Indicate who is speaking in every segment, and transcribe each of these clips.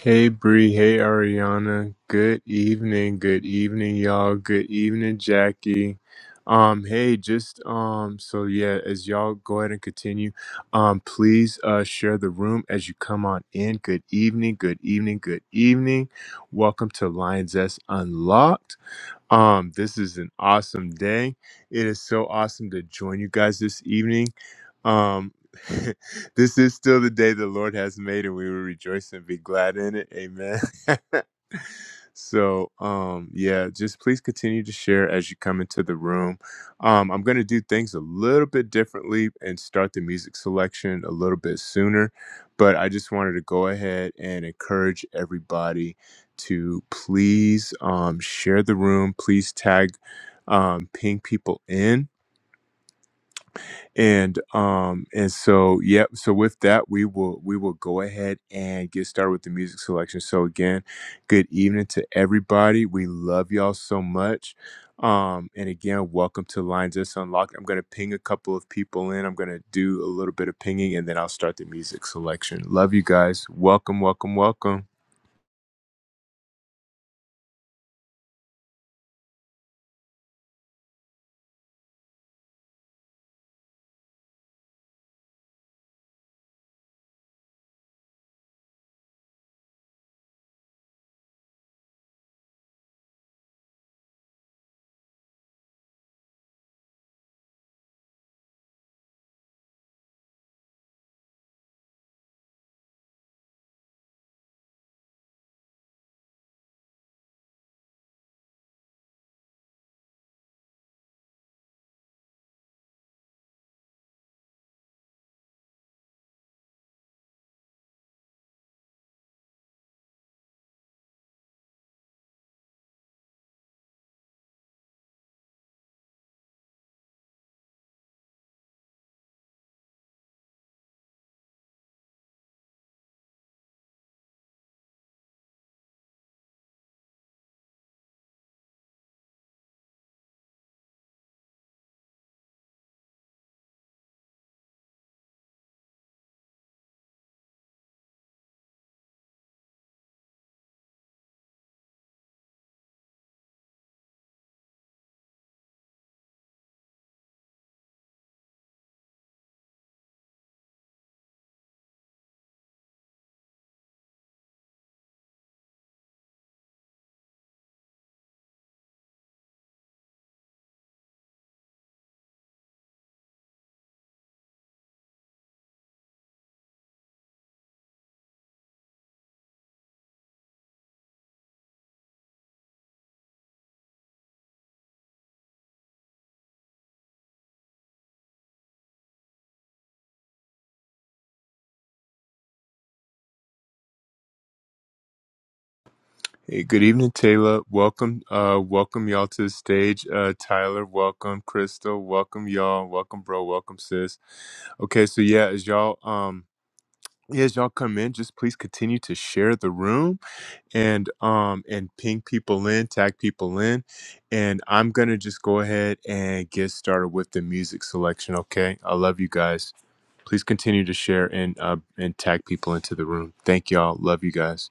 Speaker 1: Hey Bree, hey Ariana. Good evening, good evening, y'all. Good evening, Jackie. Um, hey, just um, so yeah, as y'all go ahead and continue, um, please uh share the room as you come on in. Good evening, good evening, good evening. Welcome to Lions S Unlocked. Um, this is an awesome day. It is so awesome to join you guys this evening. Um, this is still the day the Lord has made, and we will rejoice and be glad in it. Amen. so um yeah just please continue to share as you come into the room um i'm going to do things a little bit differently and start the music selection a little bit sooner but i just wanted to go ahead and encourage everybody to please um share the room please tag um ping people in and um and so yep so with that we will we will go ahead and get started with the music selection so again good evening to everybody we love y'all so much um and again welcome to lines that's unlocked i'm going to ping a couple of people in i'm going to do a little bit of pinging and then i'll start the music selection love you guys welcome welcome welcome Hey, good evening, Taylor. Welcome, uh, welcome y'all to the stage. Uh, Tyler, welcome. Crystal, welcome y'all. Welcome, bro. Welcome, sis. Okay, so yeah, as y'all, um, yeah, as y'all come in, just please continue to share the room and um and ping people in, tag people in, and I'm gonna just go ahead and get started with the music selection. Okay, I love you guys. Please continue to share and uh and tag people into the room. Thank y'all. Love you guys.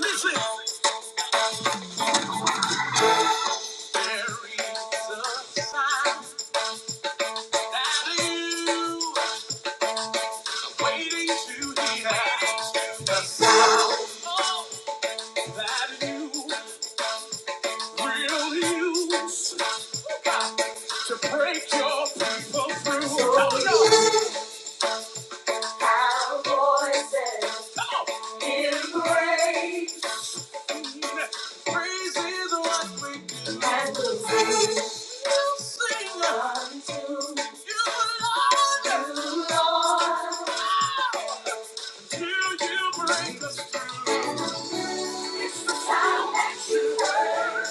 Speaker 1: Listen. Break your people through. Oh, no. Our voices in praise. Praise is what we do. we sing. sing unto you, Lord. You, you bring us through. It's the sound that you heard.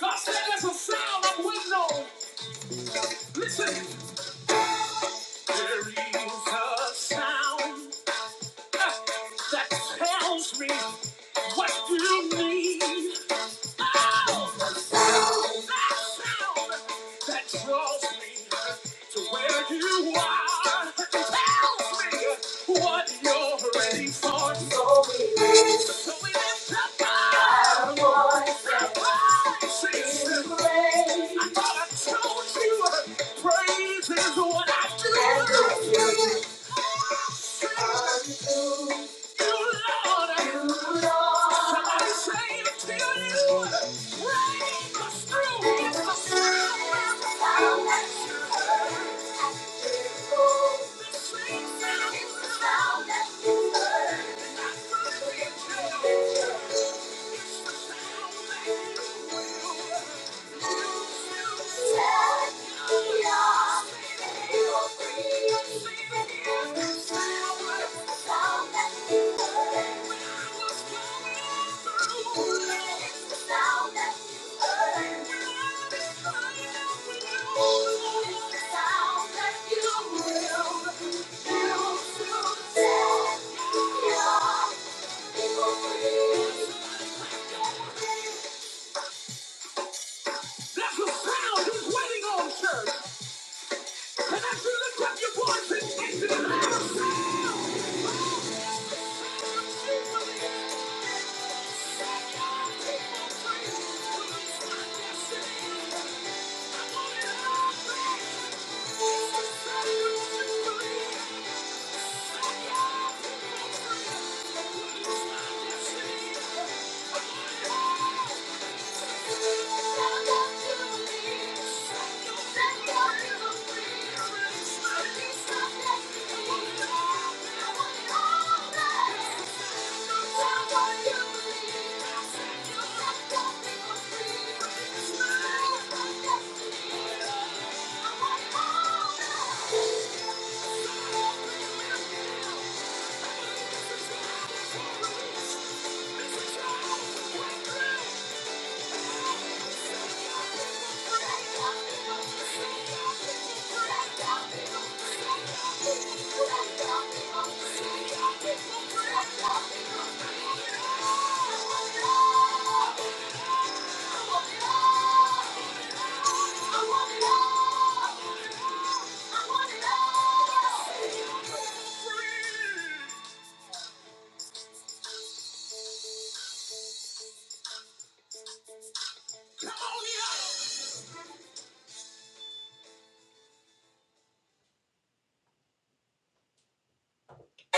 Speaker 1: God said there's a sound of wisdom. Listen, there is a sound that tells me what you need. Praise is what I do. Thank you. That's the sound he's waiting on, church. And as you lift up your voice and into the loud sound, Thank you we We're Yeah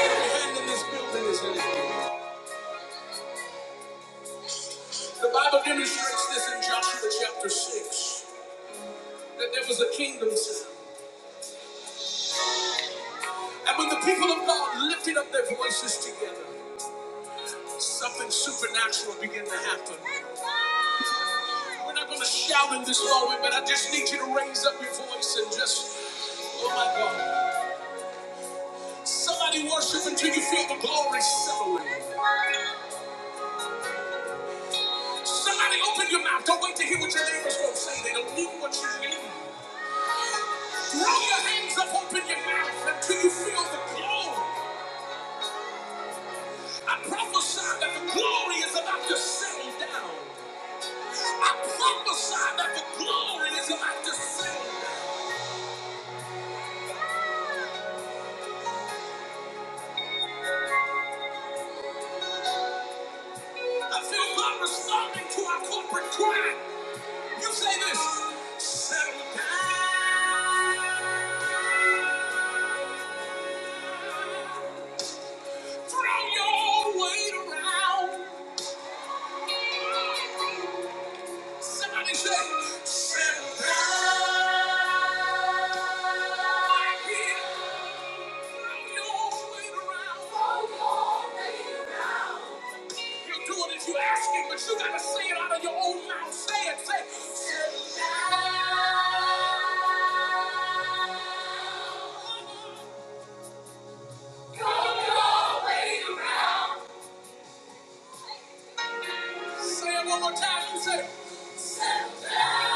Speaker 1: hand in this building is heavy. The Bible demonstrates this in Joshua chapter 6 that there was a kingdom sound. And when the people of God lifted up their voices together, Something supernatural begin to happen. We're not going to shout in this moment, but I just need you to raise up your voice and just, oh my God. Somebody worship until you feel the glory settling. Somebody open your mouth. Don't wait to hear what your neighbor's going to say. They don't need what you need. Throw your hands up, open your mouth until you feel the glory. I prophesy that the glory is about to settle down. I prophesy that the glory is about to settle down. I feel God responding to our corporate cry. You say this. Settle down. Throw your weight around. Somebody say, settle down. Throw your weight around. You will do it if you ask him, but you gotta say it out of your own mouth. Say it, say, settle down. Say it one more time. You say, it. down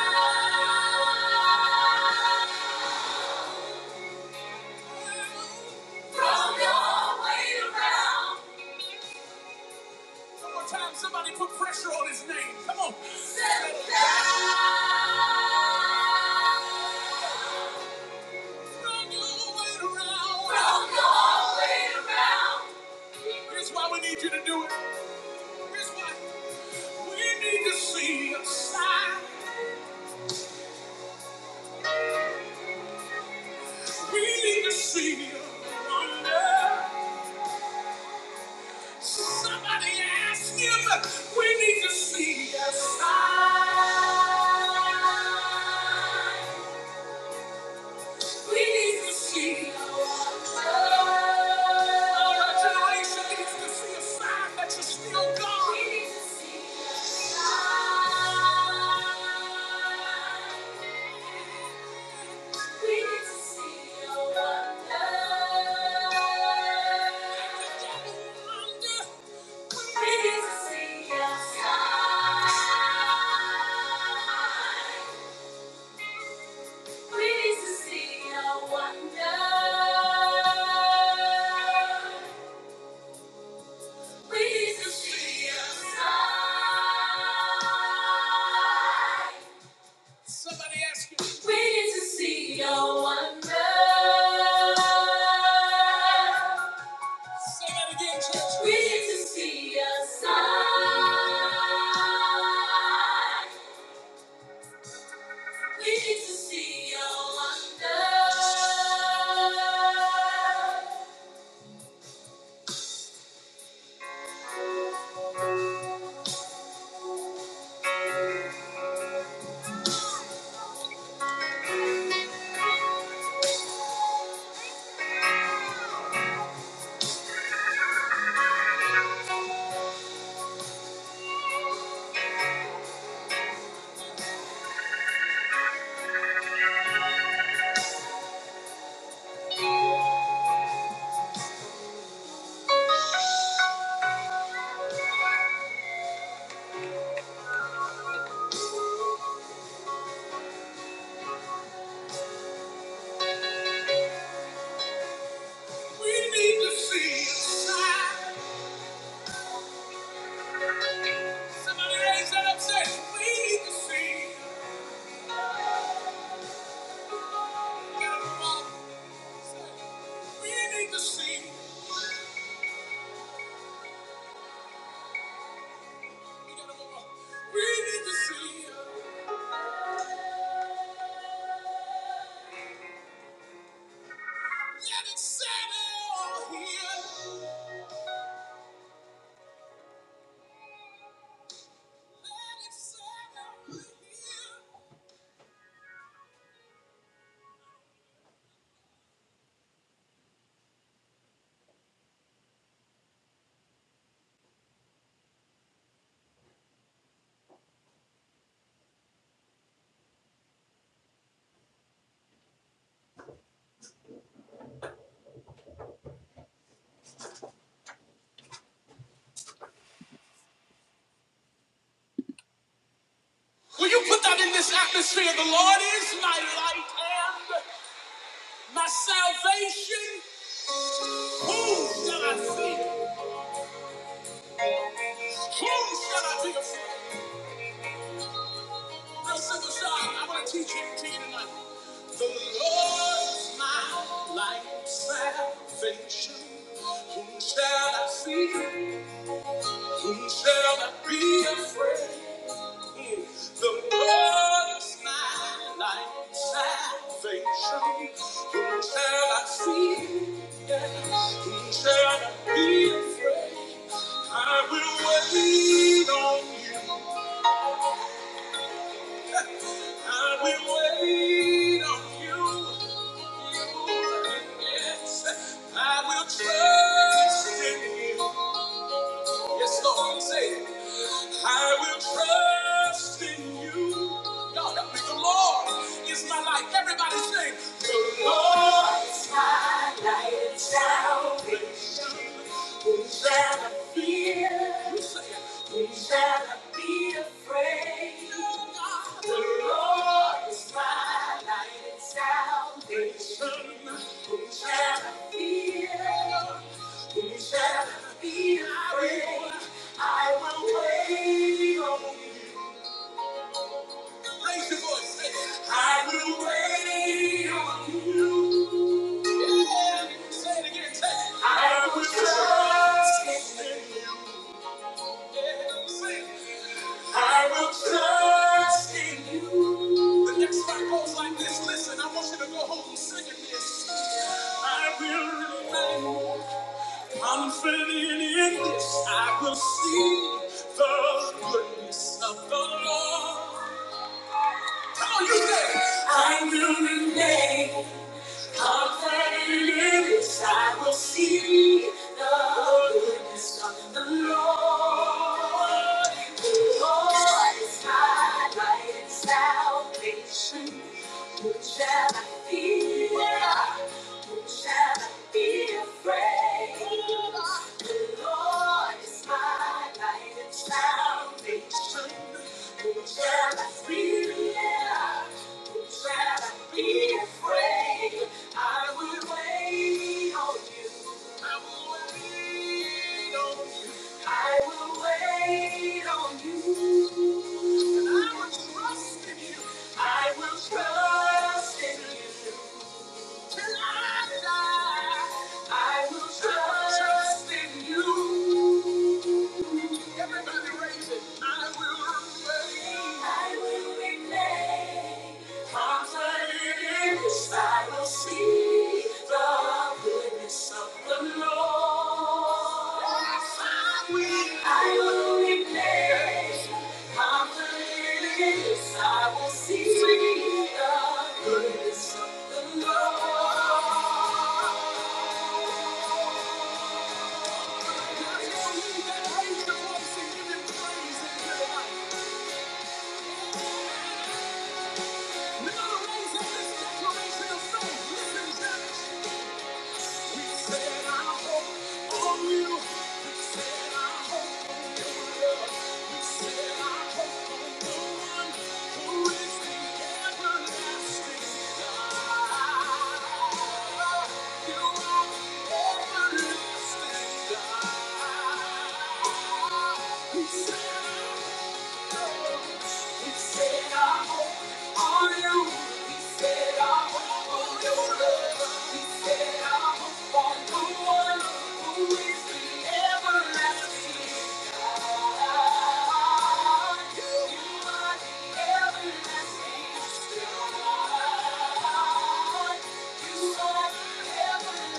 Speaker 1: Throw your weight around. One more time. Somebody put pressure on his name. Come on. Sit down Throw your weight around. Throw your weight around. Here's why we need you to do it. Here's why we need to see a sign. We need to see your wonder. Somebody ask him. We need to see a sign. We need to see. Our generation needs to see a sign that you're still God. We need to see a sign. We need to see a wonder. Somebody ask you. We need to see your wonder. Say that again, We need to see a sign. We We We We We need need need need need to to to to to see see see. see. see. your your wonder. Somebody raise that up, say. Let Let it it settle settle here. Let it settle here. Will you put that in this atmosphere? The Lord is my light and my salvation. Whom shall I fear? Whom shall I be afraid? Real simple, song. I want to teach you to you tonight. The Lord is my light and salvation. Whom shall I fear? Whom shall I be afraid? The Lord is my light and salvation. Whom shall I fear? Yeah. Whom shall I be afraid? I will wait on you. I will wait on you. Yes, I will trust in you. Yes, Lord, say it. I will trust in you. God, help me. The Lord is my life. Everybody sing. The Lord is my light and salvation. down I fear, be afraid. The Lord I will trust in you. The next part goes like this. Listen, I want you to go home and sing it this. I will remain confident in this. I will see the goodness of the Lord. Come on, you say, it. I will remain confident in this. I will see the goodness of the Lord. The Lord is my light and salvation. Who shall I fear? I will wait on you. I will trust in you. I will trust in you. Till I die, I will trust in you. I will remain. I will remain. Confident I will see the goodness of the Lord. Yes, I will. I will remain. I will see the goodness of the Lord. Thank you. Everlasting. You are the everlasting You are. You are the everlasting.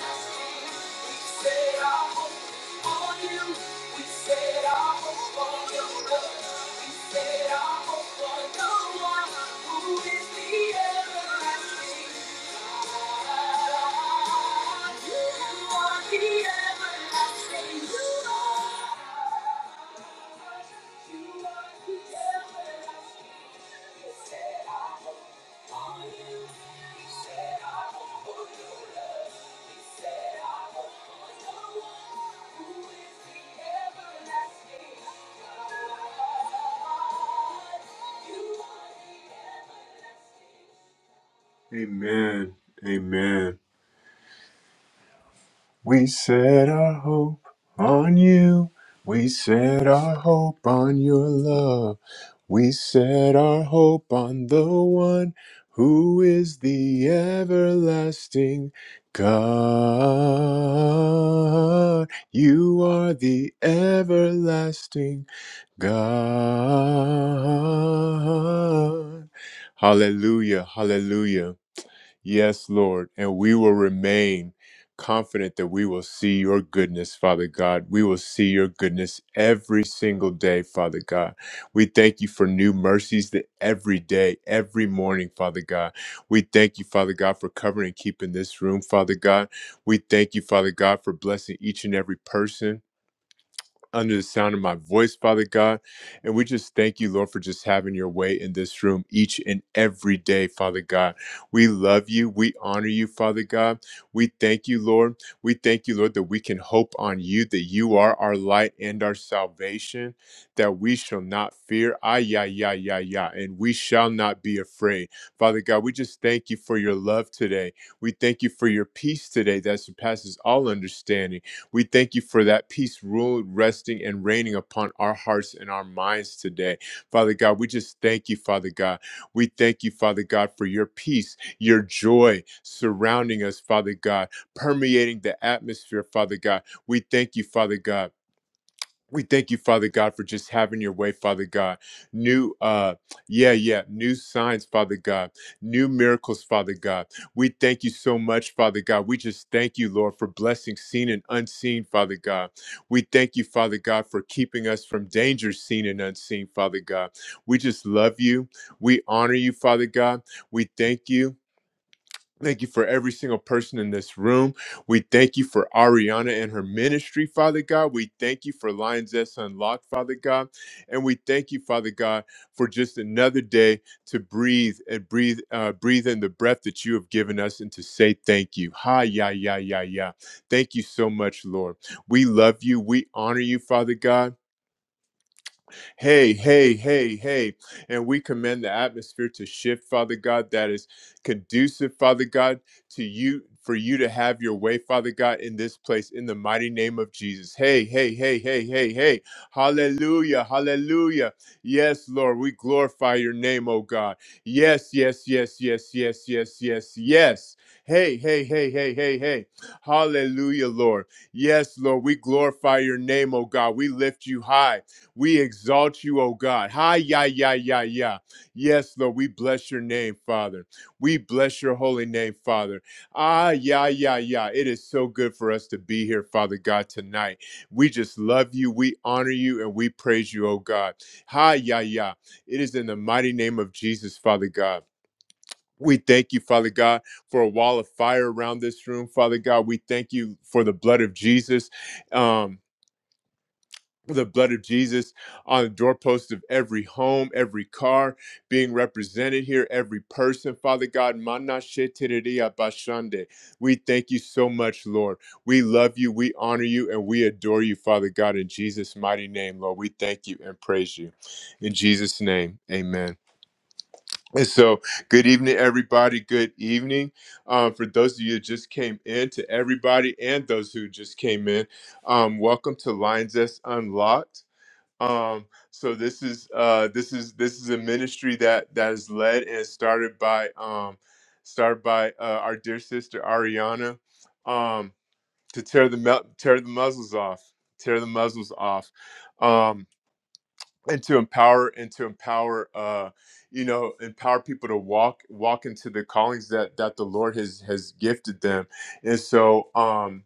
Speaker 1: You are. Amen. Amen. We set our hope on you. We set our hope on your love. We set our hope on the one who is the everlasting God. You are the everlasting God. Hallelujah, hallelujah. Yes, Lord. And we will remain confident that we will see your goodness, Father God. We will see your goodness every single day, Father God. We thank you for new mercies that every day, every morning, Father God. We thank you, Father God, for covering and keeping this room, Father God. We thank you, Father God, for blessing each and every person under the sound of my voice, Father God. And we just thank you, Lord, for just having your way in this room each and every day, Father God. We love you. We honor you, Father God. We thank you, Lord. We thank you, Lord, that we can hope on you, that you are our light and our salvation, that we shall not fear. Ah, ya ya ya ya, And we shall not be afraid. Father God, we just thank you for your love today. We thank you for your peace today that surpasses all understanding. We thank you for that peace, rule, resting, and reigning upon our hearts and our minds today. Father God, we just thank you, Father God. We thank you, Father God, for your peace, your joy surrounding us, Father God, permeating the atmosphere, Father God. We thank you, Father God. We thank you, Father God, for just having your way, Father God. New, uh, yeah, yeah, new signs, Father God, new miracles, Father God. We thank you so much, Father God. We just thank you, Lord, for blessings seen and unseen, Father God. We thank you, Father God, for keeping us from danger seen and unseen, Father God. We just love you. We honor you, Father God. We thank you. Thank you for every single person in this room. We thank you for Ariana and her ministry, Father God. We thank you for Lions S Unlocked, Father God. And we thank you, Father God, for just another day to breathe and breathe, uh, breathe in the breath that you have given us and to say thank you. Hi, yeah, yeah, yeah, yeah. Thank you so much, Lord. We love you. We honor you, Father God. Hey, hey, hey, hey. And we command the atmosphere to shift, Father God, that is conducive, Father God, to you. For you to have your way, Father God, in this place, in the mighty name of Jesus. Hey, hey, hey, hey, hey, hey. Hallelujah, hallelujah. Yes, Lord, we glorify your name, oh God. Yes, yes, yes, yes, yes, yes, yes, yes. Hey, hey, hey, hey, hey, hey. Hallelujah, Lord. Yes, Lord, we glorify your name, oh God. We lift you high. We exalt you, O God. Hi, ya, ya, ya, ya. Yes, Lord, we bless your name, Father. We bless your holy name, Father. Ah, ya, ya, ya. It is so good for us to be here, Father God, tonight. We just love you, we honor you, and we praise you, O God. Hi, ya, ya. It is in the mighty name of Jesus, Father God. We thank you, Father God, for a wall of fire around this room, Father God. We thank you for the blood of Jesus. Um, the blood of Jesus on the doorpost of every home, every car being represented here, every person. Father God, mana shetereria bashande. we thank you so much, Lord. We love you, we honor you, and we adore you, Father God, in Jesus' mighty name, Lord. We thank you and praise you. In Jesus' name, amen. And so, good evening, everybody. Good evening. Um, for those of you who just came in, to everybody and those who just came in, um, welcome to Lines That's Unlocked. Um, so this is uh, this is this is a ministry that that is led and started by um, started by uh, our dear sister Ariana um, to tear the mu- tear the muzzles off, tear the muzzles off, um, and to empower and to empower uh, you know empower people to walk walk into the callings that that the Lord has has gifted them, and so. Um,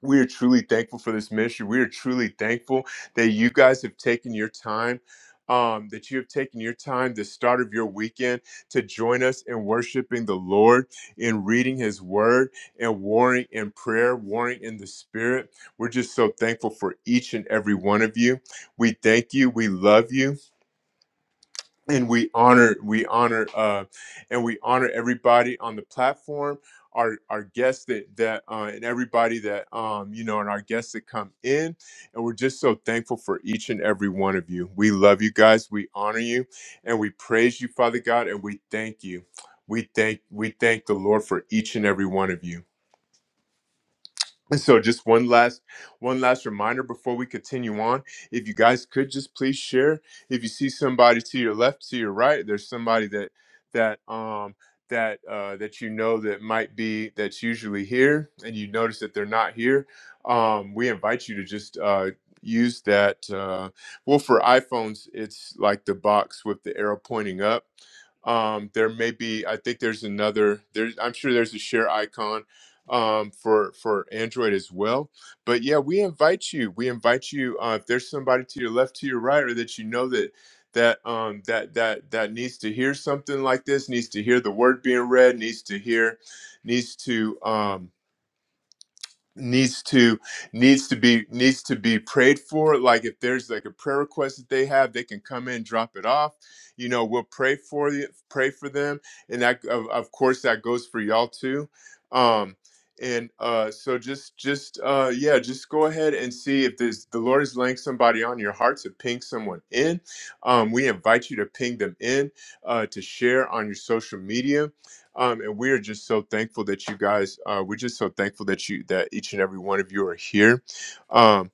Speaker 1: we are truly thankful for this ministry. We are truly thankful that you guys have taken your time, um, that you have taken your time, the start of your weekend, to join us in worshiping the Lord, in reading His Word, and warring in prayer, warring in the Spirit. We're just so thankful for each and every one of you. We thank you. We love you and we honor we honor uh and we honor everybody on the platform our our guests that that uh and everybody that um you know and our guests that come in and we're just so thankful for each and every one of you we love you guys we honor you and we praise you father god and we thank you we thank we thank the lord for each and every one of you and so just one last one last reminder before we continue on. If you guys could just please share. If you see somebody to your left, to your right, there's somebody that that um that uh that you know that might be that's usually here and you notice that they're not here, um, we invite you to just uh use that uh well for iPhones it's like the box with the arrow pointing up. Um there may be I think there's another there's I'm sure there's a share icon um, for for Android as well. But yeah, we invite you. We invite you. Uh, if there's somebody to your left, to your right, or that you know that that um, that that that needs to hear something like this, needs to hear the word being read, needs to hear, needs to. Um, needs to needs to be needs to be prayed for like if there's like a prayer request that they have they can come in drop it off you know we'll pray for you pray for them and that of, of course that goes for y'all too um and uh so just just uh yeah just go ahead and see if there's the lord is laying somebody on your heart to ping someone in um we invite you to ping them in uh to share on your social media um, and we are just so thankful that you guys. Uh, we're just so thankful that you that each and every one of you are here. Um,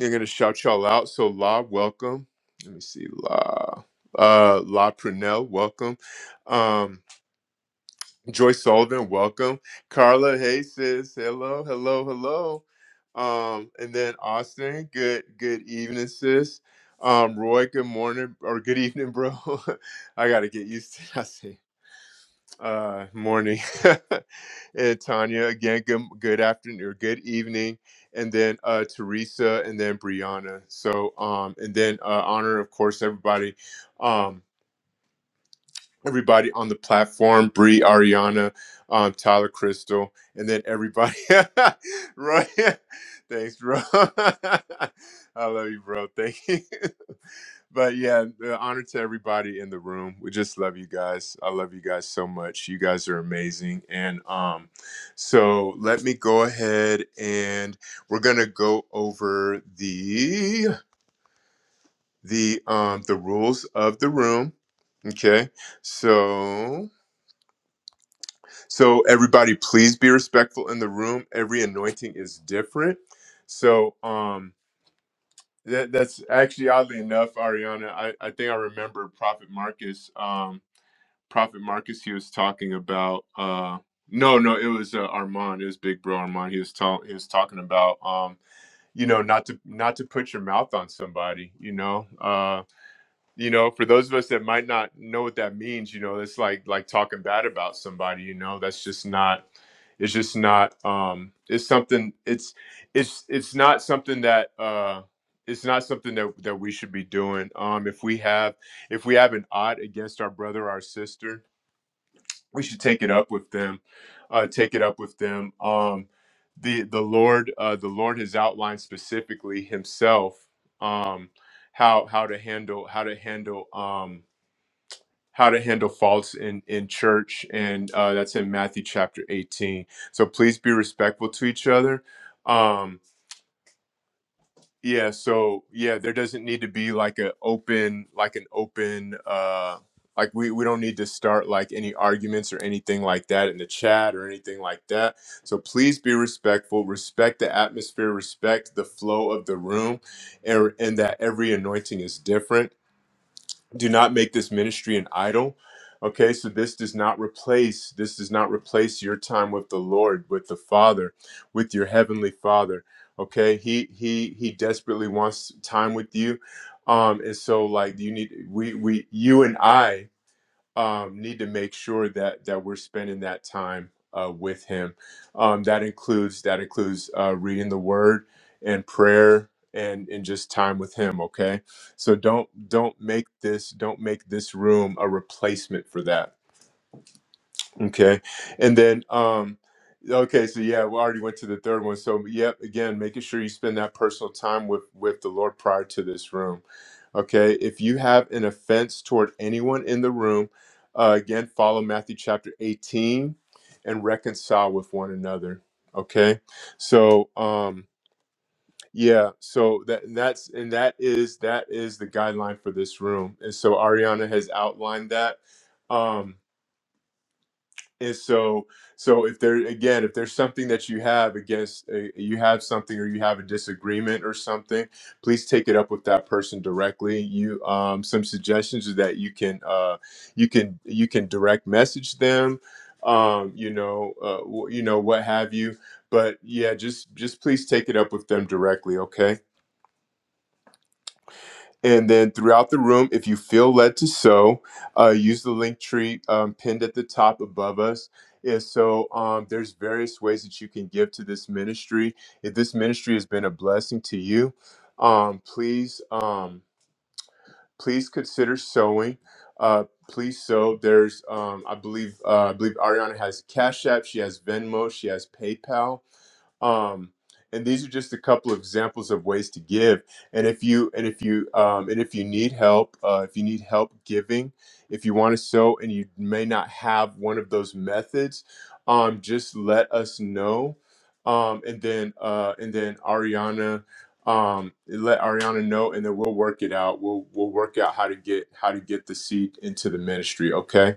Speaker 1: I'm gonna shout y'all out. So La, welcome. Let me see, La, uh, La Prunell, welcome. Um, Joy Sullivan, welcome. Carla, hey sis, hello, hello, hello. Um, and then Austin, good good evening, sis. Um, Roy, good morning or good evening, bro. I gotta get used to that. Uh, morning, Eh, Tanya. Again, good good afternoon or good evening, and then uh, Teresa, and then Brianna. So, um, and then uh, honor, of course, everybody, um, everybody on the platform: Bree, Ariana, um, Tyler, Crystal, and then everybody. Roy, thanks, bro. I love you, bro. Thank you. but yeah, the honor to everybody in the room. We just love you guys. I love you guys so much. You guys are amazing. And um, so let me go ahead and we're gonna go over the the um the rules of the room. Okay. So so everybody please be respectful in the room. Every anointing is different. So um that, that's actually oddly enough, Ariana, I, I think I remember Prophet Marcus. Um Prophet Marcus, he was talking about uh no, no, it was uh, Armand, it was Big Bro Armand. He was talking he was talking about um you know not to not to put your mouth on somebody, you know. Uh you know, for those of us that might not know what that means, you know, it's like like talking bad about somebody, you know. That's just not it's just not um it's something it's it's it's not something that uh it's not something that that we should be doing. Um if we have if we have an odd against our brother or our sister, we should take it up with them uh take it up with them um the the lord uh the lord has outlined specifically himself um how how to handle how to handle um how to handle faults in in church and uh that's in matthew chapter 18 so please be respectful to each other Um, yeah, so yeah, there doesn't need to be like an open like an open uh like we we don't need to start like any arguments or anything like that in the chat or anything like that. So please be respectful, respect the atmosphere, respect the flow of the room and and that every anointing is different do not make this ministry an idol okay so this does not replace this does not replace your time with the lord with the father with your heavenly father okay he he he desperately wants time with you um and so like you need we we you and i um, need to make sure that that we're spending that time uh, with Him. Um, that includes that includes uh, reading the Word and prayer and and just time with Him. Okay, so don't don't make this don't make this room a replacement for that Okay. And then um okay, so yeah, we already went to the third one. So yep, again, making sure you spend that personal time with with the Lord prior to this room. Okay? If you have an offense toward anyone in the room, uh, again, follow Matthew chapter 18 and reconcile with one another. Okay? So um yeah, so that that's and that is that is the guideline for this room. And so Ariana has outlined that. Um and so so if there again if there's something that you have against uh, you have something or you have a disagreement or something please take it up with that person directly you um some suggestions is that you can uh you can you can direct message them um you know uh, wh- you know what have you but yeah just just please take it up with them directly okay and then throughout the room, if you feel led to sew, uh, use the link tree um, pinned at the top above us. And so um, there's various ways that you can give to this ministry. If this ministry has been a blessing to you, um, please um, please consider sewing. Uh, please sew. There's um, I believe uh, I believe Ariana has Cash App. She has Venmo. She has PayPal um and these are just a couple of examples of ways to give and if you and if you um, and if you need help uh, if you need help giving if you want to sow and you may not have one of those methods um, just let us know um, and then uh, and then ariana um, let ariana know and then we'll work it out we'll we'll work out how to get how to get the seed into the ministry okay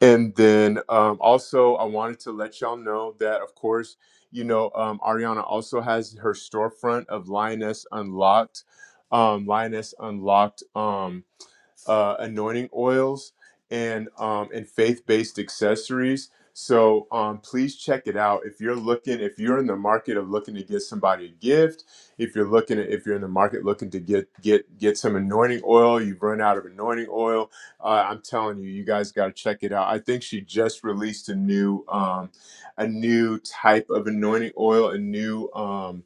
Speaker 1: and then um, also, I wanted to let y'all know that, of course, you know, um, Ariana also has her storefront of Lioness Unlocked. Um, Lioness Unlocked. um, uh, anointing oils and um, and faith based accessories. So um, please check it out if you're looking if you're in the market of looking to get somebody a gift. If you're looking at, if you're in the market looking to get get get some anointing oil, you've run out of anointing oil. Uh, I'm telling you, you guys got to check it out. I think she just released a new um, a new type of anointing oil, a new um,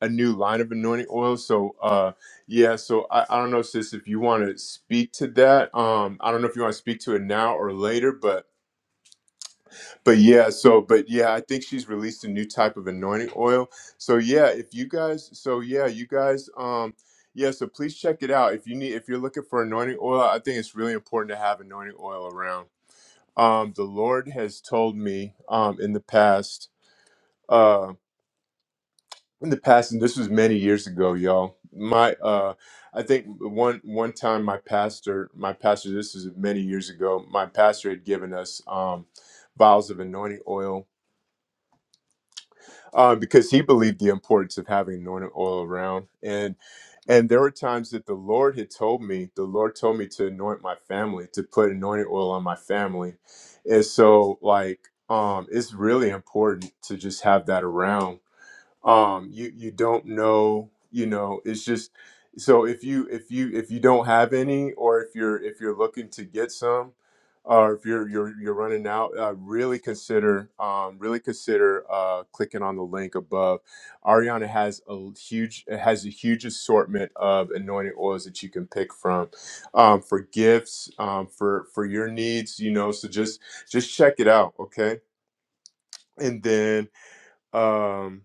Speaker 1: a new line of anointing oil. So uh yeah, so I, I don't know, sis, if you want to speak to that. Um, I don't know if you want to speak to it now or later, but but yeah, so but yeah, I think she's released a new type of anointing oil. So yeah, if you guys so yeah, you guys um yeah, so please check it out. If you need if you're looking for anointing oil, I think it's really important to have anointing oil around. Um the Lord has told me um in the past uh, in the past, and this was many years ago, y'all. My, uh, I think one one time my pastor, my pastor, this was many years ago. My pastor had given us um, vials of anointing oil uh, because he believed the importance of having anointing oil around, and and there were times that the Lord had told me, the Lord told me to anoint my family, to put anointing oil on my family, and so like um, it's really important to just have that around um you you don't know you know it's just so if you if you if you don't have any or if you're if you're looking to get some or if you're you're you're running out uh, really consider um really consider uh clicking on the link above ariana has a l- huge has a huge assortment of anointing oils that you can pick from um for gifts um for for your needs you know so just just check it out okay and then um,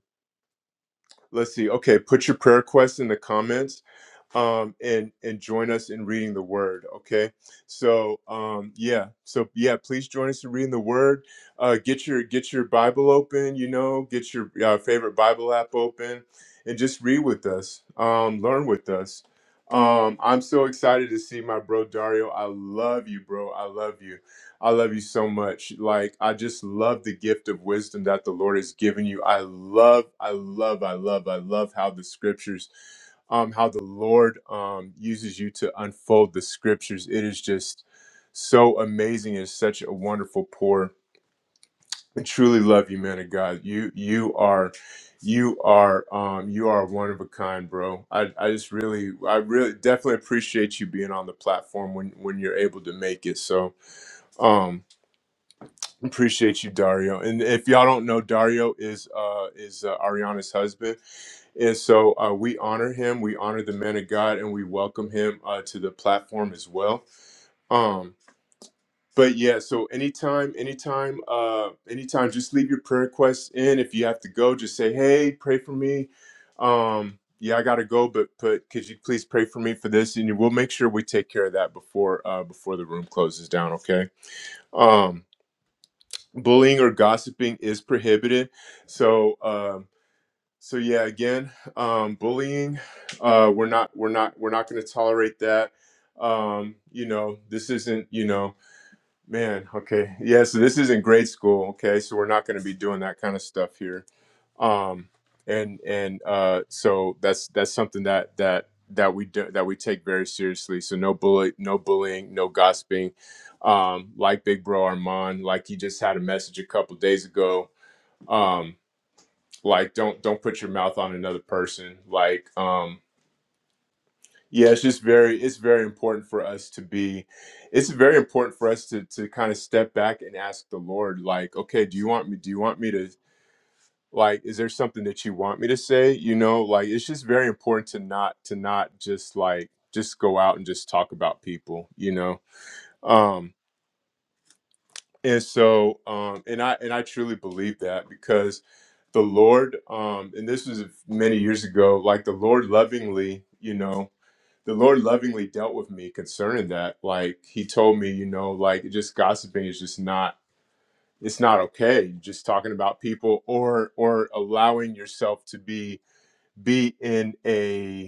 Speaker 1: Let's see. Okay, put your prayer request in the comments um, and and join us in reading the Word. Okay, so um, yeah, so yeah, please join us in reading the Word. Uh, get your get your Bible open. You know, get your uh, favorite Bible app open, and just read with us. Um, learn with us. Um, I'm so excited to see my bro Dario. I love you, bro. I love you. I love you so much. Like I just love the gift of wisdom that the Lord has given you. I love, I love, I love, I love how the scriptures um, how the Lord um, uses you to unfold the scriptures. It is just so amazing and such a wonderful pour. I truly love you, man of God. You you are you are um you are one of a kind, bro. I, I just really I really definitely appreciate you being on the platform when when you're able to make it. So um Appreciate you, Dario. And if y'all don't know, Dario is uh, is uh, Ariana's husband, and so uh, we honor him. We honor the man of God, and we welcome him uh, to the platform as well. Um, but yeah, so anytime, anytime, uh, anytime, just leave your prayer requests in. If you have to go, just say, "Hey, pray for me." Um, yeah, I gotta go, but but could you please pray for me for this? And we'll make sure we take care of that before uh, before the room closes down. Okay. Um, bullying or gossiping is prohibited so um so yeah again um bullying uh we're not we're not we're not going to tolerate that um you know this isn't you know man okay yeah so this isn't grade school okay so we're not going to be doing that kind of stuff here um and and uh so that's that's something that that that we do that we take very seriously so no bully no bullying no gossiping um like big bro armand like he just had a message a couple days ago um like don't don't put your mouth on another person like um yeah it's just very it's very important for us to be it's very important for us to to kind of step back and ask the lord like okay do you want me do you want me to like is there something that you want me to say you know like it's just very important to not to not just like just go out and just talk about people you know um and so um and i and i truly believe that because the lord um and this was many years ago like the lord lovingly you know the lord lovingly dealt with me concerning that like he told me you know like just gossiping is just not it's not okay just talking about people or or allowing yourself to be be in a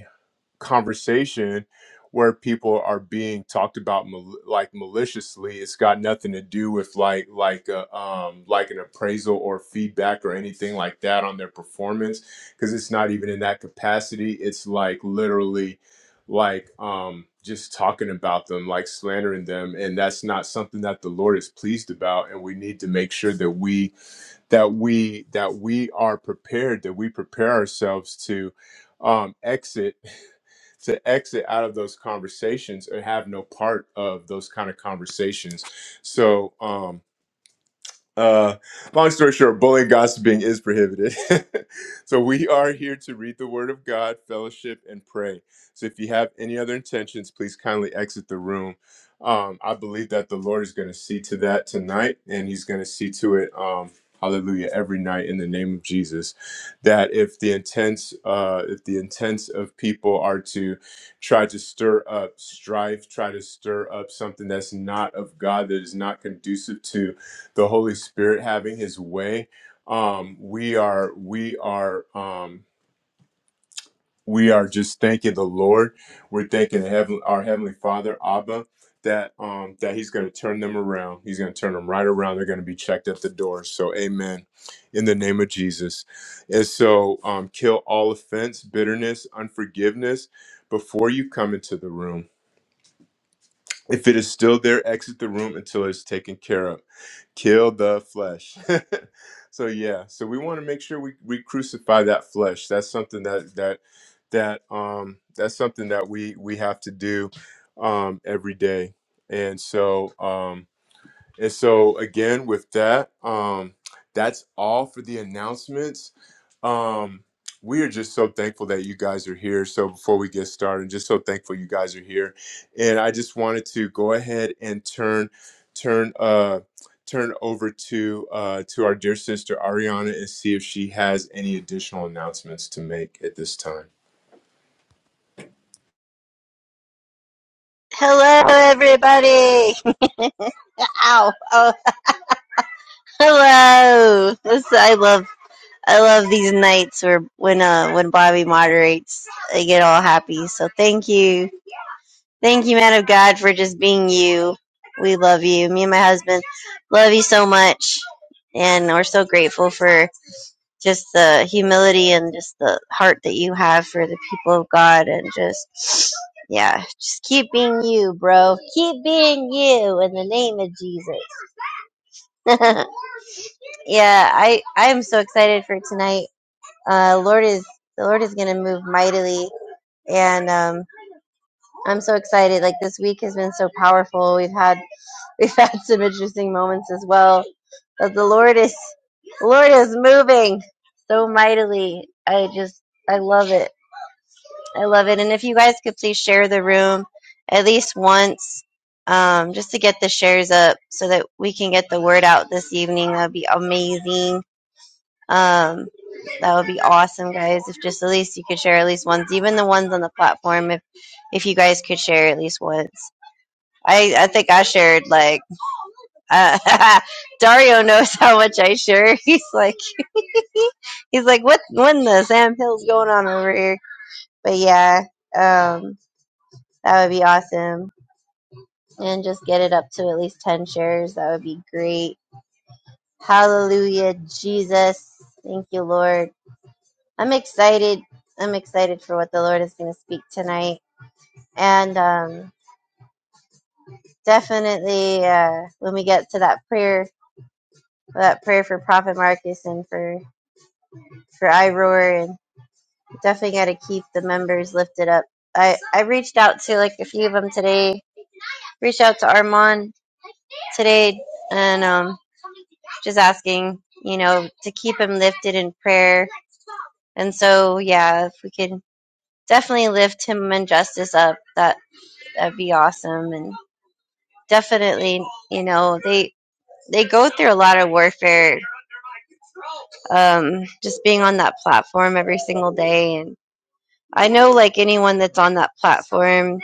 Speaker 1: conversation where people are being talked about mal- like maliciously it's got nothing to do with like like a, um like an appraisal or feedback or anything like that on their performance because it's not even in that capacity it's like literally like um just talking about them like slandering them and that's not something that the lord is pleased about and we need to make sure that we that we that we are prepared that we prepare ourselves to um, exit to exit out of those conversations or have no part of those kind of conversations so um uh, long story short, bullying gossiping is prohibited. so we are here to read the Word of God, fellowship, and pray. So if you have any other intentions, please kindly exit the room. Um, I believe that the Lord is going to see to that tonight, and He's going to see to it. Um, hallelujah! Every night in the name of Jesus, that if the intents, uh, if the intents of people are to try to stir up strife, try to stir up something that's not of God, that is not conducive to the Holy Spirit having His way. Um, we are we are um, we are just thanking the Lord. We're thanking the heaven, our heavenly Father, Abba, that um, that He's going to turn them around. He's going to turn them right around. They're going to be checked at the door. So, Amen. In the name of Jesus, and so um, kill all offense, bitterness, unforgiveness before you come into the room. If it is still there, exit the room until it's taken care of. kill the flesh. so yeah, so we want to make sure we we crucify that flesh. That's something that that that um that's something that we we have to do um every day. And so um and so again, with that, um, that's all for the announcements. Um, we are just so thankful that you guys are here. So before we get started, just so thankful you guys are here. And I just wanted to go ahead and turn turn uh turn over to uh to our dear sister Ariana and see if she has any additional announcements to make at this time.
Speaker 2: Hello, everybody. Ow. Oh, hello. This, I love. I love these nights where when uh when Bobby moderates, I get all happy. So thank you, thank you, man of God, for just being you. We love you. Me and my husband love you so much, and we're so grateful for just the humility and just the heart that you have for the people of God, and just yeah, just keep being you, bro. Keep being you in the name of Jesus. yeah, I I am so excited for tonight. Uh, Lord is the Lord is gonna move mightily, and um, I'm so excited. Like this week has been so powerful. We've had we've had some interesting moments as well, but the Lord is the Lord is moving so mightily. I just I love it. I love it. And if you guys could please share the room at least once. Um, just to get the shares up so that we can get the word out this evening, that'd be amazing Um, that would be awesome, guys. If just at least you could share at least once, even the ones on the platform, if if you guys could share at least once. I, I think I shared like uh, Dario knows how much I share. He's like he's like what when the Sam Hill's going on over here. But yeah, um, that would be awesome, and just get it up to at least ten shares. That would be great. Hallelujah, Jesus. Thank you, Lord. I'm excited. I'm excited for what the Lord is going to speak tonight, and um, definitely uh, when we get to that prayer, that prayer for Prophet Marcus and for for Iroar, and definitely got to keep the members lifted up. I I reached out to like a few of them today. Reached out to Armand today, and um, just asking, you know, to keep him lifted in prayer. And so, yeah, if we could definitely lift him and Justice up, that that'd be awesome. And definitely you know they they go through a lot of warfare um just being on that platform every single day and i know like anyone that's on that platform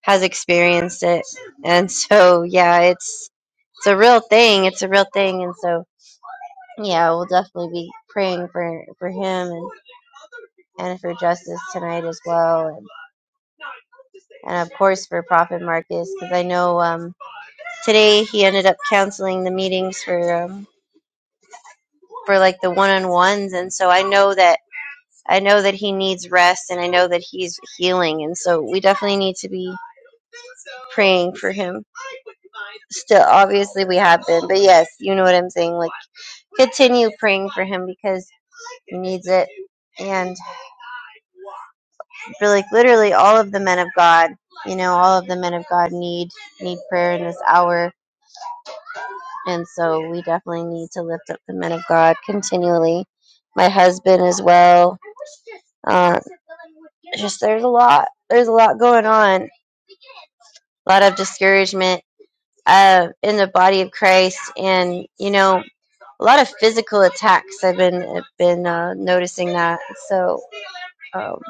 Speaker 2: has experienced it and so yeah it's it's a real thing it's a real thing and so yeah we'll definitely be praying for for him and and for justice tonight as well and, and of course for prophet marcus because i know um today he ended up canceling the meetings for um for like the one on ones, and so I know that I know that he needs rest, and I know that he's healing, and so we definitely need to be praying for him. Still, obviously, we have been, but yes, you know what I'm saying. Like, continue praying for him because he needs it, and really, literally, all of the men of God, you know, all of the men of God need need prayer in this hour, and so we definitely need to lift up the men of God continually. My husband as well uh, just there's a lot there's a lot going on a lot of discouragement uh, in the body of christ and you know a lot of physical attacks i've been I've been uh, noticing that so um,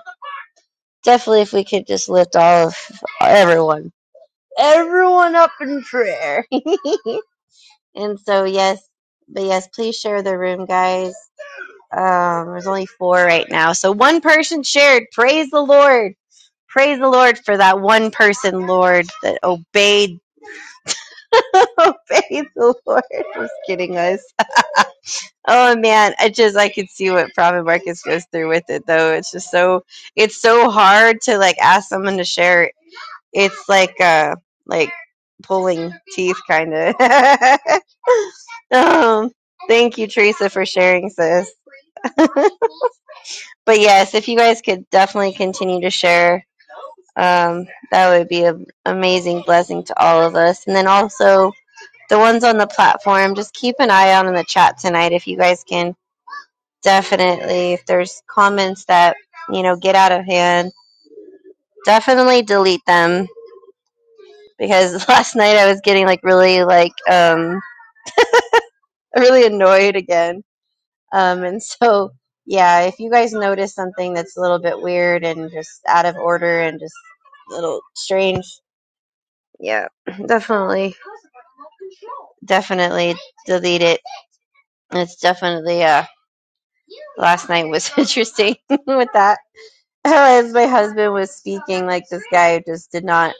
Speaker 2: definitely if we could just lift all of everyone everyone up in prayer and so yes but yes please share the room guys um, there's only four right now so one person shared praise the lord Praise the Lord for that one person, Lord, that obeyed obeyed the Lord. Just kidding us. Oh man, I just I can see what Prophet Marcus goes through with it though. It's just so it's so hard to like ask someone to share. It's like uh like pulling teeth kind of. um, thank you, Teresa, for sharing, sis. But yes, if you guys could definitely continue to share Um, that would be an amazing blessing to all of us. And then also the ones on the platform, just keep an eye out on the chat tonight if you guys can. Definitely, if there's comments that, you know, get out of hand, definitely delete them because last night I was getting like really, like, um, really annoyed again. Um, and so, yeah, if you guys notice something that's a little bit weird and just out of order and just a little strange, yeah, definitely. definitely delete it. It's definitely uh last night was interesting with that. As my husband was speaking, like this guy just did not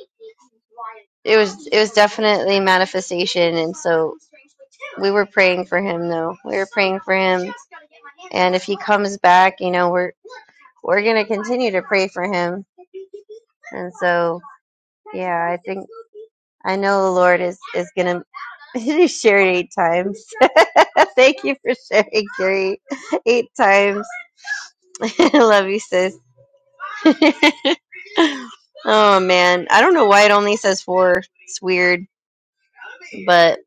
Speaker 2: it was it was definitely manifestation and so we were praying for him though. We were praying for him and if he comes back, you know, we're we're gonna continue to pray for him. And so yeah, I think I know the Lord is is gonna you shared eight times. Thank you for sharing, Gary, eight times. Love you, sis. oh man, I don't know why it only says four. It's weird, but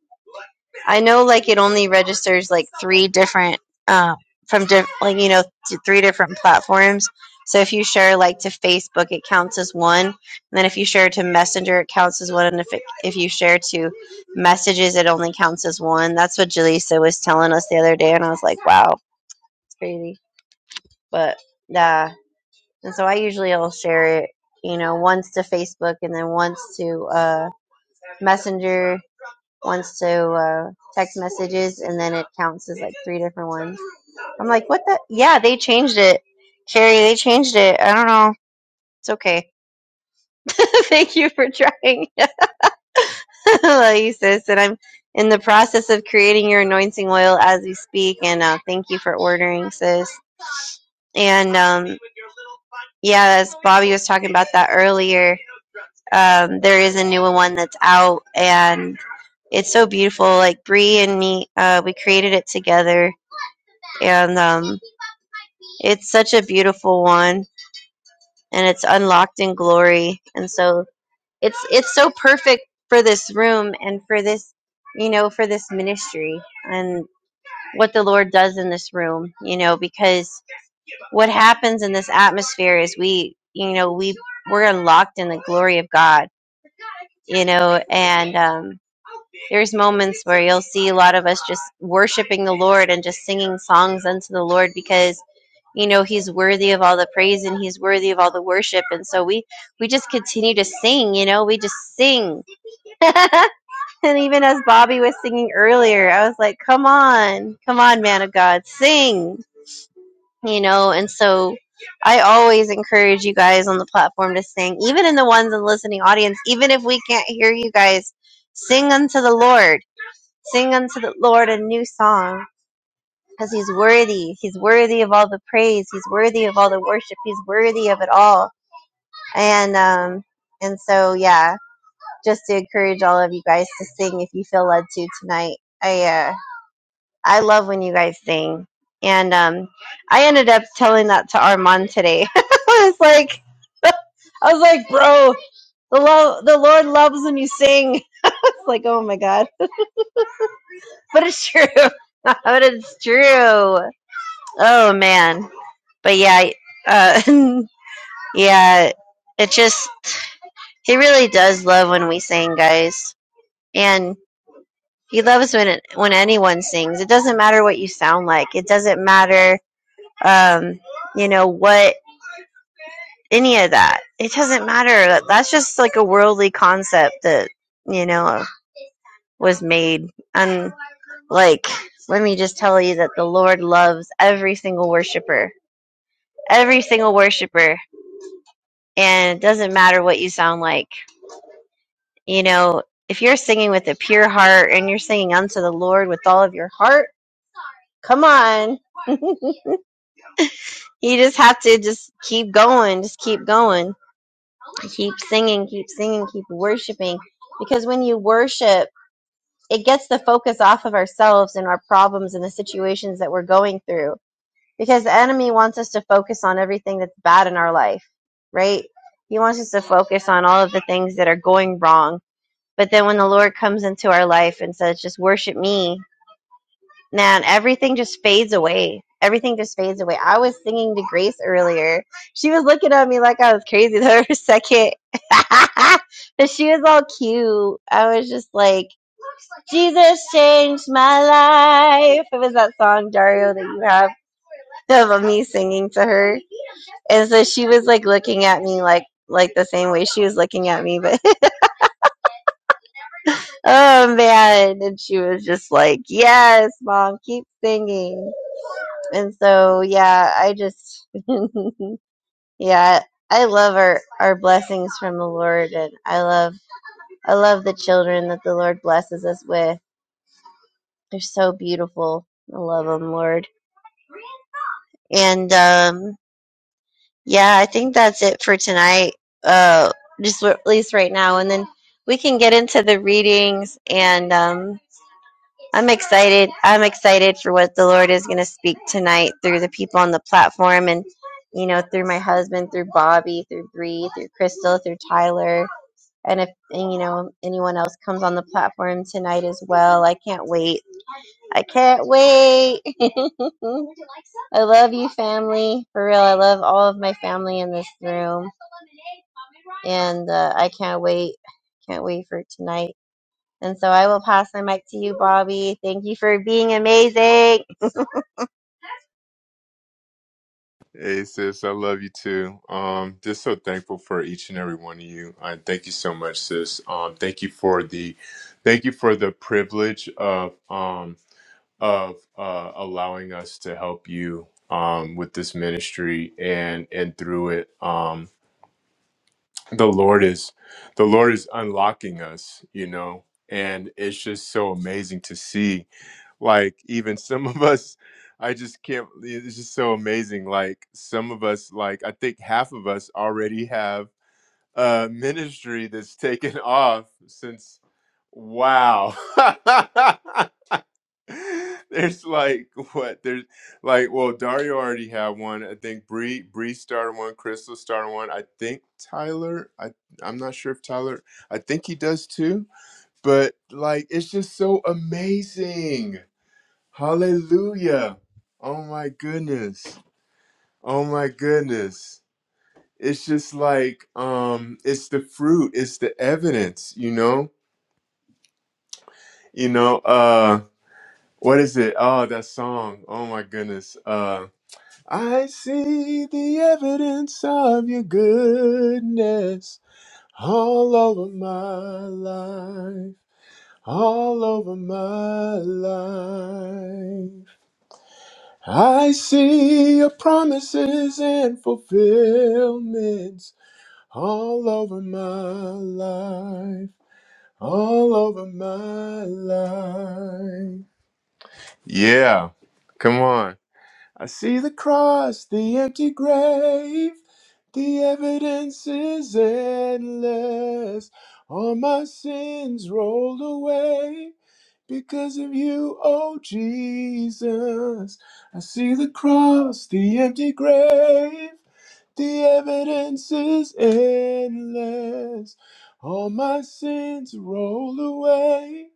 Speaker 2: I know like it only registers like three different um from diff- like you know to three different platforms. So if you share like to Facebook, it counts as one, and then if you share to Messenger, it counts as one, and if it, if you share to messages, it only counts as one. That's what Jaleesa was telling us the other day, and I was like, wow, it's crazy, but. Nah. And so I usually will share it, you know, once to Facebook and then once to uh, Messenger, once to uh, text messages, and then it counts as like three different ones. I'm like, what the? Yeah, they changed it. Carrie, they changed it. I don't know. It's okay. Thank you for trying. Love you, sis. And I'm in the process of creating your anointing oil as we speak. And uh, thank you for ordering, sis. And um, yeah, as Bobby was talking about that earlier, Um, there is a new one that's out, and it's so beautiful. Like Bree and me, uh, we created it together, and um, it's such a beautiful one, and it's unlocked in glory. And so it's it's so perfect for this room and for this, you know, for this ministry and what the Lord does in this room, you know, because what happens in this atmosphere is we, you know, we we're unlocked in the glory of God, you know, and um, there's moments where you'll see a lot of us just worshiping the Lord and just singing songs unto the Lord because you know he's worthy of all the praise and he's worthy of all the worship and so we we just continue to sing you know we just sing and even as bobby was singing earlier i was like come on come on man of god sing you know and so i always encourage you guys on the platform to sing even in the ones in the listening audience even if we can't hear you guys sing unto the lord Sing unto the Lord a new song, because he's worthy. He's worthy of all the praise. He's worthy of all the worship. He's worthy of it all. And um and so yeah, just to encourage all of you guys to sing if you feel led to tonight. I uh I love when you guys sing. And um I ended up telling that to Armand today. I was like I was like, bro, the lo- the Lord loves when you sing. It's like, oh my god. But it's true. but it's true. Oh man. But yeah, uh, yeah, it just he really does love when we sing, guys. And he loves when it, when anyone sings. It doesn't matter what you sound like. It doesn't matter um, you know, what any of that. It doesn't matter. That's just like a worldly concept that, you know, was made. And like let me just tell you that the Lord loves every single worshiper. Every single worshiper and it doesn't matter what you sound like. You know, if you're singing with a pure heart and you're singing unto the Lord with all of your heart, come on. You just have to just keep going, just keep going. Keep singing, keep singing, keep worshiping. Because when you worship, it gets the focus off of ourselves and our problems and the situations that we're going through. Because the enemy wants us to focus on everything that's bad in our life, right? He wants us to focus on all of the things that are going wrong But then when the Lord comes into our life and says, just worship me, man, everything just fades away. Everything just fades away. I was singing to Grace earlier. She was looking at me like I was crazy the other second. but she was all cute. I was just like, Jesus changed my life. It was that song, Dario, that you have of me singing to her. And so she was like looking at me like like the same way she was looking at me, but oh man and she was just like yes mom keep singing and so yeah i just yeah i love our our blessings from the lord and i love i love the children that the lord blesses us with they're so beautiful i love them lord and um yeah i think that's it for tonight uh just at least right now and then we can get into the readings and um I'm excited. I'm excited for what the Lord is going to speak tonight through the people on the platform and, you know, through my husband, through Bobby, through Bree, through Crystal, through Tyler. And if, and, you know, anyone else comes on the platform tonight as well, I can't wait. I can't wait. I love you, family. For real, I love all of my family in this room. And uh, I can't wait. Can't wait for tonight. And so I will pass my mic to you, Bobby. Thank you for being amazing.
Speaker 1: Hey sis, I love you too. Um, just so thankful for each and every one of you. I thank you so much, sis. Um, thank you for the, thank you for the privilege of um of uh allowing us to help you um with this ministry and and through it. Um, the Lord is, the Lord is unlocking us, you know, and it's just so amazing to see like even some of us i just can't it's just so amazing like some of us like i think half of us already have a ministry that's taken off since wow there's like what there's like well dario already had one i think bree bree started one crystal started one i think tyler i i'm not sure if tyler i think he does too but like it's just so amazing Hallelujah. Oh my goodness. Oh my goodness. It's just like um it's the fruit, it's the evidence, you know? You know, uh what is it? Oh, that song. Oh my goodness. Uh I see the evidence of your goodness all over my life. All over my life. I see your promises and fulfillments all over my life, all over my life. Yeah, come on. I see the cross, the empty grave, the evidence is endless. All my sins rolled away. Because of you, oh Jesus, I see the cross, the empty grave. The evidence is endless. All my sins roll away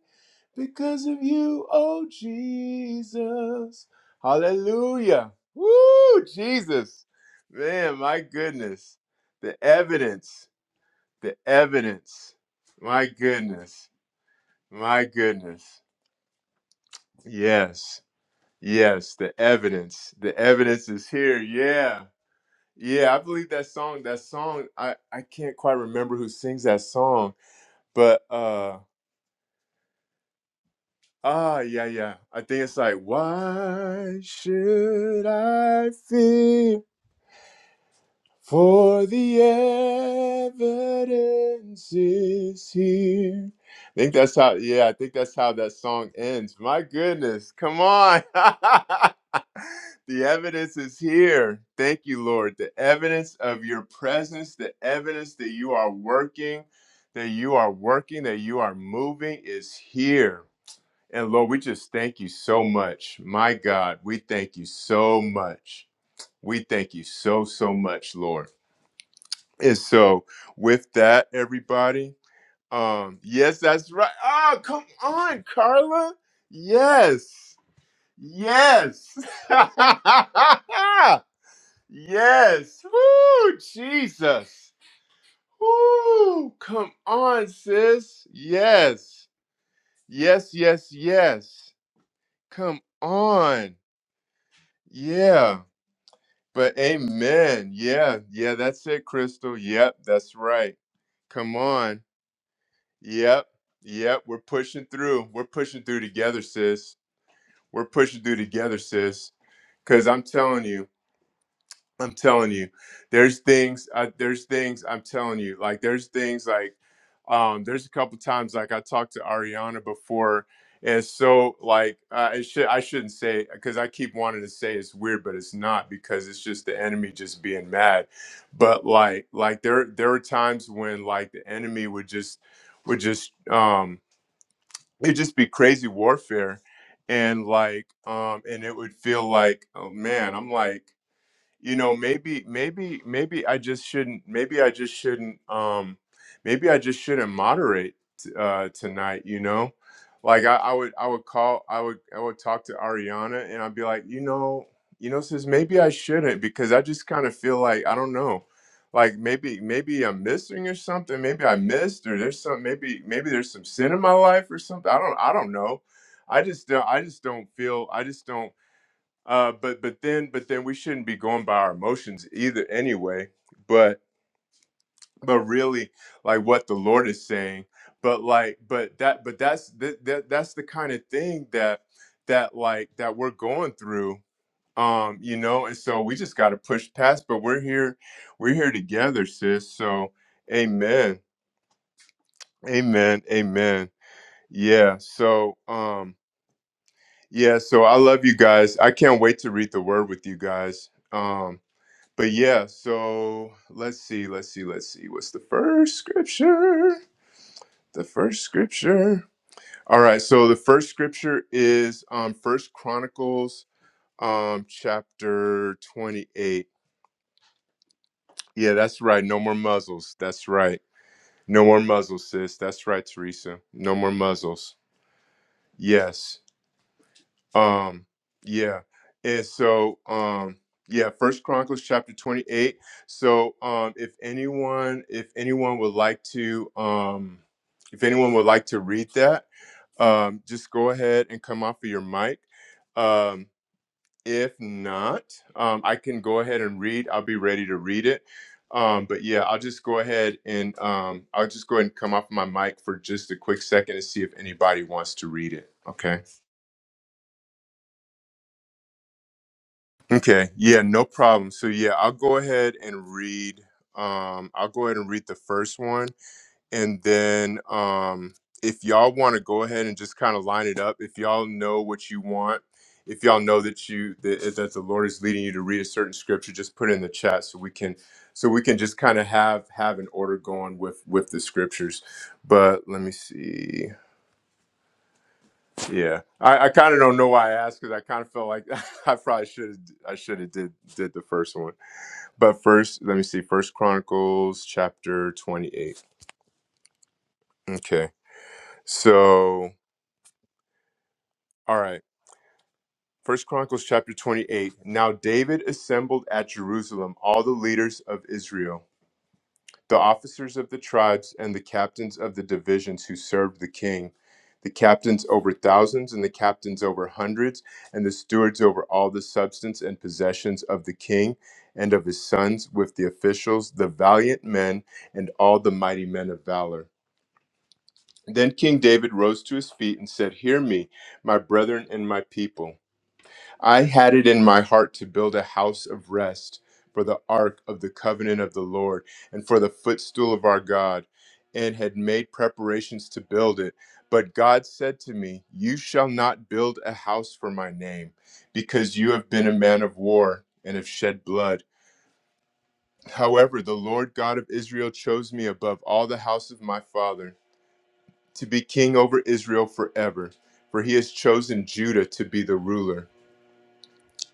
Speaker 1: because of you, oh Jesus. Hallelujah. Woo, Jesus. Man, my goodness. The evidence, the evidence. My goodness. My goodness. Yes. Yes, the evidence. The evidence is here. Yeah. Yeah, I believe that song, that song, I I can't quite remember who sings that song, but uh ah yeah, yeah. I think it's like why should I fear? For the evidence is here. I think that's how, yeah, I think that's how that song ends. My goodness, come on. the evidence is here. Thank you, Lord. The evidence of your presence, the evidence that you are working, that you are working, that you are moving is here. And Lord, we just thank you so much. My God, we thank you so much. We thank you so, so much, Lord. And so with that, everybody, um, yes, that's right. Oh, come on, Carla. Yes. Yes. yes. Woo, Jesus. Woo, come on, sis. Yes. Yes, yes, yes. Come on. Yeah. But amen. Yeah. Yeah, that's it, Crystal. Yep, that's right. Come on. Yep. Yep. We're pushing through. We're pushing through together, sis. We're pushing through together, sis. Cause I'm telling you, I'm telling you, there's things, I, there's things I'm telling you, like there's things like, um, there's a couple times like I talked to Ariana before, and so like uh, I should I shouldn't say because I keep wanting to say it's weird, but it's not because it's just the enemy just being mad. But like like there there were times when like the enemy would just would just um it'd just be crazy warfare and like um and it would feel like oh man i'm like you know maybe maybe maybe i just shouldn't maybe i just shouldn't um maybe i just shouldn't moderate uh tonight you know like i, I would i would call i would i would talk to ariana and i'd be like you know you know sis maybe i shouldn't because i just kind of feel like i don't know like maybe maybe i'm missing or something maybe i missed or there's some maybe maybe there's some sin in my life or something i don't i don't know i just don't i just don't feel i just don't uh but but then but then we shouldn't be going by our emotions either anyway but but really like what the lord is saying but like but that but that's that, that that's the kind of thing that that like that we're going through um you know and so we just got to push past but we're here we're here together sis so amen amen amen yeah so um yeah so i love you guys i can't wait to read the word with you guys Um, But yeah, so let's see, let's see, let's see. What's the first scripture? The first scripture. All right, so the first scripture is um First Chronicles um chapter 28. Yeah, that's right. No more muzzles. That's right. No more muzzles, sis. That's right, Teresa. No more muzzles. Yes. Um, yeah. And so, um, yeah, First Chronicles chapter 28. So, um, if anyone, if anyone would like to, um, if anyone would like to read that, um, just go ahead and come off of your mic. Um, if not, um, I can go ahead and read. I'll be ready to read it. Um, but yeah, I'll just go ahead and um, I'll just go ahead and come off my mic for just a quick second and see if anybody wants to read it. Okay. Okay. Yeah, no problem. So yeah, I'll go ahead and read um I'll go ahead and read the first one and then um if y'all want to go ahead and just kind of line it up, if y'all know what you want, if y'all know that you that, that the Lord is leading you to read a certain scripture, just put it in the chat so we can so we can just kind of have have an order going with with the scriptures. But let me see. Yeah, I, I kind of don't know why I asked because I kind of felt like I probably should have I should have did did the first one. But first, let me see. First Chronicles chapter 28. Okay. So, all right. First Chronicles chapter 28. Now David assembled at Jerusalem all the leaders of Israel, the officers of the tribes and the captains of the divisions who served the king, the captains over thousands and the captains over hundreds, and the stewards over all the substance and possessions of the king and of his sons with the officials, the valiant men and all the mighty men of valor. Then King David rose to his feet and said, Hear me, my brethren and my people. I had it in my heart to build a house of rest for the ark of the covenant of the Lord and for the footstool of our God, and had made preparations to build it. But God said to me, You shall not build a house for my name, because you have been a man of war and have shed blood. However, the Lord God of Israel chose me above all the house of my father to be king over Israel forever, for he has chosen Judah to be the ruler.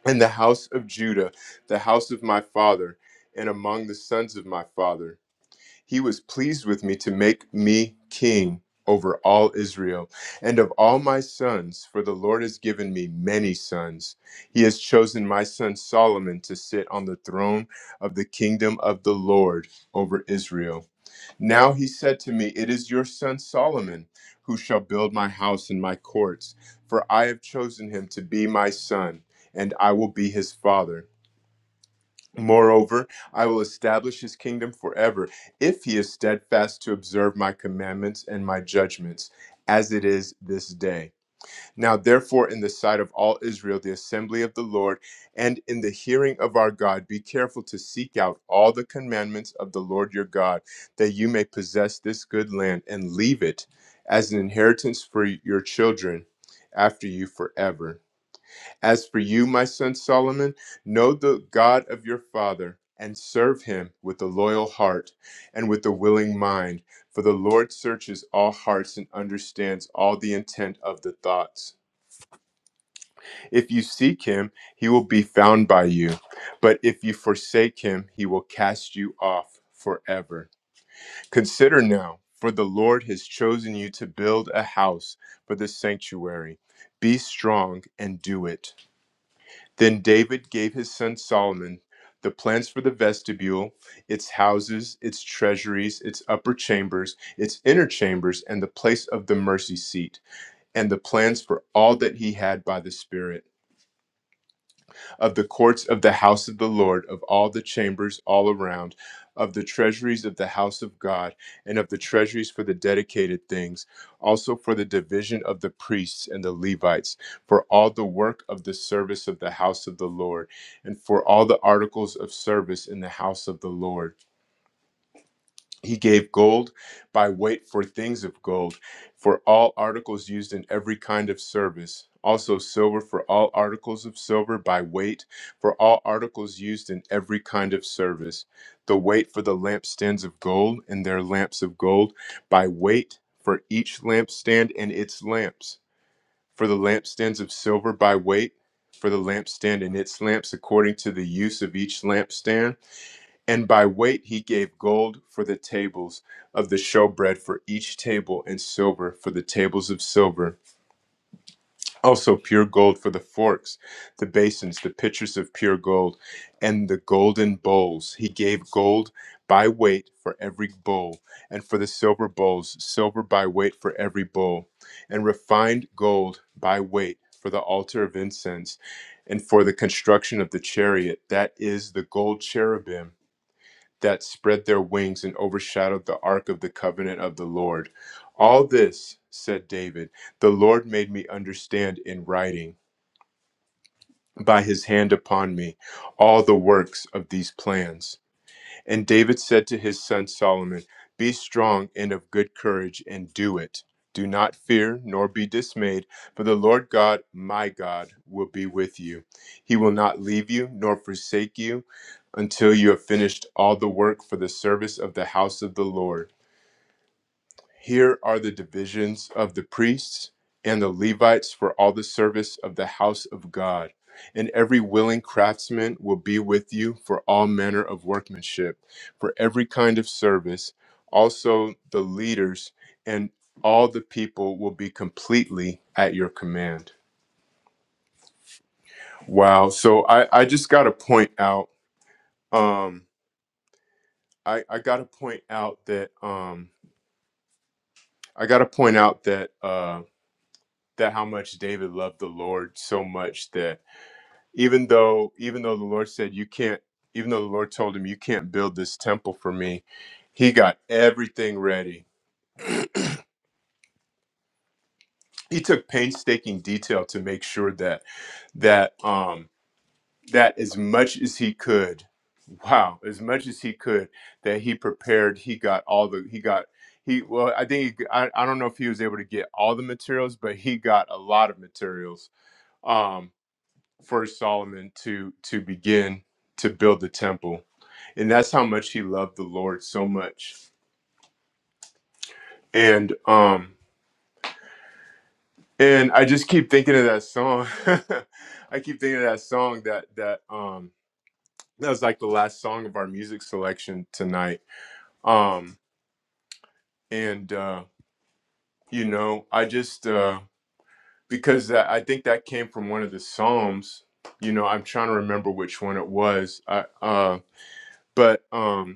Speaker 1: And the house of Judah, the house of my father, and among the sons of my father, he was pleased with me to make me king over all Israel and of all my sons, for the Lord has given me many sons. He has chosen my son Solomon to sit on the throne of the kingdom of the Lord over Israel. Now he said to me, It is your son Solomon who shall build my house and my courts, for I have chosen him to be my son, and I will be his father. Moreover, I will establish his kingdom forever, if he is steadfast to observe my commandments and my judgments, as it is this day. Now, therefore, in the sight of all Israel, the assembly of the Lord, and in the hearing of our God, be careful to seek out all the commandments of the Lord your God, that you may possess this good land and leave it as an inheritance for your children after you forever. As for you, my son Solomon, know the God of your father. And serve him with a loyal heart and with a willing mind. For the Lord searches all hearts and understands all the intent of the thoughts. If you seek him, he will be found by you. But if you forsake him, he will cast you off forever. Consider now, for the Lord has chosen you to build a house for the sanctuary. Be strong and do it. Then David gave his son Solomon the plans for the vestibule, its houses, its treasuries, its upper chambers, its inner chambers, and the place of the mercy seat, and the plans for all that he had by the Spirit. of the courts of the house of the Lord, of all the chambers all around, of the treasuries of the house of God, and of the treasuries for the dedicated things, also for the division of the priests and the Levites, for all the work of the service of the house of the Lord, and for all the articles of service in the house of the Lord he gave gold by weight for things of gold, for all articles used in every kind of service. Also, silver for all articles of silver by weight, for all articles used in every kind of service. The weight for the lampstands of gold and their lamps of gold by weight for each lampstand and its lamps. For the lampstands of silver by weight, for the lampstand and its lamps according to the use of each lampstand and by weight he gave gold for the tables of the showbread for each table, and silver for the tables of silver. Also, pure gold for the forks, the basins, the pitchers of pure gold, and the golden bowls. He gave gold by weight for every bowl, and for the silver bowls, silver by weight for every bowl, and refined gold by weight for the altar of incense, and for the construction of the chariot, that is, the gold cherubim that spread their wings and overshadowed the ark of the covenant of the Lord. All this, said David, the Lord made me understand in writing by his hand upon me all the works of these plans. And David said to his son Solomon, Be strong and of good courage, and do it. Do not fear, nor be dismayed, for the Lord God, my God, will be with you. He will not leave you, nor forsake you, until you have finished all the work for the service of the house of the Lord. Here are the divisions of the priests and the Levites for all the service of the house of God. And every willing craftsman will be with you for all manner of workmanship, for every kind of service. Also, the leaders and all the people will be completely at your command. Wow. So I, I just got to point out, um, I, I got to point out that, um, I got to point out that, um, that how much David loved the Lord so much that even though even though the Lord said you can't even though the Lord told him you can't build this temple for me, he got everything ready. He took painstaking detail to make sure that that um that as much as he could, wow, as much as he could that he prepared, he got all the he got he well I think he, I, I don't know if he was able to get all the materials, but he got a lot of materials. Um first Solomon to to begin to build the temple. And that's how much he loved the Lord so much. And um and I just keep thinking of that song. I keep thinking of that song that that um that was like the last song of our music selection tonight. Um and uh you know, I just uh because that, I think that came from one of the Psalms. You know, I'm trying to remember which one it was. I uh but um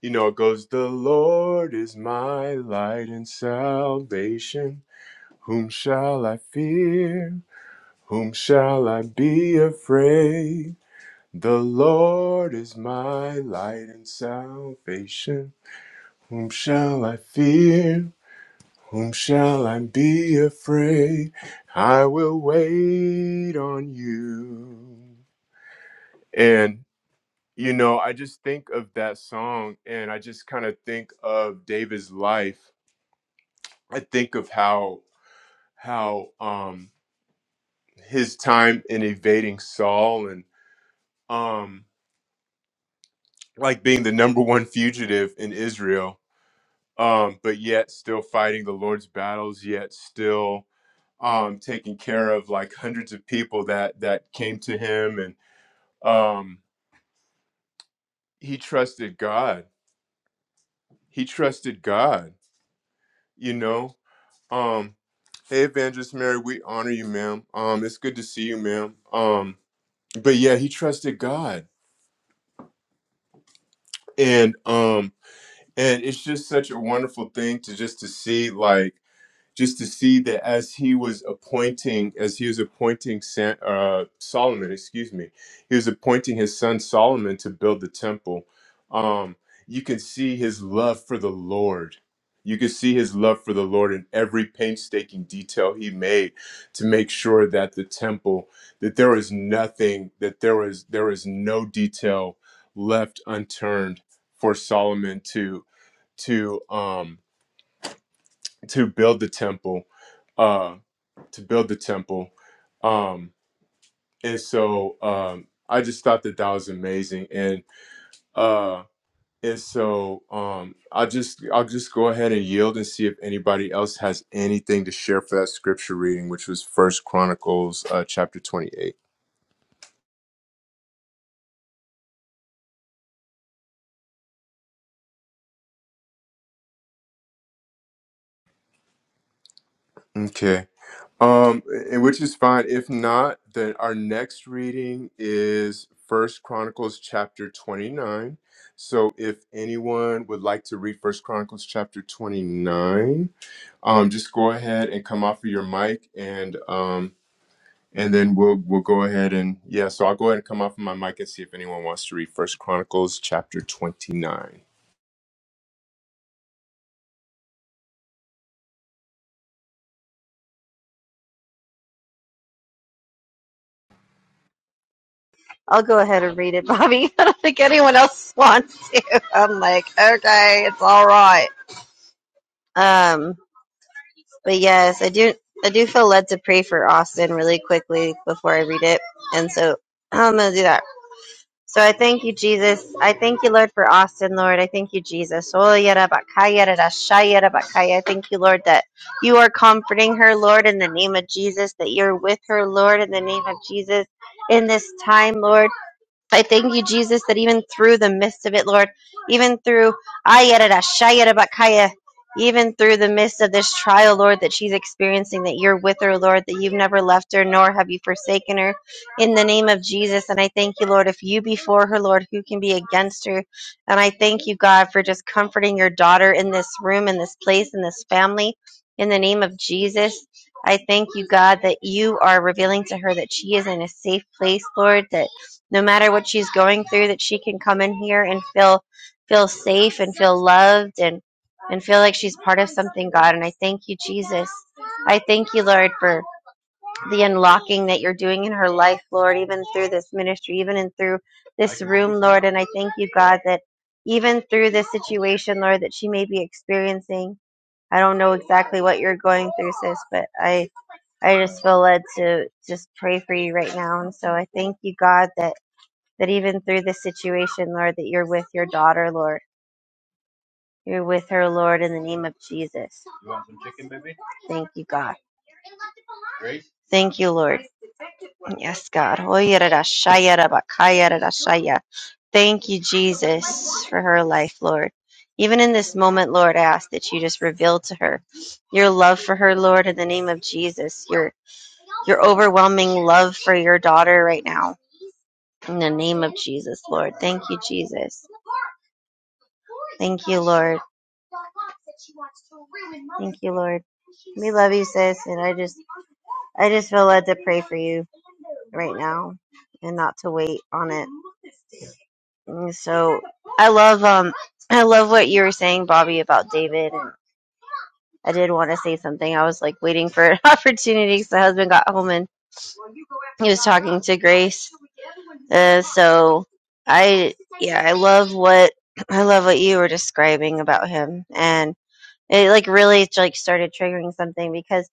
Speaker 1: You know, it goes, The Lord is my light and salvation. Whom shall I fear? Whom shall I be afraid? The Lord is my light and salvation. Whom shall I fear? Whom shall I be afraid? I will wait on you. And you know, I just think of that song and I just kind of think of David's life I think of how how um his time in evading Saul and um like being the number one fugitive in Israel, um, but yet still fighting the Lord's battles, yet still um taking care of like hundreds of people that that came to him and um he trusted God. He trusted God, you know. Um Hey Evangelist Mary, we honor you, ma'am. Um, it's good to see you, ma'am. Um, but yeah, he trusted God and um and it's just such a wonderful thing to just to see like just to see that as he was appointing, as he was appointing San, uh, Solomon, excuse me, he was appointing his son Solomon to build the temple. Um, you can see his love for the Lord. You can see his love for the Lord in every painstaking detail he made to make sure that the temple, that there was nothing, that there was there was no detail left unturned for Solomon to to um to build the temple uh, to build the temple. Um, and so um, I just thought that that was amazing. And uh, and so um, I just I'll just go ahead and yield and see if anybody else has anything to share for that scripture reading, which was First Chronicles uh, chapter twenty eight. Okay. Um, and which is fine. If not, then our next reading is First Chronicles chapter twenty nine. So if anyone would like to read First Chronicles chapter 29, um, just go ahead and come off of your mic and um, and then we'll we'll go ahead and yeah so i'll go ahead and come off of my mic and see if anyone wants to read first chronicles chapter 29
Speaker 2: I'll go ahead and read it, Bobby. I don't think anyone else wants to. I'm like, okay, it's all right. Um, but yes, I do. I do feel led to pray for Austin really quickly before I read it, and so I'm gonna do that. So I thank you, Jesus. I thank you, Lord, for Austin, Lord. I thank you, Jesus. Oh, bakaya, da bakaya. I Thank you, Lord, that you are comforting her, Lord, in the name of Jesus. That you're with her, Lord, in the name of Jesus. In this time, Lord. I thank you, Jesus, that even through the midst of it, Lord, even through Ayarashayarabakaya, even through the midst of this trial, Lord, that she's experiencing, that you're with her, Lord, that you've never left her, nor have you forsaken her. In the name of Jesus, and I thank you, Lord, if you be for her, Lord, who can be against her? And I thank you, God, for just comforting your daughter in this room, in this place, in this family. In the name of Jesus, I thank you, God, that you are revealing to her that she is in a safe place, Lord, that no matter what she's going through that she can come in here and feel feel safe and feel loved and and feel like she's part of something god and i thank you jesus i thank you lord for the unlocking that you're doing in her life lord even through this ministry even and through this room lord and i thank you god that even through this situation lord that she may be experiencing i don't know exactly what you're going through sis but i i just feel led to just pray for you right now and so i thank you god that that even through this situation, Lord, that you're with your daughter, Lord. You're with her, Lord, in the name of Jesus. Thank you, God. Thank you, Lord. Yes, God. Oyererashayerabakayererashaya. Thank you, Jesus, for her life, Lord. Even in this moment, Lord, I ask that you just reveal to her your love for her, Lord, in the name of Jesus. Your your overwhelming love for your daughter right now. In the name of Jesus, Lord. Thank you, Jesus. Thank you, Lord. Thank you, Lord. We love you, sis, and I just I just feel led to pray for you right now and not to wait on it. And so I love um I love what you were saying, Bobby, about David and I did want to say something. I was like waiting for an opportunity because my husband got home and he was talking to Grace. Uh, so I yeah, I love what I love what you were describing about him. and it like really like started triggering something because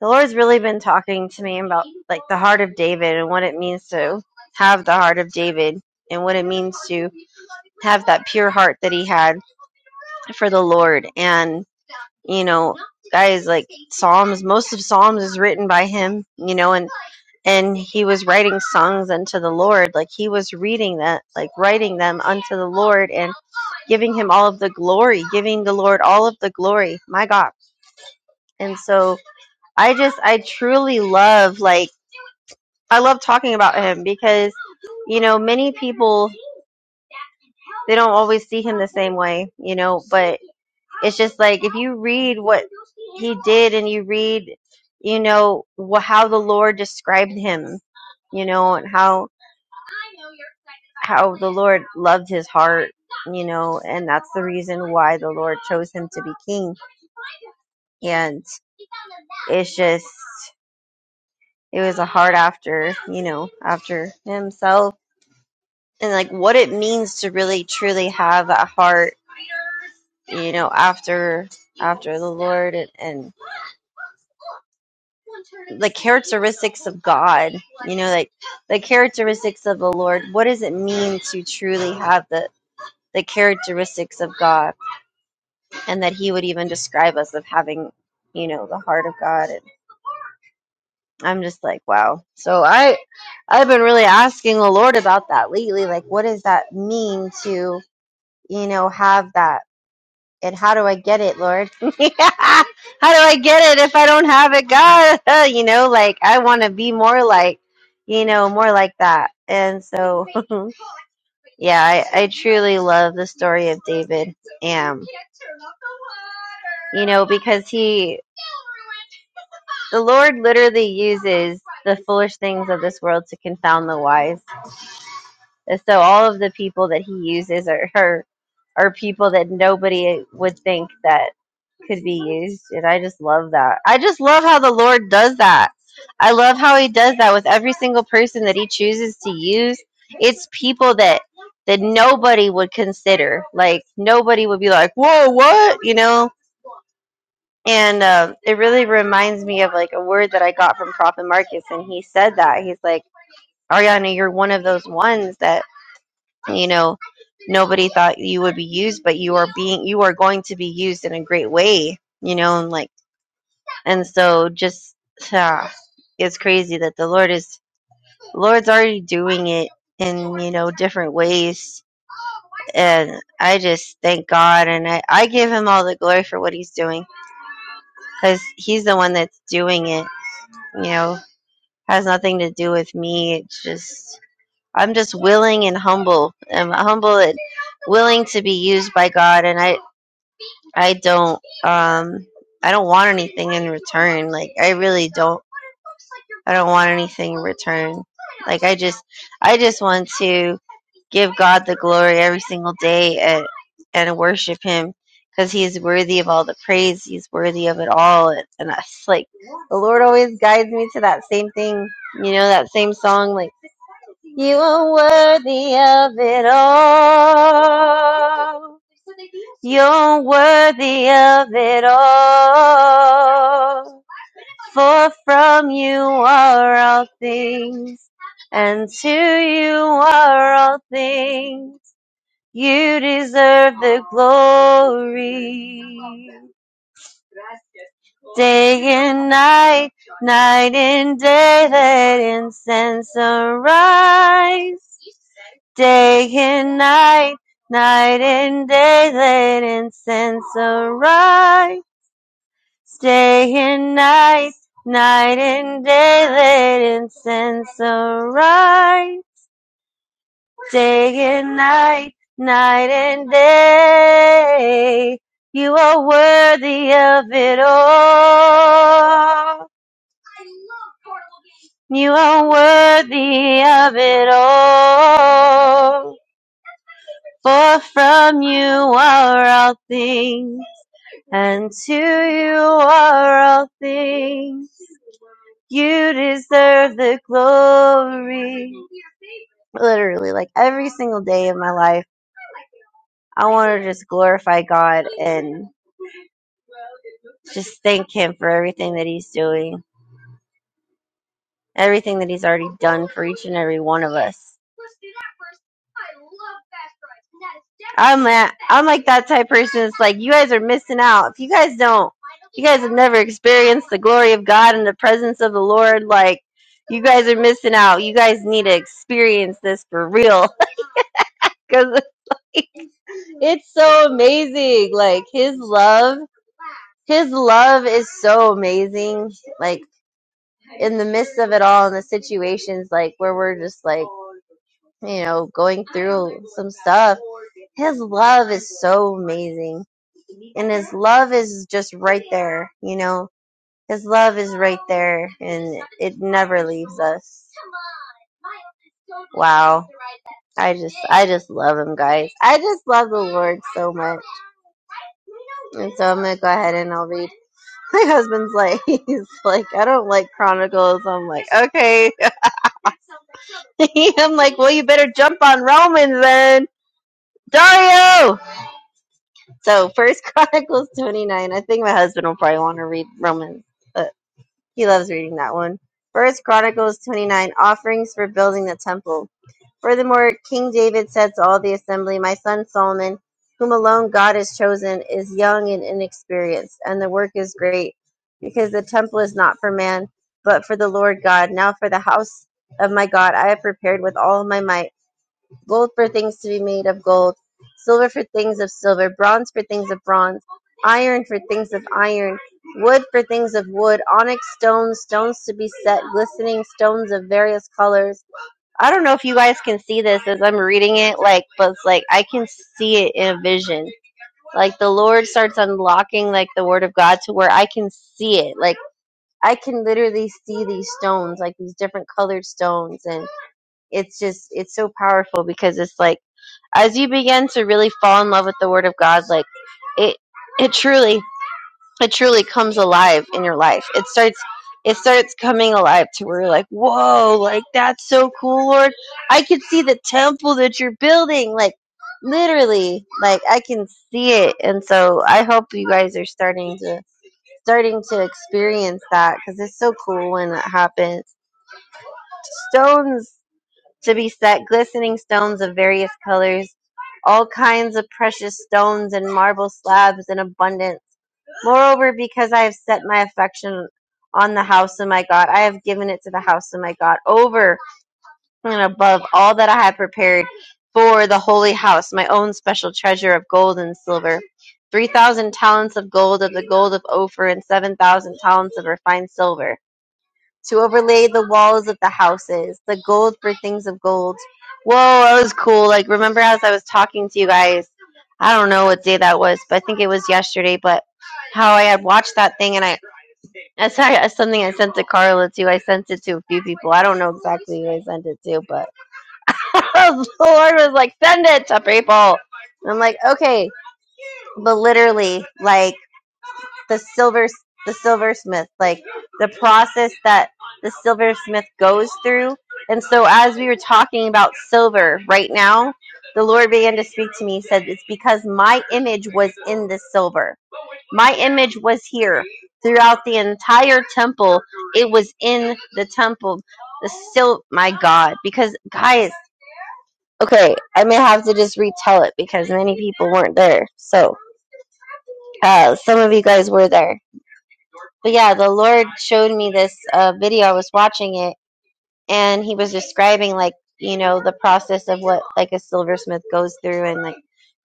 Speaker 2: the lord's really been talking to me about like the heart of david and what it means to have the heart of david and what it means to have that pure heart that he had for the lord and you know guys like psalms most of psalms is written by him you know and and he was writing songs unto the Lord, like he was reading that, like writing them unto the Lord and giving him all of the glory, giving the Lord all of the glory. My God. And so I just, I truly love, like, I love talking about him because, you know, many people, they don't always see him the same way, you know, but it's just like if you read what he did and you read, you know, wh- how the Lord described him, you know, and how, how the Lord loved his heart, you know, and that's the reason why the Lord chose him to be king. And it's just it was a hard after, you know, after himself and like what it means to really truly have that heart, you know, after after the Lord and, and the characteristics of God, you know, like the characteristics of the Lord. What does it mean to truly have the the characteristics of God and that he would even describe us of having, you know, the heart of God I'm just like, wow. So I I've been really asking the Lord about that lately. Like, what does that mean to, you know, have that? And how do I get it, Lord? Yeah. How do I get it if I don't have it, God? you know, like I want to be more like, you know, more like that. And so, yeah, I, I truly love the story of David. Um, you know, because he The Lord literally uses the foolish things of this world to confound the wise. And so all of the people that he uses are are, are people that nobody would think that could be used. And I just love that. I just love how the Lord does that. I love how he does that with every single person that he chooses to use. It's people that that nobody would consider. Like nobody would be like, "Whoa, what?" You know, and uh, it really reminds me of like a word that I got from Prophet Marcus, and he said that he's like, Ariana, you're one of those ones that you know nobody thought you would be used, but you are being, you are going to be used in a great way, you know, and like, and so just uh, it's crazy that the Lord is, Lord's already doing it in you know different ways, and I just thank God, and I I give Him all the glory for what He's doing because He's the one that's doing it, you know has nothing to do with me. It's just I'm just willing and humble. I'm humble and willing to be used by God, and I I don't um I don't want anything in return. Like I really don't. I don't want anything in return. Like I just I just want to give God the glory every single day and and worship Him because He is worthy of all the praise. He's worthy of it all, and, and that's like the Lord always guides me to that same thing. You know that same song like you are worthy of it all. You're worthy of it all. For from you are all things, and to you are all things. You deserve the glory. Day and night, night and day, let incense arise. day and night, night and day, let incense arise. Day and night, night and day, let incense arise. Day and night, night and day, you are worthy of it all. You are worthy of it all. For from you are all things, and to you are all things. You deserve the glory. Literally, like every single day of my life, I want to just glorify God and just thank Him for everything that He's doing, everything that He's already done for each and every one of us. I'm that I'm like that type of person. It's like you guys are missing out. If you guys don't, you guys have never experienced the glory of God and the presence of the Lord. Like you guys are missing out. You guys need to experience this for real because it's so amazing. Like His love, His love is so amazing. Like in the midst of it all, in the situations like where we're just like, you know, going through some stuff, His love is so amazing. And His love is just right there, you know, His love is right there and it never leaves us. Wow. I just, I just love Him, guys. I just love the Lord so much. And so I'm gonna go ahead and I'll read. My husband's like, he's like, I don't like Chronicles. I'm like, okay. I'm like, well, you better jump on Romans then, Dario. So First Chronicles 29. I think my husband will probably want to read Romans. uh, He loves reading that one. First Chronicles 29 Offerings for Building the Temple. Furthermore, King David said to all the assembly, My son Solomon, whom alone God has chosen, is young and inexperienced, and the work is great, because the temple is not for man, but for the Lord God. Now for the house of my God I have prepared with all my might gold for things to be made of gold, silver for things of silver, bronze for things of bronze, iron for things of iron, wood for things of wood, onyx stones, stones to be set, glistening stones of various colors. I don't know if you guys can see this as I'm reading it, like, but it's like I can see it in a vision. Like the Lord starts unlocking like the Word of God to where I can see it. Like I can literally see these stones, like these different colored stones, and it's just it's so powerful because it's like as you begin to really fall in love with the word of God, like it it truly it truly comes alive in your life. It starts it starts coming alive to where you're like, Whoa, like that's so cool, Lord. I can see the temple that you're building. Like literally, like I can see it. And so I hope you guys are starting to starting to experience that because it's so cool when that happens. Stones to be set, glistening stones of various colors all kinds of precious stones and marble slabs in abundance. Moreover, because I have set my affection on the house of my God, I have given it to the house of my God over and above all that I had prepared for the holy house, my own special treasure of gold and silver. 3,000 talents of gold of the gold of Ophir and 7,000 talents of refined silver to overlay the walls of the houses, the gold things of gold. Whoa, that was cool. Like, remember as I was talking to you guys, I don't know what day that was, but I think it was yesterday, but how I had watched that thing and I, that's how- that's something I sent to Carla too. I sent it to a few people. I don't know exactly who I sent it to, but the Lord was like, send it to people. And I'm like, okay. But literally, like, the silver the silversmith like the process that the silversmith goes through and so as we were talking about silver right now the lord began to speak to me he said it's because my image was in the silver my image was here throughout the entire temple it was in the temple the sil my god because guys okay i may have to just retell it because many people weren't there so uh, some of you guys were there but yeah, the Lord showed me this uh, video. I was watching it, and He was describing like you know the process of what like a silversmith goes through, and like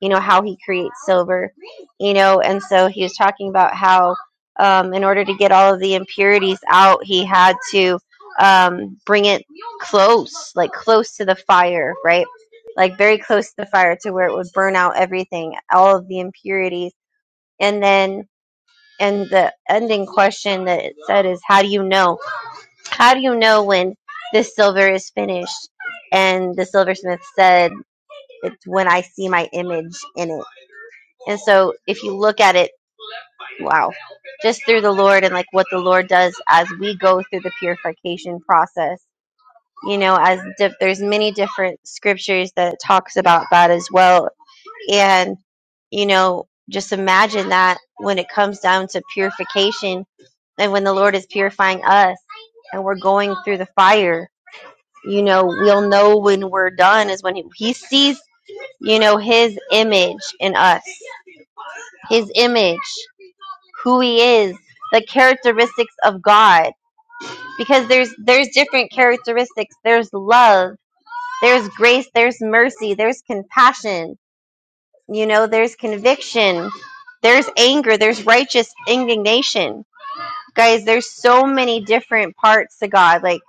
Speaker 2: you know how he creates silver, you know. And so he was talking about how um, in order to get all of the impurities out, he had to um, bring it close, like close to the fire, right? Like very close to the fire to where it would burn out everything, all of the impurities, and then and the ending question that it said is how do you know how do you know when this silver is finished and the silversmith said it's when i see my image in it and so if you look at it wow just through the lord and like what the lord does as we go through the purification process you know as diff- there's many different scriptures that talks about that as well and, you know, just imagine that when it comes down to purification and when the Lord is purifying us and we're going through the fire, you know, we'll know when we're done is when He, he sees, you know, His image in us, His image, who He is, the characteristics of God. Because there's there's different characteristics. There's love, there's grace, there's mercy, there's compassion You know, there's conviction, there's anger, there's righteous indignation. Guys, there's so many different parts to God, like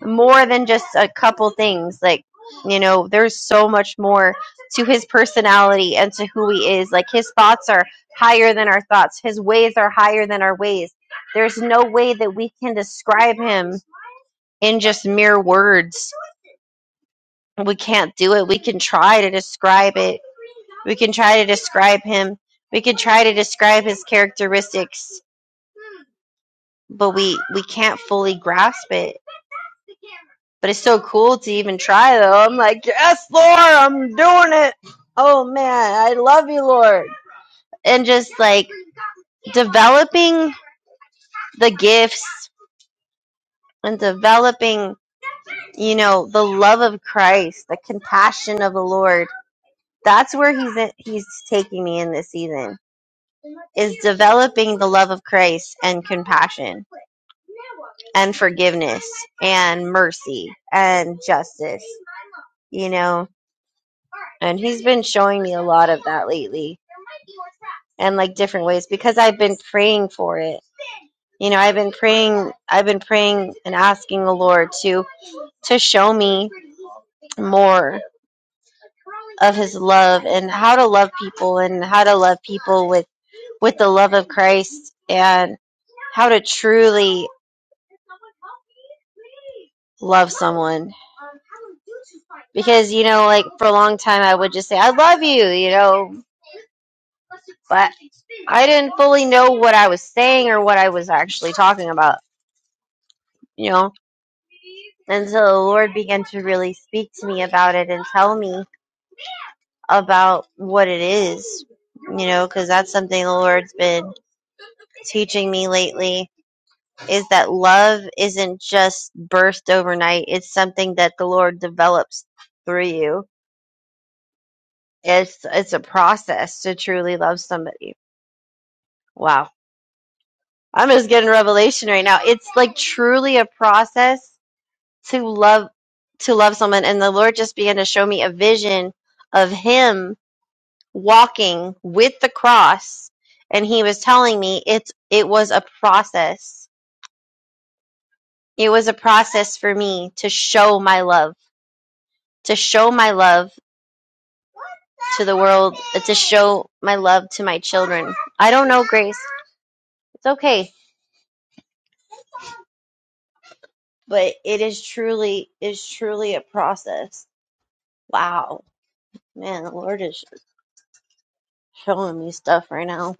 Speaker 2: more than just a couple things. Like, you know, there's so much more to his personality and to who he is. Like, his thoughts are higher than our thoughts, his ways are higher than our ways. There's no way that we can describe him in just mere words. We can't do it. We can try to describe it We can try to describe him. We can try to describe his characteristics, but we we can't fully grasp it. But it's so cool to even try, though. I'm like, yes, Lord, I'm doing it. Oh man, I love you, Lord. And just like developing the gifts and developing, you know, the love of Christ, the compassion of the Lord. That's where he's in, he's taking me in this season is developing the love of Christ and compassion and forgiveness and mercy and justice, you know. And he's been showing me a lot of that lately and like different ways because I've been praying for it. You know, I've been praying I've been praying and asking the Lord to to show me more of his love and how to love people and how to love people with with the love of Christ and how to truly love someone because you know like for a long time i would just say i love you you know but i didn't fully know what i was saying or what i was actually talking about you know until the lord began to really speak to me about it and tell me about what it is you know because that's something the lord's been teaching me lately is that love isn't just burst overnight it's something that the lord develops through you It's it's a process to truly love somebody. Wow. I'm just getting revelation right now. It's like truly a process to love to love someone and the Lord just began to show me a vision of him walking with the cross and he was telling me it's it was a process. It was a process for me to show my love, to show my love to the world, to show my love to my children. I don't know, Grace. It's okay. but it is truly is truly a process. Wow. Man, the Lord is showing me stuff right now.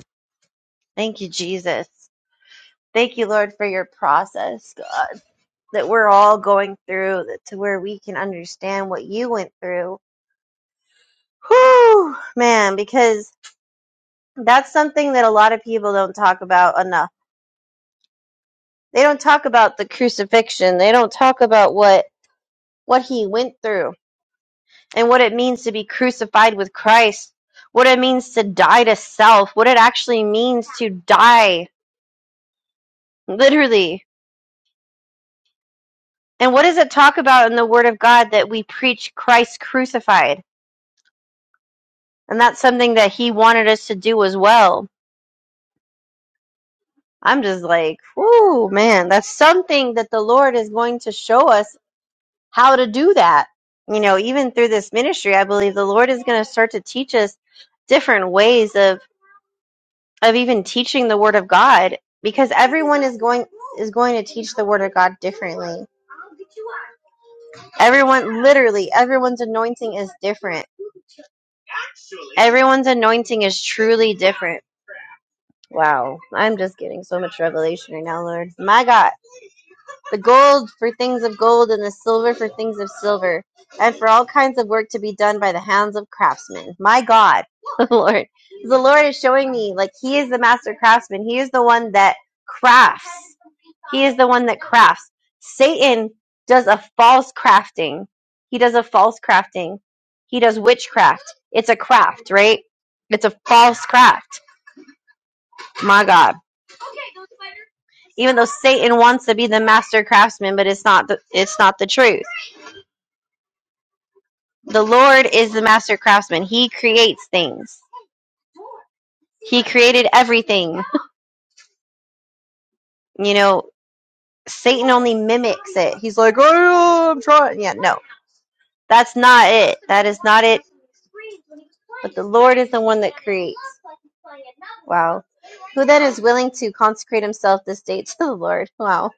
Speaker 2: Thank you, Jesus. Thank you, Lord, for your process, God, that we're all going through that to where we can understand what you went through. Whew, man, because that's something that a lot of people don't talk about enough. They don't talk about the crucifixion. They don't talk about what what he went through and what it means to be crucified with Christ, what it means to die to self, what it actually means to die, literally. And what does it talk about in the Word of God that we preach Christ crucified? And that's something that He wanted us to do as well. I'm just like, whoo, man, that's something that the Lord is going to show us how to do that. You know, even through this ministry, I believe the Lord is going to start to teach us different ways of of even teaching the word of God because everyone is going is going to teach the word of God differently. Everyone literally everyone's anointing is different. Everyone's anointing is truly different. Wow, I'm just getting so much revelation right now, Lord. My God, the gold for things of gold and the silver for things of silver, and for all kinds of work to be done by the hands of craftsmen. My God, Lord, the Lord is showing me like He is the master craftsman. He is the one that crafts. He is the one that crafts. Satan does a false crafting. He does a false crafting. He does witchcraft. It's a craft, right? It's a false craft. My God. Even though Satan wants to be the master craftsman, but it's not the, it's not the truth. The Lord is the master craftsman. He creates things. He created everything. You know, Satan only mimics it. He's like, oh, I'm trying. Yeah, no. That's not it. That is not it. But the Lord is the one that creates. Wow. Who then is willing to consecrate himself this day to the Lord? Wow.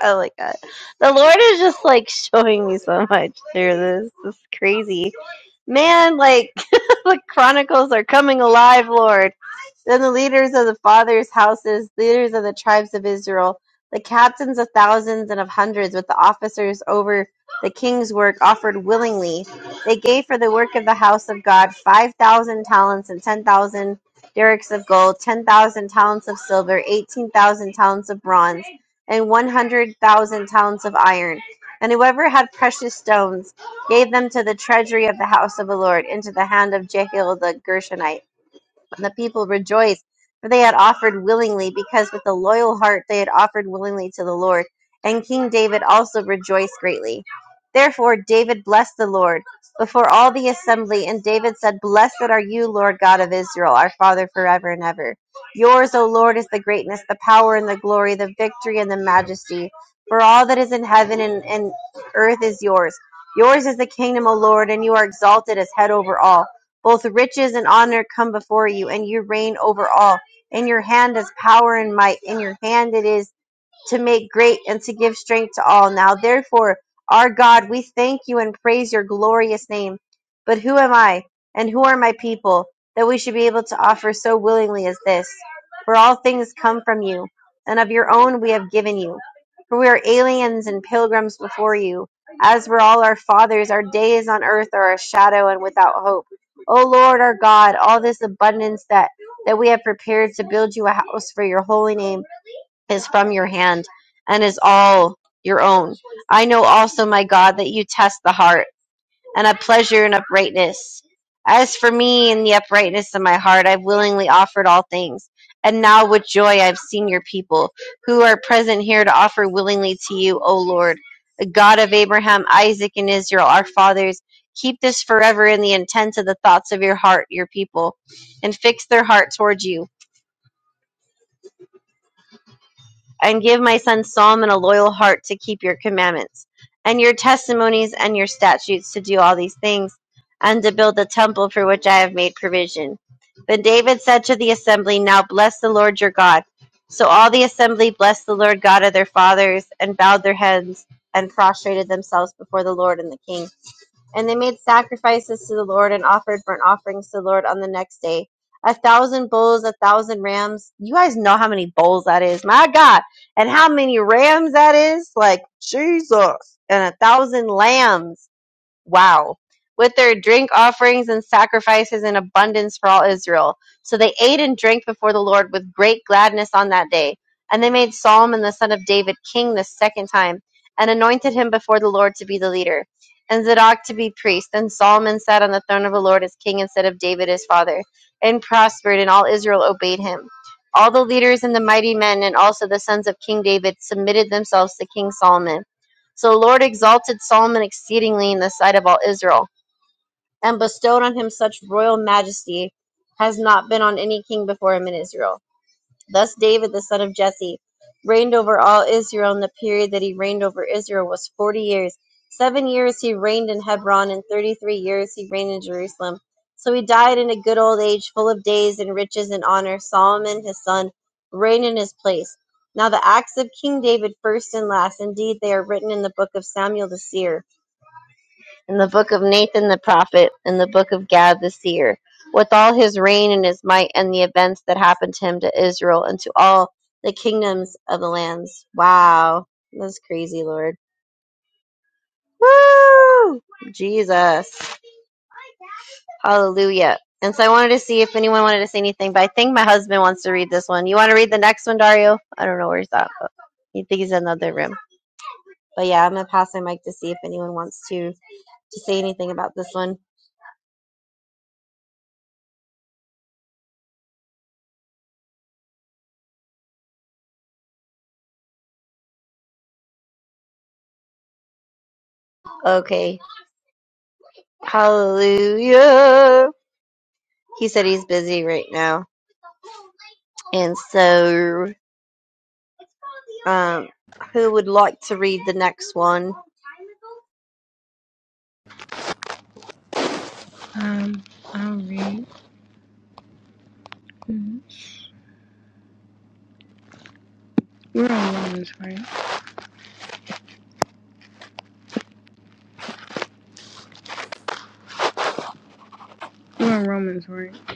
Speaker 2: I like that. The Lord is just like showing me so much through this. This is crazy. Man, like the chronicles are coming alive, Lord. Then the leaders of the fathers' houses, leaders of the tribes of Israel, the captains of thousands and of hundreds, with the officers over the king's work, offered willingly. They gave for the work of the house of God five thousand talents and ten thousand derricks of gold, ten thousand talents of silver, eighteen thousand talents of bronze and one hundred thousand talents of iron. And whoever had precious stones gave them to the treasury of the house of the Lord into the hand of Jehiel the Gershonite. And the people rejoiced, for they had offered willingly, because with a loyal heart they had offered willingly to the Lord. And King David also rejoiced greatly. Therefore David blessed the Lord before all the assembly, and David said, Blessed are you, Lord God of Israel, our Father forever and ever. Yours, O Lord, is the greatness, the power, and the glory, the victory, and the majesty. For all that is in heaven and, and earth is yours. Yours is the kingdom, O Lord, and you are exalted as head over all. Both riches and honor come before you, and you reign over all. In your hand is power and might. In your hand it is to make great and to give strength to all. Now, therefore, our God, we thank you and praise your glorious name. But who am I, and who are my people, that we should be able to offer so willingly as this? For all things come from you, and of your own we have given you. For we are aliens and pilgrims before you, as were all our fathers. Our days on earth are a shadow and without hope. O Lord our God, all this abundance that, that we have prepared to build you a house for your holy name is from your hand and is all your own. I know also, my God, that you test the heart and have pleasure in uprightness. As for me and the uprightness of my heart, I've willingly offered all things. And now with joy I've seen your people who are present here to offer willingly to you, O Lord, the God of Abraham, Isaac, and Israel, our fathers. Keep this forever in the intent of the thoughts of your heart, your people, and fix their heart towards you. and give my son Solomon a loyal heart to keep your commandments and your testimonies and your statutes to do all these things and to build the temple for which I have made provision. Then David said to the assembly, Now bless the Lord your God. So all the assembly blessed the Lord God of their fathers and bowed their heads and prostrated themselves before the Lord and the king. And they made sacrifices to the Lord and offered burnt offerings to the Lord on the next day. A thousand bulls, a thousand rams. You guys know how many bulls that is. My God and how many rams that is like jesus and a thousand lambs Wow. With their drink offerings and sacrifices in abundance for all Israel. So they ate and drank before the Lord with great gladness on that day. And they made Solomon the son of David king the second time, and anointed him before the Lord to be the leader, and Zadok to be priest. And Solomon sat on the throne of the Lord as king instead of David his father, and prospered, and all Israel obeyed him. All the leaders and the mighty men, and also the sons of King David, submitted themselves to King Solomon. So the Lord exalted Solomon exceedingly in the sight of all Israel, and bestowed on him such royal majesty as has not been on any king before him in Israel. Thus David, the son of Jesse, reigned over all Israel, and the period that he reigned over Israel was forty years. Seven years he reigned in Hebron, and thirty three years he reigned in Jerusalem. So he died in a good old age, full of days and riches and honor. Solomon, his son, reigned in his place. Now the acts of King David, first and last, indeed they are written in the book of Samuel the seer in the book of Nathan the prophet, in the book of Gad the seer, with all his reign and his might and the events that happened to him to Israel and to all the kingdoms of the lands. Wow. That's crazy, Lord. Woo! Jesus. Hallelujah. And so I wanted to see if anyone wanted to say anything, but I think my husband wants to read this one. You want to read the next one, Dario? I don't know where he's at, but you think he's in another room. But yeah, I'm gonna pass my mic to see if anyone wants to to say anything about this one. Okay. Hallelujah. He said he's busy right now. And so, um, who would like to read the next one?
Speaker 3: Um, I'll read. Mhm. We're on Romans, right? We're on Romans, right? I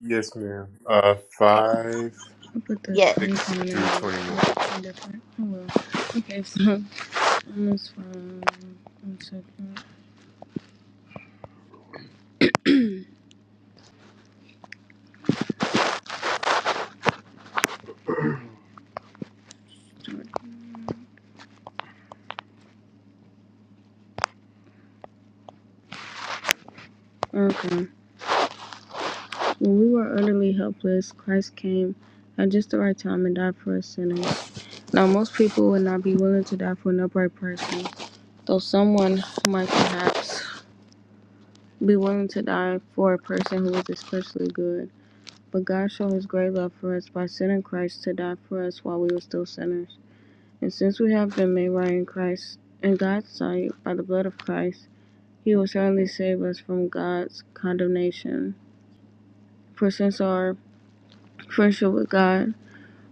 Speaker 1: yes ma'am uh 5
Speaker 3: will put the
Speaker 2: Yeah,
Speaker 3: same
Speaker 1: 6
Speaker 3: comment in there.
Speaker 1: through
Speaker 3: It's
Speaker 1: 21
Speaker 3: different. Oh well. Okay, so Romans from one second. okay. When we were utterly helpless, Christ came at just the right time and died for us sinners. Now most people would not be willing to die for an upright person, though someone might perhaps be willing to die for a person who is especially good. But God showed his great love for us by sending Christ to die for us while we were still sinners. And since we have been made right in Christ, in God's sight, by the blood of Christ, he will certainly save us from God's condemnation. For since our friendship with God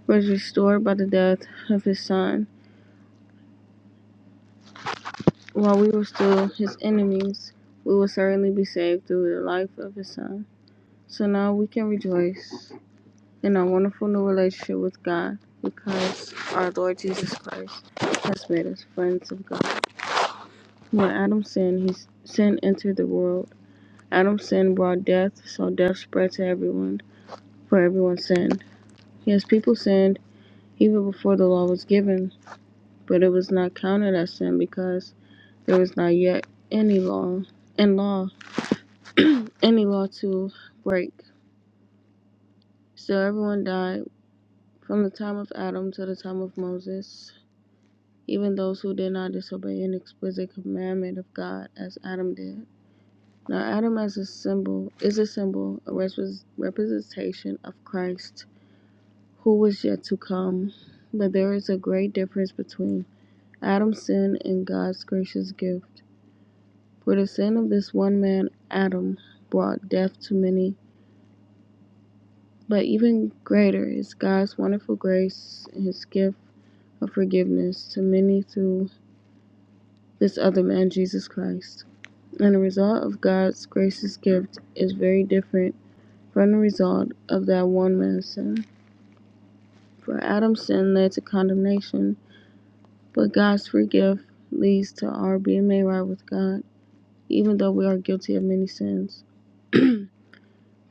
Speaker 3: was restored by the death of his Son, while we were still his enemies, we will certainly be saved through the life of his Son. So now we can rejoice in our wonderful new relationship with God because our Lord Jesus Christ has made us friends of God. When Adam sinned, his sin entered the world. Adam's sin brought death, so death spread to everyone, for everyone sinned. Yes, people sinned even before the law was given, but it was not counted as sin because there was not yet any law and law any law to break. So everyone died from the time of Adam to the time of Moses. even those who did not disobey an explicit commandment of God as Adam did. Now Adam as a symbol is a symbol, a representation of Christ who was yet to come. But there is a great difference between Adam's sin and God's gracious gift. For the sin of this one man, Adam, brought death to many. But even greater is God's wonderful grace and his gift of forgiveness to many through this other man, Jesus Christ. And the result of God's gracious gift is very different from the result of that one man's sin. For Adam's sin led to condemnation, but God's free gift leads to our being made right with God, even though we are guilty of many sins. For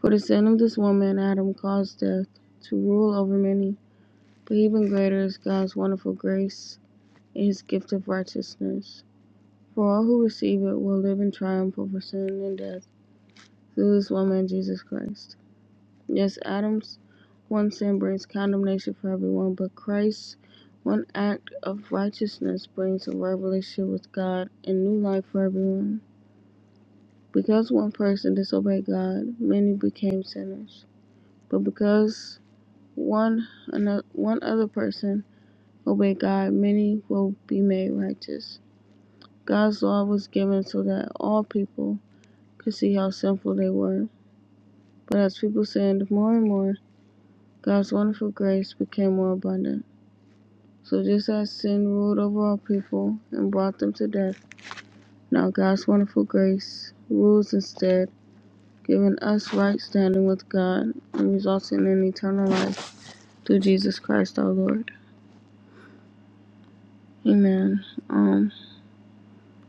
Speaker 3: the sin of this woman, Adam caused death to rule over many, but even greater is God's wonderful grace and his gift of righteousness. For all who receive it will live in triumph over sin and death through this woman, Jesus Christ. Yes, Adam's one sin brings condemnation for everyone, but Christ's one act of righteousness brings a right relationship with God and new life for everyone. Because one person disobeyed God, many became sinners. But because one another, one other person obeyed God, many will be made righteous. God's law was given so that all people could see how sinful they were. But as people sinned more and more, God's wonderful grace became more abundant. So just as sin ruled over all people and brought them to death, now God's wonderful grace rules instead, giving us right standing with God and resulting in eternal life through Jesus Christ our Lord. Amen. Um,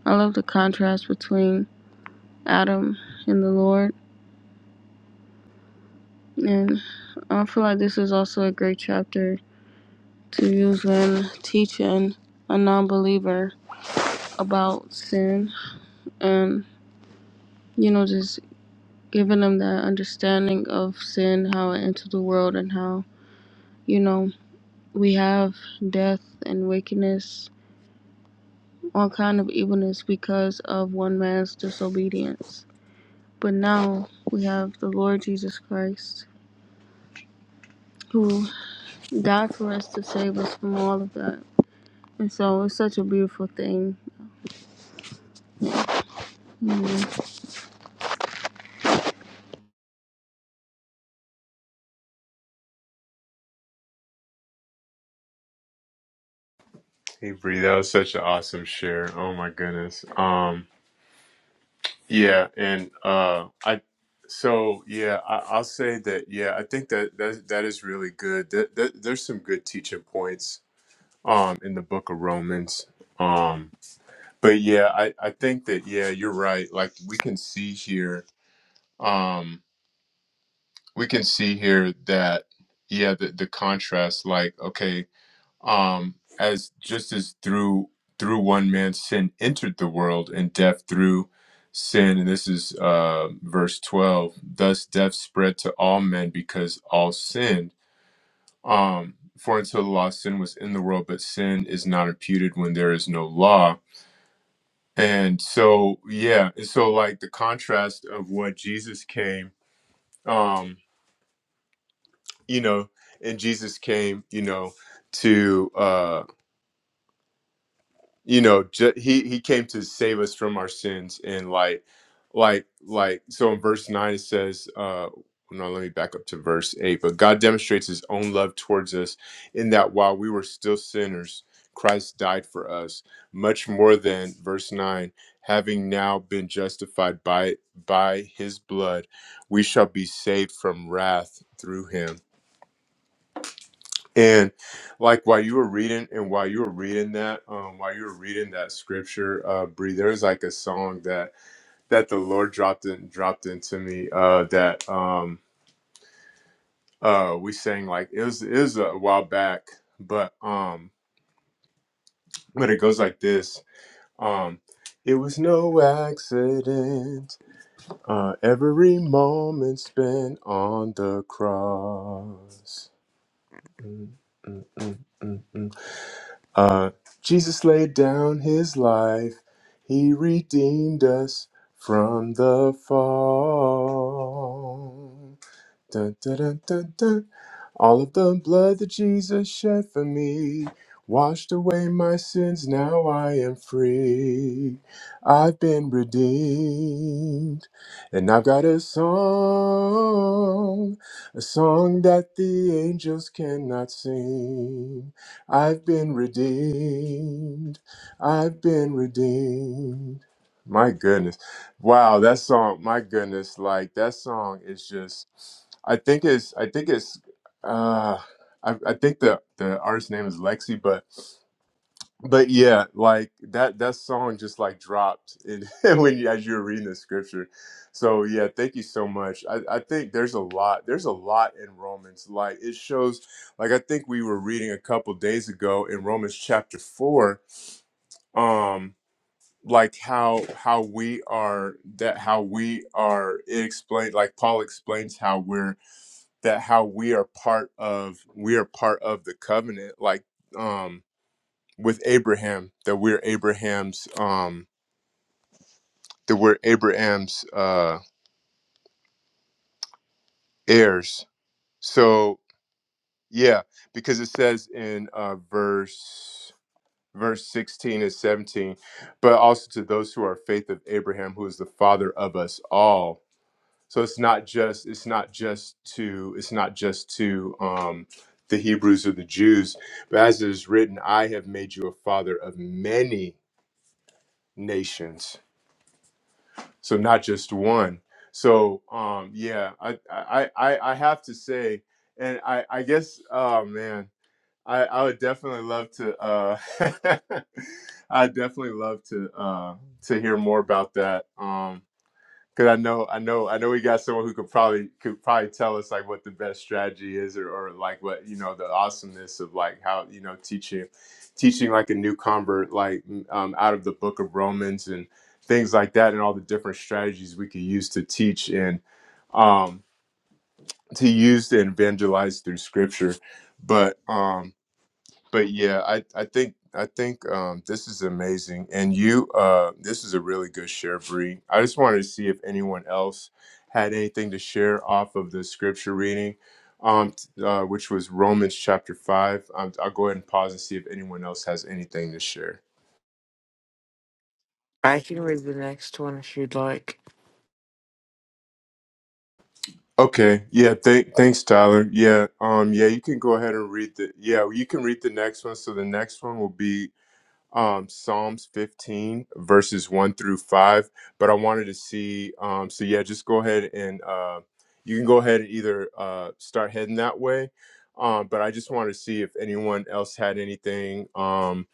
Speaker 3: I love the contrast between Adam and the Lord, and I feel like this is also a great chapter to use when teaching a non believer about sin and, you know, just giving them that understanding of sin, how it entered the world, and how you know we have death and wickedness, all kind of evilness because of one man's disobedience. But now we have the Lord Jesus Christ, who died for us to save us from all of that. And so it's such a beautiful thing
Speaker 1: hey Bree, that was such an awesome share oh my goodness um yeah and uh i so yeah I, i'll say that yeah i think that that, that is really good that, that, there's some good teaching points um in the book of romans Um. but yeah i i think that yeah you're right like we can see here um we can see here that yeah the, the contrast like okay um as just as through through one man sin entered the world and death through sin and this is uh verse 12 thus death spread to all men because all sinned um for until the law sin was in the world but sin is not imputed when there is no law And so, yeah, and so like the contrast of what Jesus came, um, you know, and Jesus came, you know, to uh you know ju- he he came to save us from our sins and like like like so in verse 9 it says uh no let me back up to verse 8 but god demonstrates his own love towards us in that while we were still sinners christ died for us much more than verse 9 having now been justified by by his blood we shall be saved from wrath through him and like while you were reading, and while you were reading that, um, while you were reading that scripture, uh, Bree, there's like a song that that the Lord dropped in dropped into me. Uh, that um, uh, we sang like it was it was a while back, but um, but it goes like this. Um, it was no accident. Uh, every moment spent on the cross. Mm, mm, mm, mm. Uh, Jesus laid down his life, he redeemed us from the fall. All of the blood that Jesus shed for me washed away my sins. Now I am free. I've been redeemed. And I've got a song, a song that the angels cannot sing. I've been redeemed. I've been redeemed. My goodness. Wow, that song, my goodness, like that song is just I think it's I think it's. Uh, I, I think the the artist name is Lexi, but but yeah, like that that song just like dropped in, when you, as you were reading the scripture. So yeah, thank you so much. I, I think there's a lot there's a lot in Romans. Like it shows, like I think we were reading a couple days ago in Romans chapter four. Um, like how how we are that how we are it explained like Paul explains how we're that how we are part of we are part of the covenant like um with abraham that we're abraham's um that we're abraham's uh heirs so yeah because it says in uh verse verse 16 and 17 but also to those who are faith of abraham who is the father of us all So it's not just it's not just to it's not just to um, the Hebrews or the Jews, but as it is written, I have made you a father of many nations. So not just one. So um, yeah, I, I I I have to say, and I I guess oh man, I I would definitely love to. Uh, I definitely love to uh, to hear more about that. Um, Cause I know, I know, I know we got someone who could probably could probably tell us like what the best strategy is, or, or like what you know the awesomeness of like how you know teaching, teaching like a new convert like um, out of the Book of Romans and things like that, and all the different strategies we could use to teach and um, to use to evangelize through Scripture. But um, but yeah, I I think I think um, this is amazing, and you uh, this is a really good share, Bree. I just wanted to see if anyone else had anything to share off of the scripture reading, um, t- uh, which was Romans chapter five. Um, I'll go ahead and pause and see if anyone else has anything to share.
Speaker 4: I can read the next one if you'd like.
Speaker 1: Okay, yeah, th- thanks, Tyler. Yeah, um, yeah, you can go ahead and read the yeah, you can read the next one. So the next one will be um, Psalms 15, verses 1 through 5. But I wanted to see, um, so yeah, just go ahead and uh, you can go ahead and either uh, start heading that way. Um, but I just wanted to see if anyone else had anything um,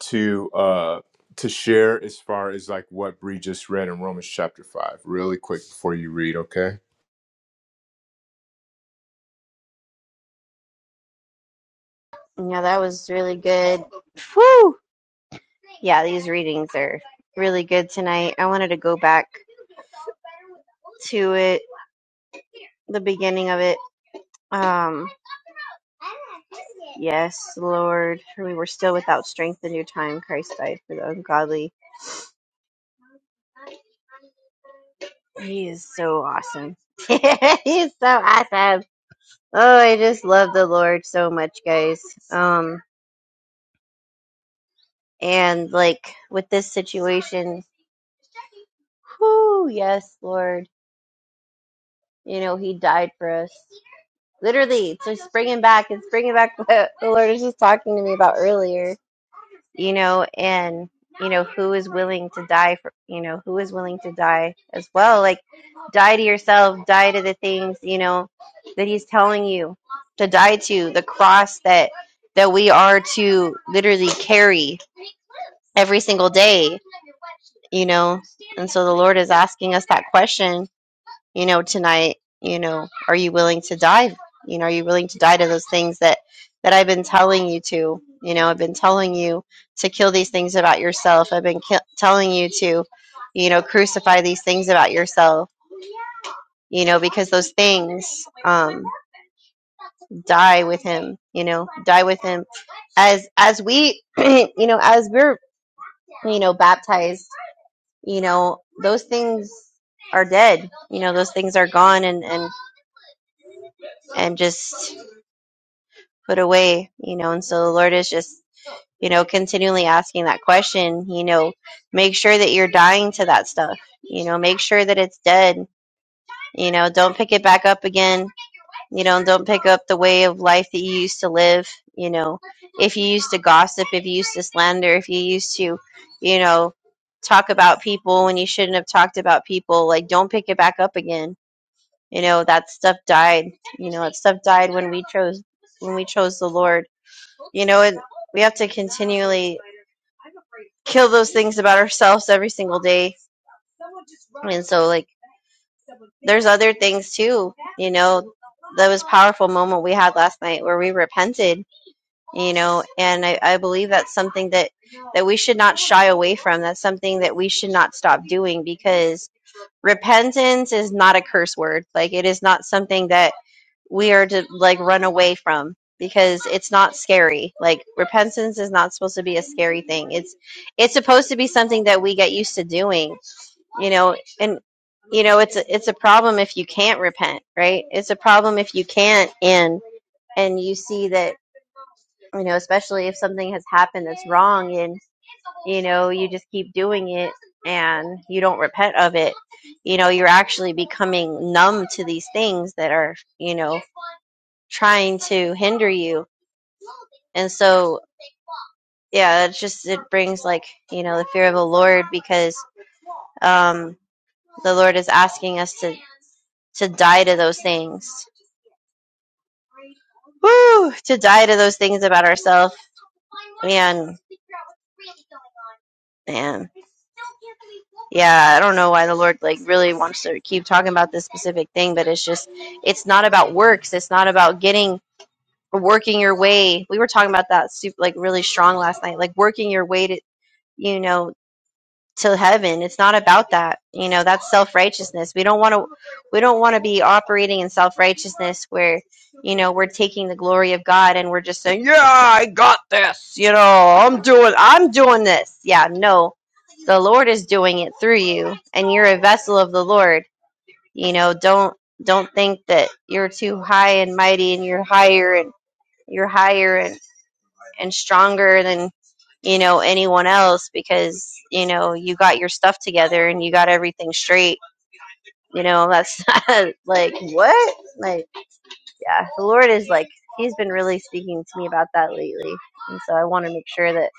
Speaker 1: to uh, to share as far as like what Bree just read in Romans chapter 5, really quick before you read, okay?
Speaker 2: yeah, that was really good. Yeah, these readings are really good tonight. I wanted to go back to it, the beginning of it. Um, yes, Lord, for we were still without strength in your time Christ died for the ungodly. He is so awesome. he is so awesome. Oh, I just love the Lord so much, guys. Um, and like with this situation, whoo, yes, Lord. You know, He died for us. Literally, it's just bringing back, it's bringing back what the Lord was just talking to me about earlier, you know, and, you know, who is willing to die for, you know, who is willing to die as well? Like, die to yourself, die to the things, you know, that He's telling you to die to, the cross that, that we are to literally carry every single day, you know. And so the Lord is asking us that question, you know, tonight, you know, are you willing to die? You know, are you willing to die to those things that that I've been telling you to? You know, I've been telling you to kill these things about yourself. I've been ki- telling you to, you know, crucify these things about yourself. You know, because those things um, die with him. You know, die with him. As as we, you know, as we're you know baptized you know those things are dead you know those things are gone and and and just put away you know and so the lord is just you know continually asking that question you know make sure that you're dying to that stuff you know make sure that it's dead you know don't pick it back up again you know and don't pick up the way of life that you used to live you know if you used to gossip if you used to slander if you used to you know talk about people when you shouldn't have talked about people like don't pick it back up again You know, that stuff died. You know, that stuff died when we chose when we chose the Lord. You know, and we have to continually kill those things about ourselves every single day. And so like there's other things too, you know. That was powerful moment we had last night where we repented, you know, and I, I believe that's something that that we should not shy away from. That's something that we should not stop doing because repentance is not a curse word. Like it is not something that we are to like run away from because it's not scary. Like repentance is not supposed to be a scary thing. It's it's supposed to be something that we get used to doing you know and you know it's a, it's a problem if you can't repent right it's a problem if you can't and and you see that you know especially if something has happened that's wrong and you know you just keep doing it and you don't repent of it you know you're actually becoming numb to these things that are you know trying to hinder you and so yeah, it's just it brings like you know the fear of the Lord because um the Lord is asking us to to die to those things. Woo! To die to those things about ourselves. Man, man. Yeah, I don't know why the Lord like really wants to keep talking about this specific thing, but it's just it's not about works. It's not about getting working your way. We were talking about that super like really strong last night, like working your way to you know to heaven. It's not about that. You know, that's self-righteousness. We don't want to we don't want to be operating in self-righteousness where, you know, we're taking the glory of God and we're just saying, "Yeah, I got this." You know, I'm doing I'm doing this. Yeah, no. The Lord is doing it through you and you're a vessel of the Lord. You know, don't don't think that you're too high and mighty and you're higher and you're higher and stronger than you know anyone else because you know you got your stuff together and you got everything straight you know that's not, like what like yeah the lord is like he's been really speaking to me about that lately and so i want to make sure that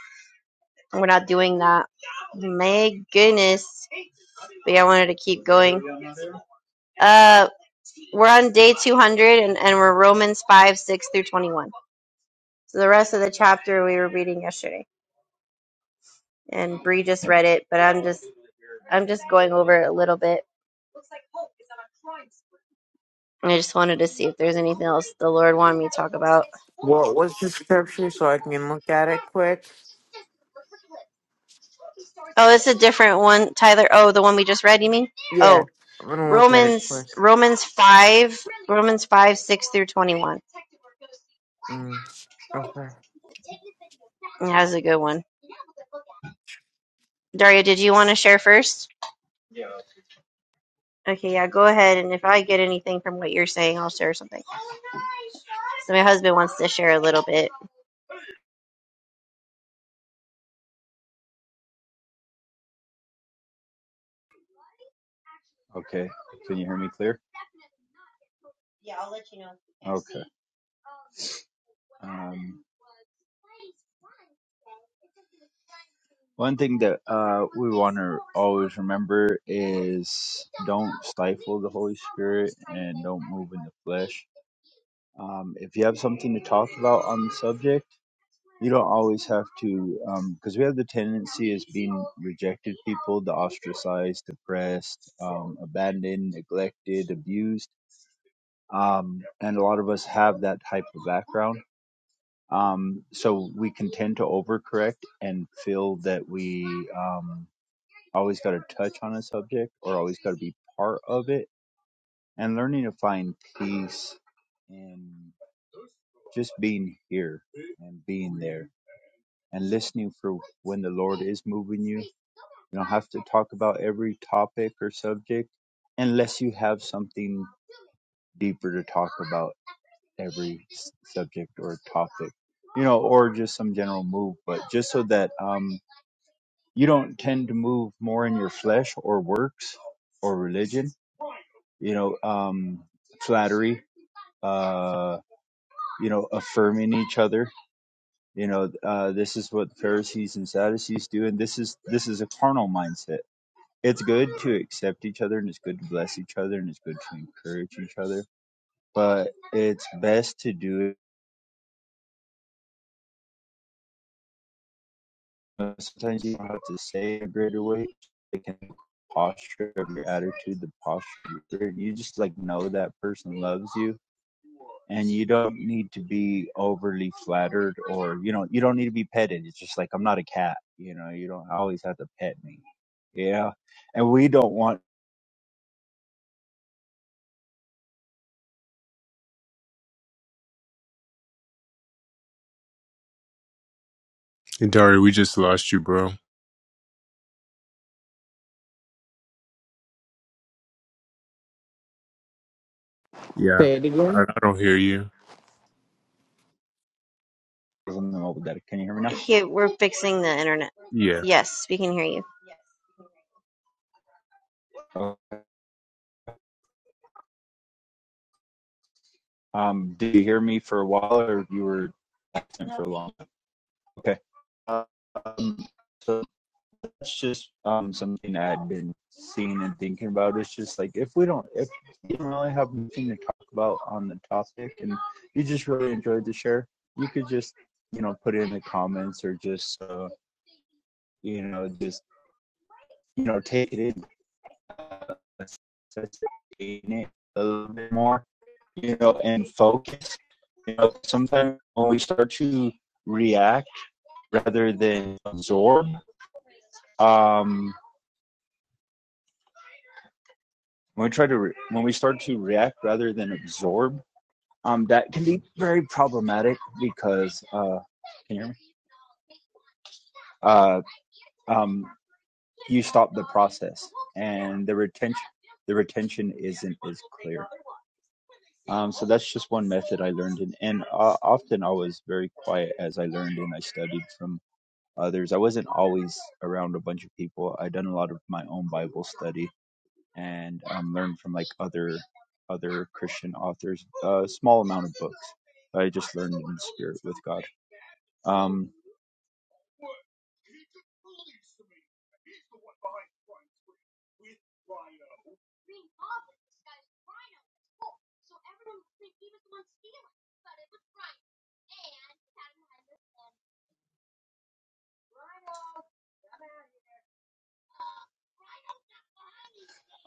Speaker 2: we're not doing that my goodness but yeah, i wanted to keep going uh we're on day 200 and, and we're romans 5 6 through 21 so the rest of the chapter we were reading yesterday and Bree just read it, but I'm just I'm just going over it a little bit. and I just wanted to see if there's anything else the Lord wanted me to talk about.
Speaker 4: What was the scripture so I can look at it quick?
Speaker 2: Oh, it's a different one, Tyler. Oh, the one we just read, you mean?
Speaker 4: Yeah,
Speaker 2: Oh,
Speaker 4: I'm gonna look at it
Speaker 2: Romans
Speaker 4: quick.
Speaker 2: Romans 5, Romans 5, 6 through 21.
Speaker 4: Mm, okay.
Speaker 2: That was a good one. Daria, did you want to share first? Okay, yeah, go ahead. And if I get anything from what you're saying, I'll share something. So my husband wants to share a little bit.
Speaker 5: Okay. Can you hear me clear? Okay. Um, one thing that uh, we want to always remember is don't stifle the Holy Spirit and don't move in the flesh. Um, if you have something to talk about on the subject, you don't always have to, because um, we have the tendency as being rejected people, the ostracized, depressed, um, abandoned, neglected, abused. um, and a lot of us have that type of background. Um, so we can tend to overcorrect and feel that we um, always got to touch on a subject or always got to be part of it. And learning to find peace in just being here and being there and listening for when the Lord is moving you. You don't have to talk about every topic or subject unless you have something deeper to talk about every subject or topic, you know, or just some general move, but just so that um, you don't tend to move more in your flesh or works or religion, you know, um, flattery, uh, you know, affirming each other. You know, uh, this is what Pharisees and Sadducees do, and this is this is a carnal mindset. It's good to accept each other, and it's good to bless each other, and it's good to encourage each other. But it's best to do it Uh, sometimes you don't have to say a greater weight. It can be posture of your attitude, the posture. You just like know that person loves you, and you don't need to be overly flattered or you know you don't need to be petted. It's just like I'm not a cat. You know, you don't always have to pet me. Yeah, and we don't want.
Speaker 1: And Dari, we just lost you, bro. Yeah,
Speaker 4: Say it
Speaker 1: I,
Speaker 4: again.
Speaker 1: I don't hear you.
Speaker 5: Oh, Can you hear me
Speaker 2: He, we're fixing the internet.
Speaker 1: Yeah.
Speaker 2: Yes, we can hear you.
Speaker 5: now? Okay. Um, did you hear me for a while, or you were absent for a long? time? Okay. Um, so that's just um, something i have been seeing and thinking about. It's just like if we don't, if you don't really have nothing to talk about on the topic, and you just really enjoyed the share, you could just you know put it in the comments or just uh, you know just you know take it in, let's, let's take it in a little bit more, you know, and focus. You know, sometimes when we start to react rather than absorb, um, when we try to re- when we start to react rather than absorb um that can be very problematic because uh can you hear me uh um you stop the process and the retention the retention isn't as clear um so that's just one method i learned and, and uh, often i was very quiet as i learned and i studied from others i wasn't always around a bunch of people i done a lot of my own bible study and um, learn from like other other Christian authors. A uh, small amount of books, I just learned in the spirit with God. Um,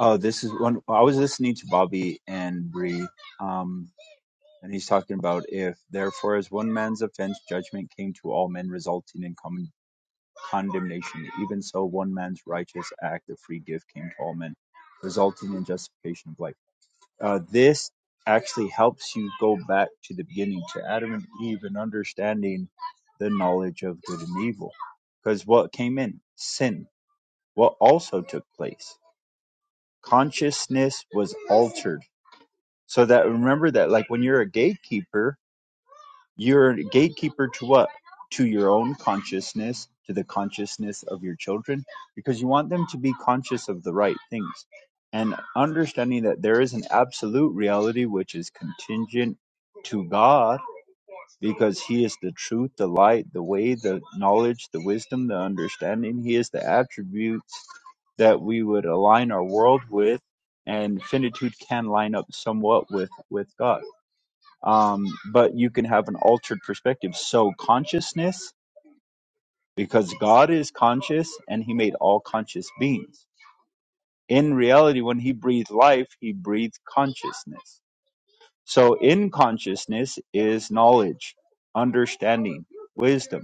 Speaker 5: Oh, this is one. I was listening to Bobby and Bree, um, and he's talking about if therefore as one man's offense, judgment came to all men, resulting in common condemnation. Even so, one man's righteous act of free gift came to all men, resulting in justification of life. Uh, this actually helps you go back to the beginning, to Adam and Eve, and understanding the knowledge of good and evil. Because what came in? Sin. What also took place? Consciousness was altered. So that remember that, like when you're a gatekeeper, you're a gatekeeper to what? To your own consciousness, to the consciousness of your children, because you want them to be conscious of the right things. And understanding that there is an absolute reality which is contingent to God, because He is the truth, the light, the way, the knowledge, the wisdom, the understanding. He is the attributes that we would align our world with, and finitude can line up somewhat with with God um, but you can have an altered perspective. So consciousness, because God is conscious and He made all conscious beings. In reality, when He breathed life, He breathed consciousness. So in consciousness is knowledge, understanding, wisdom.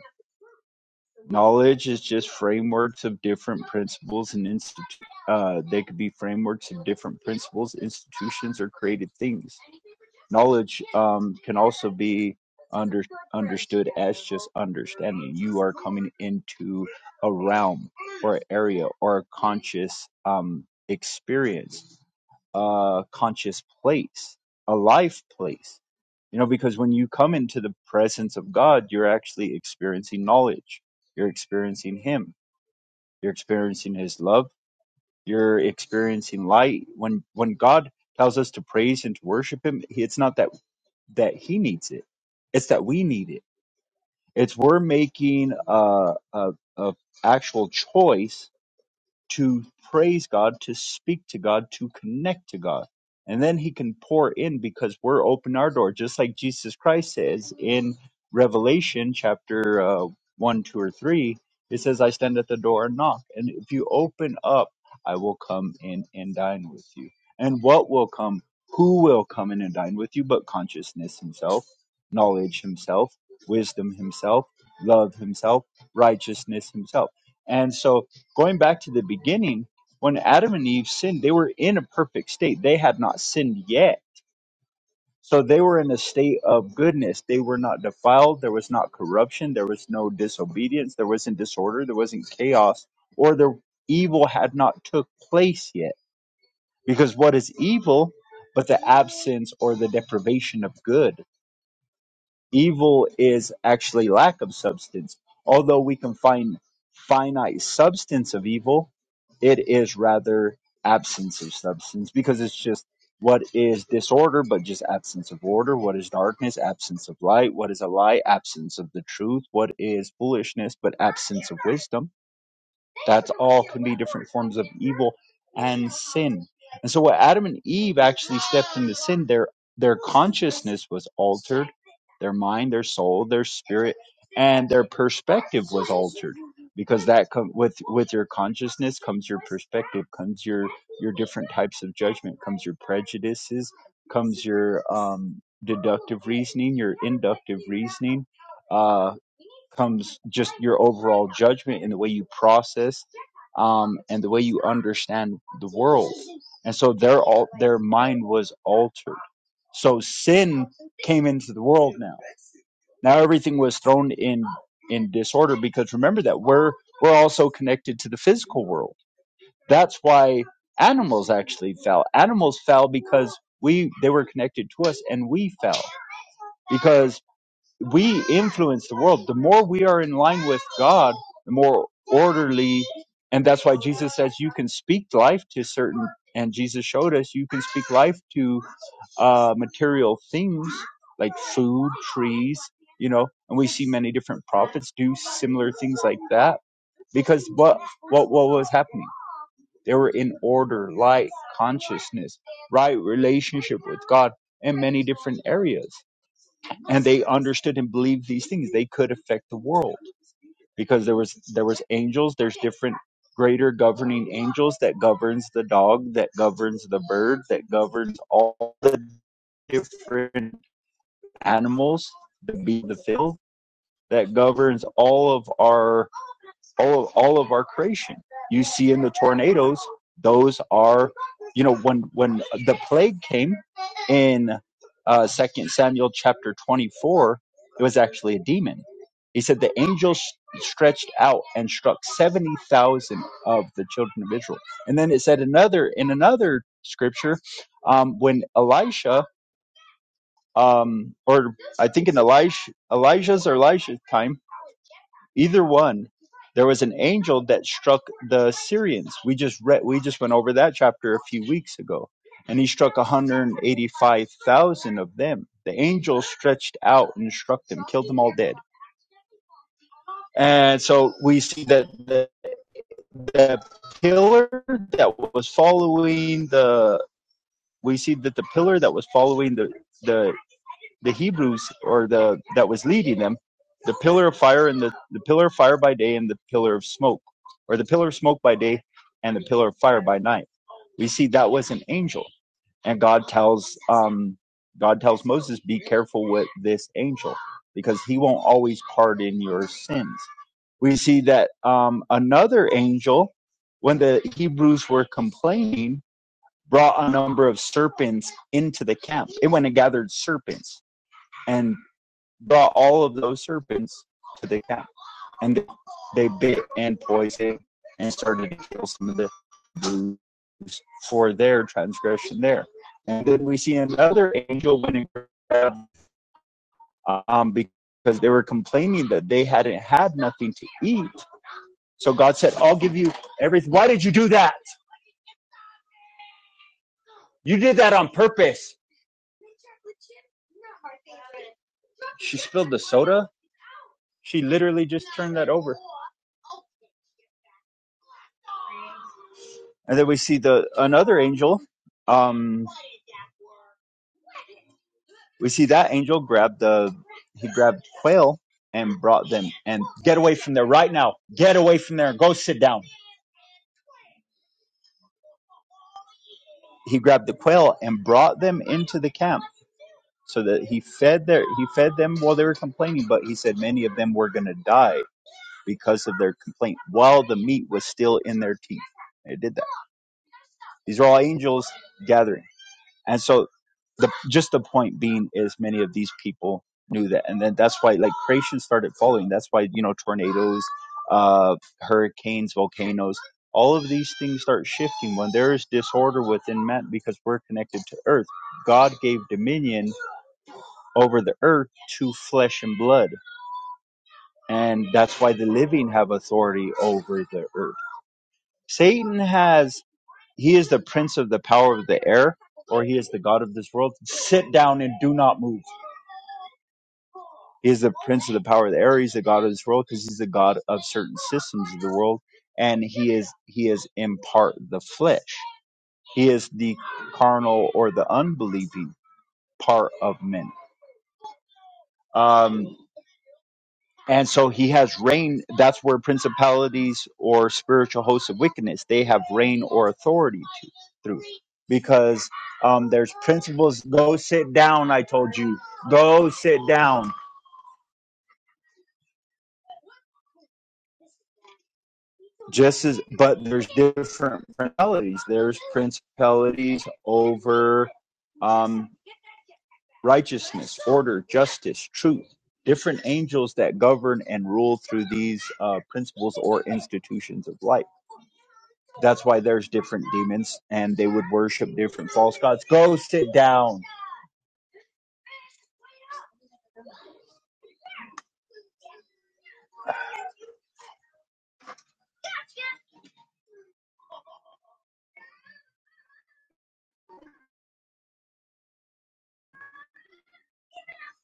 Speaker 5: Knowledge is just frameworks of different principles and institu- uh, they could be frameworks of different principles, institutions, or created things knowledge um, can also be under understood as just understanding you are coming into a realm or area or a conscious um, experience a conscious place a life place you know because when you come into the presence of god you're actually experiencing knowledge you're experiencing him you're experiencing his love you're experiencing light when when god tells us to praise and to worship him it's not that that he needs it. It's that we need it. It's we're making a, a, a actual choice to praise God, to speak to God, to connect to God. And then he can pour in because we're open our door, just like Jesus Christ says in Revelation chapter uh, 1, 2, or 3. It says, I stand at the door and knock. And if you open up, I will come in and dine with you. And what will come? Who will come in and dine with you but consciousness himself, knowledge himself, wisdom himself, love himself, righteousness himself? And so going back to the beginning, when Adam and Eve sinned, they were in a perfect state. They had not sinned yet. So they were in a state of goodness. They were not defiled. There was not corruption. There was no disobedience. There wasn't disorder. There wasn't chaos. Or the evil had not took place yet. Because what is evil but the absence or the deprivation of good? Evil is actually lack of substance. Although we can find finite substance of evil, it is rather absence of substance because it's just what is disorder, but just absence of order. What is darkness? Absence of light. What is a lie? Absence of the truth. What is foolishness? But absence of wisdom. That's all can be different forms of evil and sin and so, when Adam and Eve actually stepped into sin, their their consciousness was altered, their mind, their soul, their spirit, and their perspective was altered. Because that com- with with your consciousness comes your perspective, comes your your different types of judgment, comes your prejudices, comes your um, deductive reasoning, your inductive reasoning. uh, comes just your overall judgment and the way you process um, and the way you understand the world. And so their all their mind was altered. So sin came into the world now. Now everything was thrown in in disorder because remember that we're we're also connected to the physical world. That's why animals actually fell. Animals fell because we they were connected to us and we fell because we influence the world. The more we are in line with God, the more orderly. And that's why Jesus says you can speak life to certain, and Jesus showed us you can speak life to uh, material things like food, trees, you know, and we see many different prophets do similar things like that because what what what was happening? They were in order, light, consciousness, right relationship with God in many different areas and they understood and believed these things they could affect the world because there was there was angels there's different greater governing angels that governs the dog that governs the bird that governs all the different animals the be the field that governs all of our all of all of our creation you see in the tornadoes those are you know when when the plague came in uh, second samuel chapter 24 it was actually a demon he said the angel s- stretched out and struck 70000 of the children of israel and then it said another in another scripture um, when elisha um, or i think in Elisha, elijah's or elisha's time either one there was an angel that struck the Syrians. We just read, we just went over that chapter a few weeks ago, and he struck 185,000 of them. The angel stretched out and struck them, killed them all dead. And so we see that the, the pillar that was following the, we see that the pillar that was following the the the Hebrews or the that was leading them, the pillar of fire and the, the pillar of fire by day and the pillar of smoke, or the pillar of smoke by day and the pillar of fire by night. We see that was an angel, and God tells um, God tells Moses, be careful with this angel because he won't always pardon your sins. We see that um, another angel, when the Hebrews were complaining, brought a number of serpents into the camp. It went and gathered serpents and brought all of those serpents to the cat, and they bit and poisoned and started to kill some of the Jews for their transgression there. And then we see another angel went and grabbed, um, because they were complaining that they hadn't had nothing to eat. So God said, I'll give you everything. Why did you do that? You did that on purpose. She spilled the soda. She literally just turned that over. And then we see the another angel. Um, we see that angel grabbed the he grabbed quail and brought them and get away from there right now. Get away from there. Go sit down. He grabbed the quail and brought them into the camp so that he fed their he fed them while they were complaining. But he said many of them were going to die because of their complaint while the meat was still in their teeth. They did that. These are all angels gathering. And so the just the point being is many of these people knew that and then that's why like creation started following that's why you know tornadoes uh hurricanes volcanoes all of these things start shifting when there is disorder within man because we're connected to earth god gave dominion over the earth to flesh and blood and that's why the living have authority over the earth satan has he is the prince of the power of the air, or he is the god of this world. Sit down and do not move. He is the prince of the power of the air. He's the god of this world because he's the god of certain systems of the world, and he is he is in part the flesh. He is the carnal or the unbelieving part of men. Um, And so he has reign. That's where principalities or spiritual hosts of wickedness they have reign or authority to through, because um, there's principles. Go sit down. I told you. Go sit down. Just as, but there's different principalities. There's principalities over um, righteousness, order, justice, truth. Different angels that govern and rule through these uh, principles or institutions of life That's why there's different demons and they would worship different false gods. Go sit down.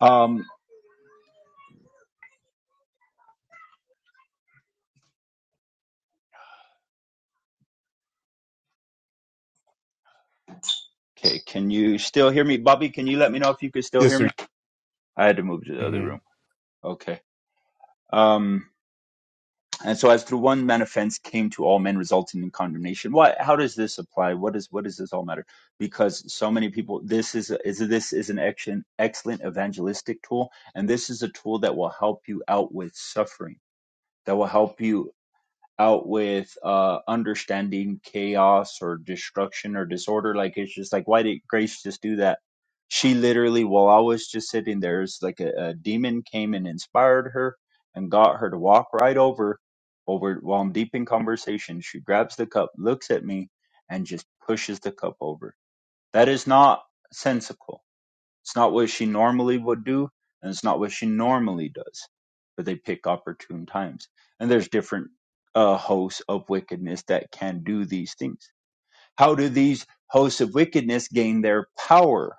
Speaker 5: Um okay, can you still hear me? Bobby, can you let me know if you could still
Speaker 1: Yes,
Speaker 5: hear
Speaker 1: sir.
Speaker 5: me? I had to move to the
Speaker 1: Mm-hmm.
Speaker 5: other room. Okay. Um and so as through one man offense came to all men resulting in condemnation. What? how does this apply? What is what does this all matter? Because so many people this is a, is this is an action excellent evangelistic tool and this is a tool that will help you out with suffering that will help you out with uh understanding chaos or destruction or disorder like it's just like why did grace just do that she literally while i was just sitting there it's like a, a demon came and inspired her and got her to walk right over over while i'm deep in conversation she grabs the cup looks at me and just pushes the cup over that is not sensical it's not what she normally would do, and it's not what she normally does. But they pick opportune times. And there's different uh, hosts of wickedness that can do these things. How do these hosts of wickedness gain their power?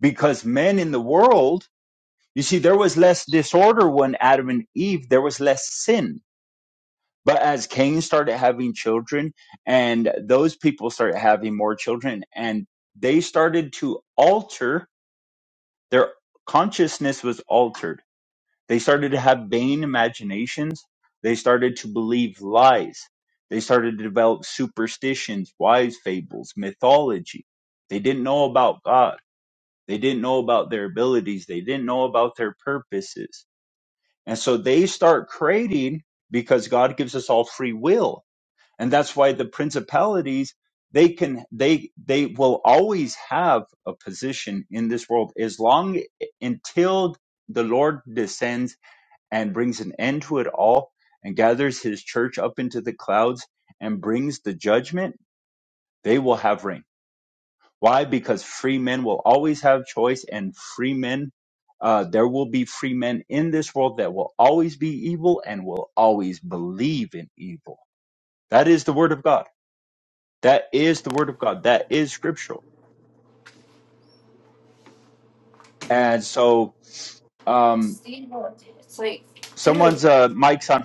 Speaker 5: Because men in the world, you see, there was less disorder when Adam and Eve, there was less sin. But as Cain started having children, and those people started having more children, and they started to alter Their consciousness was altered. They started to have vain imaginations. They started to believe lies. They started to develop superstitions, wise fables, mythology. They didn't know about God. They didn't know about their abilities. They didn't know about their purposes. And so they start creating because God gives us all free will and that's why the principalities they can they they will always have a position in this world as long until the lord descends and brings an end to it all and gathers his church up into the clouds and brings the judgment they will have reign why because free men will always have choice and free men uh, there will be free men in this world that will always be evil and will always believe in evil that is the word of god that is the word of God. That is scriptural. And so, um, someone's, uh, mic's on.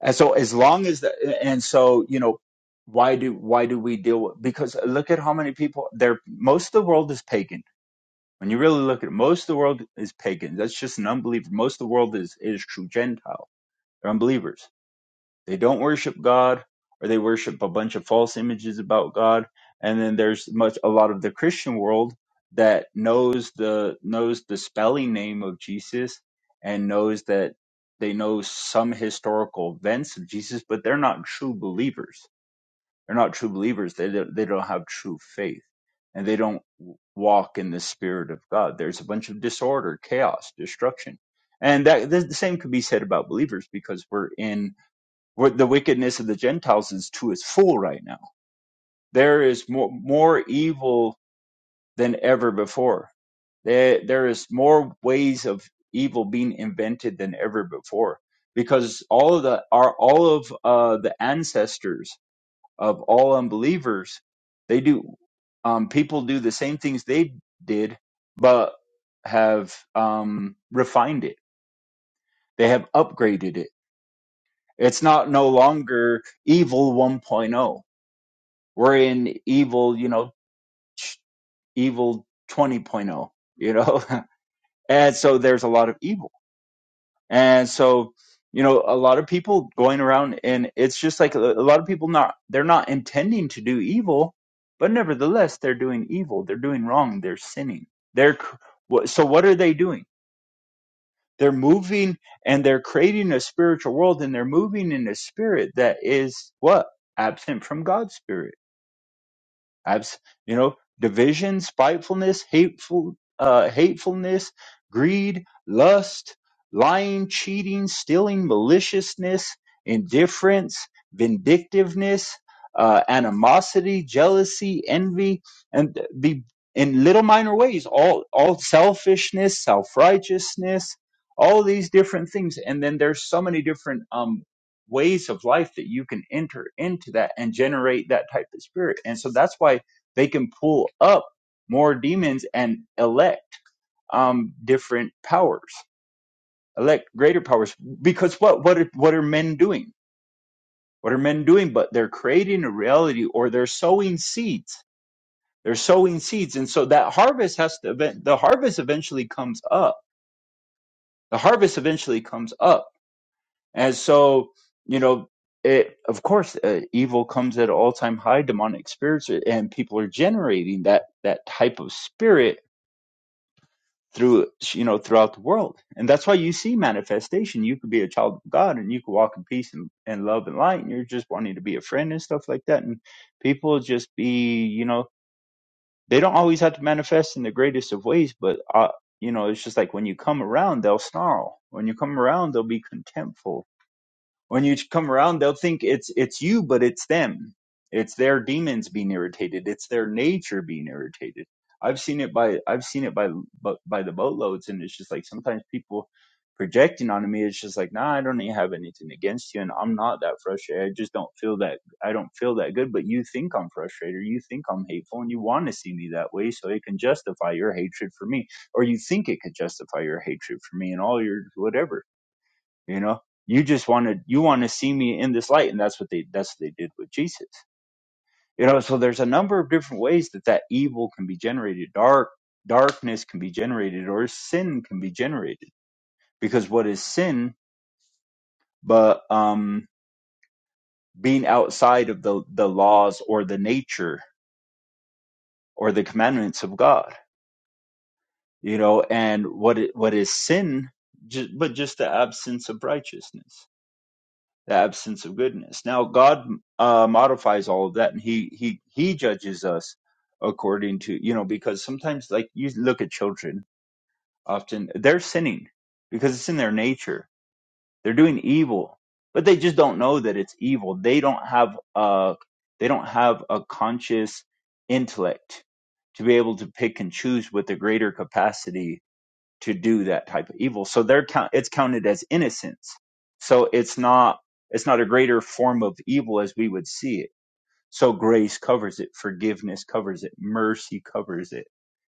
Speaker 5: And so as long as that, and so, you know, why do, why do we deal with, because look at how many people there, most of the world is pagan. When you really look at it, most of the world is pagan. That's just an unbeliever. Most of the world is, is true Gentile. They're unbelievers. They don't worship God or they worship a bunch of false images about God. And then there's much a lot of the Christian world that knows the knows the spelling name of Jesus and knows that they know some historical events of Jesus, but they're not true believers. They're not true believers. They don't, they don't have true faith and they don't w- walk in the spirit of God. There's a bunch of disorder, chaos, destruction. And that the the same could be said about believers because we're in what the wickedness of the Gentiles is to its full right now. There is more, more evil than ever before. There, there is more ways of evil being invented than ever before because all of the are all of uh, the ancestors of all unbelievers they do um, people do the same things they did but have um, refined it they have upgraded it it's not no longer evil 1.0 we're in evil, you know, evil 20.0, you know, and so there's a lot of evil. And so, you know, a lot of people going around and it's just like a, a lot of people not, they're not intending to do evil, but nevertheless, they're doing evil. They're doing wrong. They're sinning. They're, so what are they doing? They're moving and they're creating a spiritual world and they're moving in a spirit that is what? Absent from God's spirit Abs- you know, division, spitefulness, hateful, uh, hatefulness, greed, lust, lying, cheating, stealing, maliciousness, indifference, vindictiveness, uh, animosity, jealousy, envy, and the in little minor ways, all all selfishness, self righteousness, all these different things, and then there's so many different um ways of life that you can enter into that and generate that type of spirit. And so that's why they can pull up more demons and elect um, different powers, elect greater powers. Because what what are, what are men doing? What are men doing? But they're creating a reality, or they're sowing seeds. They're sowing seeds, and so that harvest has to. event- The harvest eventually comes up. The harvest eventually comes up And so, you know, it, of course, uh, evil comes at all time high. Demonic spirits, uh, and people are generating that that type of spirit through you know throughout the world, and that's why you see manifestation. You could be a child of God, and you could walk in peace and, and love and light, and you're just wanting to be a friend and stuff like that. And people just be, you know, they don't always have to manifest in the greatest of ways, but uh, you know, it's just like when you come around, they'll snarl. When you come around, they'll be contemptful when you come around they'll think it's it's you but it's them it's their demons being irritated it's their nature being irritated i've seen it by i've seen it by bu- by the boatloads and it's just like sometimes people projecting onto me it's just like nah i don't even have anything against you and i'm not that frustrated i just don't feel that i don't feel that good but you think i'm frustrated or you think i'm hateful and you want to see me that way so it can justify your hatred for me or you think it could justify your hatred for me and all your whatever you know you just want to you want to see me in this light and that's what they that's what they did with jesus you know so there's a number of different ways that that evil can be generated dark darkness can be generated or sin can be generated because what is sin but um being outside of the the laws or the nature or the commandments of god you know and what it, what is sin just but just the absence of righteousness the absence of goodness. Now God uh, modifies all of that, and he he he judges us according to you know because sometimes like you look at children, often they're sinning because it's in their nature. They're doing evil, but they just don't know that it's evil. They don't have a they don't have a conscious intellect to be able to pick and choose with a greater capacity to do that type of evil. So they're count, it's counted as innocence. So it's not it's not a greater form of evil as we would see it. So grace covers it, forgiveness covers it, mercy covers it.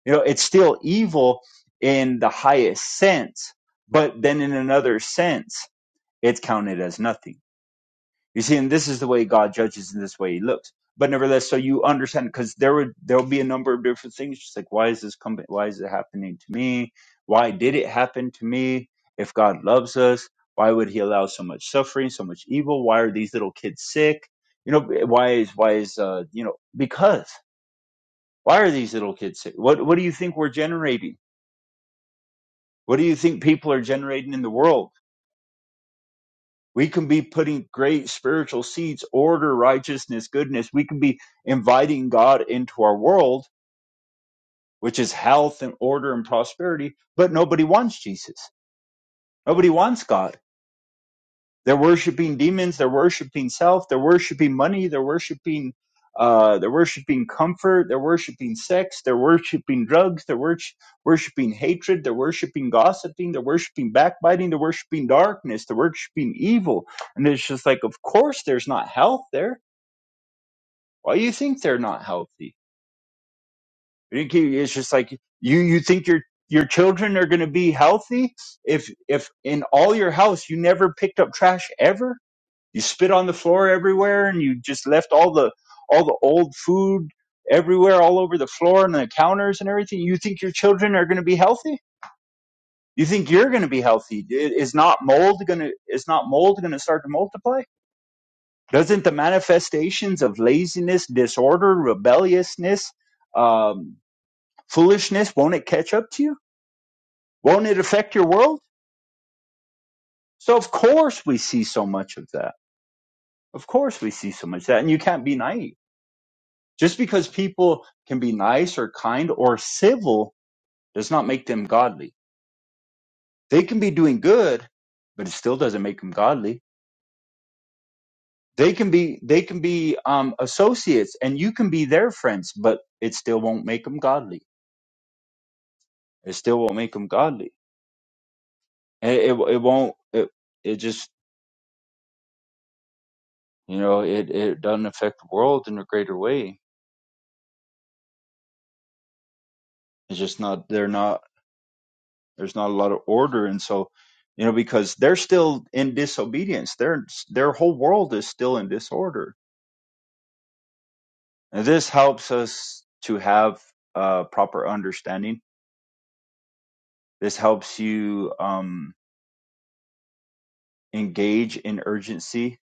Speaker 5: You know, it's still evil in the highest sense, but then in another sense, it's counted as nothing you see, and this is the way God judges, and this way He looks. But nevertheless, so you understand, because there would there will be a number of different things. Just like, why is this coming? Why is it happening to me? Why did it happen to me? If God loves us, why would He allow so much suffering, so much evil? Why are these little kids sick? You know, why is why is uh you know because why are these little kids sick? What what do you think we're generating? What do you think people are generating in the world? We can be putting great spiritual seeds, order, righteousness, goodness. We can be inviting God into our world, which is health and order and prosperity, but nobody wants Jesus. Nobody wants God they're worshiping demons. They're worshiping self. They're worshiping money. They're worshiping, uh, they're worshiping comfort. They're worshiping sex. They're worshiping drugs. They're worsh- worshiping hatred. They're worshiping gossiping. They're worshiping backbiting. They're worshiping darkness. They're worshiping evil. And it's just like, of course, there's not health there. Why do you think they're not healthy? It's just like you you think your your children are going to be healthy if if in all your house you never picked up trash ever you spit on the floor everywhere and you just left all the all the old food everywhere all over the floor and the counters and everything. You think your children are going to be healthy? You think you're going to be healthy? Is not mold going to is not mold going to start to multiply? Doesn't the manifestations of laziness, disorder, rebelliousness, um, foolishness won't it catch up to you? Won't it affect your world? So of course we see so much of that. Of course we see so much of that, and you can't be naive Just because people can be nice or kind or civil does not make them godly. They can be doing good, but it still doesn't make them godly. They can be they can be um, associates, and you can be their friends, but it still won't make them godly. It still won't make them godly. It it, it won't. It, it just you know it it doesn't affect the world in a greater way. It's just not. They're not. There's not a lot of order, and so you know because they're still in disobedience. Their their whole world is still in disorder. And this helps us to have uh, proper understanding. This helps you um, engage in urgency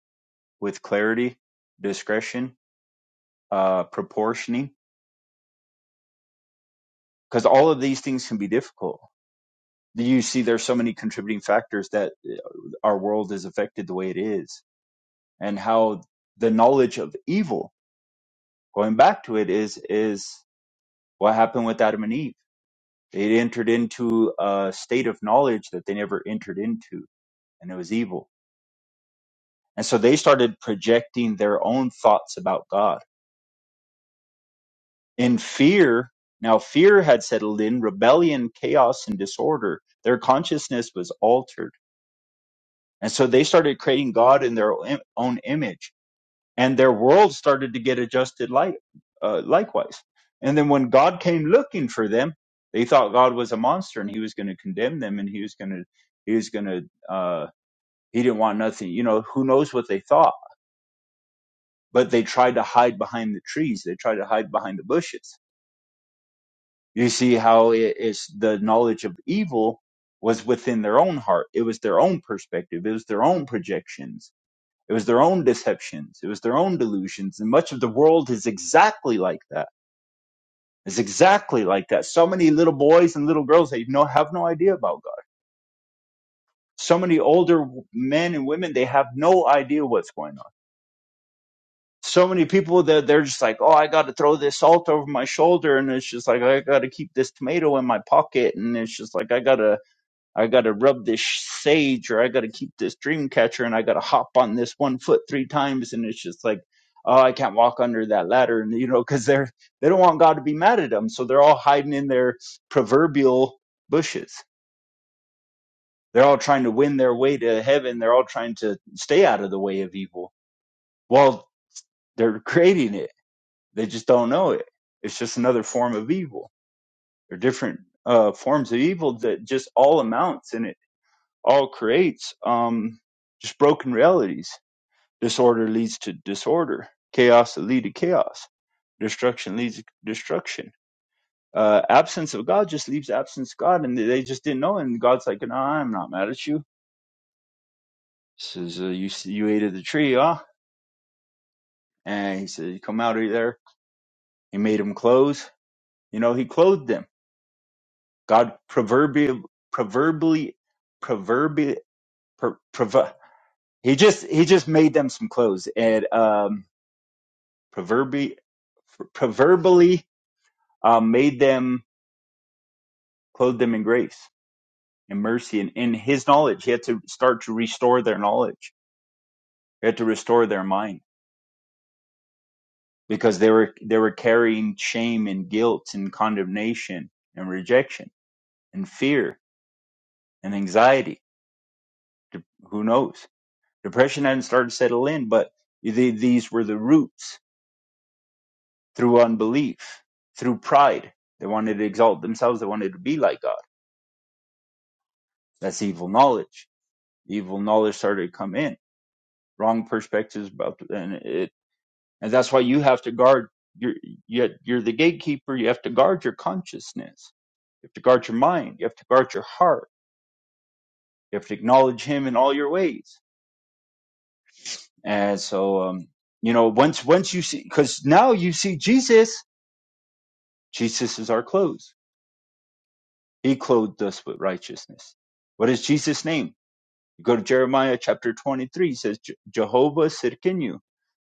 Speaker 5: with clarity, discretion, uh, proportioning, because all of these things can be difficult. You see, there's so many contributing factors that uh, our world is affected the way it is, and how the knowledge of evil going back to it is is what happened with Adam and Eve. They entered into a state of knowledge that they never entered into, and it was evil. And so they started projecting their own thoughts about God in fear. Now fear had settled in, rebellion, chaos, and disorder. Their consciousness was altered, and so they started creating God in their own own image and their world started to get adjusted like uh, likewise. And then when God came looking for them, they thought God was a monster and He was going to condemn them, and He was going to He was going to uh, He didn't want nothing. You know, who knows what they thought? But they tried to hide behind the trees. They tried to hide behind the bushes. You see how it is the knowledge of evil was within their own heart. It was their own perspective. It was their own projections. It was their own deceptions. It was their own delusions. And much of the world is exactly like that It's exactly like that. So many little boys and little girls they no have no idea about God. So many older men and women they have no idea what's going on. So many people that they're just like, oh, I got to throw this salt over my shoulder, and it's just like I got to keep this tomato in my pocket, and it's just like I gotta I got to rub this sage or I got to keep this dream catcher and I got to hop on this one foot three times. And it's just like, oh, I can't walk under that ladder. And, you know, because they're, they don't want God to be mad at them. So they're all hiding in their proverbial bushes. They're all trying to win their way to heaven. They're all trying to stay out of the way of evil. Well, they're creating it. They just don't know it. It's just another form of evil. They're different uh, forms of evil that just all amounts in it all creates um, just broken realities. Disorder leads to disorder. Chaos leads to chaos. Destruction leads to destruction. Uh, absence of God just leaves absence of God, and they just didn't know. And God's like, "No, I'm not mad at you." Says uh, you you ate of the tree, huh? And he said, "You come out of there." He made them clothes. You know, he clothed them. God proverbial proverbially proverbial per, prov- he just he just made them some clothes and um proverbi proverbially um, made them, clothed them in grace and mercy and in his knowledge. He had to start to restore their knowledge. He had to restore their mind because they were, they were carrying shame and guilt and condemnation and rejection and fear and anxiety. De- Who knows? Depression hadn't started to settle in, but the- these were the roots through unbelief, through pride. They wanted to exalt themselves. They wanted to be like God. That's evil knowledge. Evil knowledge started to come in wrong perspectives about and it and that's why you have to guard your you're, you're the gatekeeper you have to guard your consciousness you have to guard your mind you have to guard your heart you have to acknowledge him in all your ways and so um you know once once you see because now you see jesus jesus is our clothes he clothed us with righteousness what is jesus name you go to jeremiah chapter 23 he says "Je- jehovah sirkinu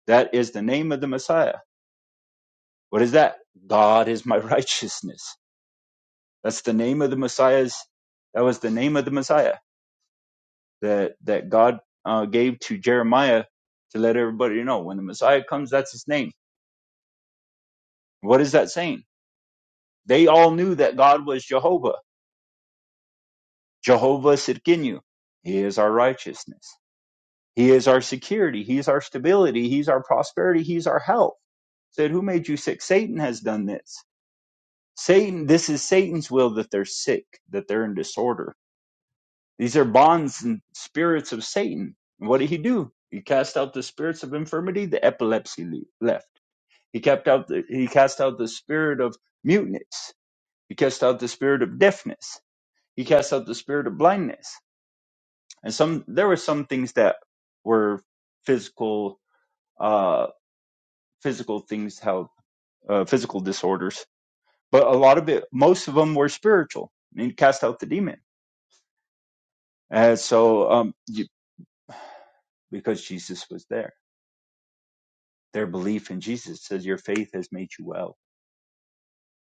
Speaker 5: that is the name of the messiah What is that? God is my righteousness. That's the name of the Messiah's. That was the name of the Messiah that that God uh, gave to Jeremiah to let everybody know when the Messiah comes. That's his name. What is that saying? They all knew that God was Jehovah. Jehovah Sidkinu. He is our righteousness. He is our security. He is our stability. He's our prosperity. He's our health. Said, who made you sick? Satan has done this. Satan, this is Satan's will that they're sick, that they're in disorder These are bonds and spirits of Satan. And what did he do? He cast out the spirits of infirmity, the epilepsy le- left. He kept out the, he cast out the spirit of muteness. He cast out the spirit of deafness. He cast out the spirit of blindness. And some there were some things that were physical uh physical things how uh, physical disorders, but a lot of it most of them were spiritual. And he cast out the demon. And so um you, because Jesus was there. their belief in Jesus. It says your faith has made you well.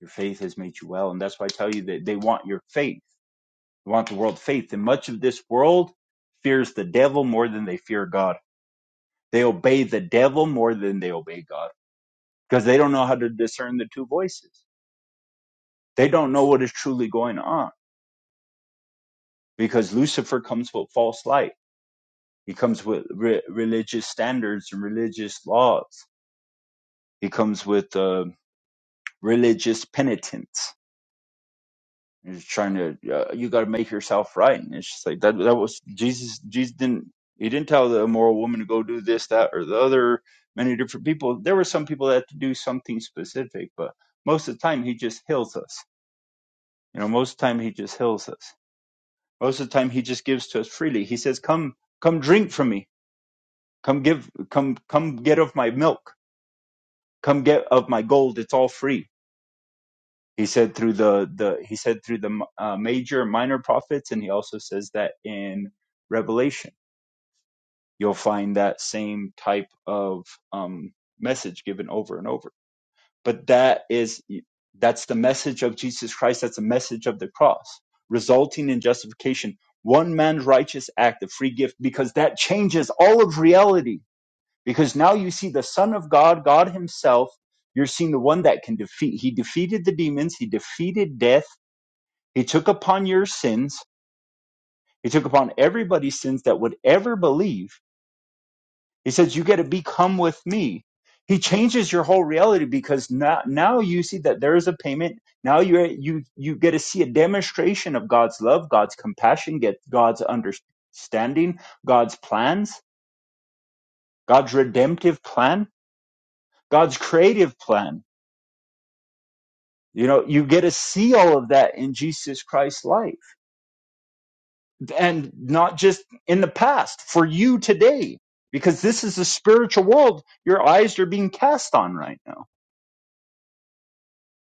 Speaker 5: Your faith has made you well. And that's why I tell you that they want your faith. They want the world faith. And much of this world fears the devil more than they fear God. They obey the devil more than they obey God because they don't know how to discern the two voices. They don't know what is truly going on because Lucifer comes with false light. He comes with re- religious standards and religious laws. He comes with uh, religious penitence You're just trying to uh, you got to make yourself right. And it's just like that. That was Jesus. Jesus didn't. He didn't tell the immoral woman to go do this, that, or the other. Many different people. There were some people that had to do something specific, but most of the time he just heals us. You know, most of the time he just heals us. Most of the time he just gives to us freely. He says, "Come, come, drink from me. Come give. Come, come, get of my milk. Come get of my gold. It's all free." He said through the the he said through the uh, major and minor prophets, and he also says that in Revelation you'll find that same type of um, message given over and over. But that is that's the message of Jesus Christ. That's the message of the cross, resulting in justification, one man's righteous act, a free gift, because that changes all of reality. Because now you see the Son of God, God Himself. You're seeing the one that can defeat. He defeated the demons. He defeated death he took upon your sins. He took upon everybody's sins that would ever believe. He says, You get to become with me. He changes your whole reality because now, now you see that there is a payment. Now you you you get to see a demonstration of God's love, God's compassion, get God's understanding, God's plans, God's redemptive plan, God's creative plan. You know, you get to see all of that in Jesus Christ's light and not just in the past, for you today, because this is the spiritual world your eyes are being cast on right now.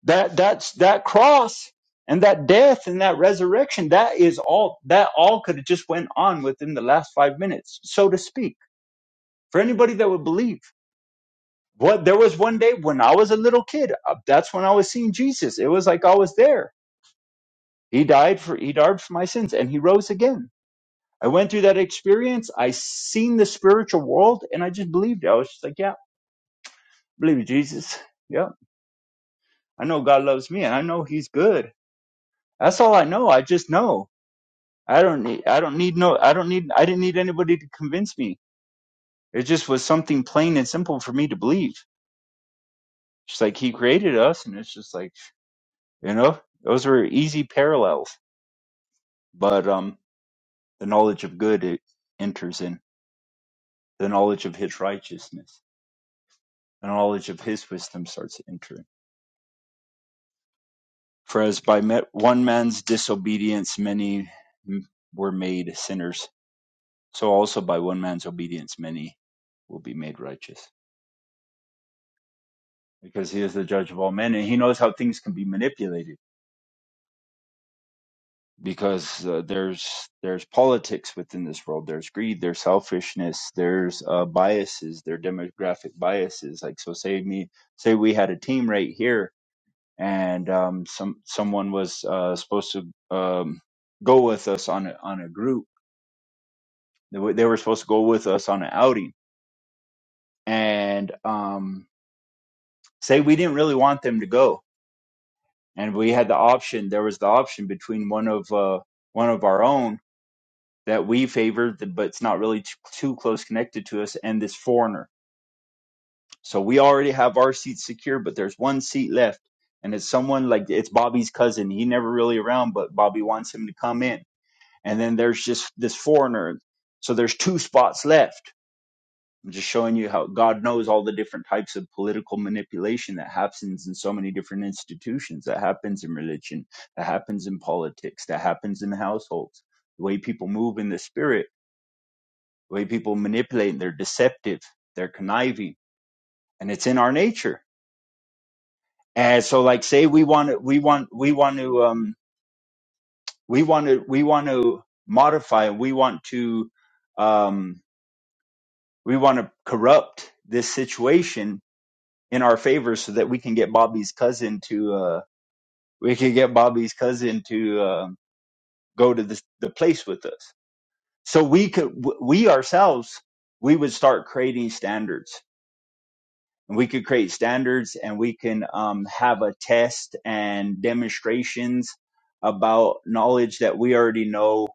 Speaker 5: That that's that cross and that death and that resurrection, that is all that all could have just went on within the last five minutes, so to speak. For anybody that would believe. What there was one day when I was a little kid, uh, that's when I was seeing Jesus. It was like I was there. He died for he died for my sins and he rose again I went through that experience. I seen the spiritual world and I just believed it. I was just like, yeah, believe in Jesus. Yeah. I know God loves me and I know he's good. That's all I know. I just know. I don't need, I don't need no, I don't need, I didn't need anybody to convince me. It just was something plain and simple for me to believe. Just like he created us and it's just like, you know, those were easy parallels. But, um, the knowledge of good, it enters in the knowledge of his righteousness. The knowledge of his wisdom starts to enter in For as by one man's disobedience many were made sinners, so also by one man's obedience many will be made righteous. Because he is the judge of all men, and he knows how things can be manipulated. Because uh, there's there's politics within this world. There's greed. There's selfishness. There's uh, biases. There are demographic biases. Like so, say me say we had a team right here, and um, some someone was uh, supposed to um, go with us on a, on a group They were, supposed to go with us on an outing, and um, say we didn't really want them to go, and we had the option. There was the option between one of uh, one of our own that we favored, but it's not really t- too close connected to us, and this foreigner. So we already have our seats secure, but there's one seat left, and it's someone like it's Bobby's cousin. He never really around, but Bobby wants him to come in, and then there's just this foreigner. So there's two spots left I'm just showing you how God knows all the different types of political manipulation that happens in so many different institutions, that happens in religion, that happens in politics, that happens in households. The way people move in the spirit, the way people manipulate, they're deceptive, they're conniving, and it's in our nature. And so, like, say we want to, we want, we want to, um, we want to, we want to modify, we want to, um, we want to corrupt this situation in our favor so that we can get Bobby's cousin to uh we can get Bobby's cousin to um go to the the place with us. So we could w- we ourselves we would start creating standards. And we could create standards and we can um have a test and demonstrations about knowledge that we already know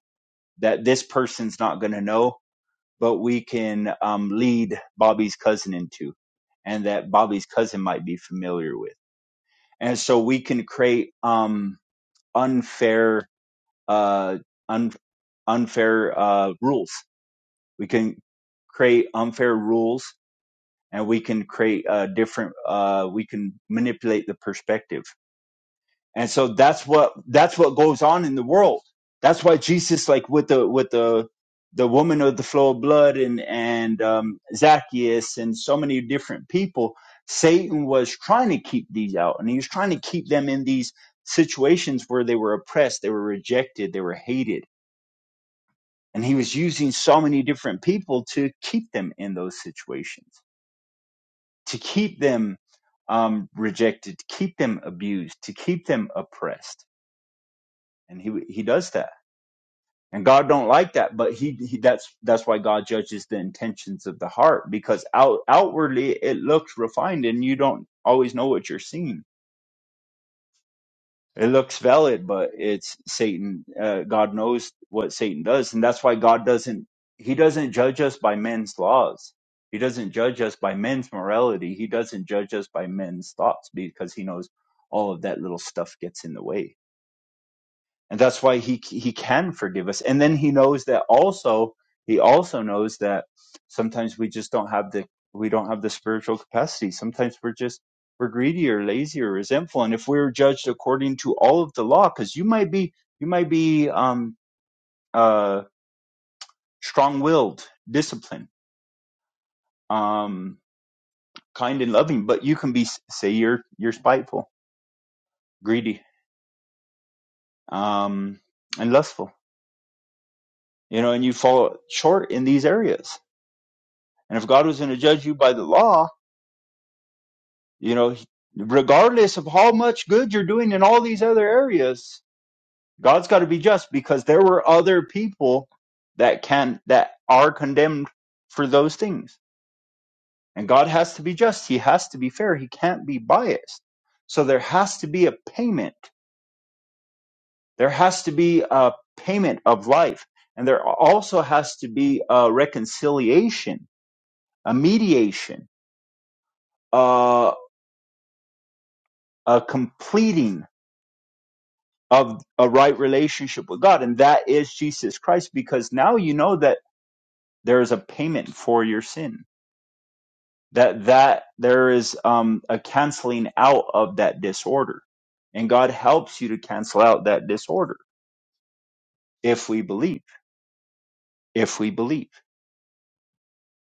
Speaker 5: that this person's not going to know, but we can um lead Bobby's cousin into and that Bobby's cousin might be familiar with and so we can create um, unfair uh, un- unfair uh, rules. We can create unfair rules, and we can create uh, different. Uh, we can manipulate the perspective and so that's what that's what goes on in the world that's why jesus like with the with the the woman of the flow of blood and and um, zacchaeus and so many different people satan was trying to keep these out and he was trying to keep them in these situations where they were oppressed they were rejected they were hated and he was using so many different people to keep them in those situations to keep them um, rejected to keep them abused to keep them oppressed and he he does that and god don't like that but he, he that's that's why god judges the intentions of the heart because out outwardly it looks refined and you don't always know what you're seeing it looks valid but it's satan uh, god knows what satan does and that's why god doesn't he doesn't judge us by men's laws he doesn't judge us by men's morality he doesn't judge us by men's thoughts because he knows all of that little stuff gets in the way and that's why he he can forgive us and then he knows that also he also knows that sometimes we just don't have the we don't have the spiritual capacity sometimes we're just we're greedy or lazy or resentful and if we were judged according to all of the law because you might be you might be um uh strong-willed disciplined um kind and loving but you can be say you're you're spiteful greedy um and lustful you know and you fall short in these areas And if God was going to judge you by the law, you know, regardless of how much good you're doing in all these other areas, God's got to be just because there were other people that can that are condemned for those things. And God has to be just. He has to be fair. He can't be biased. So there has to be a payment. There has to be a payment of life. And there also has to be a reconciliation, a mediation, uh, a completing of a right relationship with God, and that is Jesus Christ, because now you know that there is a payment for your sin, that that there is um, a canceling out of that disorder, and God helps you to cancel out that disorder if we believe, if we believe.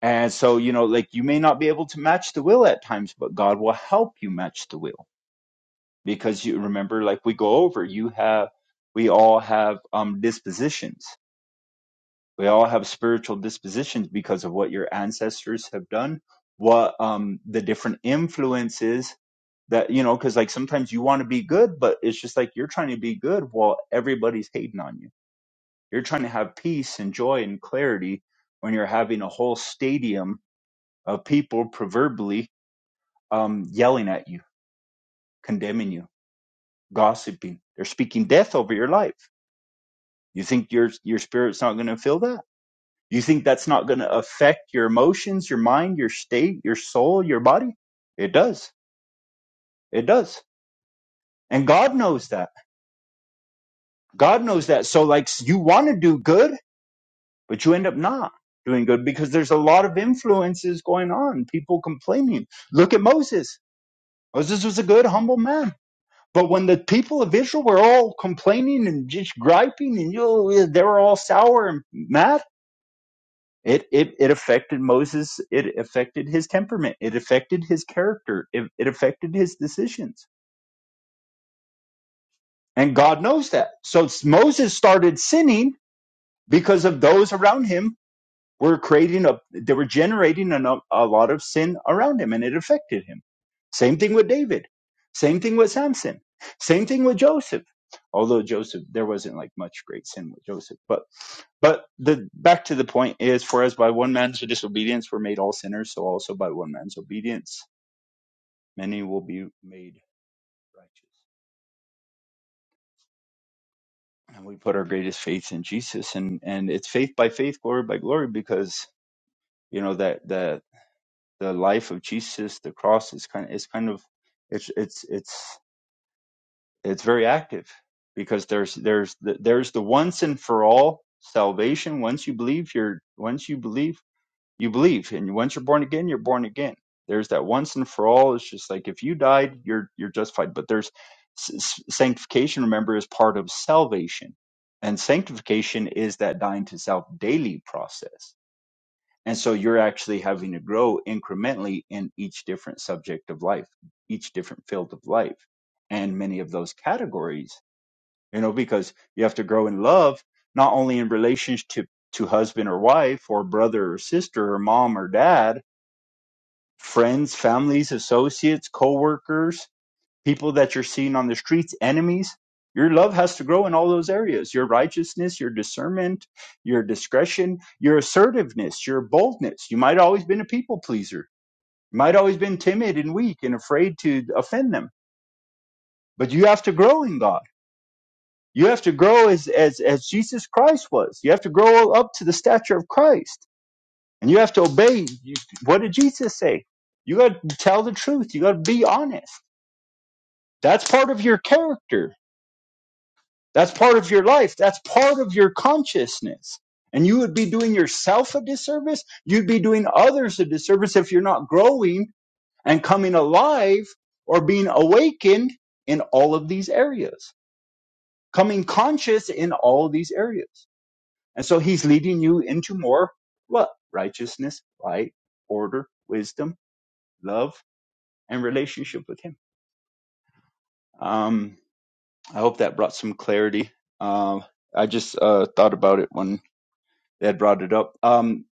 Speaker 5: And so, you know, like you may not be able to match the will at times, but God will help you match the will because you remember, like we go over, you have, we all have um, dispositions We all have spiritual dispositions because of what your ancestors have done, what um, the different influences that, you know, because like sometimes you want to be good, but it's just like you're trying to be good while everybody's hating on you. You're trying to have peace and joy and clarity when you're having a whole stadium of people proverbially um, yelling at you, condemning you, gossiping. They're speaking death over your life. You think your your spirit's not going to feel that? You think that's not going to affect your emotions, your mind, your state, your soul, your body? It does. It does. And God knows that. God knows that. So, like, you want to do good, but you end up not doing good because there's a lot of influences going on, people complaining. Look at Moses. Moses was a good, humble man. But when the people of Israel were all complaining and just griping, and you know, they were all sour and mad, It, it it affected Moses. It affected his temperament. It affected his character. It, it affected his decisions. And God knows that. So s- Moses started sinning because of those around him were creating a they were generating a a lot of sin around him and it affected him same thing with david same thing with samson same thing with joseph although joseph there wasn't like much great sin with joseph but but the back to the point is for as by one man's disobedience were made all sinners so also by one man's obedience many will be made righteous and we put our greatest faith in jesus and and it's faith by faith glory by glory because you know that that. the life of Jesus, the cross is kind of it's kind of it's it's it's it's very active because there's there's the, there's the once and for all salvation. Once you believe, you're once you believe, you believe, and once you're born again, you're born again. There's that once and for all. It's just like if you died, you're you're justified. But there's s- s- sanctification. Remember, is part of salvation, and sanctification is that dying to self daily process and so you're actually having to grow incrementally in each different subject of life, each different field of life, and many of those categories, you know, because you have to grow in love, not only in relationship to husband or wife, or brother or sister, or mom or dad, friends, families, associates, coworkers people that you're seeing on the streets, enemies. Your love has to grow in all those areas your righteousness, your discernment, your discretion, your assertiveness, your boldness. You might have always been a people pleaser, you might have always been timid and weak and afraid to offend them, but you have to grow in God. You have to grow as, as, as Jesus Christ was. You have to grow up to the stature of Christ. And you have to obey. You, what did Jesus say? You got to tell the truth. You got to be honest. That's part of your character That's part of your life. That's part of your consciousness. And you would be doing yourself a disservice. You'd be doing others a disservice if you're not growing and coming alive or being awakened in all of these areas, coming conscious in all of these areas. And so he's leading you into more what? Righteousness, light, order, wisdom, love, and relationship with him. Um, I hope that brought some clarity. Um, I just uh, thought about it when they had brought it up. Um,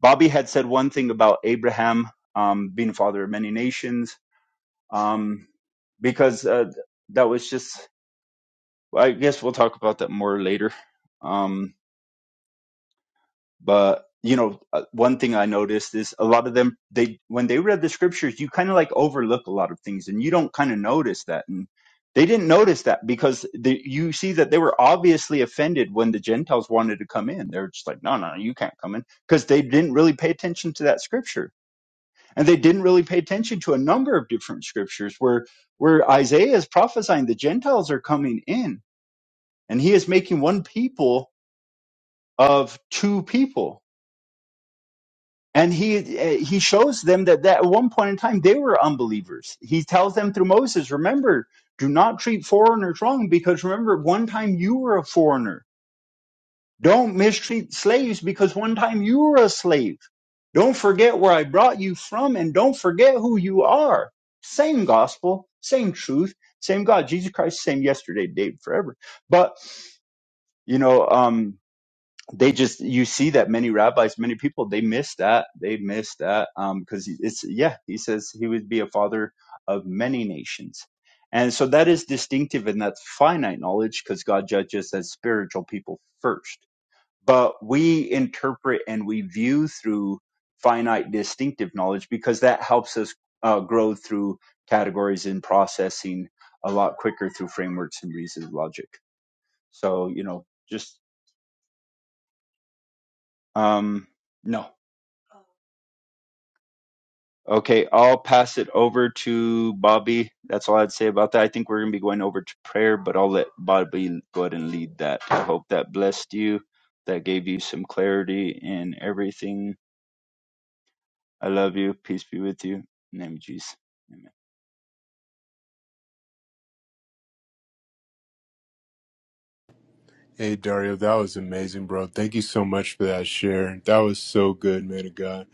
Speaker 5: Bobby had said one thing about Abraham um, being a father of many nations, um, because uh, that was just. I guess we'll talk about that more later. Um, but you know uh, one thing i noticed is a lot of them they when they read the scriptures you kind of like overlook a lot of things and you don't kind of notice that and they didn't notice that because the, you see that they were obviously offended when the gentiles wanted to come in they're just like no no you can't come in because they didn't really pay attention to that scripture and they didn't really pay attention to a number of different scriptures where where isaiah is prophesying the gentiles are coming in and he is making one people of two people and he eh, he shows them that, that at one point in time they were unbelievers he tells them through moses remember do not treat foreigners wrong because remember one time you were a foreigner don't mistreat slaves because one time you were a slave don't forget where i brought you from and don't forget who you are same gospel same truth same god jesus christ same yesterday today and forever but you know um they just you see that many rabbis many people they miss that they miss that um because it's yeah he says he would be a father of many nations and so that is distinctive and that's finite knowledge because god judges as spiritual people first but we interpret and we view through finite distinctive knowledge because that helps us uh, grow through categories and processing a lot quicker through frameworks and reason and logic so you know just um no Okay, I'll pass it over to Bobby. That's all I'd say about that. I think we're going to be going over to prayer, but I'll let Bobby go ahead and lead that. I hope that blessed you, that gave you some clarity in everything. I love you. Peace be with you. In the name of Jesus. Amen.
Speaker 1: Hey Dario, that was amazing, bro. Thank you so much for that share. That was so good, man of God.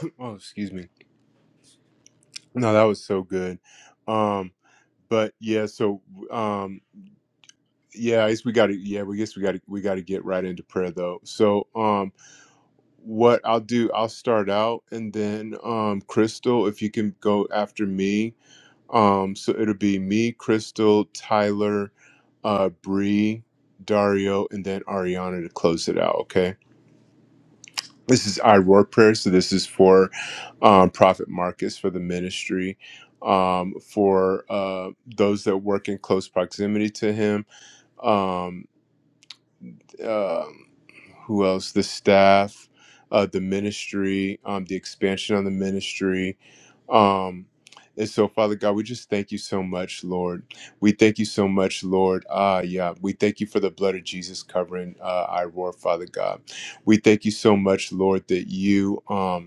Speaker 1: Oh, excuse me. No, that was so good. Um, but yeah, so um yeah, I guess we gotta yeah, we guess we gotta we gotta get right into prayer though. So um what I'll do, I'll start out and then um Crystal, if you can go after me. Um so it'll be me, Crystal, Tyler, uh Bree, Dario, and then Ariana to close it out, okay? This is our war prayer. So this is for um, Prophet Marcus for the ministry, um, for uh, those that work in close proximity to him. Um, um who else? The staff, uh, the ministry, um, the expansion on the ministry. Um, and so, Father God, we just thank you so much, Lord. We thank you so much, Lord. Ah, yeah. We thank you for the blood of Jesus covering uh, our war, Father God. We thank you so much, Lord, that you. Um,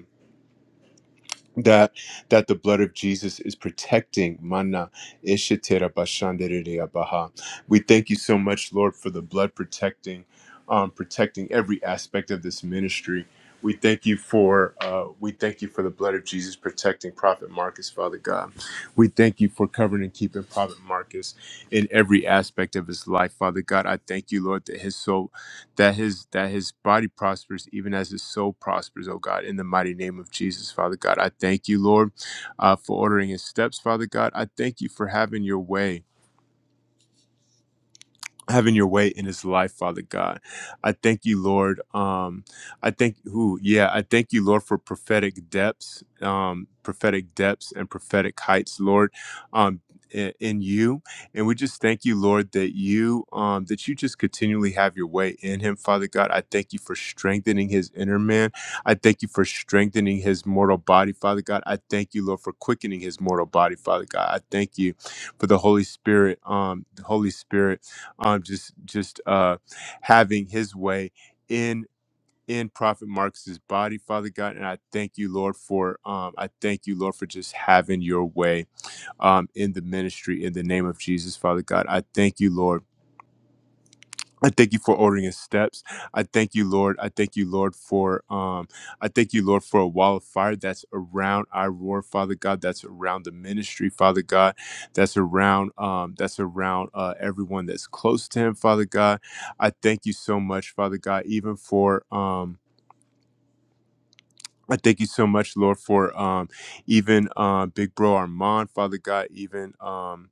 Speaker 1: that that the blood of Jesus is protecting mana ishitera bashandererea baha. We thank you so much, Lord, for the blood protecting, um, protecting every aspect of this ministry. We thank you for uh, we thank you for the blood of Jesus protecting Prophet Marcus, Father God. We thank you for covering and keeping Prophet Marcus in every aspect of his life, Father God. I thank you, Lord, that his soul that his that his body prospers even as his soul prospers oh god in the mighty name of jesus father god i thank you lord uh, for ordering his steps father god i thank you for having your way having your way in his life, Father God. I thank you, Lord. Um, I thank who, yeah, I thank you, Lord, for prophetic depths, um, prophetic depths and prophetic heights, Lord. Um i- in you and we just thank you lord that you um that you just continually have your way in him father god i thank you for strengthening his inner man i thank you for strengthening his mortal body father god i thank you lord for quickening his mortal body father god i thank you for the holy spirit um the holy spirit um, just just uh, having His way in in Prophet Marcus's body, Father God. And I thank you, Lord, for um, I thank you, Lord, for just having Your way um, in the ministry in the name of Jesus, Father God. I thank you, Lord. I thank you for ordering his steps. I thank you, Lord. I thank you, Lord, for um, I thank you, Lord, for a wall of fire that's around our roar, Father God, that's around the ministry, Father God, that's around um, that's around uh, everyone that's close to him, Father God. I thank you so much, Father God, even for um I thank you so much, Lord, for um, even uh, Big Bro Armand, Father God, even um,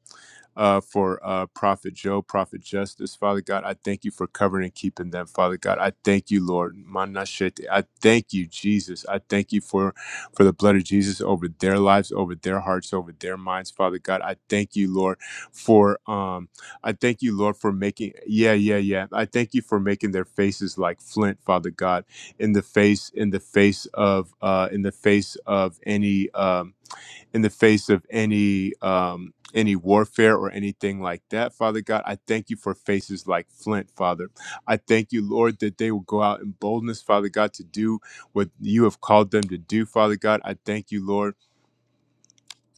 Speaker 1: uh, for uh, Prophet Joe, Prophet Justice. Father God, I thank you for covering and keeping them, Father God. I thank you, Lord. Manashete. I thank you, Jesus. I thank you for, for the blood of Jesus over their lives, over their hearts, over their minds, Father God. I thank you, Lord, for um, I thank you, Lord, for making yeah, yeah, yeah. I thank you for making their faces like flint, Father God, in the face, in the face of uh in the face of any um in the face of any um, any warfare or anything like that, Father God. I thank you for faces like Flint, Father. I thank you, Lord, that they will go out in boldness, Father God, to do what you have called them to do, Father God. I thank you, Lord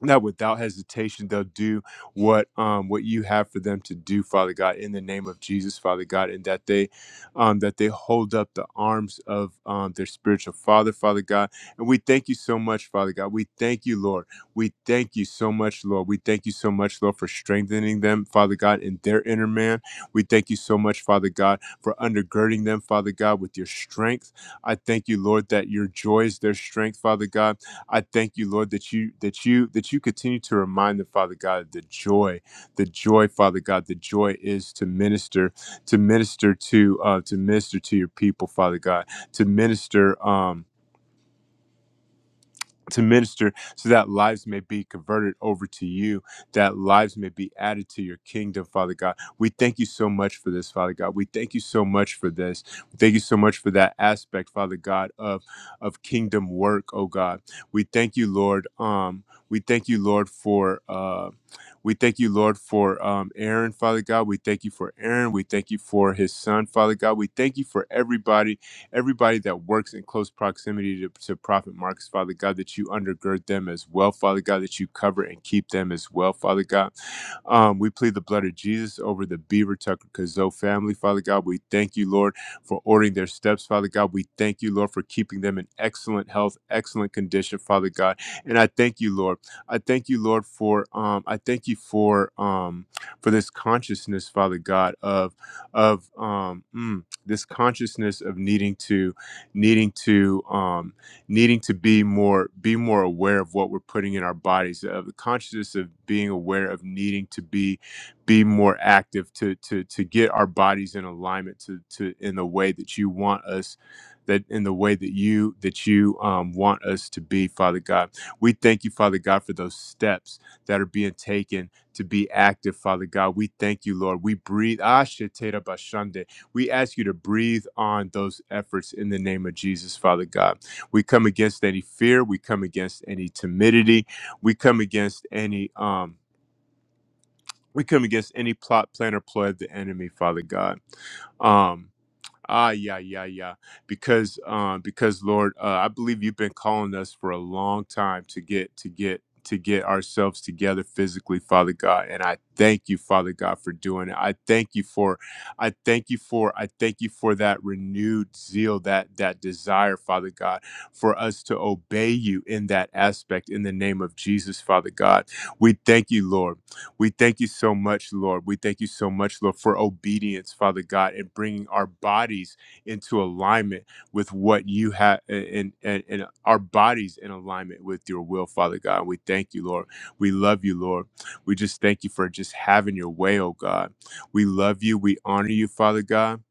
Speaker 1: that without hesitation they'll do what um what you have for them to do father god in the name of jesus father god and that they um that they hold up the arms of um their spiritual father father god and we thank you so much father god we thank you lord we thank you so much lord we thank you so much lord for strengthening them father god in their inner man we thank you so much father god for undergirding them father god with your strength i thank you lord that your joy is their strength father god I thank you, Lord, that you that you that you continue to remind them, Father God, the joy, the joy, Father God, the joy is to minister, to minister to uh, to minister to your people, Father God, to minister. Um, to minister so that lives may be converted over to you, that lives may be added to your kingdom, Father God. We thank you so much for this, Father God. We thank you so much for this. We thank you so much for that aspect, Father God, of, of kingdom work, oh God. We thank you, Lord. Um, we thank you, Lord, for uh we thank you, Lord, for um Aaron, Father God. We thank you for Aaron. We thank you for his son, Father God. We thank you for everybody everybody that works in close proximity to, to Prophet Marcus, Father God, that you undergird them as well, Father God, that you cover and keep them as well, Father God. Um, we plead the blood of Jesus over the Beaver Tucker Kazo family, Father God. We thank you, Lord, for ordering their steps, Father God. We thank you, Lord, for keeping them in excellent health, excellent condition, Father God. And I thank you, Lord. I thank you, Lord, for um, I thank you for um, for this consciousness, Father God, of of um. mm, this consciousness of needing to needing to um needing to be more be more aware of what we're putting in our bodies of the consciousness of being aware of needing to be be more active to to to get our bodies in alignment to to in the way that you want us that in the way that you that you um, want us to be father god we thank you father god for those steps that are being taken to be active father god we thank you lord we breathe Ah, shetera bashande. We ask you to breathe on those efforts in the name of Jesus, Father God. We come against any fear. We come against any timidity. We come against any um we come against any plot, plan, or ploy of the enemy, Father God. Um, Ah, yeah, yeah, yeah. Because, um, because Lord, uh, I believe you've been calling us for a long time to get to get to get ourselves together physically, Father God. And I thank you, Father God, for doing it. I thank you for, I thank you for, I thank you for that renewed zeal, that that desire, Father God, for us to obey you in that aspect. In the name of Jesus, Father God, we thank you, Lord. We thank you so much, Lord. We thank you so much, Lord, for obedience, Father God, and bringing our bodies into alignment with what you have, and, and, and our bodies in alignment with your will, Father God. We thank you, Lord. We love you, Lord. We just thank you for just having your way, oh God. We love you. We honor you, Father God.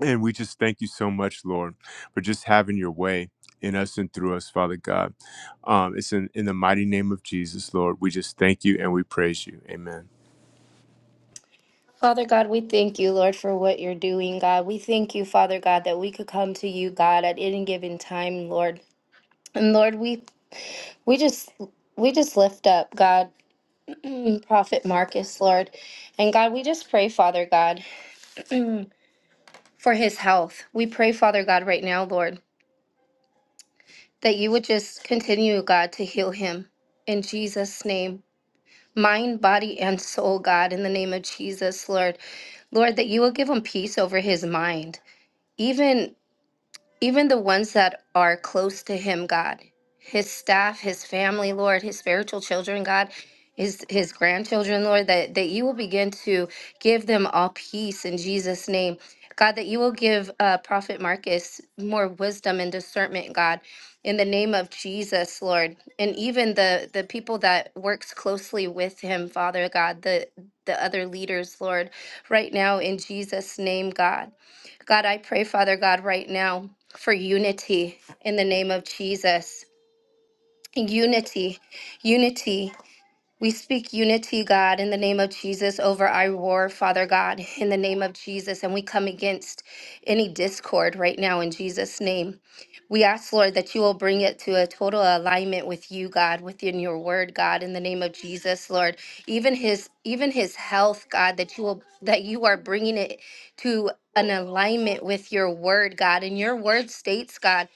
Speaker 1: And we just thank you so much, Lord, for just having your way in us and through us, Father God. Um, it's in, in the mighty name of Jesus, Lord. We just thank you and we praise you. Amen.
Speaker 6: Father God, we thank you, Lord, for what you're doing, God. We thank you, Father God, that we could come to you, God, at any given time, Lord. And Lord, we we just we just lift up, God, mm, Prophet Marcus, Lord. And God, we just pray, Father God, for his health. We pray, Father God, right now, Lord, that you would just continue, God, to heal him in Jesus' name. Mind, body, and soul, God, in the name of Jesus, Lord. Lord, that you will give him peace over his mind even even the ones that are close to him, God, his staff, his family, Lord, his spiritual children, God, his his grandchildren, Lord, that, that you will begin to give them all peace in Jesus' name. God, that you will give uh, Prophet Marcus more wisdom and discernment, God, in the name of Jesus, Lord, and even the the people that works closely with him, Father God, the the other leaders, Lord, right now in Jesus' name, God. God, I pray, Father God, right now for unity in the name of Jesus. Unity, unity. We speak unity, God, in the name of Jesus over our war, Father God, in the name of Jesus. And we come against any discord right now in Jesus' name. We ask, Lord, that you will bring it to a total alignment with you, God, within your word, God, in the name of Jesus, Lord. Even his even his health, God, that you will that you are bringing it to an alignment with your word, God. And your word states, God,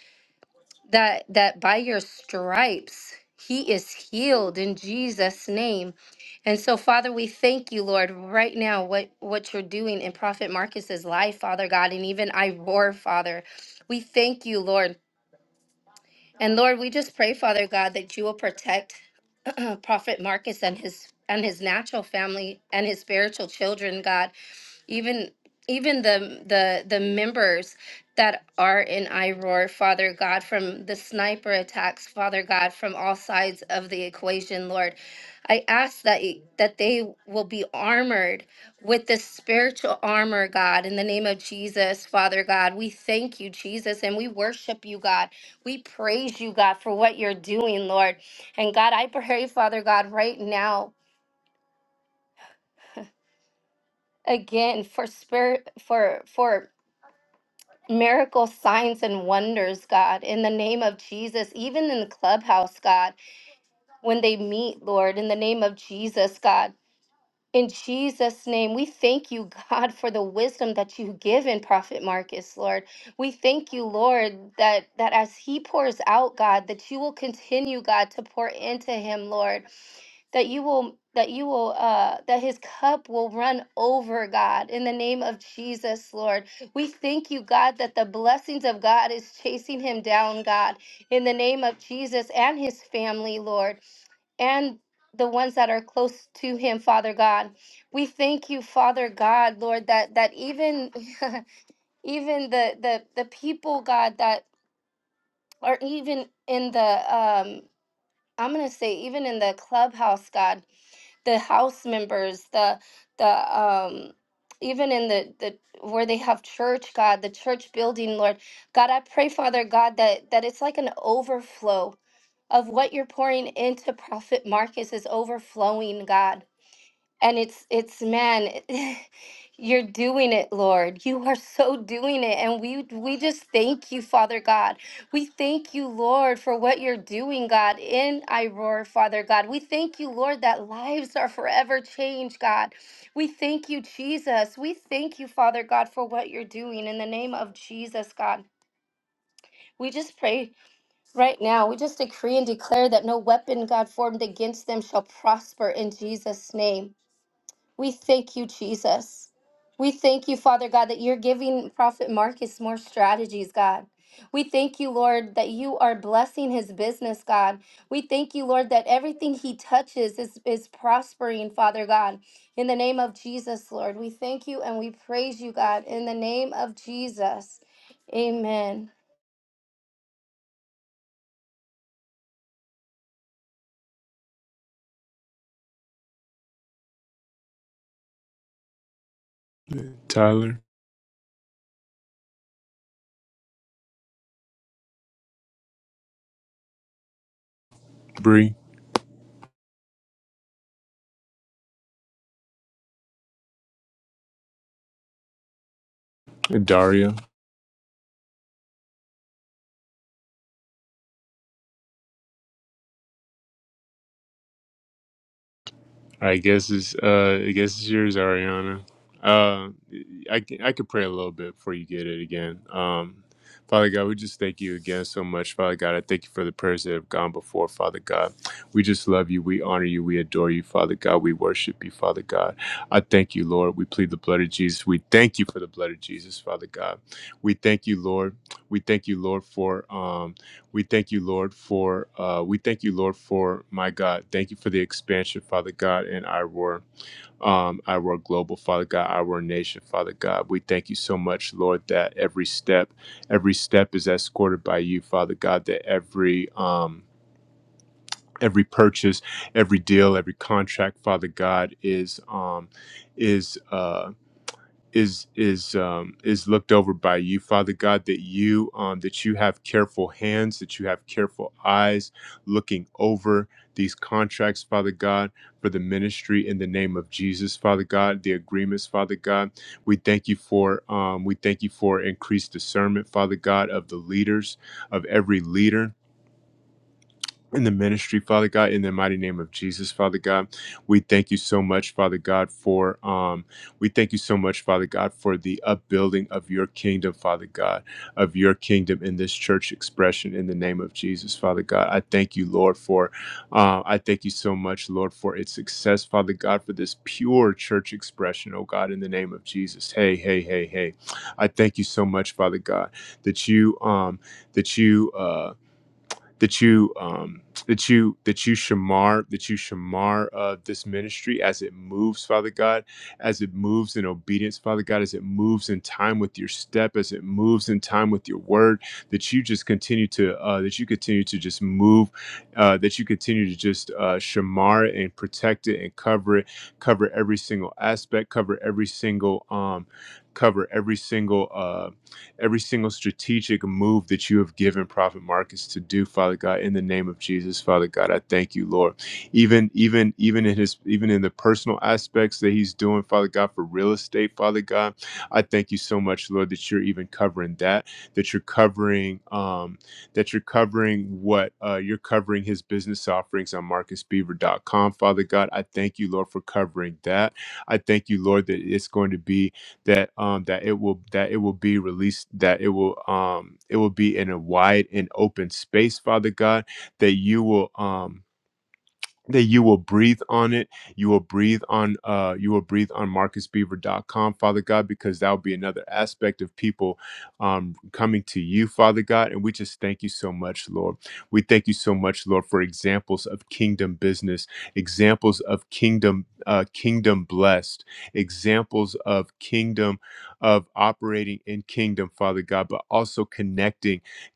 Speaker 6: that that by your stripes he is healed in Jesus name. And so Father, we thank you Lord right now what what you're doing in prophet Marcus's life, Father God, and even I roar, Father. We thank you, Lord. And Lord, we just pray, Father God, that you will protect prophet Marcus and his and his natural family and his spiritual children, God even even the the the members that are in iroar father god from the sniper attacks father god from all sides of the equation lord i ask that y- that they will be armored with the spiritual armor god in the name of jesus father god we thank you jesus and we worship you god we praise you god for what you're doing lord and god i pray father god right now again for spirit for for miracle signs and wonders, God, in the name of Jesus, even in the clubhouse, God, when they meet, Lord, in the name of Jesus, God. In Jesus' name, we thank you, God, for the wisdom that you give in Prophet Marcus, Lord. We thank you, Lord, that, that as he pours out, God, that you will continue, God, to pour into him, Lord. That you will that you will uh that his cup will run over, God, in the name of Jesus, Lord. We thank you, God, that the blessings of God is chasing him down, God, in the name of Jesus and his family, Lord and the ones that are close to him father god we thank you father god lord that that even even the the the people god that are even in the um. I'm gonna say even in the clubhouse, God, the house members, the the um even in the the where they have church, God, the church building, Lord, God, I pray, Father God, that that it's like an overflow of what you're pouring into Prophet Marcus is overflowing, God and it's it's man you're doing it lord you are so doing it and we we just thank you father god we thank you lord for what you're doing god in iroar father god we thank you lord that lives are forever changed god we thank you jesus we thank you father god for what you're doing in the name of jesus god we just pray right now we just decree and declare that no weapon god formed against them shall prosper in jesus name we thank you, Jesus. We thank you, Father God, that you're giving Prophet Marcus more strategies, God. We thank you, Lord, that you are blessing his business, God. We thank you, Lord, that everything he touches is, is prospering, Father God. In the name of Jesus, Lord, we thank you and we praise you, God. In the name of Jesus, amen.
Speaker 1: Tyler, Bree, and Daria. I guess it's uh, I guess it's yours, Ariana. Uh, I c- I could pray a little bit before you get it again. Um, Father God, we just thank you again so much, Father God. I thank you for the prayers that have gone before, Father God. We just love you. We honor you. We adore you, Father God. We worship you, Father God. I thank you, Lord. We plead the blood of Jesus. We thank you for the blood of Jesus, Father God. We thank you, Lord. We thank you, Lord, for um We thank you, Lord, for uh, we thank you, Lord, for my God. Thank you for the expansion, Father God, and our um, our global, Father God, our nation, Father God. We thank you so much, Lord, that every step, every step is escorted by you, Father God. That every um, every purchase, every deal, every contract, Father God, is um, is. Uh, is is um, is looked over by you, Father God, that you um, that you have careful hands, that you have careful eyes, looking over these contracts, Father God, for the ministry in the name of Jesus, Father God, the agreements, Father God. We thank you for um, we thank you for increased discernment, Father God, of the leaders of every leader in the ministry, Father God, in the mighty name of Jesus, Father God. We thank you so much, Father God, for um we thank you so much, Father God, for the upbuilding of your kingdom, Father God, of your kingdom in this church expression in the name of Jesus, Father God. I thank you, Lord, for uh, I thank you so much, Lord, for its success, Father God, for this pure church expression, oh God, in the name of Jesus. Hey, hey, hey, hey. I thank you so much, Father God, that you um that you uh that you um that you that you shamar that you shamar uh, this ministry as it moves father god as it moves in obedience father god as it moves in time with your step as it moves in time with your word that you just continue to uh, that you continue to just move uh, that you continue to just uh, shamar it and protect it and cover it cover every single aspect cover every single um cover every single uh every single strategic move that you have given Prophet Marcus to do, Father God, in the name of Jesus, Father God, I thank you, Lord. Even, even, even in his, even in the personal aspects that he's doing, Father God, for real estate, Father God, I thank you so much, Lord, that you're even covering that, that you're covering, um, that you're covering what, uh, you're covering his business offerings on marcus beaver dot com, Father God. I thank you, Lord, for covering that. I thank you, Lord, that it's going to be that um that it will that it will be released that it will um it will be in a wide and open space father god that you will um that you will breathe on it. You will breathe on uh you will breathe on marcus beaver dot com, Father God, because that will be another aspect of people um coming to you, Father God. And we just thank you so much, Lord. We thank you so much, Lord, for examples of kingdom business, examples of kingdom uh kingdom blessed, examples of kingdom of operating in kingdom, Father God, but also connecting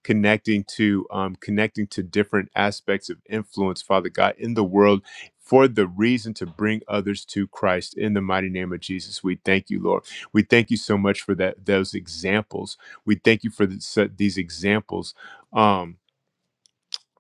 Speaker 1: connecting to um, connecting to different aspects of influence, Father God, in the world for the reason to bring others to Christ. In the mighty name of Jesus, we thank you, Lord. We thank you so much for that those examples. We thank you for this, these examples. Um,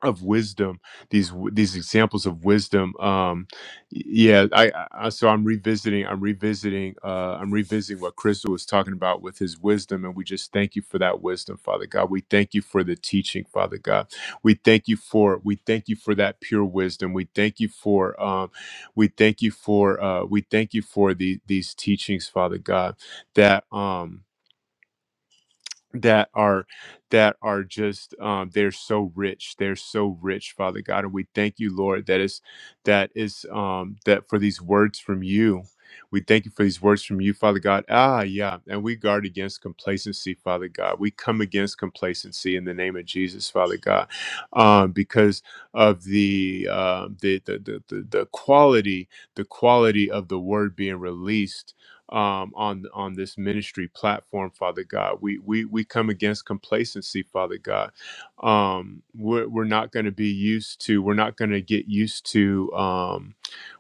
Speaker 1: of wisdom these w- these examples of wisdom um y- yeah I, I I- so i'm revisiting i'm revisiting uh i'm revisiting what crystal was talking about with his wisdom and we just thank you for that wisdom father god we thank you for the teaching father god we thank you for we thank you for that pure wisdom we thank you for um we thank you for uh we thank you for the these teachings father god that um that are that are just um they're so rich they're so rich father god and we thank you lord that is that is um that for these words from you we thank you for these words from you father god ah yeah and we guard against complacency father god we come against complacency in the name of jesus father god um because of the um the the the, the, the quality the quality of the word being released um, on on this ministry platform, Father God. We we we come against complacency, Father God. Um, we're we're not going to be used to. We're not going to get used to. Um,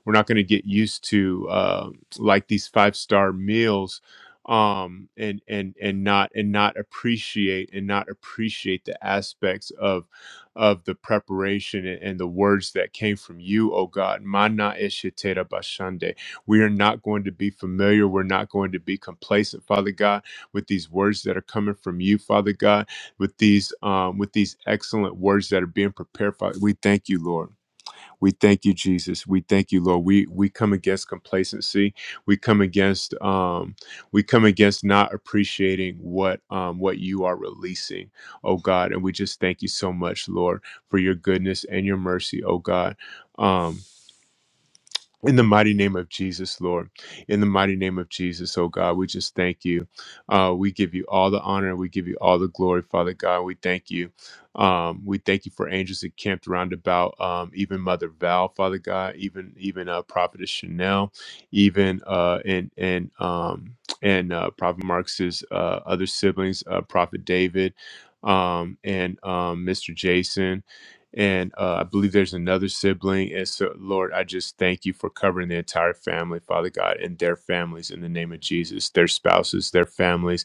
Speaker 1: we're not going to get used to uh, like these five star meals um and and and not and not appreciate and not appreciate the aspects of of the preparation and, and the words that came from you O god mana eshitera bashande. We are not going to be familiar. We're not going to be complacent, Father God, with these words that are coming from you, Father God, with these um, with these excellent words that are being prepared. Father, we thank you, Lord. We thank you, Jesus. We thank you, Lord. We we come against complacency. We come against um, we come against not appreciating what um, what you are releasing, oh God. And we just thank you so much, Lord, for your goodness and your mercy, oh God. Um, in the mighty name of Jesus, Lord. In the mighty name of Jesus, oh God, we just thank you. Uh, we give you all the honor. We give you all the glory, Father God. We thank you. Um, we thank you for angels that camped around about um, even Mother Val, Father God, even even uh, Prophetess Chanel, even uh, and and um, and uh, Prophet Marx's uh, other siblings, uh, Prophet David, um, and um, Mr. Jason and uh, I believe there's another sibling. And so, Lord, I just thank you for covering the entire family, Father God, and their families in the name of Jesus, their spouses, their families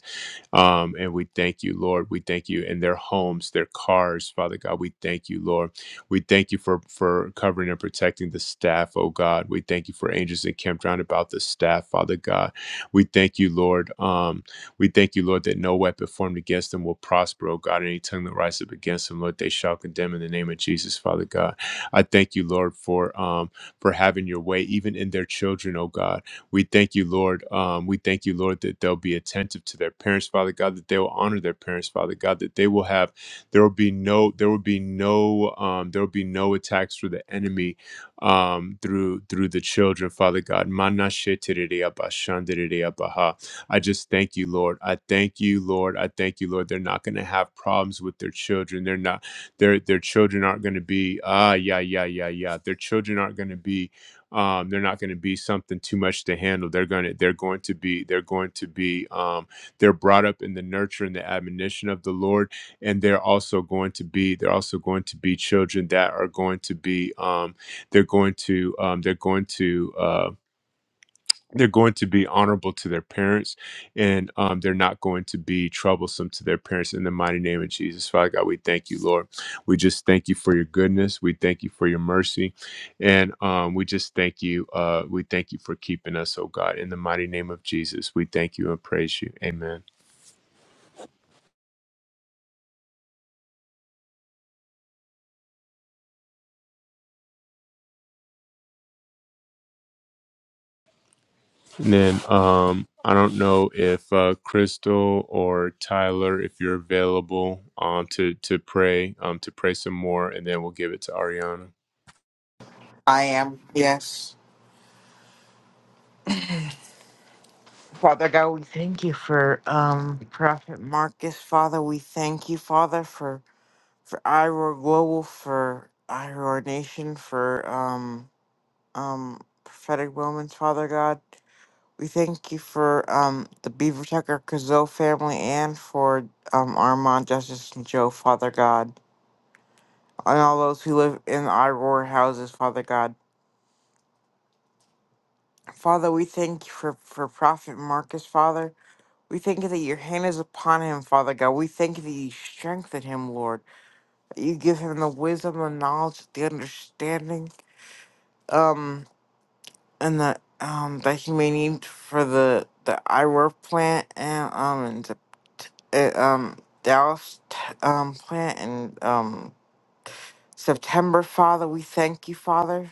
Speaker 1: um, and we thank you, Lord. We thank you in their homes, their cars, Father God. We thank you, Lord. We thank you for for covering and protecting the staff, oh God. We thank you for angels encamped round about the staff, Father God. We thank you, Lord. Um, we thank you, Lord, that no weapon formed against them will prosper, oh God. Any tongue that rises up against them, Lord, they shall condemn in the name of Jesus, Father God. I thank you, Lord, for um for having your way even in their children, oh God. We thank you, Lord. Um, we thank you, Lord, that they'll be attentive to their parents, Father God, that they will honor their parents, Father God, that they will have, there will be no, there will be no, um, there will be no attacks through the enemy um, through through the children, Father God. Mana shetiriri aba shandiriri aba I just thank you, Lord. I thank you, Lord. I thank you, Lord. They're not going to have problems with their children. They're not. Their their children aren't going to be ah yeah yeah yeah yeah. Their children aren't going to be um, they're not going to be something too much to handle. They're going to they're going to be they're going to be um, they're brought up in the nurture and the admonition of the Lord, and they're also going to be they're also going to be children that are going to be um, they're going to um, they're going to uh, they're going to be honorable to their parents and um, they're not going to be troublesome to their parents in the mighty name of jesus father god we thank you lord we just thank you for your goodness we thank you for your mercy and um, we just thank you uh, we thank you for keeping us oh god in the mighty name of jesus we thank you and praise you amen and then um, i don't know if uh, crystal or tyler if you're available um, to to pray um, to pray some more and then we'll give it to ariana
Speaker 4: I am, yes. Father God, we thank you for um Prophet Marcus, Father. We thank you, Father, for for Iroh Global, for Iroh Nation, for um um prophetic moments, Father God. We thank you for um, the Beaver Tucker Kazoo family and for um, Armand, Justice, and Joe, Father God, and all those who live in our roar houses, Father God. Father, we thank you for, for Prophet Marcus, Father. We thank you that your hand is upon him, Father God. We thank you that you strengthen him, Lord. That you give him the wisdom, the knowledge, the understanding. Um, and the um that he may need for the the eyewear plant and um and the, uh, um Dallas t- um plant and um September Father we thank you Father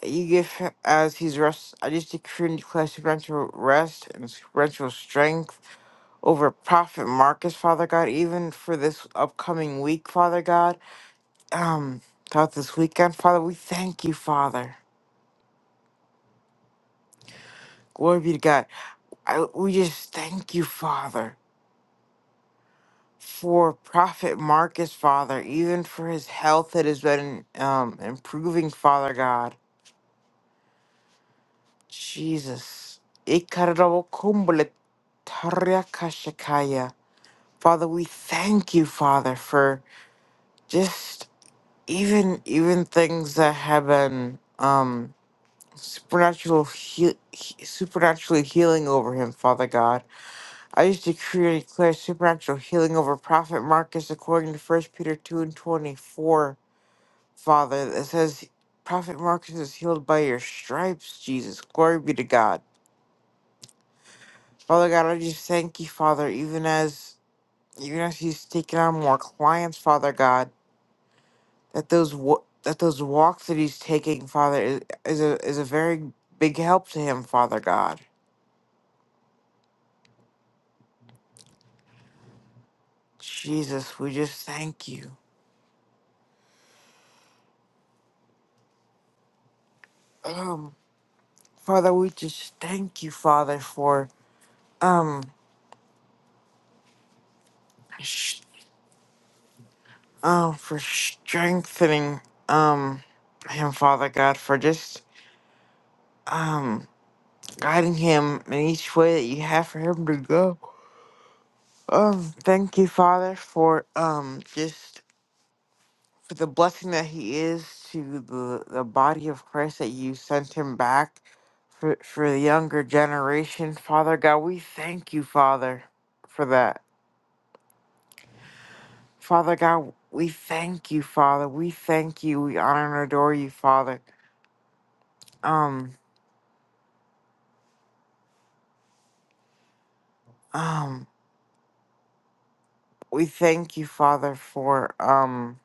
Speaker 4: that you give him as he's rest I just decree and declare supernatural rest and supernatural strength over Prophet Marcus Father God even for this upcoming week Father God um throughout this weekend Father we thank you Father glory be to God I, we just thank you Father for Prophet Marcus, Father, even for his health that has been um, improving, Father God. Jesus. Ikarabokumbele tariakashakaya. Father, we thank you, Father, for just even even things that have been um, supernatural heal, he- supernaturally healing over him, Father God. I just decree and declare supernatural healing over Prophet Marcus according to First Peter 2 and 24. Father, that says, Prophet Marcus is healed by your stripes, Jesus. Glory be to God. Father God, I just thank you, Father, even as even as he's taking on more clients, Father God, that those wa- that those walks that he's taking, Father, is, is a is a very big help to him, Father God. Jesus, we just thank you. Um, Father, we just thank you, Father, for um, sh- oh, for strengthening um him, Father God, for just um, guiding him in each way that you have for him to go. Um, thank you, Father, for um, just for the blessing that he is to the the body of Christ that you sent him back for for the younger generation. Father God, we thank you, Father, for that. Father God, we thank you, Father. We thank you. We honor and adore you, Father. Um, um, we thank you, Father, for um.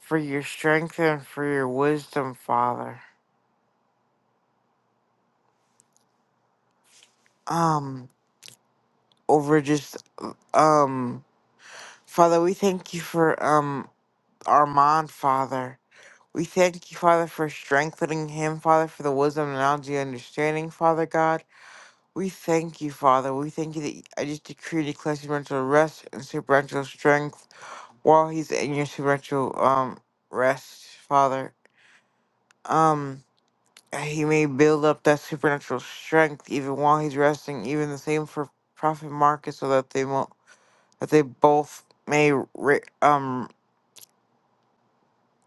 Speaker 4: for your strength and for your wisdom, Father. Um, over just um, Father, we thank you for um Armand, Father. We thank you, Father, for strengthening him, Father, for the wisdom, knowledge, and understanding, Father God. We thank you, Father. We thank you that I just decree and declare supernatural rest and supernatural strength while he's in your supernatural um rest, Father. Um, He may build up that supernatural strength even while he's resting, even the same for Prophet Marcus, so that they won't, that they both may ri- um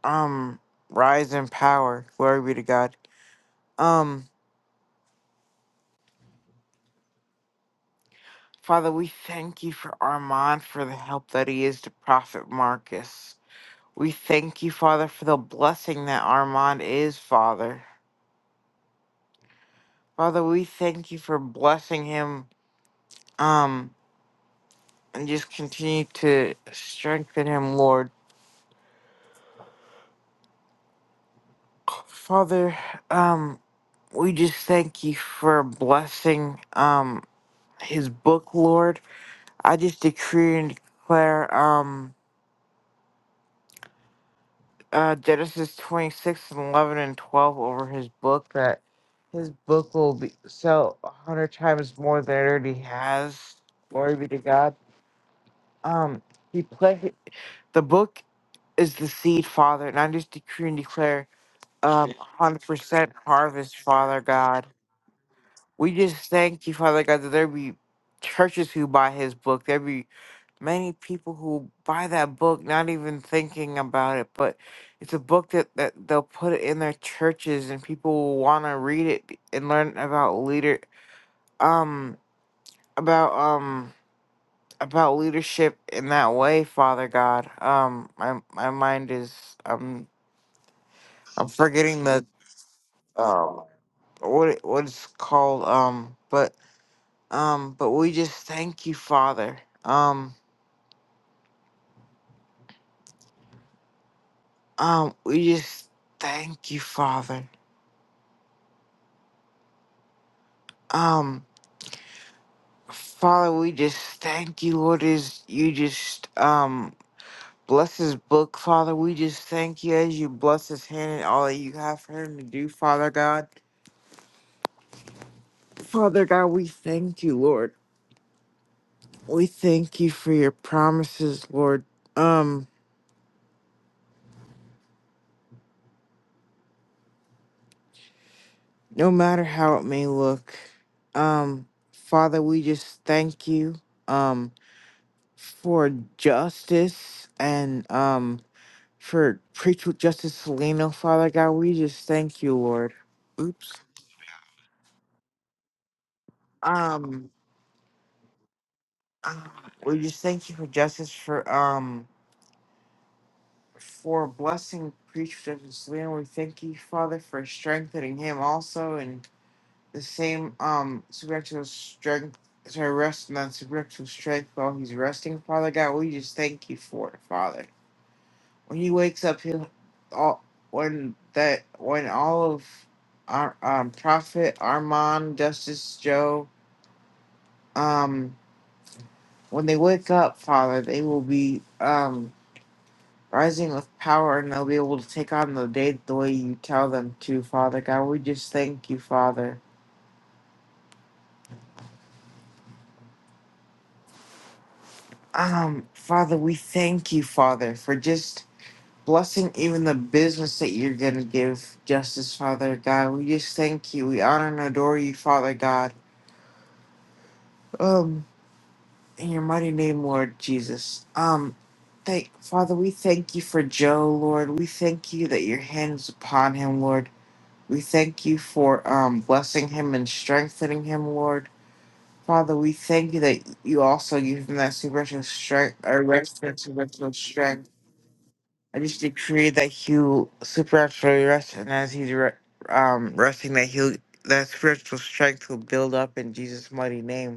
Speaker 4: um rise in power. Glory be to God. Um, Father, we thank you for Armand for the help that he is to Prophet Marcus. We thank you, Father, for the blessing that Armand is, Father. Father, we thank you for blessing him. Um, and just continue to strengthen him, Lord. Father, um, we just thank you for blessing um his book, Lord. I just decree and declare um uh Genesis twenty six and eleven and twelve over his book that his book will be sell a hundred times more than it already has. Glory be to God. Um he play the book is the seed, Father, and I just decree and declare um hundred percent harvest, Father God. We just thank you, Father God, that there be churches who buy his book. There be many people who buy that book, not even thinking about it, but it's a book that, that they'll put it in their churches and people will wanna read it and learn about leader um about um about leadership in that way, Father God. Um my my mind is um I'm forgetting the um what it, what it's called, um but Um, but we just thank you, Father. Um, um, we just thank you, Father. Um, Father, we just thank you, Lord, as you just um bless his book, Father. We just thank you as you bless his hand and all that you have for him to do, Father God. Father God, we thank you, Lord. We thank you for your promises, Lord. Um, no matter how it may look. Um, Father, we just thank you. Um, for justice and um for preach with justice Salino, Father God, we just thank you, Lord. Oops. Um uh, we just thank you for justice for um for blessing preach with justice Salino. We thank you, Father, for strengthening him also and the same um supernatural strength to rest on supernatural strength while he's resting, Father God. We just thank you for it, Father. when he wakes up, he'll all when that when all of our um, Prophet Armand, Justice Joe, um, when they wake up, Father, they will be um rising with power and they'll be able to take on the day the way you tell them to, Father God. We just thank you, Father. Um, Father, we thank you, Father, for just blessing even the business that you're gonna give justice, Father God. We just thank you. We honor and adore you, Father God. Um. In your mighty name, Lord Jesus. Um, thank Father, we thank you for Joe, Lord. We thank you that your hand is upon him, Lord. We thank you for um blessing him and strengthening him, Lord. Father, we thank you that you also give him that supernatural strength or rest and supernatural strength. I just decree that he'll supernaturally rest and as he's re- um resting that he'll that spiritual strength will build up in Jesus' mighty name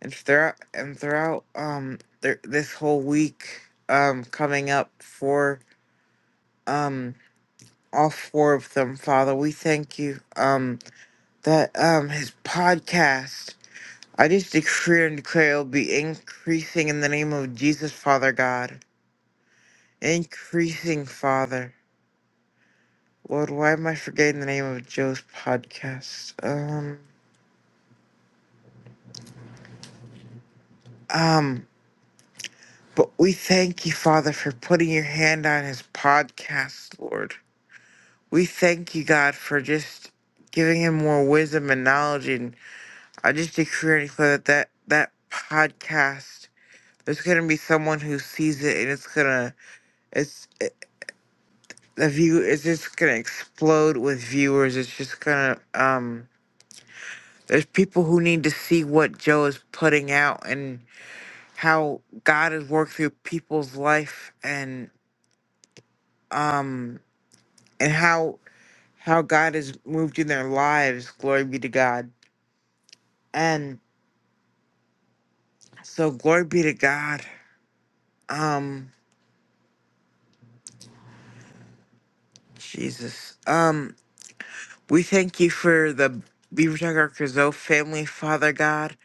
Speaker 4: and throughout and throughout um th- this whole week um coming up for um all four of them father we thank you um that um his podcast i just decree and declare it'll be increasing in the name of jesus father god increasing father lord why am i forgetting the name of joe's podcast um um but we thank you father for putting your hand on his podcast lord We thank you, God, for just giving him more wisdom and knowledge. And I just decree and declare that that, that podcast, there's going to be someone who sees it and it's going to, it's, it, the view is just going to explode with viewers. It's just going to, um, there's people who need to see what Joe is putting out and how God has worked through people's life and, um, and how, how God has moved in their lives. Glory be to God. And, So glory be to God. Um, Jesus. Um, we thank you for the Beaver Tiger Crizo family, Father God.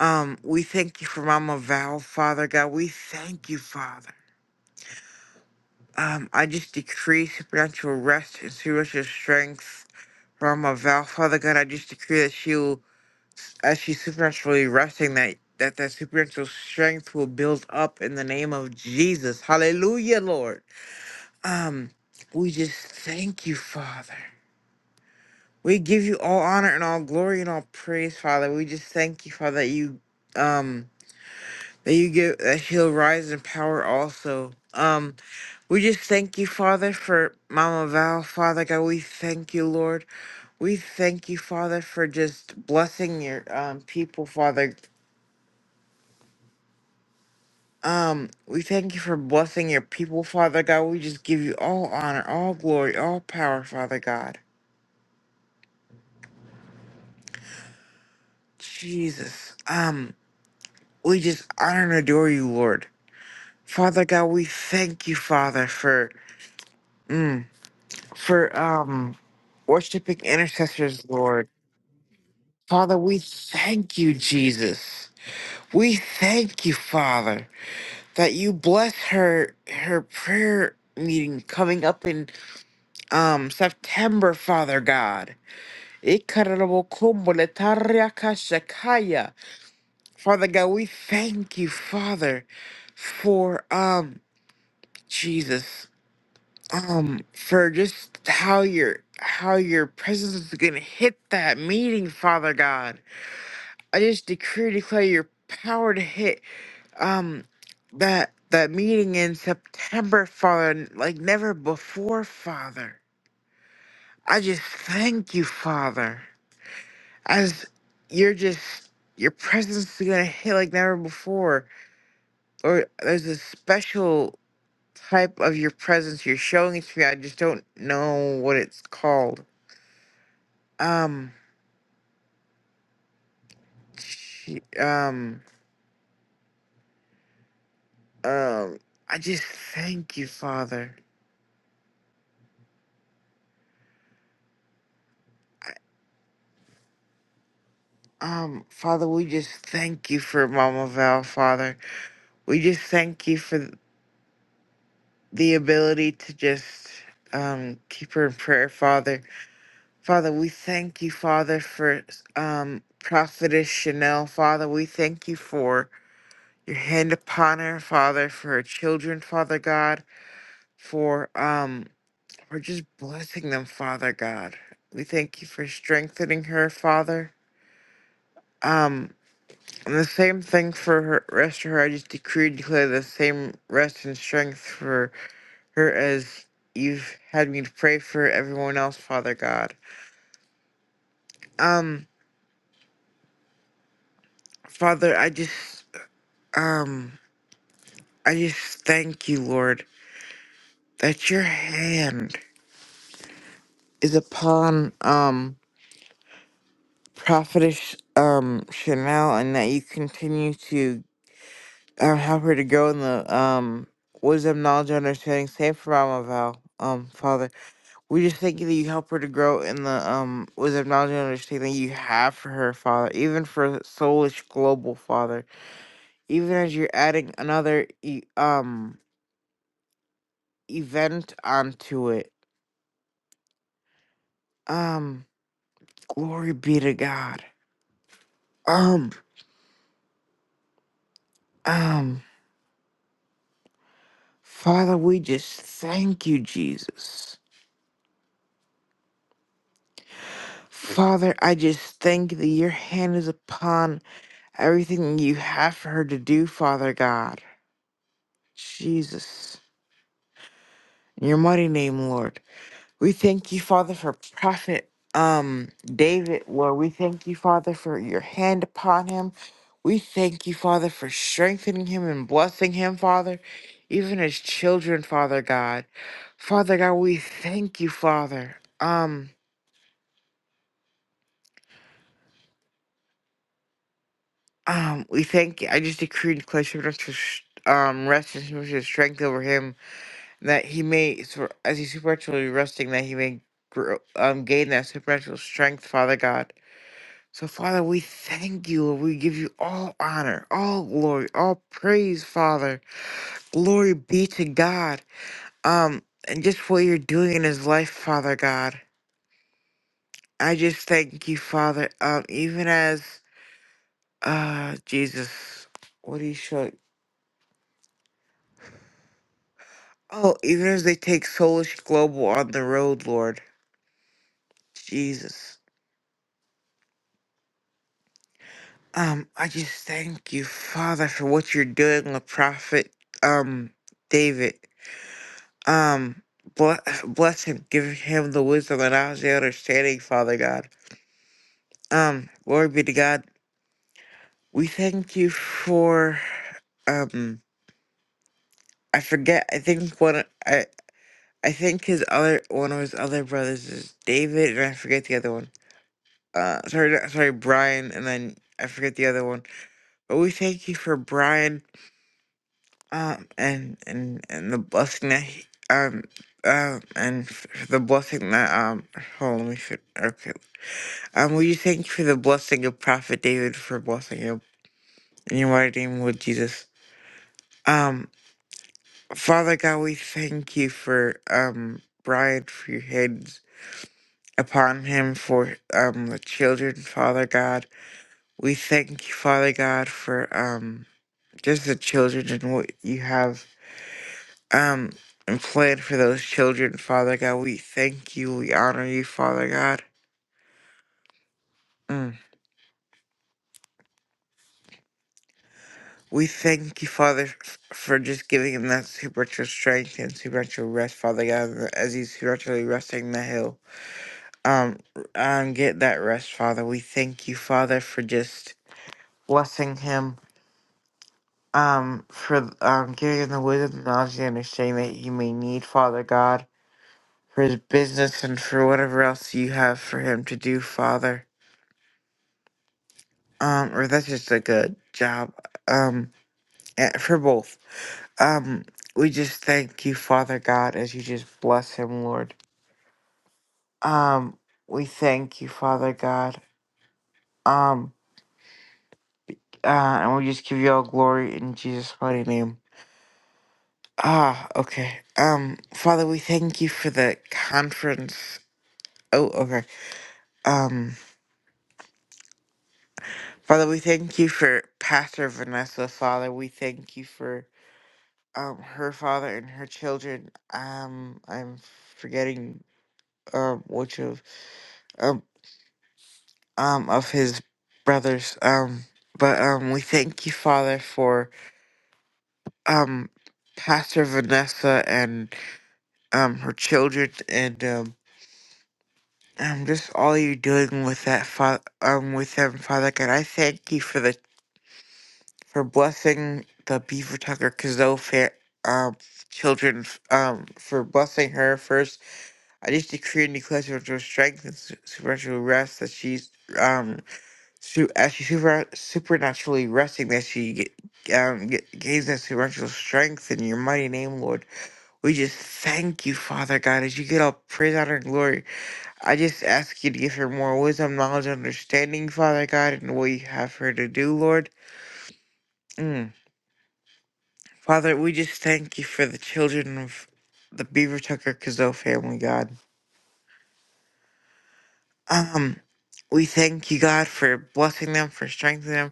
Speaker 4: Um, we thank you for Mama Val, Father God. We thank you, Father. Um, I just decree supernatural rest and supernatural strength for Mama Val, Father God. I just decree that she will, as she's supernaturally resting, that that that supernatural strength will build up in the name of Jesus. Hallelujah, Lord. Um, we just thank you, Father. We give you all honor and all glory and all praise, Father. We just thank you, Father, that you um that you give that she'll rise in power also. Um, we just thank you, Father, for Mama Val, Father God. We thank you, Lord. We thank you, Father, for just blessing your um people, Father. Um, we thank you for blessing your people, Father God. We just give you all honor, all glory, all power, Father God. Jesus. Um, We just honor and adore you, Lord. Father God, we thank you, Father, for mm, for um worshiping intercessors, Lord. Father, we thank you, Jesus. We thank you, Father, that you bless her her prayer meeting coming up in um September, Father God. Ikarabokobole-tariakashakaya. Father God, we thank you, Father, for um Jesus. um for just how your how your presence is gonna hit that meeting, Father God. I just decree and declare your power to hit um that that meeting in September, Father, n- like never before, Father. I just thank you, Father, as you're just your presence is gonna hit like never before. Or there's a special type of your presence you're showing it to me. I just don't know what it's called. Um She- um um i just thank you father I- um father we just thank you for mama val father we just thank you for the ability to just um keep her in prayer father father we thank you father for um prophetess chanel father we thank you for your hand upon her father for her children father god for um We're just blessing them, Father God. We thank you for strengthening her, Father. Um, and the same thing for her rest of her. I just decree and declare the same rest and strength for her as you've had me to pray for everyone else, Father God. Um, Father, I just um I just thank you, Lord, that your hand is upon um Prophetess um Chanel and that you continue to um, help her to grow in the um wisdom, knowledge, and understanding. Same for Mama Val. Um, Father, we just thank you that you help her to grow in the um wisdom, knowledge, and understanding you have for her, Father. Even for Soulish Global, Father. Even as you're adding another e- um event onto it. Um, glory be to God. Um, um, Father, we just thank you, Jesus. Father, I just thank you that your hand is upon everything you have for her to do, Father God. Jesus. In your mighty name, Lord. We thank you, Father, for Prophet um David, Lord. We thank you, Father, for your hand upon him. We thank you, Father, for strengthening him and blessing him, Father. Even as children, Father God. Father God, we thank you, Father. Um, um, we thank you. I just decree and declare supernatural sh- um rest and supernatural strength over him that he may, thro- as he's supernaturally resting, that he may grow, um, gain that supernatural strength, Father God. So, Father, we thank you. and We give you all honor, all glory, all praise, Father. Glory be to God. Um, and just what you're doing in his life, Father God. I just thank you, Father. Um, even as, uh, Jesus, what do you show? Oh, even as they take Soulish Global on the road, Lord Jesus. Um, I just thank you, Father, for what you're doing with Prophet um David. Um, bless, bless him, give him the wisdom and knowledge and understanding, Father God. Um, glory be to God. We thank you for um. I forget. I think one. I I think his other one of his other brothers is David, and I forget the other one. Uh, sorry, not- sorry, Brian, and then I forget the other one. But we thank you for Brian um, and and and the blessing that he, um um and f- the blessing that um hold on, let me see. okay um will you thank you for the blessing of Prophet David for blessing him in your mighty name Lord Jesus um Father God we thank you for um Brian for your hands upon him for um the children Father God we thank you Father God for um just the children and what you have. um and plan for those children, Father God. We thank you. We honor you, Father God. Mm. We thank you, Father, f- for just giving him that supernatural strength and supernatural rest, Father God, as he's supernaturally resting the hill. Um, um, get that rest, Father. We thank you, Father, for just blessing him. Um, for um, giving him the wisdom, the knowledge, and understanding that you may need, Father God, for his business and for whatever else you have for him to do, Father. um, or that's just a good job, um, eh, for both. Um, we just thank you, Father God, as you just bless him, Lord. Um, we thank you, Father God. Um, uh, and we just give you all glory in Jesus' mighty name. Ah, okay. Um, Father, we thank you for the conference. Oh, okay. Um, Father, we thank you for Pastor Vanessa. Father, we thank you for um her father and her children. Um, I'm forgetting um which of um um of his brothers. Um, but um we thank you, Father, for um Pastor Vanessa and um her children and um. Um, just all you're doing with that, fa- um, with them, Father God, I thank you for the for blessing the Beaver Tucker Kazoo fa- um children, um, for blessing her first I just decree and declare supernatural strength and su- supernatural rest that she's um su- as she super supernaturally resting that she get, um get, gains that supernatural strength in your mighty name, Lord. We just thank you, Father God, as you get all praise, honor, and glory. I just ask you to give her more wisdom, knowledge, and understanding, Father God, and what you have her to do, Lord. Mm. Father, we just thank you for the children of the Beaver Tucker Kazoo family, God. Um, we thank you, God, for blessing them, for strengthening them,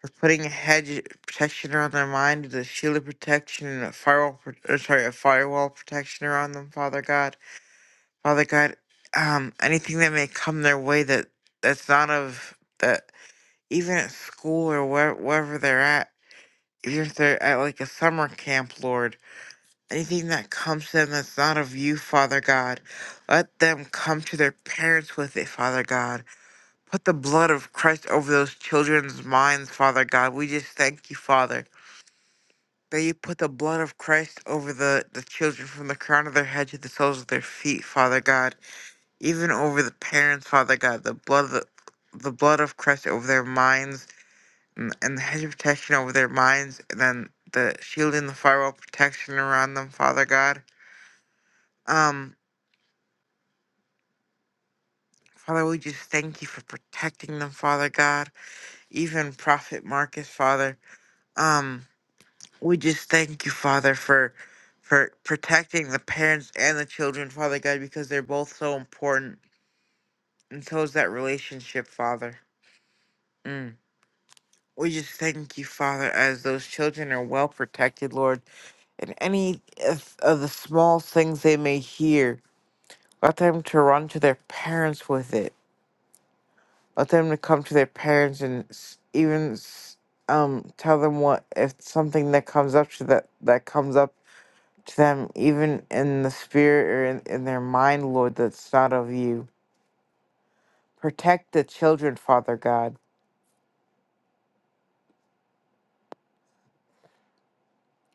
Speaker 4: for putting a hedge of protection around their mind, the shield of protection, and a firewall, pro- uh, sorry, a firewall protection around them, Father God. Father God, um, anything that may come their way that that's not of that, even at school or where, wherever they're at, even if they're at like a summer camp, Lord, anything that comes to them that's not of you, Father God, let them come to their parents with it, Father God. Put the blood of Christ over those children's minds, Father God. We just thank you, Father, that you put the blood of Christ over the, the children from the crown of their head to the soles of their feet, Father God. Even over the parents, Father God, the blood of the, the blood of Christ over their minds and, and the hedge of protection over their minds, and then the shield and the firewall protection around them, Father God. Um, Father, we just thank you for protecting them, Father God. Even Prophet Marcus, Father. Um, We just thank you, Father, for for protecting the parents and the children, Father God, because they're both so important, and so is that relationship, Father. Mm. We just thank you, Father, as those children are well protected, Lord, and any of of the small things they may hear, let them to run to their parents with it. Let them to come to their parents and s- even s- um tell them what if something that comes up to that that comes up to them, even in the spirit or in, in their mind, Lord, that's not of you. Protect the children, Father God.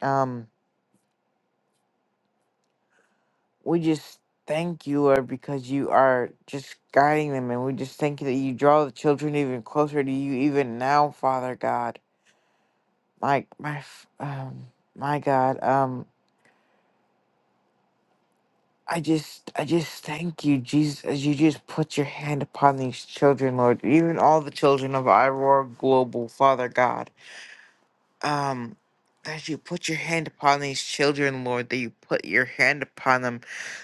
Speaker 4: Um, we just thank you, Lord, because you are just guiding them, and we just thank you that you draw the children even closer to you, even now, Father God. My my f- um my God, um. I just, I just thank you, Jesus, as you just put your hand upon these children, Lord, even all the children of Iroar Global, Father God. um that you put your hand upon these children, Lord, that you put your hand upon them,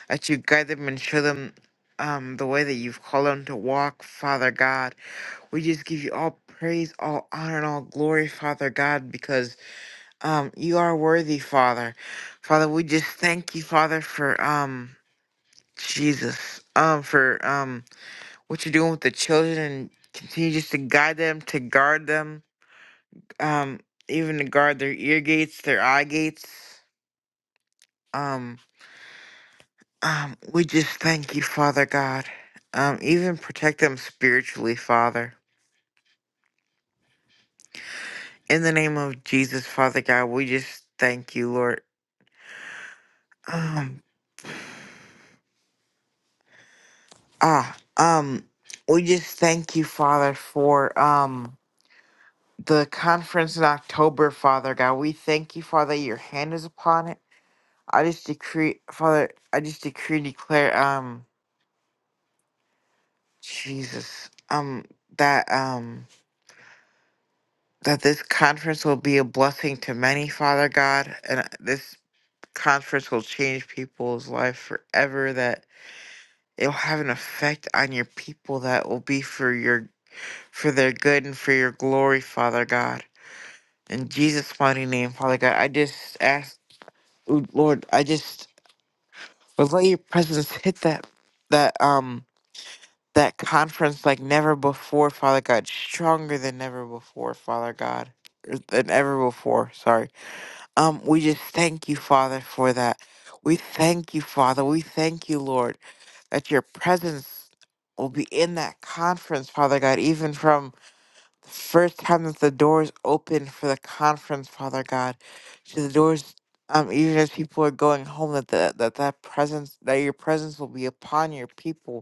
Speaker 4: that you guide them and show them um the way that you've called them to walk, Father God. We just give you all praise, all honor, and all glory, Father God, because um you are worthy, Father. Father, we just thank you, Father, for um Jesus, um for um what you're doing with the children and continue just to guide them, to guard them um, even to guard their ear gates, their eye gates. Um, um, we just thank you, Father God. Um, even protect them spiritually, Father. In the name of Jesus, Father God, we just thank you, Lord. Um, ah, um, we just thank you, Father, for um the conference in October, Father God. We thank you, Father, that your hand is upon it. I just decree, Father, I just decree and declare, um. Jesus, um, that um, that this conference will be a blessing to many, Father God, and this conference will change people's life forever. That it'll have an effect on your people that will be for your for their good and for your glory, Father God. In Jesus' mighty name, Father God, I just ask, Ooh, Lord, I just would let your presence hit that that um that conference like never before, Father God, stronger than ever before, Father God, er, than ever before. Sorry. Um, we just thank you, Father, for that. We thank you, Father. We thank you, Lord, that your presence will be in that conference, Father God, even from the first time that the doors open for the conference, Father God, to the doors. Um, even as people are going home, that the, that that presence, that your presence will be upon your people,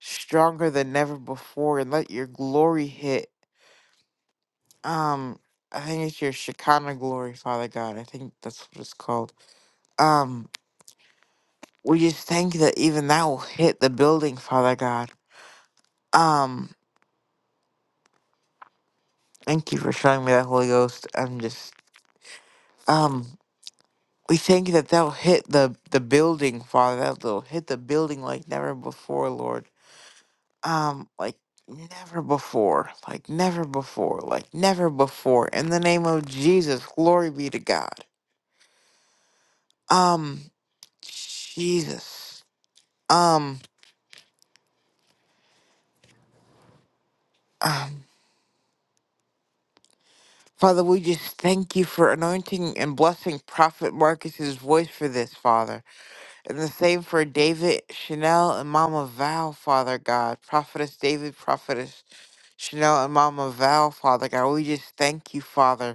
Speaker 4: stronger than ever before and let your glory hit. Um, I think it's your Shekinah glory, Father God. I think that's what it's called. Um, we just thank you that even that will hit the building, Father God. Um, thank you for showing me that Holy Ghost. I'm just, um, we thank you that that'll hit the the building, Father. That'll hit the building like never before, Lord. um like never before like never before like never before in the name of jesus glory be to god um jesus um um father we just thank you for anointing and blessing prophet marcus's voice for this father and the same for david chanel and mama val father god prophetess david prophetess chanel and mama val father god we just thank you father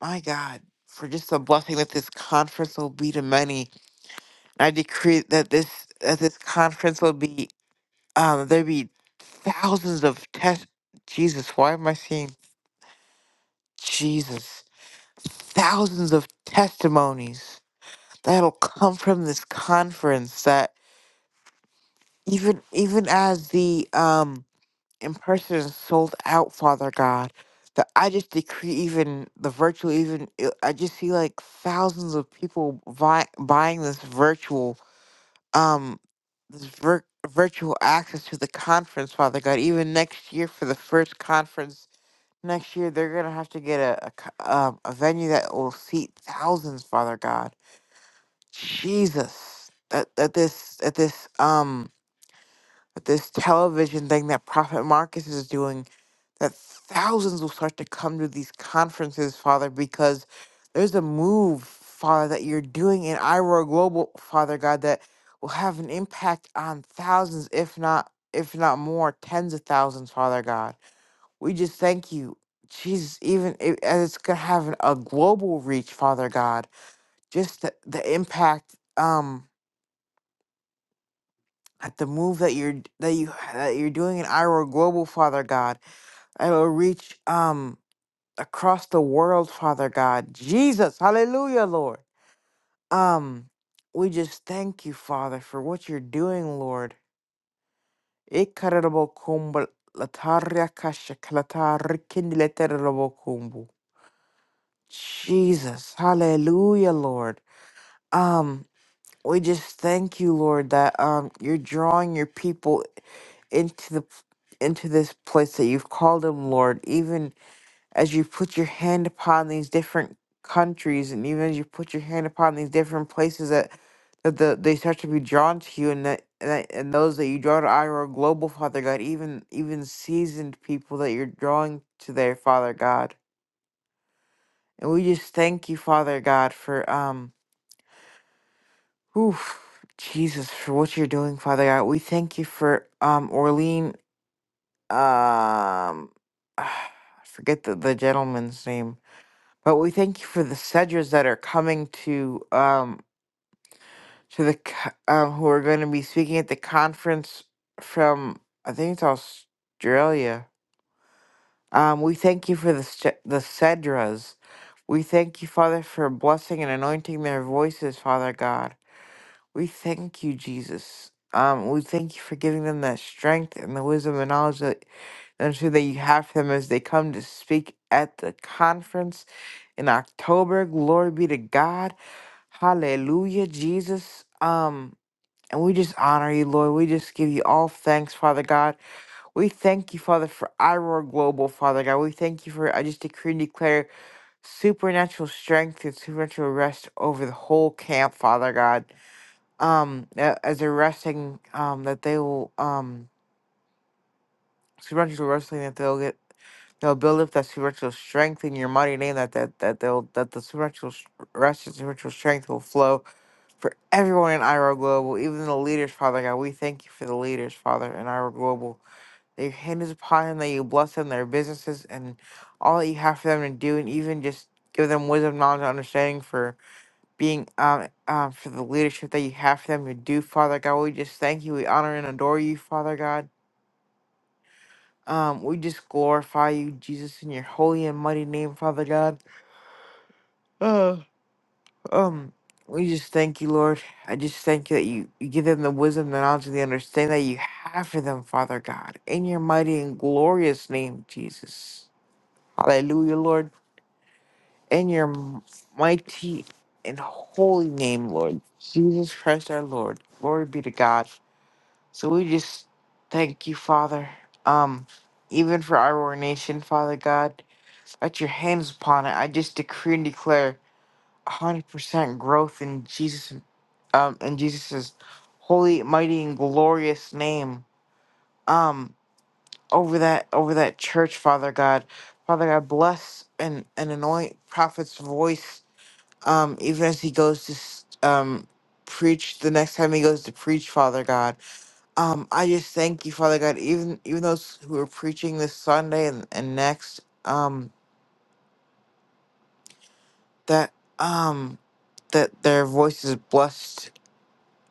Speaker 4: my God, for just the blessing that this conference will be to many. I decree that this that this conference will be um there be thousands of test Jesus, why am I seeing Jesus? Thousands of testimonies that'll come from this conference that even even as the um and person sold out, Father God. That I just decree, even the virtual, even it- I just see like thousands of people buy, buying this virtual, um, this vir- virtual access to the conference, Father God. Even next year for the first conference next year, they're gonna have to get a a, co- um, a venue that will seat thousands, Father God. Jesus, that that this that this um that this television thing that Prophet Marcus is doing that thousands will start to come to these conferences, Father, because there's a move, Father, that you're doing in Iroar Global, Father God, that will have an impact on thousands, if not if not more, tens of thousands, Father God. We just thank you. Jesus, even i- as it's gonna have an- a global reach, Father God, just the, the impact, um, at the move that you're that you that you're doing in Iroar Global, Father God, it will reach, um, across the world, Father God. Jesus, hallelujah, Lord. Um, we just thank you, Father, for what you're doing, Lord. Ikararabokumba lataria kashaklatarikindileterabokumbu. Jesus, hallelujah, Lord. Um, we just thank you, Lord, that um you're drawing your people into the into this place that you've called them, Lord, even as you put your hand upon these different countries and even as you put your hand upon these different places that that the, they start to be drawn to you and that, and that and those that you draw to I are global father god even even seasoned people that you're drawing to their father god and we just thank you father god for um oof, jesus for what you're doing father god we thank you for um orlean um I forget the, the gentleman's name But we thank you for the Sedgers that are coming to um to the co- um who are going to be speaking at the conference from I think it's Australia. Um, we thank you for the Se- the Cedras. We thank you, Father, for blessing and anointing their voices, Father God. We thank you, Jesus. Um, we thank you for giving them that strength and the wisdom and knowledge that and so that you have for them as they come to speak at the conference in October. Glory be to God. Hallelujah, Jesus. Um, and we just honor you, Lord. We just give you all thanks, Father God. We thank you, Father, for Iroar Global, Father God. We thank you for I just decree and declare supernatural strength and supernatural rest over the whole camp, Father God. Um, a- as they're resting, um, that they will um supernatural wrestling that they'll get they'll build up that supernatural strength in your mighty name that that that they'll that the supernatural s- rest and supernatural strength will flow for everyone in Iro Global, even the leaders, Father God. We thank you for the leaders, Father, in Iro Global. That your hand is upon them, that you bless them, their businesses, and all that you have for them to do, and even just give them wisdom, knowledge, and understanding for being um, um for the leadership that you have for them to do, Father God. We just thank you, we honor and adore you, Father God. Um, we just glorify you, Jesus, in your holy and mighty name, Father God. Um, we just thank you, Lord. I just thank you that you, you give them the wisdom, the knowledge, and the understanding that you have for them, Father God. In your mighty and glorious name, Jesus. Hallelujah, Lord. In your m- mighty and holy name, Lord. Jesus Christ our Lord. Glory be to God. So we just thank you, Father. Um, even for our nation, Father God, that your hands upon it. I just decree and declare hundred percent growth in Jesus, um, in Jesus's holy, mighty, and glorious name. Um, over that, over that church, Father God, Father God, bless and and anoint prophet's voice. Um, even as he goes to s- um preach the next time he goes to preach, Father God. Um, I just thank you, Father God. Even even those who are preaching this Sunday and, and next, um, that um that their voice is blessed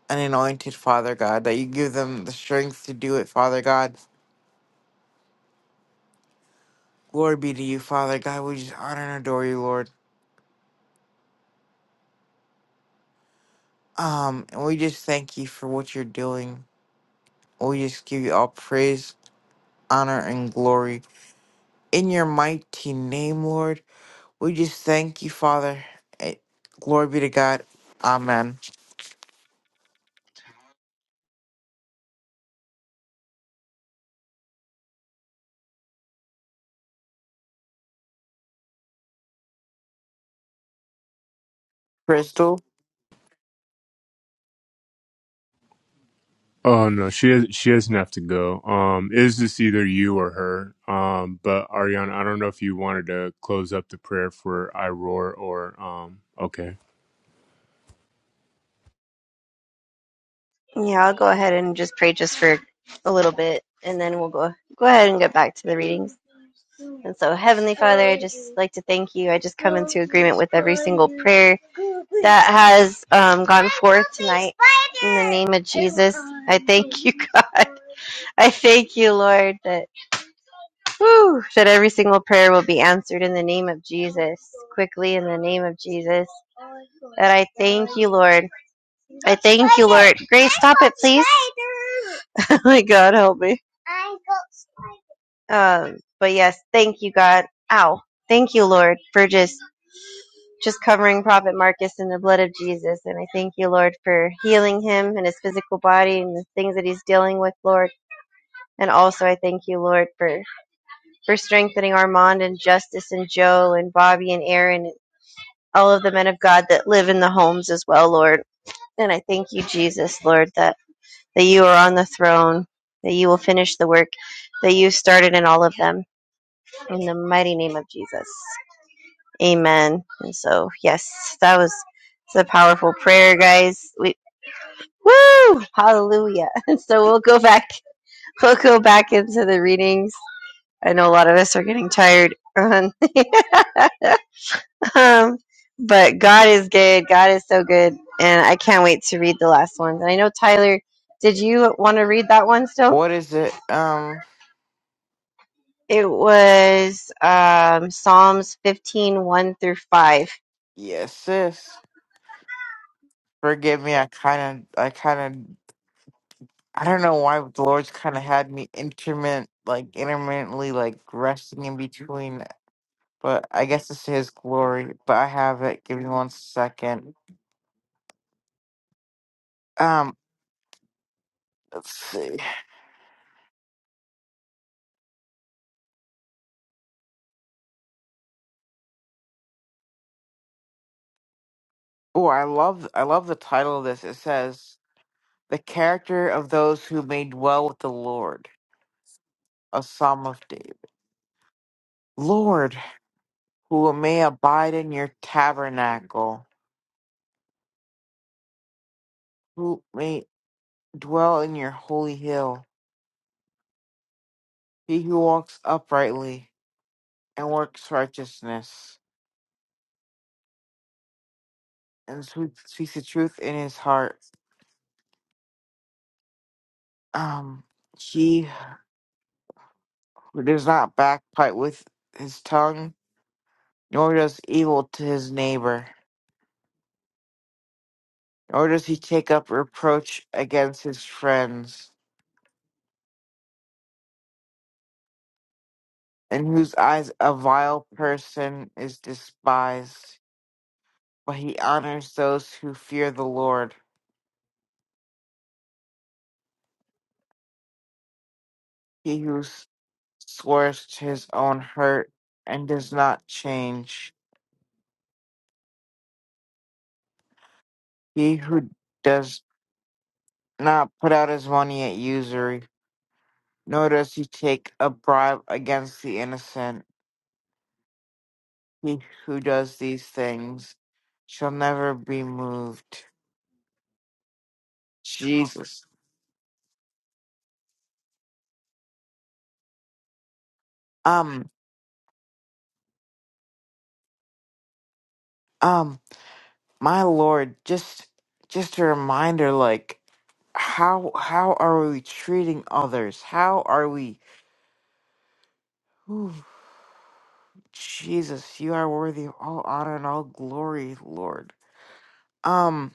Speaker 4: an anointed Father God, that you give them the strength to do it, Father God. Glory be to you, Father God. We just honor and adore you, Lord. Um, and we just thank you for what you're doing. We just give you all praise, honor, and glory. In your mighty name, Lord, we just thank you, Father. Eh, Glory be to God. Amen. Crystal,
Speaker 1: Oh no, she has, she doesn't have to go. Um, is this either you or her? Um, but Ariana, I don't know if you wanted to close up the prayer for I roar or um. Okay.
Speaker 2: Yeah, I'll go ahead and just pray just for a little bit, and then we'll go go ahead and get back to the readings. And so, Heavenly Father, I just like to thank you. I just come into agreement with every single prayer that has um, gone forth tonight. In the name of Jesus, I thank you, God. I thank you, Lord, that whew, that every single prayer will be answered in the name of Jesus, quickly in the name of Jesus. That I thank you, Lord. I thank you, Lord. Grace, stop it, please. oh my God, help me. Um, but yes, thank you, God. Ow. Thank you, Lord, for just just covering Prophet Marcus in the blood of Jesus. And I thank you, Lord, for healing him and his physical body and the things that he's dealing with, Lord. And also I thank you, Lord, for for strengthening Armand and Justice and Joe and Bobby and Aaron and all of the men of God that live in the homes as well, Lord. And I thank you, Jesus, Lord, that that you are on the throne, that you will finish the work that you started in all of them. In the mighty name of Jesus. Amen. And so, yes, that was it's a powerful prayer, guys. We woo! Hallelujah. And so we'll go back we'll go back into the readings. I know a lot of us are getting tired. Um, um, but God is good. God is so good. And I can't wait to read the last one. And I know Tyler, did you want to read that one still?
Speaker 4: what is it? Um,
Speaker 2: It was um, Psalms fifteen one through 5.
Speaker 4: yes, sis. Forgive me. I kind of, I kind of I don't know why but the Lord's kind of had me intermittent, like intermittently, like resting in between. But I guess it's His glory. But I have it. Give me one second. Um, let's see. Oh, I love, I love the title of this. It says, "The character of those who may dwell with the Lord." A psalm of David. Lord, who may abide in your tabernacle, who may dwell in your holy hill. He who walks uprightly and works righteousness and speak- speaks the truth in his heart. Um, he does not backbite with his tongue, nor does evil to his neighbor, nor does he take up reproach against his friends, in whose eyes a vile person is despised. But he honors those who fear the Lord. He who s- swears to his own hurt and does not change. He who does not put out his money at usury Nor does he take a bribe against the innocent. He who does these things shall never be moved. Jesus. Um, um, my Lord, just just a reminder, like how how are we treating others? How are we Ooh, Jesus, you are worthy of all honor and all glory, Lord. Um,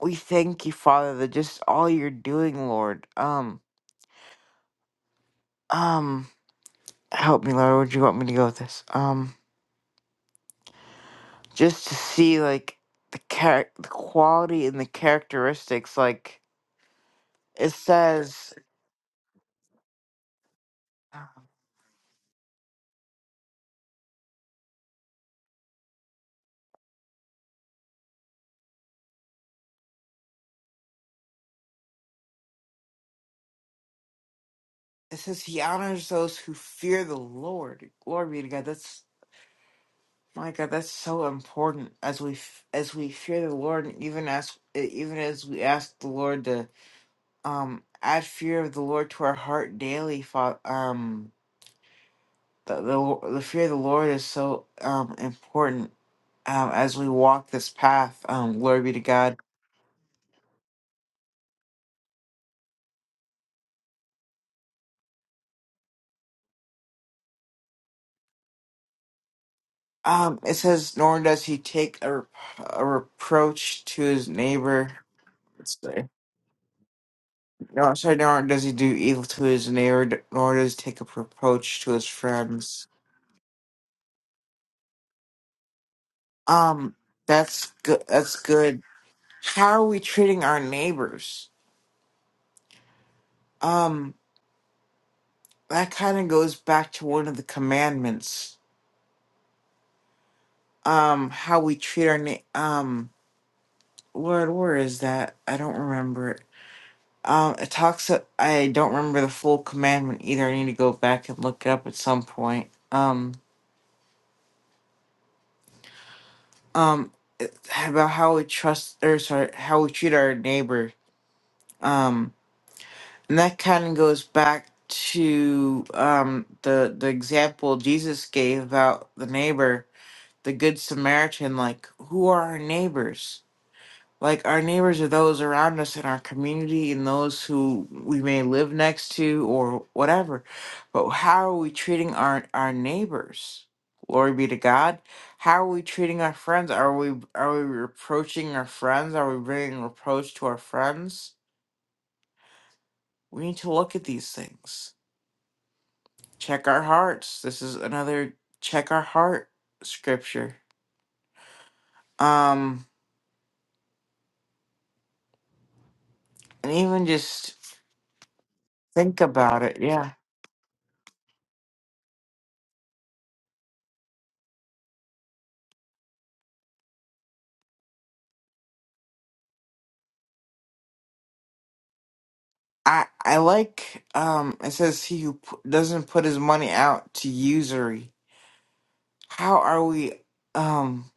Speaker 4: we thank you, Father, that just all you're doing, Lord. Um, um help me, Laura. Would you want me to go with this? Um, just to see like the char- the quality and the characteristics. Like it says, it says he honors those who fear the Lord. Glory be to God. That's my God. That's so important as we f- as we fear the Lord, and even as e, even as we ask the Lord to um add fear of the Lord to our heart daily. Fa- um, the, the the fear of the Lord is so um important um, as we walk this path. Um, glory be to God. Um, it says, nor does he take a, rep- a reproach to his neighbor. Let's see. No, I'm sorry, nor does he do evil to his neighbor, nor does he take a reproach to his friends. Um, that's good. That's good. How are we treating our neighbors? Um, that kind of goes back to one of the commandments. Um, how we treat our na- um, Lord, where is that? I don't remember it Um, it talks. uh, I don't remember the full commandment either. I need to go back and look it up at some point. Um, um, about how we trust, or sorry, how we treat our neighbor. Um, and that kind of goes back to um the the example Jesus gave about the neighbor, the good Samaritan. Like, who are our neighbors? like our neighbors are those around us in our community and those who we may live next to or whatever but how are we treating our our neighbors glory be to god how are we treating our friends are we are we reproaching our friends are we bringing reproach to our friends we need to look at these things check our hearts this is another check our heart scripture um and even just think about it Yeah. I I like um it says he who p- doesn't put his money out to usury. How are we um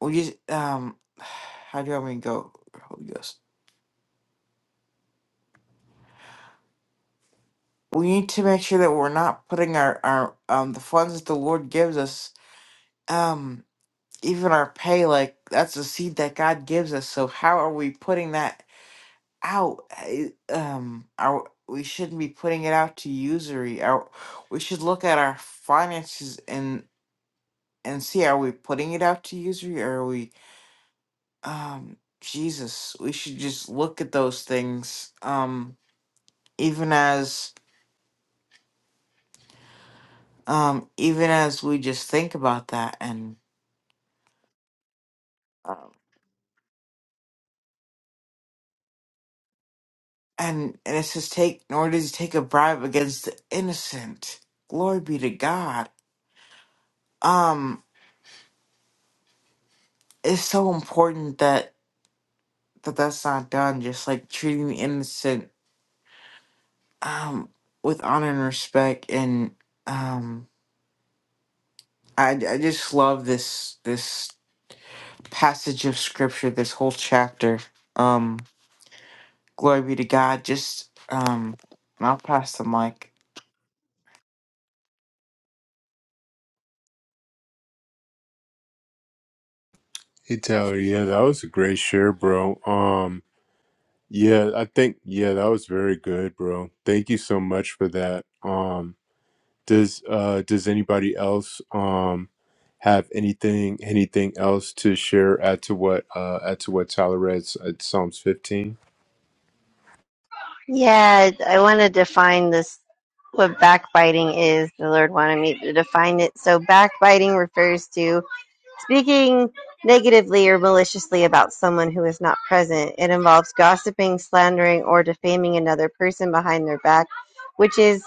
Speaker 4: we just um how do I mean go Holy Ghost? We need to make sure that we're not putting our our um the funds that the Lord gives us um even our pay like that's a seed that God gives us. So how are we putting that out? I- Um are we shouldn't be putting it out to usury. Our, we should look at our finances and see are we putting it out to usury or are we um jesus we should just look at those things um even as um even as we just think about that and um and and it says take nor does he take a bribe against the innocent glory be to god um it's so important that that that's not done just like treating the innocent um with honor and respect and um I, I just love this this passage of scripture, this whole chapter. Um, glory be to God. Just um, and I'll pass the mic.
Speaker 1: Hey Tyler, yeah, that was a great share, bro. Um, yeah, I think yeah, that was very good, bro. Thank you so much for that. Um, does uh does anybody else um have anything anything else to share? Add to what uh add to what Tyler read at Psalms fifteen.
Speaker 2: Yeah, I want to define this, what backbiting is. The Lord wanted me to define it. So, backbiting refers to speaking negatively or maliciously about someone who is not present. It involves gossiping, slandering, or defaming another person behind their back, which is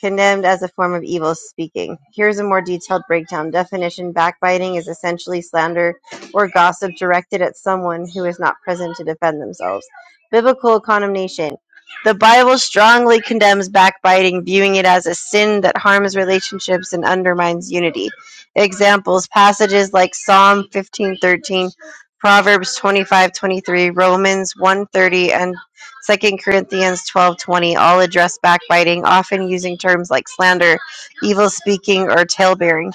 Speaker 2: condemned as a form of evil speaking. Here is a more detailed breakdown. Definition Backbiting is essentially slander or gossip directed at someone who is not present to defend themselves. Biblical condemnation The Bible strongly condemns backbiting, viewing it as a sin that harms relationships and undermines unity. Examples Passages like Psalm 15:13. Proverbs 25:23, Romans 1:30 and Second Corinthians twelve twenty, all address backbiting, often using terms like slander, evil speaking, or talebearing.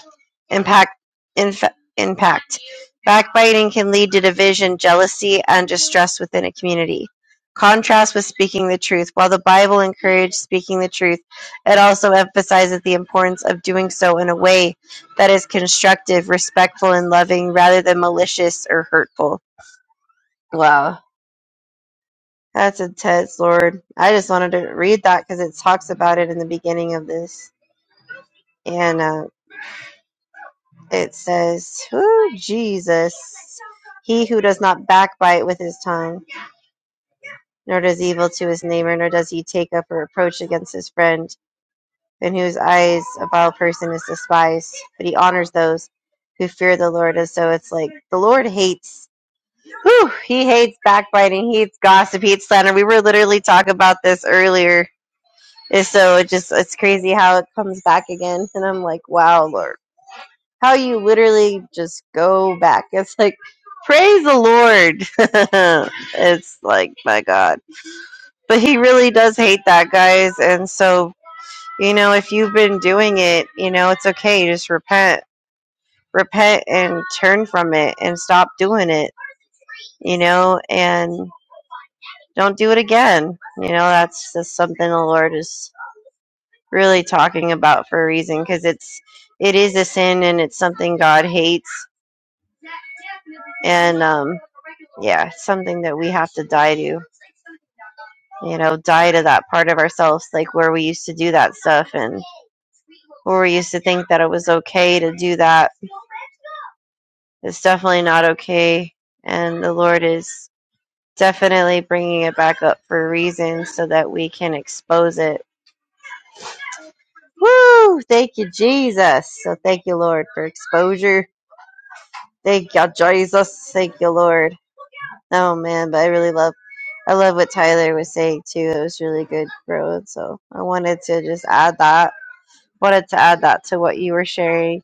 Speaker 2: Impact, inf- impact. Backbiting can lead to division, jealousy, and distress within a community. Contrast with speaking the truth. While the Bible encouraged speaking the truth, it also emphasizes the importance of doing so in a way that is constructive, respectful, and loving rather than malicious or hurtful. Wow. That's intense, Lord. I just wanted to read that because it talks about it in the beginning of this. And uh, it says, Who Jesus, he who does not backbite with his tongue, nor does evil to his neighbor, nor does he take up a reproach against his friend, in whose eyes a vile person is despised, but he honors those who fear the Lord. And so it's like the Lord hates. Whew, he hates backbiting. He hates gossip. He hates slander. We were literally talking about this earlier And so it just it's crazy how it comes back again. And I'm like, wow, Lord. How you literally just go back. It's like, praise the Lord. it's like, my God. But he really does hate that, guys. And so, you know, if you've been doing it, you know, it's okay. Just repent. Repent and turn from it and stop doing it, you know, and don't do it again. You know, that's just something the Lord is really talking about for a reason because it's it is a sin and it's something God hates and um yeah something that we have to die to you know die to that part of ourselves like where we used to do that stuff and where we used to think that it was okay to do that it's definitely not okay and the Lord is definitely bringing it back up for a reason so that we can expose it Woo! Thank you, Jesus. So thank you, Lord, for exposure. Thank you, Jesus. Thank you, Lord. Oh man, but I really love I love what Tyler was saying too. It was really good, bro. And so I wanted to just add that. Wanted to add that to what you were sharing.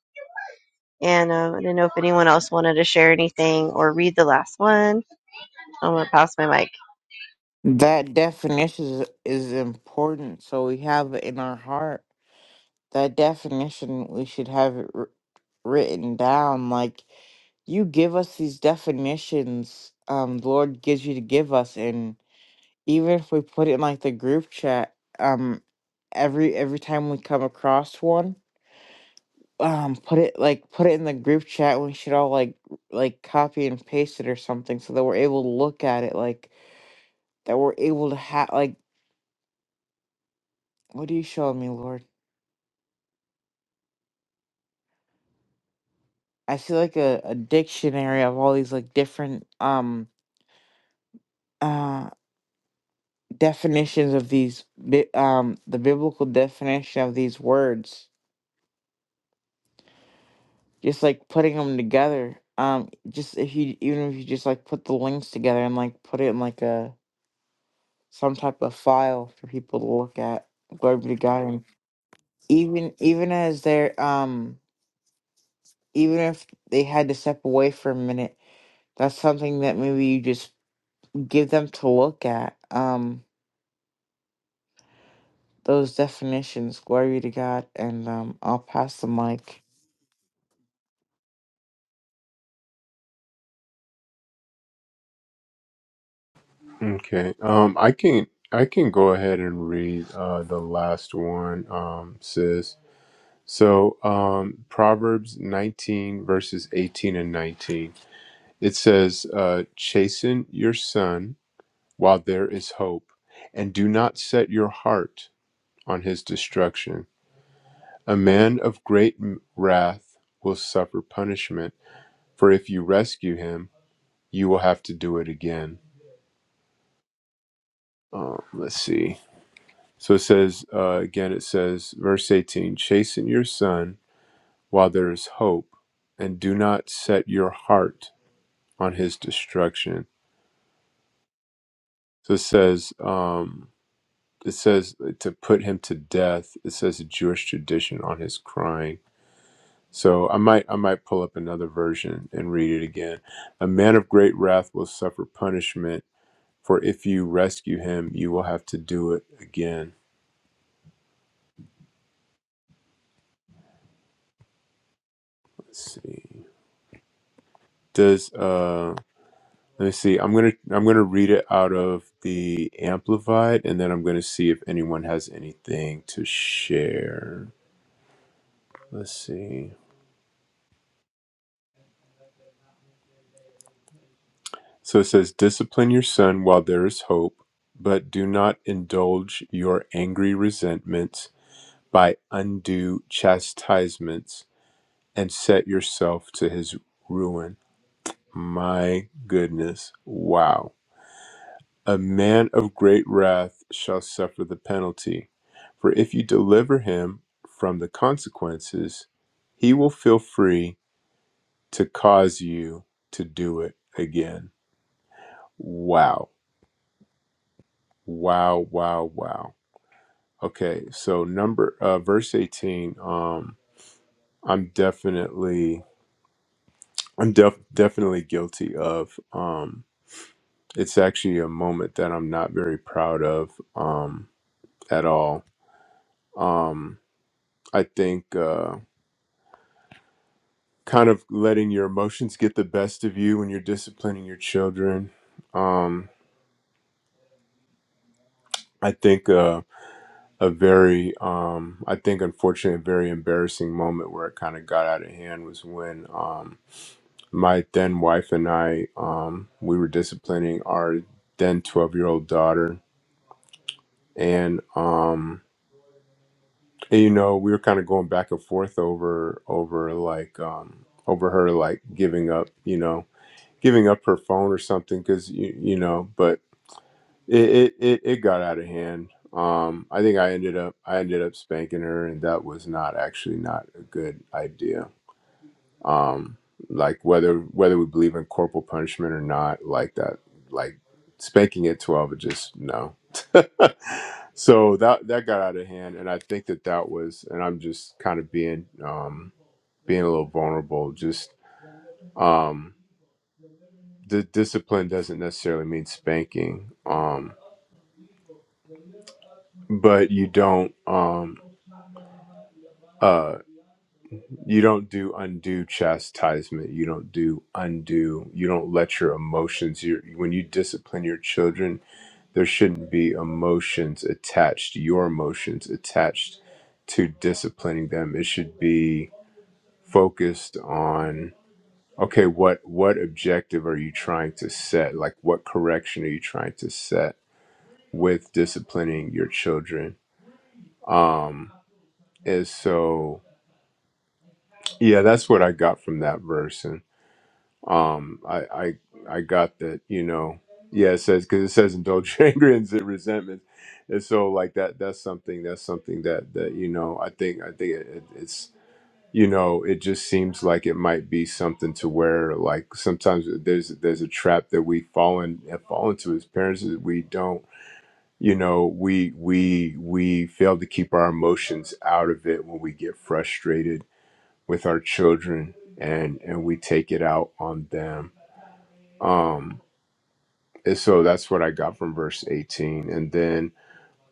Speaker 2: And um, I don't know if anyone else wanted to share anything or read the last one. I'm gonna pass my mic.
Speaker 4: That definition is, is important, so we have it in our heart. That definition, we should have it wr- written down. Like you give us these definitions, um, the Lord gives you to give us, and even if we put it in like the group chat, um, every every time we come across one. um put it like put it in the group chat we should all like like copy and paste it or something so that we're able to look at it like that we're able to have like what are you showing me lord i see like a, a dictionary of all these like different um uh definitions of these bi- um the biblical definition of these words just like putting them together um just if you even if you just like put the links together and like put it in like a some type of file for people to look at glory be to god and even even as they're um even if they had to step away for a minute that's something that maybe you just give them to look at um those definitions glory to god and um i'll pass the mic
Speaker 1: Okay. Um, I can I can go ahead and read uh, the last one, um, sis. So um, Proverbs 19 verses 18 and 19. It says, uh, "Chasten your son while there is hope, and do not set your heart on his destruction. A man of great m- wrath will suffer punishment, for if you rescue him, you will have to do it again." Um, let's see. So it says, uh, again, it says, verse 18 Chasten your son while there is hope, and do not set your heart on his destruction. So it says, um, it says to put him to death. It says a Jewish tradition on his crying. So I might I might pull up another version and read it again. A man of great wrath will suffer punishment, for if you rescue him, you will have to do it again. Let's see. Does um, Let me see. I'm gonna I'm gonna read it out of the amplified, and then I'm gonna see if anyone has anything to share. Let's see. So it says, "Discipline your son while there is hope, but do not indulge your angry resentments by undue chastisements, and set yourself to his ruin." My goodness! Wow. A man of great wrath shall suffer the penalty. For if you deliver him from the consequences, he will feel free to cause you to do it again. Wow. Wow, wow, wow. Okay, so number uh verse 18 um I'm definitely I'm def- definitely guilty of um it's actually a moment that I'm not very proud of um at all. Um I think uh kind of letting your emotions get the best of you when you're disciplining your children. Um, I think uh, a very, um, I think unfortunately, a very embarrassing moment where it kind of got out of hand was when um, my then wife and I, um, we were disciplining our then 12 year old daughter. And, um, and, you know, we were kind of going back and forth over, over like, um, over her like giving up, you know, giving up her phone or something because you, you know but It, it it it got out of hand. Um, I think I ended up I ended up spanking her, and that was not actually not a good idea. Um, like whether whether we believe in corporal punishment or not, like that, like spanking at twelve, it just no. so that that got out of hand, and I think that that was, and I'm just kind of being um being a little vulnerable. Just um, the discipline doesn't necessarily mean spanking. Um, but you don't. Um, uh you don't do undue chastisement you don't do undue. you don't let your emotions your when you discipline your children there shouldn't be emotions attached your emotions attached to disciplining them it should be focused on okay what what objective are you trying to set like what correction are you trying to set with disciplining your children um and so yeah that's what i got from that verse um i i i got that you know yeah it says because it says indulge anger and resentment and so like that that's something that's something that that you know i think i think it, it- it's you know it just seems like it might be something to where like sometimes there's there's a trap that we fall in have fallen to as parents is we don't you know we we we fail to keep our emotions out of it when we get frustrated with our children and and we take it out on them um, and so that's what I got from verse 18. And then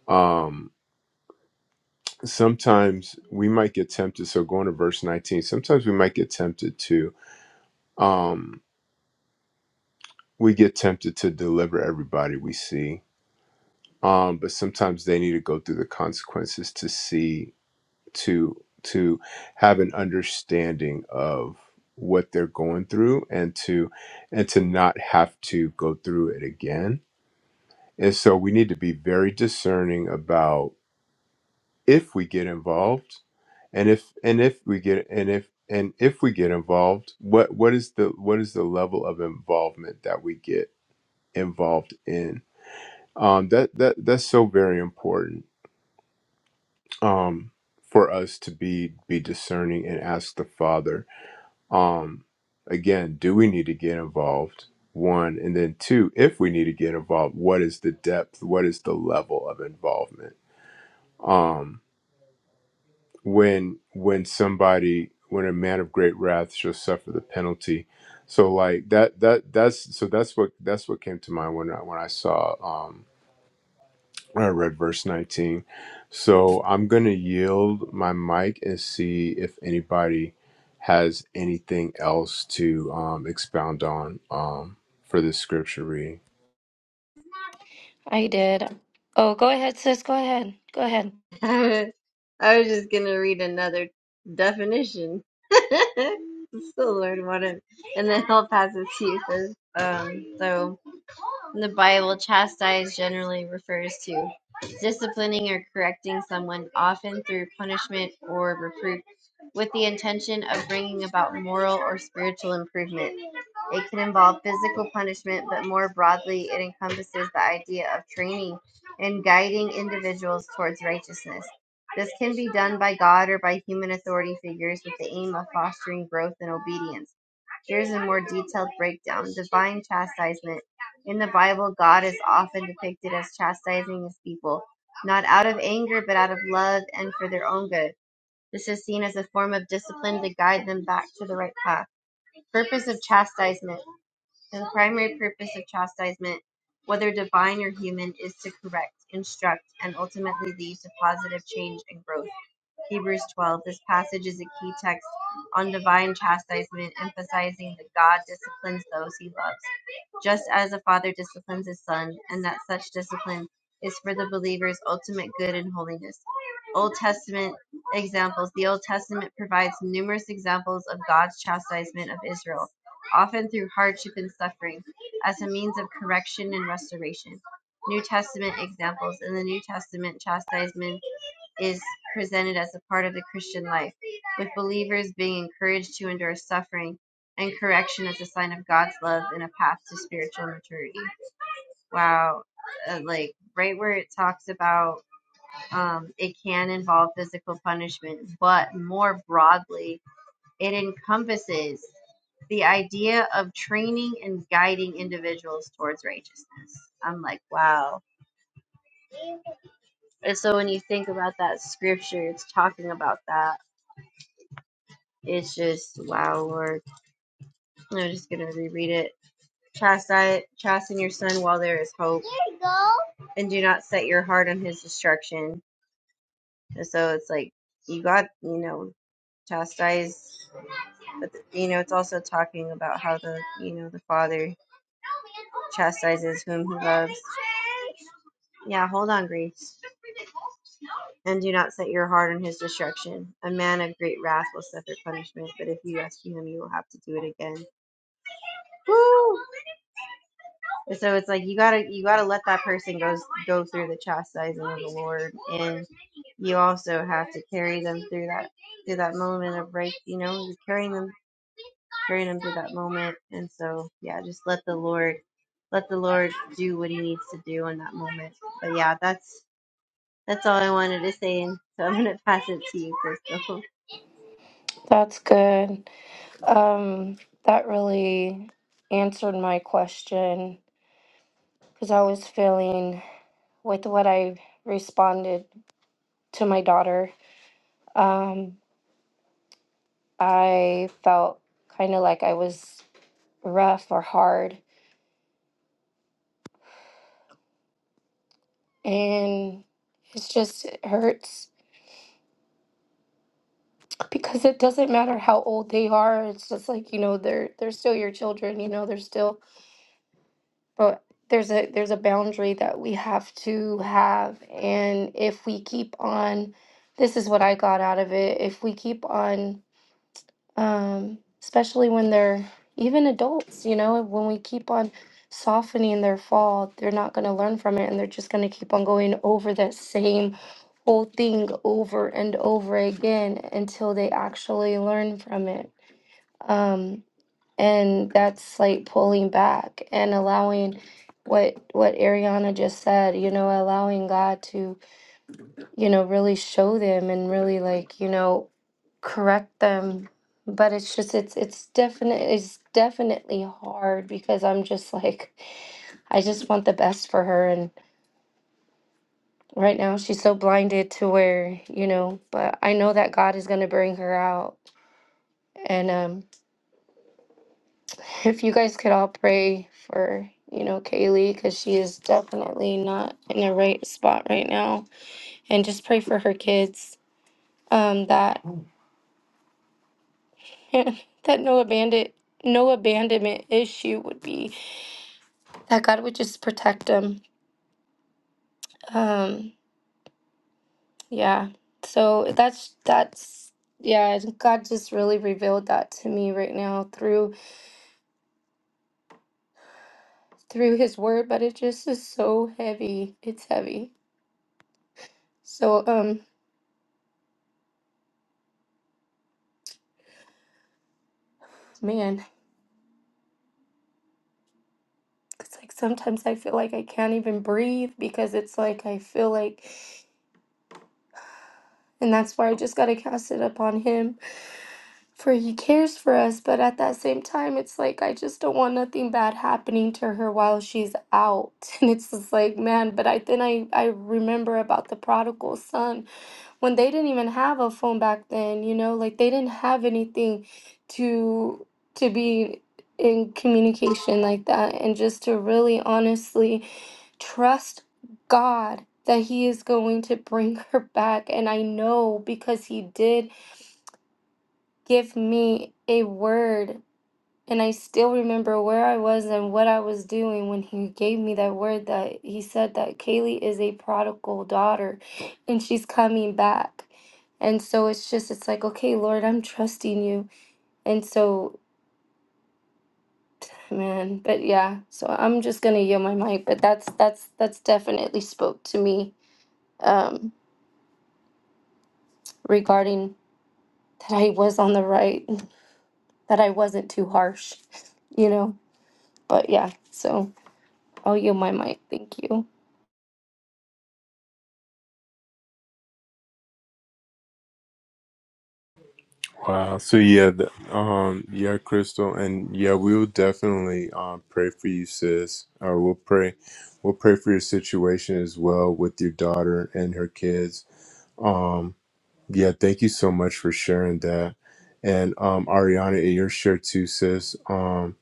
Speaker 1: um, sometimes we might get tempted. So going to verse 19, sometimes we might get tempted to, um, we get tempted to deliver everybody we see. Um, but sometimes they need to go through the consequences to see, to, to have an understanding of what they're going through and to, and to not have to go through it again. And so we need to be very discerning about if we get involved and if and if we get and if and if we get involved what what is the what is the level of involvement that we get involved in um that that that's so very important um for us to be be discerning and ask the father um again do we need to get involved one and then two if we need to get involved what is the depth what is the level of involvement Um. when when somebody when a man of great wrath shall suffer the penalty so like that that that's so that's what that's what came to mind when i when i saw um when i read verse 19 so i'm gonna yield my mic and see if anybody has anything else to um expound on um for this scripture reading
Speaker 6: I did. Oh, go ahead, sis. Go ahead. Go ahead.
Speaker 2: I was I was just gonna read another definition. Still learn one, it, and then I'll pass it to you. 'Cause, um, so in the Bible, chastise generally refers to disciplining or correcting someone, often through punishment or reproof, with the intention of bringing about moral or spiritual improvement. It can involve physical punishment, but more broadly, it encompasses the idea of training and guiding individuals towards righteousness. This can be done by God or by human authority figures with the aim of fostering growth and obedience. Here's a more detailed breakdown Divine chastisement. In the Bible, God is often depicted as chastising his people, not out of anger, but out of love and for their own good. This is seen as a form of discipline to guide them back to the right path. Purpose of chastisement and The primary purpose of chastisement, whether divine or human, is to correct, instruct, and ultimately lead to positive change and growth. Hebrews 12. This passage is a key text on divine chastisement, emphasizing that God disciplines those he loves just as a father disciplines his son, and that such discipline is for the believer's ultimate good and holiness. Old Testament examples. The Old Testament provides numerous examples of God's chastisement of Israel, often through hardship and suffering, as a means of correction and restoration. New Testament examples. In the New Testament, chastisement is presented as a part of the Christian life with believers being encouraged to endure suffering and correction as a sign of God's love and a path to spiritual maturity. Wow. Uh, like right where it talks about um, it can involve physical punishment, but more broadly, it encompasses the idea of training and guiding individuals towards righteousness. I'm like, wow. And so when you think about that scripture, it's talking about that. It's just, wow, Lord. I'm just going to reread it Chastise, chasten your son while there is hope. Here you go. And do not set your heart on his destruction. And so it's like you got, you know, chastise, but you know, it's also talking about how the, you know, the father chastises whom he loves. Yeah, hold on, Grace. And do not set your heart on his destruction. A man of great wrath will suffer punishment, but if you rescue him, you will have to do it again. so it's like you gotta you gotta let that person go go through the chastising of the Lord, and you also have to carry them through that through that moment of break. You know, you're carrying them carrying them through that moment, and so yeah, just let the Lord let the Lord do what He needs to do in that moment. But yeah, that's that's all I wanted to say, and so I'm gonna pass it to you, Crystal.
Speaker 6: That's good. Um, that really answered my question because I was feeling with what I responded to my daughter. Um, I felt kind of like I was rough or hard, and it's just it hurts because it doesn't matter how old they are. It's just like you know they're they're still your children. You know they're still but there's a there's a boundary that we have to have and if we keep on this is what i got out of it if we keep on um especially when they're even adults you know when we keep on softening their fall they're not going to learn from it and they're just going to keep on going over that same whole thing over and over again until they actually learn from it um and that's like pulling back and allowing what what Ariana just said, you know, allowing God to, you know, really show them and really like, you know, correct them. But it's just it's it's definite it's definitely hard because I'm just like I just want the best for her and right now she's so blinded to where, you know, but I know that God is going to bring her out. And um if you guys could all pray for you know Kaylee because she is definitely not in the right spot right now, and just pray for her kids. Um, that that no abandon no abandonment issue would be that God would just protect them. Um, yeah. So that's that's yeah. God just really revealed that to me right now through through His Word, but it just is so heavy. It's heavy. So um, man. Cause like sometimes I feel like I can't even breathe because it's like I feel like, and that's why I just got to cast it upon Him for He cares for us. But at that same time, it's like I just don't want nothing bad happening to her while she's out. And it's just like, man, but I then I, I remember about the prodigal son when they didn't even have a phone back then, you know, like they didn't have anything to to be in communication like that and just to really honestly trust God that He is going to bring her back. And I know because He did give me a word. And I still remember where I was and what I was doing when he gave me that word that he said that Kaylee is a prodigal daughter and she's coming back. And so it's just, it's like, okay, Lord, I'm trusting you. And so, man, but yeah, so I'm just going to yield my mic. But that's, that's, that's definitely spoke to me um, regarding that I was on the right, that I wasn't too harsh, you know. But yeah, so I'll yield my mic. Thank you.
Speaker 1: Wow. So yeah, th- um, yeah, Crystal, and yeah, we will definitely um pray for you, sis. Or we'll pray, we'll pray for your situation as well with your daughter and her kids. Um, yeah, thank you so much for sharing that, and um, Ariana, your share too, sis. Um,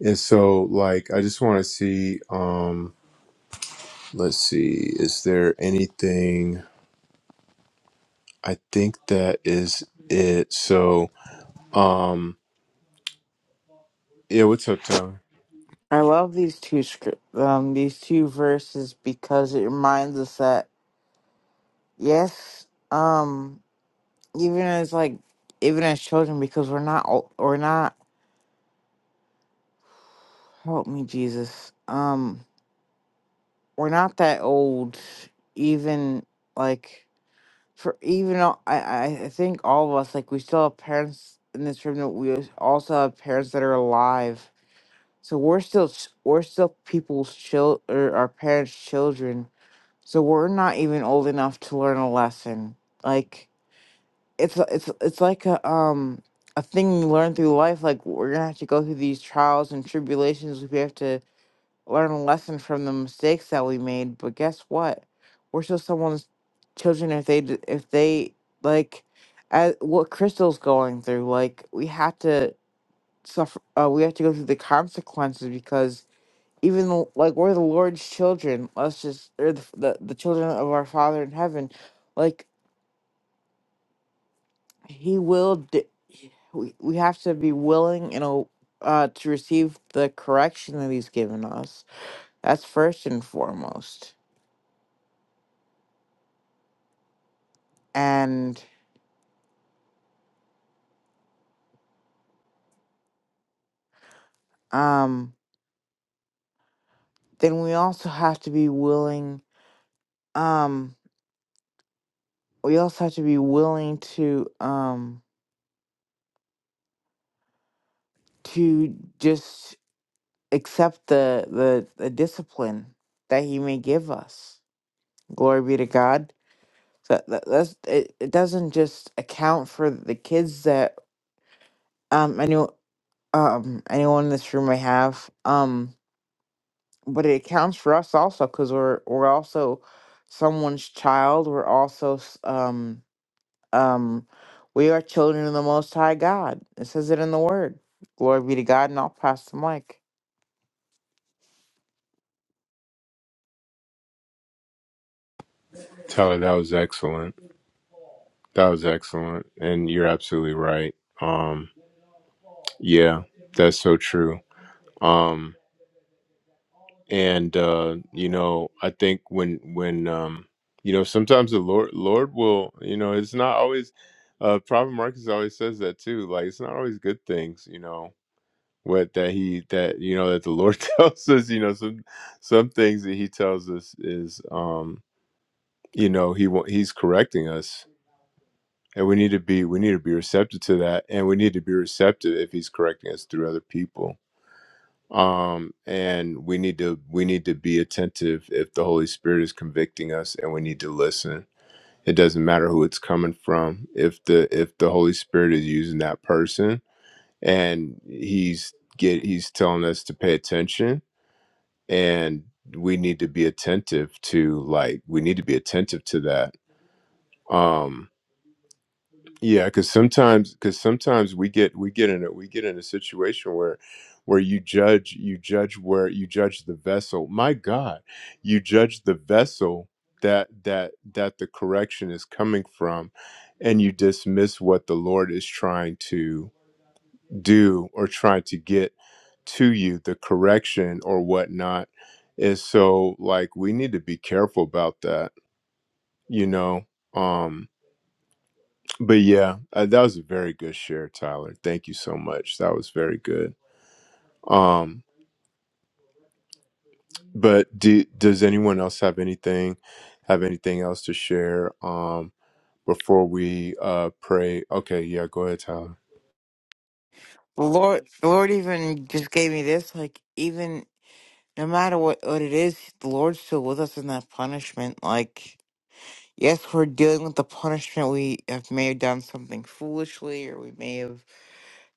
Speaker 1: and so like, I just want to see. Um, let's see, is there anything? I think that is it. So um, yeah, what's up, Tyler?
Speaker 4: i love these two script um these two verses because it reminds us that yes um even as like even as children because we're not ol- we're not help me jesus um we're not that old even like for even all- I I I think all of us like we still have parents in this room that we als- also have parents that are alive. So we're still s- we're still people's chil or our parents' children. So we're not even old enough to learn a lesson. Like it's a- it's it's like a um a thing you learn through life. Like we're gonna have to go through these trials and tribulations. We have to learn a lesson from the mistakes that we made. But guess what? We're still someone's children if they d- if they like as, what Crystal's going through. Like we have to suffer. Uh, we have to go through the consequences because even though, like we're the Lord's children. Let's just or the, the the children of our Father in heaven. Like He will. D- we we have to be willing and o- uh to receive the correction that He's given us. That's first and foremost. and um then we also have to be willing um we also have to be willing to um to just accept the the, the discipline that he may give us glory be to god so that, that's it, it doesn't just account for the kids that um any, um anyone in this room may have um but it accounts for us also because we're we're also someone's child we're also s- um Um, we are children of the Most High God. It says it in the Word. Glory be to God, and I'll pass the mic.
Speaker 1: Tyler, that was excellent. That was excellent. And you're absolutely right. Um yeah, that's so true. Um and uh you know, I think when when um you know, sometimes the Lord Lord will, you know, it's not always uh Prophet Marcus always says that too. Like it's not always good things, you know, what that he that you know that the Lord tells us, you know, some some things that he tells us is um you know, he wa- he's correcting us and we need to be we need to be receptive to that and we need to be receptive if he's correcting us through other people um and we need to we need to be attentive if the holy spirit is convicting us and we need to listen it doesn't matter who it's coming from if the if the holy spirit is using that person and he's get he's telling us to pay attention and we need to be attentive to like we need to be attentive to that Um. Yeah, because sometimes, because sometimes we get we get in a we get in a situation where where you judge you judge where you judge the vessel. My God, you judge the vessel that that that the correction is coming from, and you dismiss what the Lord is trying to do or trying to get to you, the correction or whatnot. And so, like, we need to be careful about that. You know, Um but yeah, uh, that was a very good share, Tyler. Thank you so much. That was very good. Um, but do, does anyone else have anything have anything else to share um before we uh pray? Okay, yeah, go ahead, Tyler.
Speaker 4: The Lord, the Lord even just gave me this. Like, even no matter what, what it is, the Lord's still with us in that punishment. Like, yes, we're dealing with the punishment. We have may have done something foolishly, or we may have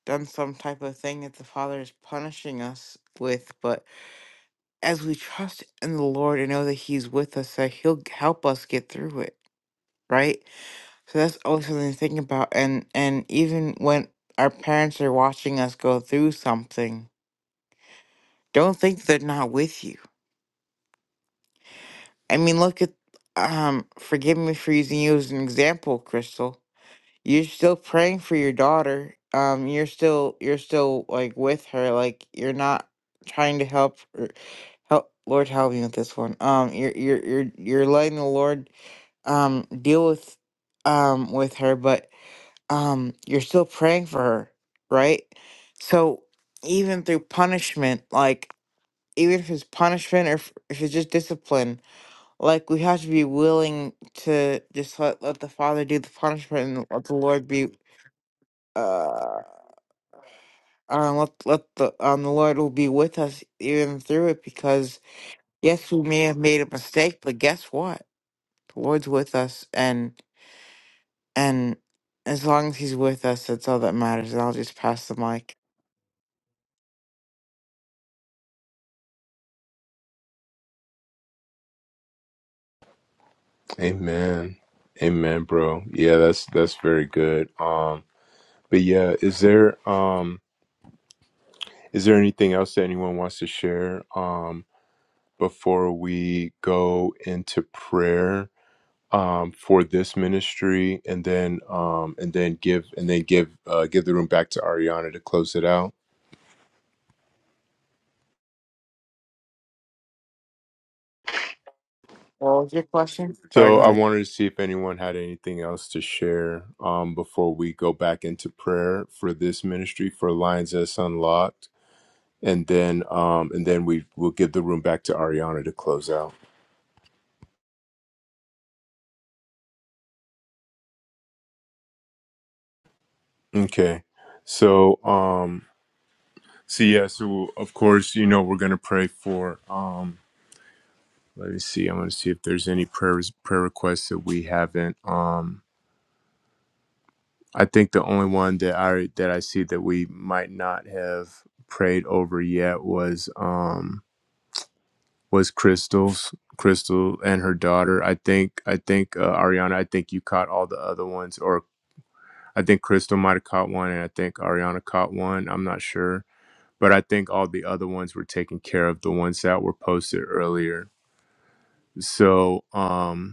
Speaker 4: done some type of thing that the Father is punishing us with. But as we trust in the Lord and know that He's with us, that He'll help us get through it. Right? So that's always something to think about. And and even when our parents are watching us go through something, don't think they're not with you. I mean, look at um. Forgive me for using you as an example, Crystal. You're still praying for your daughter. Um, you're still you're still like with her. Like you're not trying to help her- help. Lord help me with this one. Um, you're you're you're you're letting the Lord um deal with um with her, but um you're still praying for her right so even through punishment like even if it's punishment or if, if it's just discipline like we have to be willing to just let, let the father do the punishment and let the lord be uh um, let, let the um the lord will be with us even through it because yes we may have made a mistake but guess what the lord's with us and and as long as he's with us that's all that matters and i'll just pass the mic
Speaker 1: Amen. Amen, bro. Yeah, that's that's very good. Um, but yeah, is there um is there anything else that anyone wants to share um before we go into prayer? um, for this ministry, and then um, and then give and then give uh, give the room back to Ariana to close it out.
Speaker 4: What was your question? Sorry, go
Speaker 1: So I
Speaker 4: ahead.
Speaker 1: wanted to see if anyone had anything else to share um, before we go back into prayer for this ministry for Lions S Unlocked, and then um, and then we will give the room back to Ariana to close out. Okay, so um, so yeah, so of course you know we're gonna pray for. Um, Let me see. I'm going to see if there's any prayer prayer requests that we haven't. Um, I think the only one that I that I see that we might not have prayed over yet was um was Crystal's Crystal and her daughter. I think I think uh, Ariana. I think you caught all the other ones, or I think Crystal might have caught one, and I think Ariana caught one. I'm not sure, but I think all the other ones were taken care of. The ones that were posted earlier. So um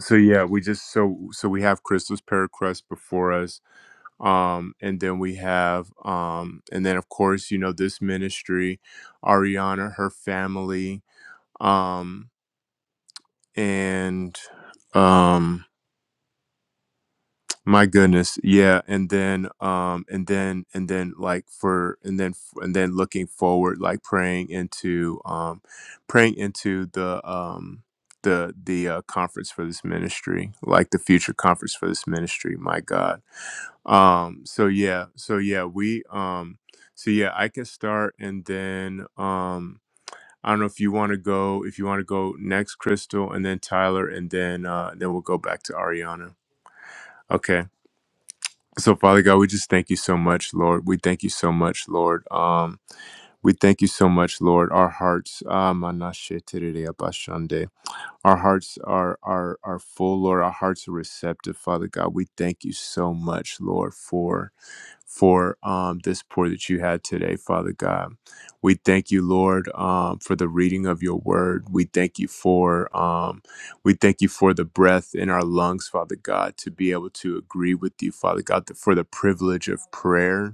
Speaker 1: so yeah we just so so we have crystal's paracrust before us um and then we have um and then of course you know this ministry ariana her family um and um my goodness yeah and then um and then and then like for and then f- and then looking forward like praying into um praying into the um the the uh, conference for this ministry, like the future conference for this ministry. My God um so yeah so yeah we um so yeah i can start and then um i don't know if you want to go if you want to go next crystal and then tyler and then uh then we'll go back to ariana okay so father god we just thank you so much lord we thank you so much lord um we thank you so much, Lord. Our hearts, ah, manashetereabashande. our hearts are are are full, Lord. Our hearts are receptive, Father God. We thank you so much, Lord, for for um, this pour that you had today, Father God. We thank you, Lord, um, for the reading of your word. We thank you for um, we thank you for the breath in our lungs, Father God, to be able to agree with you, Father God, for the privilege of prayer.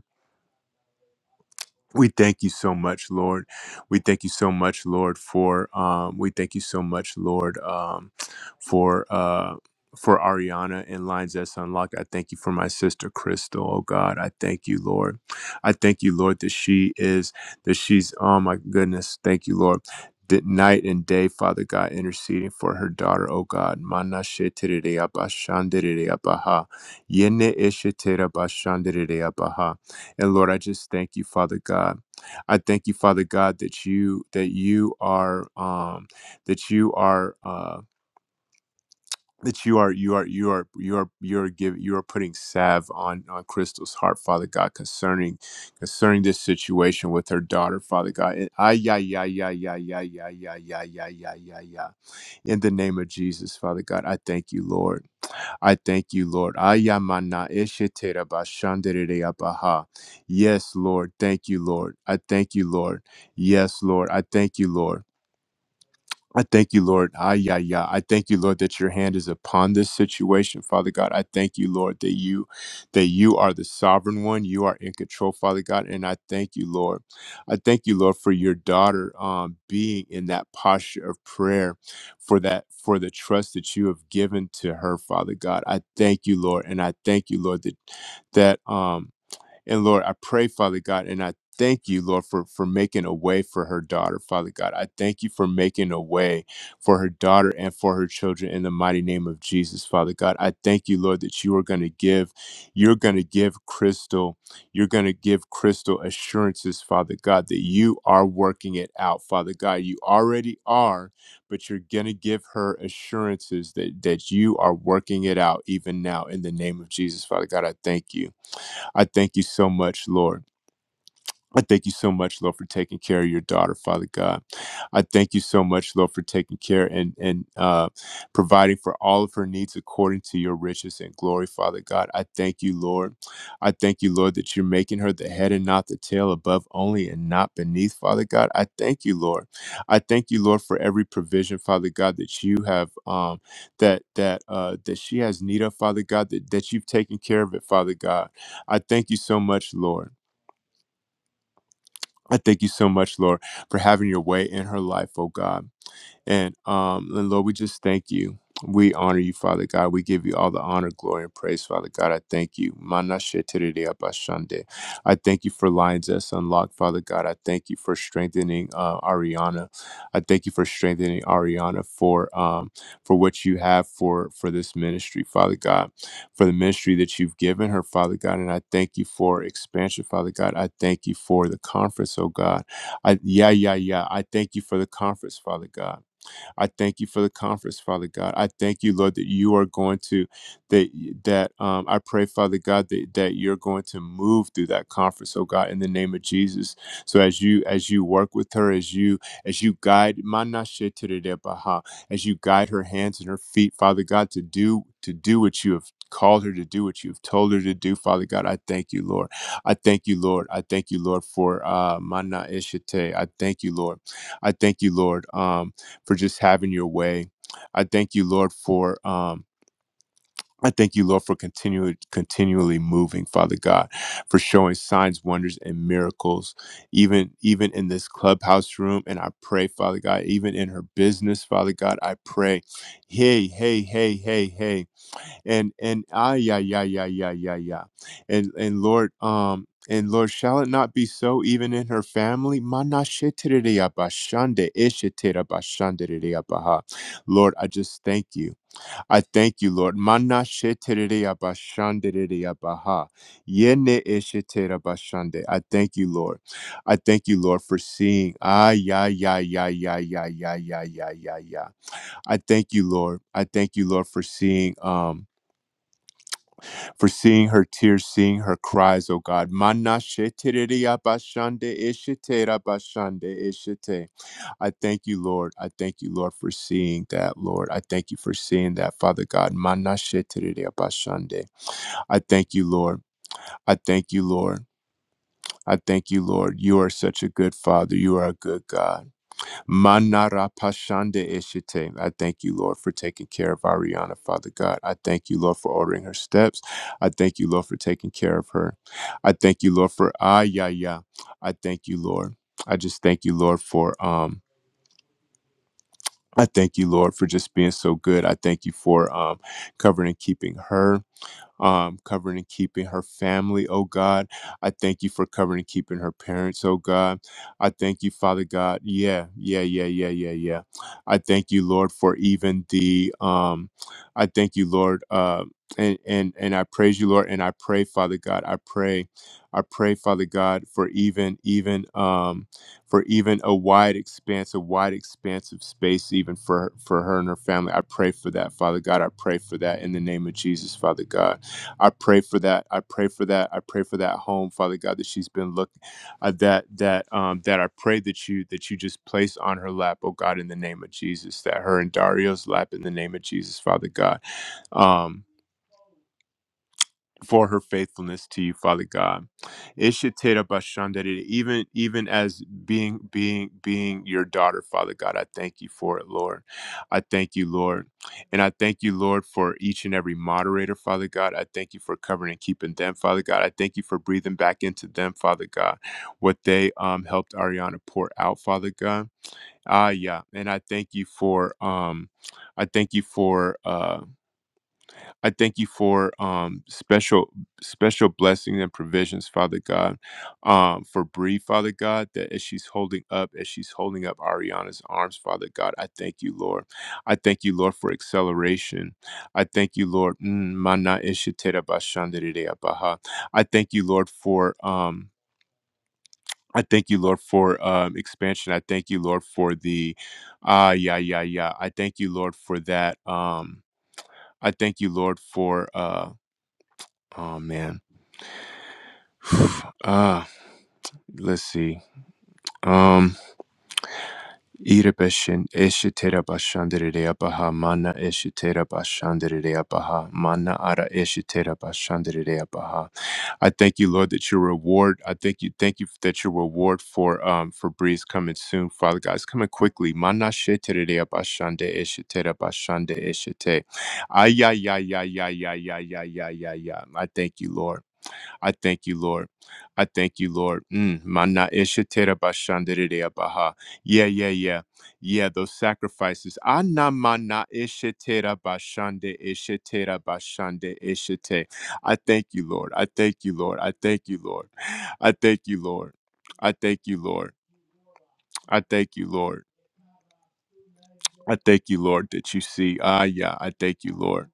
Speaker 1: We thank you so much, Lord. We thank you so much, Lord, for um, we thank you so much, Lord, um, for uh, for Ariana and Lines That's Unlocked. I thank you for my sister Crystal. Oh God, I thank you, Lord. I thank you, Lord, that she is that she's. Oh my goodness, thank you, Lord. That night and day, Father God, interceding for her daughter, oh God. Mana shetere abaha. Yene eshetere and Lord, I just thank you, Father God. I thank you, Father God, that you that you are um that you are uh that you are you are you are you are you are giving you are putting salve on on Crystal's heart, Father God, concerning concerning this situation with her daughter, Father God. And ay yeah yeah yeah yeah yeah yeah yeah yeah yeah yeah yeah yeah. In the name of Jesus, Father God, I thank you, Lord. I thank you, Lord. Ayamana eshetera bashanderere abaha. Yes, Lord. Thank you, Lord. I thank you, Lord. Yes, Lord. I thank you, Lord. I thank you, Lord. Ah, yeah, yeah. I thank you, Lord, that your hand is upon this situation, Father God. I thank you, Lord, that you that you are the sovereign one. You are in control, Father God. And I thank you, Lord. I thank you, Lord, for your daughter um, being in that posture of prayer, for that for the trust that you have given to her, Father God. I thank you, Lord, and I thank you, Lord, that that um and Lord, I pray, Father God, and I thank you, Lord, for, for making a way for her daughter, Father God. I thank you for making a way for her daughter and for her children in the mighty name of Jesus, Father God. I thank you, Lord, that you are going to give, you're going to give Crystal, you're going to give Crystal assurances, Father God, that you are working it out, Father God. You already are, but you're going to give her assurances that, that you are working it out even now in the name of Jesus, Father God. I thank you. I thank you so much, Lord. I thank you so much, Lord, for taking care of your daughter, Father God. I thank you so much, Lord, for taking care and and uh, providing for all of her needs according to your riches and glory, Father God. I thank you, Lord. I thank you, Lord, that you're making her the head and not the tail, above only and not beneath, Father God. I thank you, Lord. I thank you, Lord, for every provision, Father God, that you have um, that that uh, that she has need of, Father God, that, that you've taken care of it, Father God. I thank you so much, Lord. I thank you so much, Lord, for having your way in her life, oh God. And um, and Lord, we just thank you. We honor you, Father God. We give you all the honor, glory, and praise, Father God. I thank you. Mana shetiriri abashande. I thank you for Lions S Unlocked, Father God. I thank you for strengthening uh, Ariana. I thank you for strengthening Ariana for um, for what you have for for this ministry, Father God, for the ministry that you've given her, Father God. And I thank you for expansion, Father God. I thank you for the conference, oh God. I yeah, yeah, yeah. I thank you for the conference, Father God. I thank you for the conference, Father God. I thank you, Lord, that you are going to that that um, I pray, Father God, that, that you're going to move through that conference, oh God, in the name of Jesus. So as you as you work with her, as you as you guide Manashe Teredebaha, as you guide her hands and her feet, Father God, to do to do what you have called her to do, what you've told her to do, Father God. I thank you, Lord. I thank you, Lord. I thank you, Lord, for uh Mana Ishite. I thank you, Lord. I thank you, Lord. Um for just having your way. I thank you, Lord, for um I thank you, Lord, for continually continually moving, Father God, for showing signs, wonders, and miracles, even even in this clubhouse room. And I pray, Father God, even in her business, Father God, I pray, hey, hey, hey, hey, hey and and ah yeah yeah yeah yeah yeah yeah and and lord um and lord shall it not be so even in her family Manashitiriabashande, ishitirabashandiriabaha. lord i just thank you i thank you lord Manashitiriabashandiriabaha. Yene ishitirabashande. i thank you lord i thank you lord for seeing ah yeah yeah yeah yeah yeah yeah yeah yeah yeah yeah i thank you lord i thank you lord for seeing um for seeing her tears, seeing her cries, O God. Mana shetiriri abashande ishite rabashande ishite. I thank you, Lord. I thank you, Lord, for seeing that, Lord. I thank you for seeing that, Father God. Mana shetiriri abashande. I thank you, Lord. I thank you, Lord. I thank you, Lord. You are such a good Father. You are a good God. Manara Pashande Eshite. I thank you, Lord, for taking care of Ariana, Father God. I thank you, Lord, for ordering her steps. I thank you, Lord, for taking care of her. I thank you, Lord, for Ayaya. I thank you, Lord. I just thank you, Lord, for um. I thank you, Lord, for just being so good. I thank you for um, covering and keeping her um, covering and keeping her family, oh God. I thank you for covering and keeping her parents, oh God. I thank you, Father God. Yeah, yeah, yeah, yeah, yeah, yeah. I thank you, Lord, for even the um, I thank you, Lord, uh, and and and I praise you, Lord, and I pray, Father God, I pray, I pray, Father God, for even even um, for even a wide expanse, a wide expanse of space, even for for her and her family. I pray for that, Father God. I pray for that in the name of Jesus, Father God. I pray for that. I pray for that. I pray for that home, Father God, that she's been looking uh, that that um that I pray that you that you just place on her lap, oh God, in the name of Jesus, that her and Dario's lap in the name of Jesus, Father God. Um for her faithfulness to you, Father God. Ishitera bashandere, Even even as being being being your daughter, Father God, I thank you for it, Lord. I thank you, Lord. And I thank you, Lord, for each and every moderator, Father God. I thank you for covering and keeping them, Father God. I thank you for breathing back into them, Father God, what they um helped Ariana pour out, Father God. Ah yeah. And I thank you for um I thank you for uh. I thank you for um, special special blessings and provisions, Father God, um, for Bree, Father God, that as she's holding up, as she's holding up Ariana's arms, Father God, I thank you, Lord. I thank you, Lord, for acceleration. I thank you, Lord. Mm, mana ishitera bashandererea baha. I thank you, Lord, for um, I thank you, Lord, for um, expansion. I thank you, Lord, for the ah, yeah, yeah, yeah. I thank you, Lord, for that. Um, I thank you, Lord, for. uh, Oh man. Ah, let's see. Um Irabeshin Eshitera Bashandere Abaha Mana Eshitera Bashandere Abaha Mana Ara Eshitera Bashandere Abaha. I thank you, Lord, that your reward. I thank you, thank you that your reward for um for Breeze coming soon, Father God. It's coming quickly. Mana Shetere Bashande Eshitera Bashande Eshite. Ay ya ya ya ya ya ya ya ya ya. I thank you, Lord. I thank you, Lord. I thank you, Lord. Mm, mana ishetera bashandereya baha. Yeah, yeah, yeah. Yeah, those sacrifices. Ana mana ishetera bashande ishetera bashande ishete. I thank you, Lord. I thank you, Lord. I thank you, Lord. I thank you, Lord. I thank you, Lord. I thank you, Lord. I thank you, Lord, that you see. Ah, yeah. I thank you, Lord.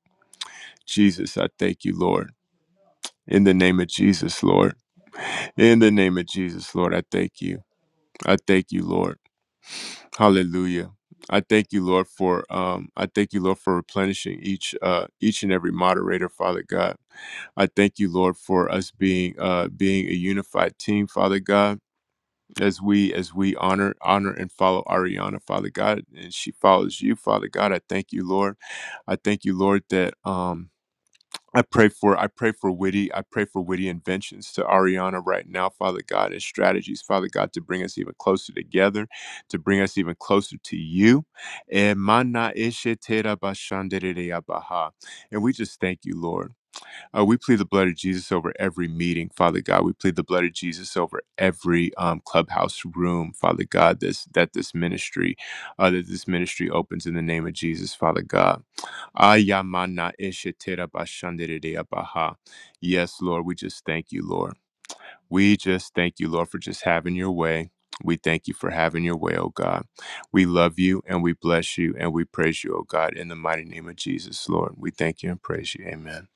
Speaker 1: Jesus, I thank you, Lord. In the name of Jesus, Lord. In the name of Jesus, Lord, I thank you. I thank you, Lord. Hallelujah. I thank you, Lord, for um, I thank you, Lord, for replenishing each uh, each and every moderator, Father God. I thank you, Lord, for us being uh, being a unified team, Father God, as we as we honor honor and follow Ariana, Father God, and she follows you, Father God. I thank you, Lord. I thank you, Lord, that um, I pray for I pray for witty I pray for witty inventions to Ariana right now, Father God, and strategies, Father God, to bring us even closer together, to bring us even closer to you. And mana ishe tera bashandereya baha. And we just thank you, Lord. Uh, we plead the blood of Jesus over every meeting, Father God. We plead the blood of Jesus over every um, clubhouse room, Father God. This that this ministry, uh, that this ministry opens in the name of Jesus, Father God. Ayamana ishetera bashandereya baha. Yes, Lord, we just thank you, Lord. We just thank you, Lord, for just having your way. We thank you for having your way, oh God. We love you and we bless you and we praise you, oh God, in the mighty name of Jesus, Lord. We thank you and praise you. Amen.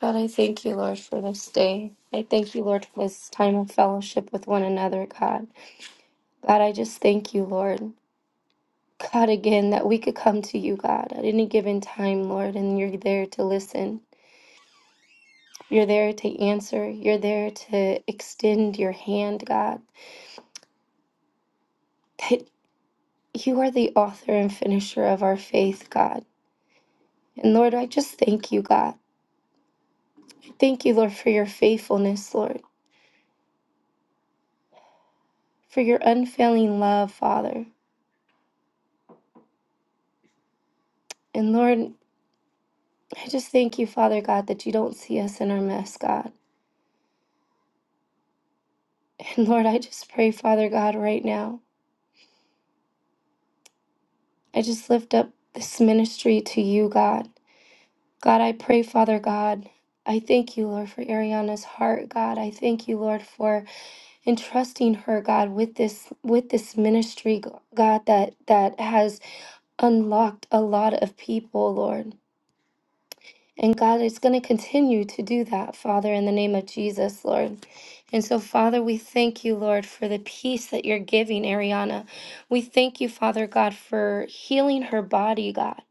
Speaker 6: God, I thank you, Lord, for this day. I thank you, Lord, for this time of fellowship with one another, God. God, I just thank you, Lord. God, again, that we could come to you, God, at any given time, Lord, and you're there to listen. You're there to answer. You're there to extend your hand, God. That you are the author and finisher of our faith, God. And Lord, I just thank you, God. Thank you, Lord, for your faithfulness, Lord, for your unfailing love, Father. And Lord, I just thank you, Father God, that you don't see us in our mess, God. And Lord, I just pray, Father God, right now. I just lift up this ministry to you, God. God, I pray, Father God. I thank you, Lord, for Ariana's heart, God. I thank you, Lord, for entrusting her, God, with this with this ministry, God, that that has unlocked a lot of people, Lord. And God is going to continue to do that, Father, in the name of Jesus, Lord. And so, Father, we thank you, Lord, for the peace that you're giving Ariana. We thank you, Father God, for healing her body, God.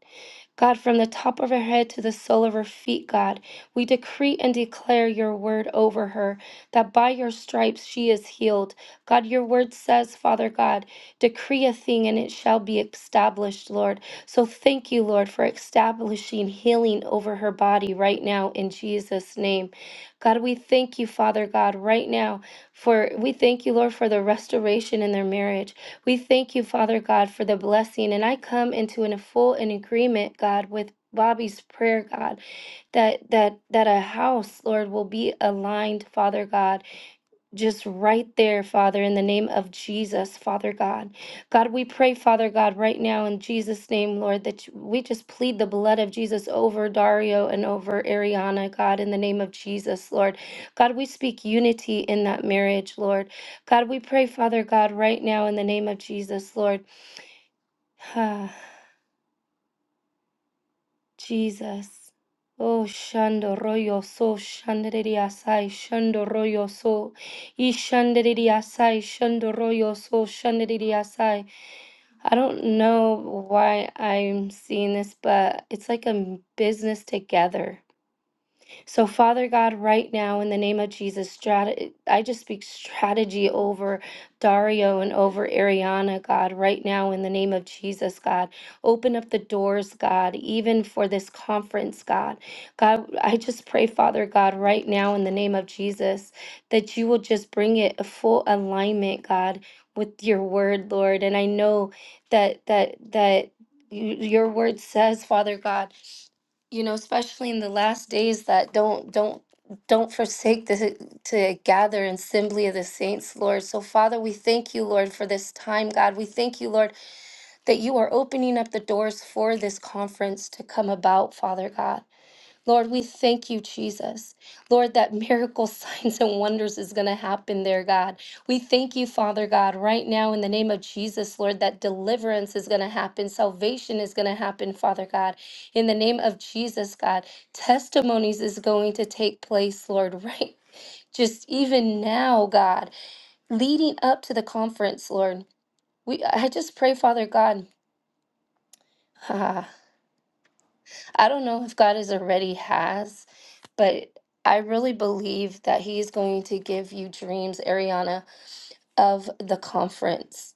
Speaker 6: God, from the top of her head to the sole of her feet, God, we decree and declare your word over her, that by your stripes she is healed. God, your word says, Father God, decree a thing and it shall be established, Lord. So thank you, Lord, for establishing healing over her body right now in Jesus' name. God, we thank you, Father God, right now for we thank you, Lord, for the restoration in their marriage. We thank you, Father God, for the blessing. And I come into in a full in agreement, God, with Bobby's prayer, God, that that that a house, Lord, will be aligned, Father God just right there, Father, in the name of Jesus, Father God. God, we pray, Father God, right now in Jesus' name, Lord, that you- we just plead the blood of Jesus over Dario and over Ariana, God, in the name of Jesus, Lord. God, we speak unity in that marriage, Lord. God, we pray, Father God, right now in the name of Jesus, Lord. Jesus. Oh, shando royo so, shandere asai, shando royo so, e shandere asai, shando royo so, shandere asai. I don't know why I'm seeing this, but it's like a business together. So, Father God, right now, in the name of Jesus, strat- I just speak strategy over Dario and over Ariana, God, right now, in the name of Jesus, God. Open up the doors, God, even for this conference, God. God, I just pray, Father God, right now, in the name of Jesus, that you will just bring it a full alignment, God, with your word, Lord. And I know that, that, that. y- Your word says, Father God, you know, especially in the last days that don't don't don't forsake the, to gather in assembly of the saints, Lord. So, Father, we thank you, Lord, for this time, God. We thank you, Lord, that you are opening up the doors for this conference to come about, Father God. Lord, we thank you, Jesus. Lord, that miracle signs and wonders is going to happen there, God. We thank you, Father God, right now in the name of Jesus, Lord, that deliverance is going to happen. Salvation is going to happen, Father God. In the name of Jesus, God, testimonies is going to take place, Lord, right? Just even now, God, leading up to the conference, Lord. We I just pray, Father God. I don't know if God is already has, but I really believe that He is going to give you dreams, Ariana, of the conference.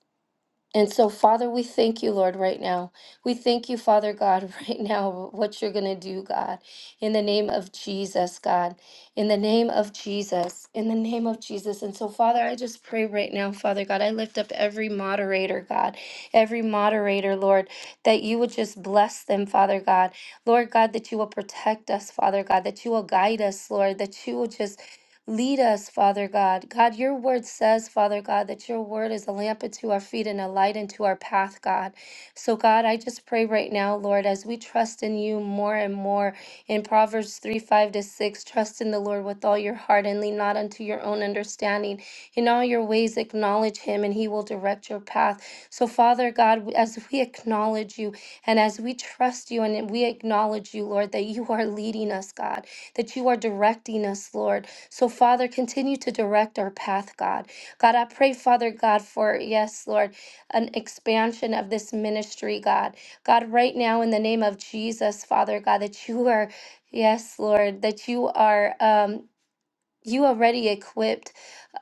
Speaker 6: And so, Father, we thank you, Lord, right now. We thank you, Father God, right now, what you're going to do, God, in the name of Jesus, God, in the name of Jesus, in the name of Jesus. And so, Father, I just pray right now, Father God, I lift up every moderator, God, every moderator, Lord, that you would just bless them, Father God. Lord God, that you will protect us, Father God, that you will guide us, Lord, that you will just Lead us, Father God. God, your word says, Father God, that your word is a lamp unto our feet and a light unto our path, God. So, God, I just pray right now, Lord, as we trust in you more and more in Proverbs 3 5 to 6, trust in the Lord with all your heart and lean not unto your own understanding. In all your ways, acknowledge him, and he will direct your path. So, Father God, as we acknowledge you and as we trust you and we acknowledge you, Lord, that you are leading us, God, that you are directing us, Lord. So, Father, continue to direct our path, God. God, I pray, Father God, for, yes, Lord, an expansion of this ministry, God. God, right now, in the name of Jesus, Father God, that you are. Yes, Lord, that you are. um, you already equipped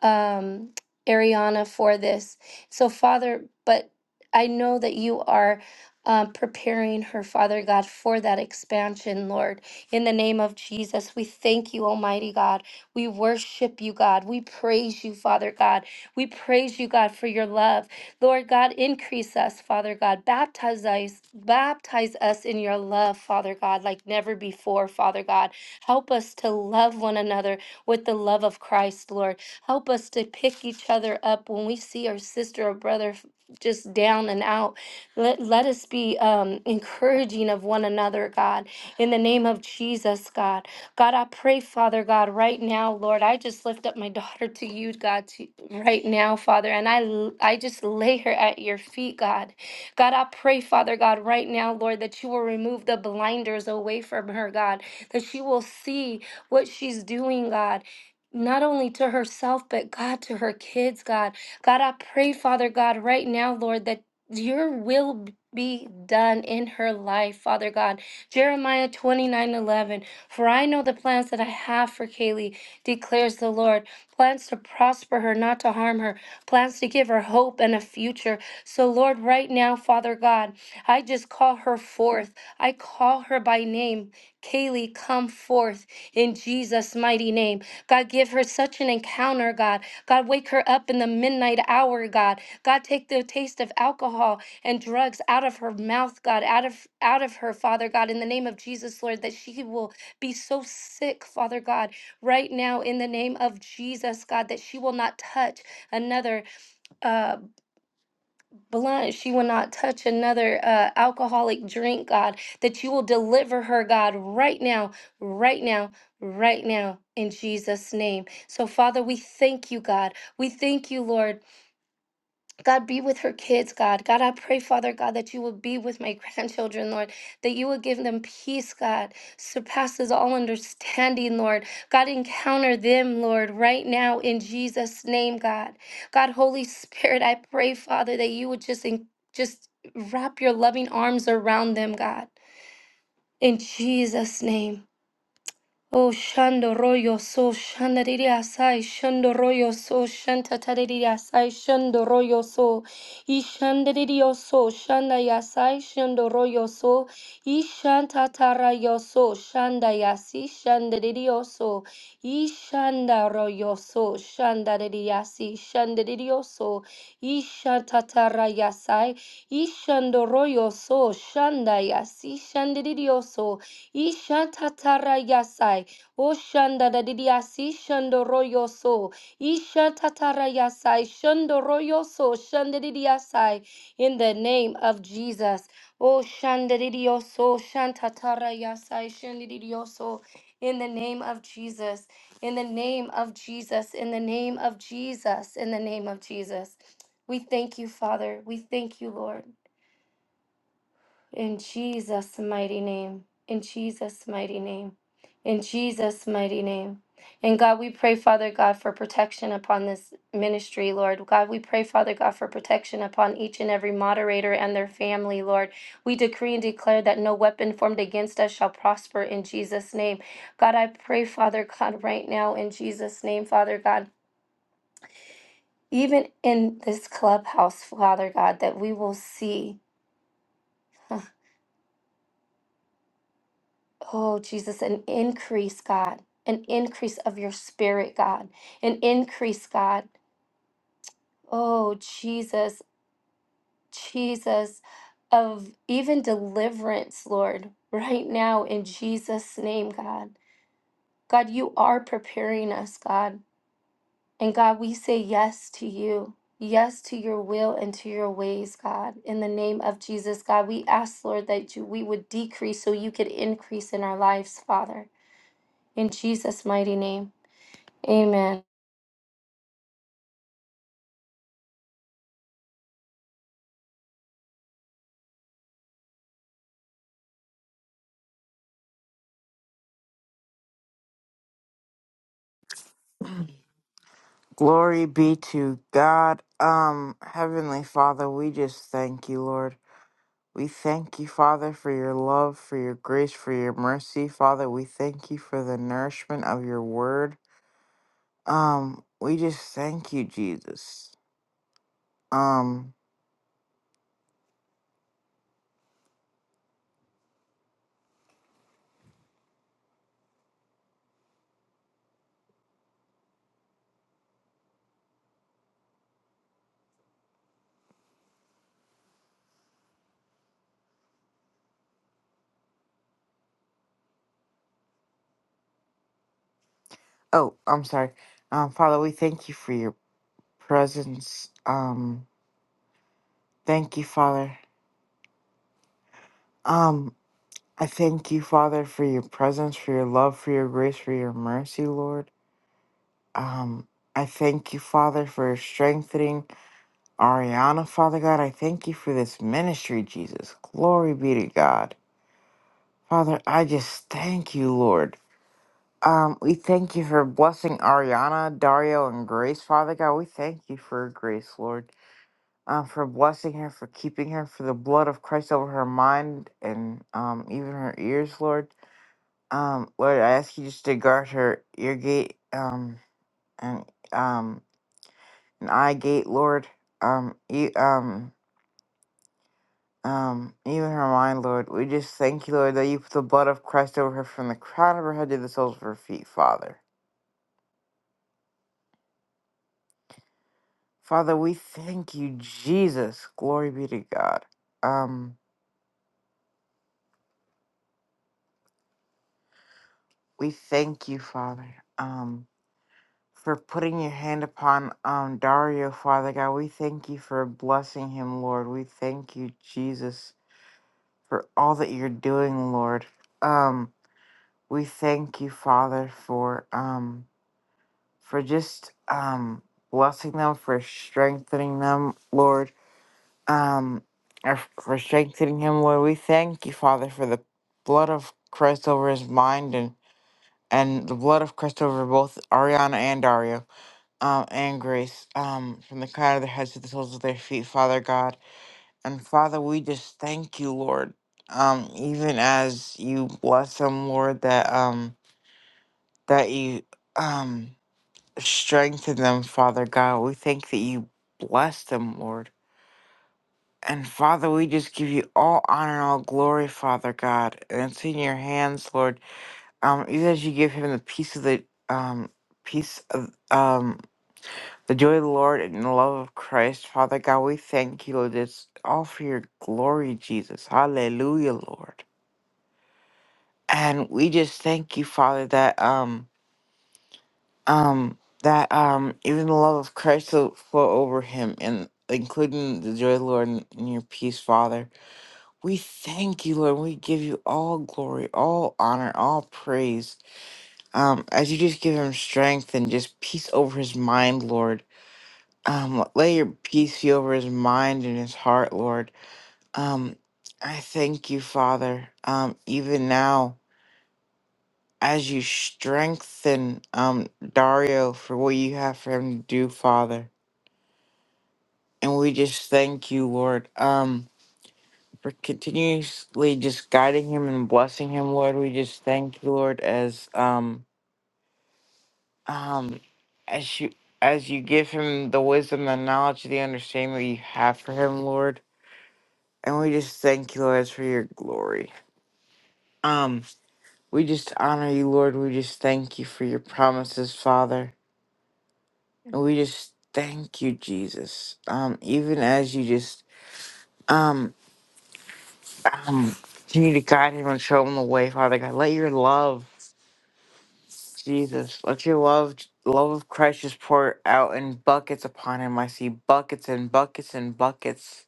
Speaker 6: um, Ariana for this. So, Father, but I know that you are um, preparing her, Father God, for that expansion, Lord. In the name of Jesus, we thank you, Almighty God. We worship you, God. We praise you, Father God. We praise you, God, for your love. Lord God, increase us, Father God. Baptize us, baptize us in your love, Father God, like never before, Father God. Help us to love one another with the love of Christ, Lord. Help us to pick each other up when we see our sister or brother f- just down and out. Let, let us be um, encouraging of one another, God, in the name of Jesus, God. God, I pray, Father God, right now, Lord, I just lift up my daughter to you, God, to, right now, Father, and I, l- I just lay her at your feet, God. God, I pray, Father God, right now, Lord, that you will remove the blinders away from her, God, that she will see what she's doing, God. Not only to herself, but God, to her kids, God. God, I pray, Father God, right now, Lord, that your will b- be done in her life, Father God. Jeremiah 29 11. For I know the plans that I have for Kaylee, declares the Lord plans to prosper her, not to harm her, plans to give her hope and a future. So, Lord, right now, Father God, I just call her forth. I call her by name. Kaylee, come forth in Jesus' mighty name. God, give her such an encounter, God. God, wake her up in the midnight hour, God. God, take the taste of alcohol and drugs out of her mouth, God, out of out of her, Father God, in the name of Jesus, Lord, that she will be so sick, Father God, right now in the name of Jesus, God, that she will not touch another uh blunt. She will not touch another uh, alcoholic drink, God, that you will deliver her, God, right now, right now, right now, in Jesus' name. So, Father, we thank you, God. We thank you, Lord. God, be with her kids, God. God, I pray, Father God, that you would be with my grandchildren, Lord, that you would give them peace, God, surpasses all understanding, Lord. God, encounter them, Lord, right now in Jesus' name, God. God, Holy Spirit, I pray, Father, that you would just, en- just wrap your loving arms around them, God, in Jesus' name. Oh, shando royo so shandariri asai, shando royo so shantatariri asai, shando royo so, ishandariri oso, shanda yasai, shando royo so, ishantatara yoso, shanda yasi, shandariri oso, ishanda royo so, shandariri yasi, shandariri oso, ishantatara yasai, ishando royo so, shanda yasi, shandariri oso, Ishantatarayasai. Oshanda da didiasi shandoroyoso. Ishantatarayasai shandoroyoso shandadidiasai. In the name of Jesus. Oh shandadidioso shantatarayasai shandidioso. In the name of Jesus. In the name of Jesus. In the name of Jesus. In the name of Jesus. We thank you, Father. We thank you, Lord. In Jesus' mighty name. In Jesus' mighty name. In Jesus' mighty name. And God, we pray, Father God, for protection upon this ministry, Lord. God, we pray, Father God, for protection upon each and every moderator and their family, Lord. We decree and declare that no weapon formed against us shall prosper in Jesus' name. God, I pray, Father God, right now in Jesus' name, Father God, even in this clubhouse, Father God, that we will see. Oh, Jesus, an increase, God, an increase of your spirit, God, an increase, God. Oh, Jesus, Jesus, of even deliverance, Lord, right now in Jesus' name, God. God, you are preparing us, God. And God, we say yes to you. Yes to your will and to your ways, God. In the name of Jesus, God, we ask, Lord, that you, we would decrease so you could increase in our lives, Father. In Jesus' mighty name. Amen.
Speaker 4: Glory be to God. Um, Heavenly Father, we just thank you, Lord. We thank you, Father, for your love, for your grace, for your mercy. Father, we thank you for the nourishment of your word. Um, we just thank you, Jesus. Um, oh, I'm sorry. Um, Father, we thank you for your presence. Um, thank you, Father. Um, I thank you, Father, for your presence, for your love, for your grace, for your mercy, Lord. Um, I thank you, Father, for strengthening Ariana, Father God. I thank you for this ministry, Jesus. Glory be to God. Father, I just thank you, Lord. Um, we thank you for blessing Ariana, Dario, and Grace, Father God. We thank you for Grace, Lord. Um, for blessing her, for keeping her, for the blood of Christ over her mind and um even her ears, Lord. Um, Lord, I ask you just to guard her ear gate, um, and um And I gate, Lord. Um, you, um, um, even her mind, Lord. We just thank you, Lord, that you put the blood of Christ over her from the crown of her head to the soles of her feet, Father. Father, we thank you, Jesus. Glory be to God. Um, we thank you, Father. Um, for putting your hand upon um Dario, Father God. We thank you for blessing him, Lord. We thank you, Jesus, for all that you're doing, Lord. Um, we thank you, Father, for um for just um, blessing them, for strengthening them, Lord, um, or for strengthening him, Lord. We thank you, Father, for the blood of Christ over his mind and and the blood of Christ over both Ariana and Dario, um, and Grace, um, from the crown of their heads to the soles of their feet, Father God. And Father, we just thank you, Lord. Um, even as you bless them, Lord, that um that you um Strengthen them, Father God. We thank that you bless them, Lord. And Father, we just give you all honor and all glory, Father God. And it's in your hands, Lord. Um, even as you give him the peace of the um peace of um the joy of the Lord and the love of Christ, Father God, we thank you, Lord. It's all for your glory, Jesus. Hallelujah, Lord. And we just thank you, Father, that um um that um even the love of Christ will flow over him and including the joy of the Lord and and your peace, Father. We thank you, Lord. We give you all glory, all honor, all praise. Um, as you just give him strength and just peace over his mind, Lord. Um, lay your peace be over his mind and his heart, Lord. Um, I thank you, Father. Um, even now, as you strengthen um Dario for what you have for him to do, Father. And we just thank you, Lord, um, for continuously just guiding him and blessing him, Lord. We just thank you, Lord, as um um as you as you give him the wisdom, the knowledge, the understanding that you have for him, Lord. And we just thank you, Lord, for your glory. Um, we just honor you, Lord. We just thank you for your promises, Father. And we just thank you, Jesus. Um, even as you just um Um, continue to guide him and show him the way, Father God. Let your love, Jesus, let your love, love of Christ just pour out in buckets upon him. I see buckets and buckets and buckets,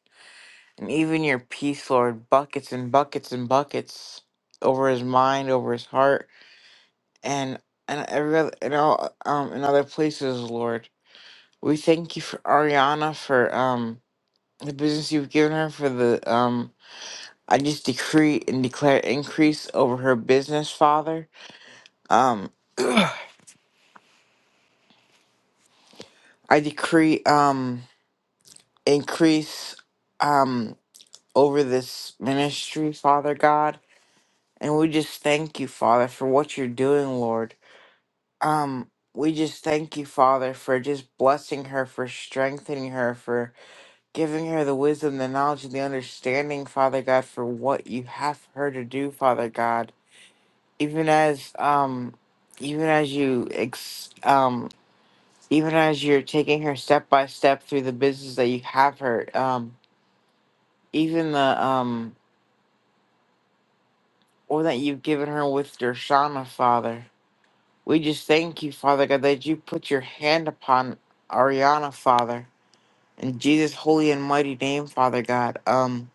Speaker 4: and even your peace, Lord, buckets and buckets and buckets over his mind, over his heart, and and every other, and all, um, in other places, Lord. We thank you for Ariana for um the business you've given her for the um I just decree and declare increase over her business, Father. Um, I decree um increase um over this ministry, Father God. And we just thank you, Father, for what you're doing, Lord. Um, we just thank you, Father, for just blessing her, for strengthening her, for giving her the wisdom, the knowledge, and the understanding, Father God, for what you have her to do, Father God. Even as um even as you ex- um even as you're taking her step by step through the business that you have her, um, even the um or that you've given her with Dershana, Father. We just thank you, Father God, that you put your hand upon Ariana, Father. In Jesus' holy and mighty name, Father God. Um,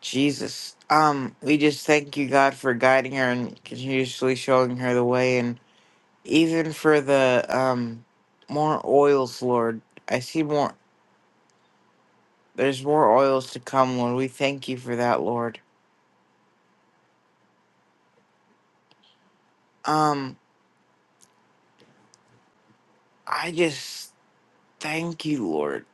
Speaker 4: Jesus. Um, we just thank you, God, for guiding her and continuously showing her the way and even for the um more oils, Lord. I see more There's more oils to come, Lord. We thank you for that, Lord. Um, I just thank you, Lord.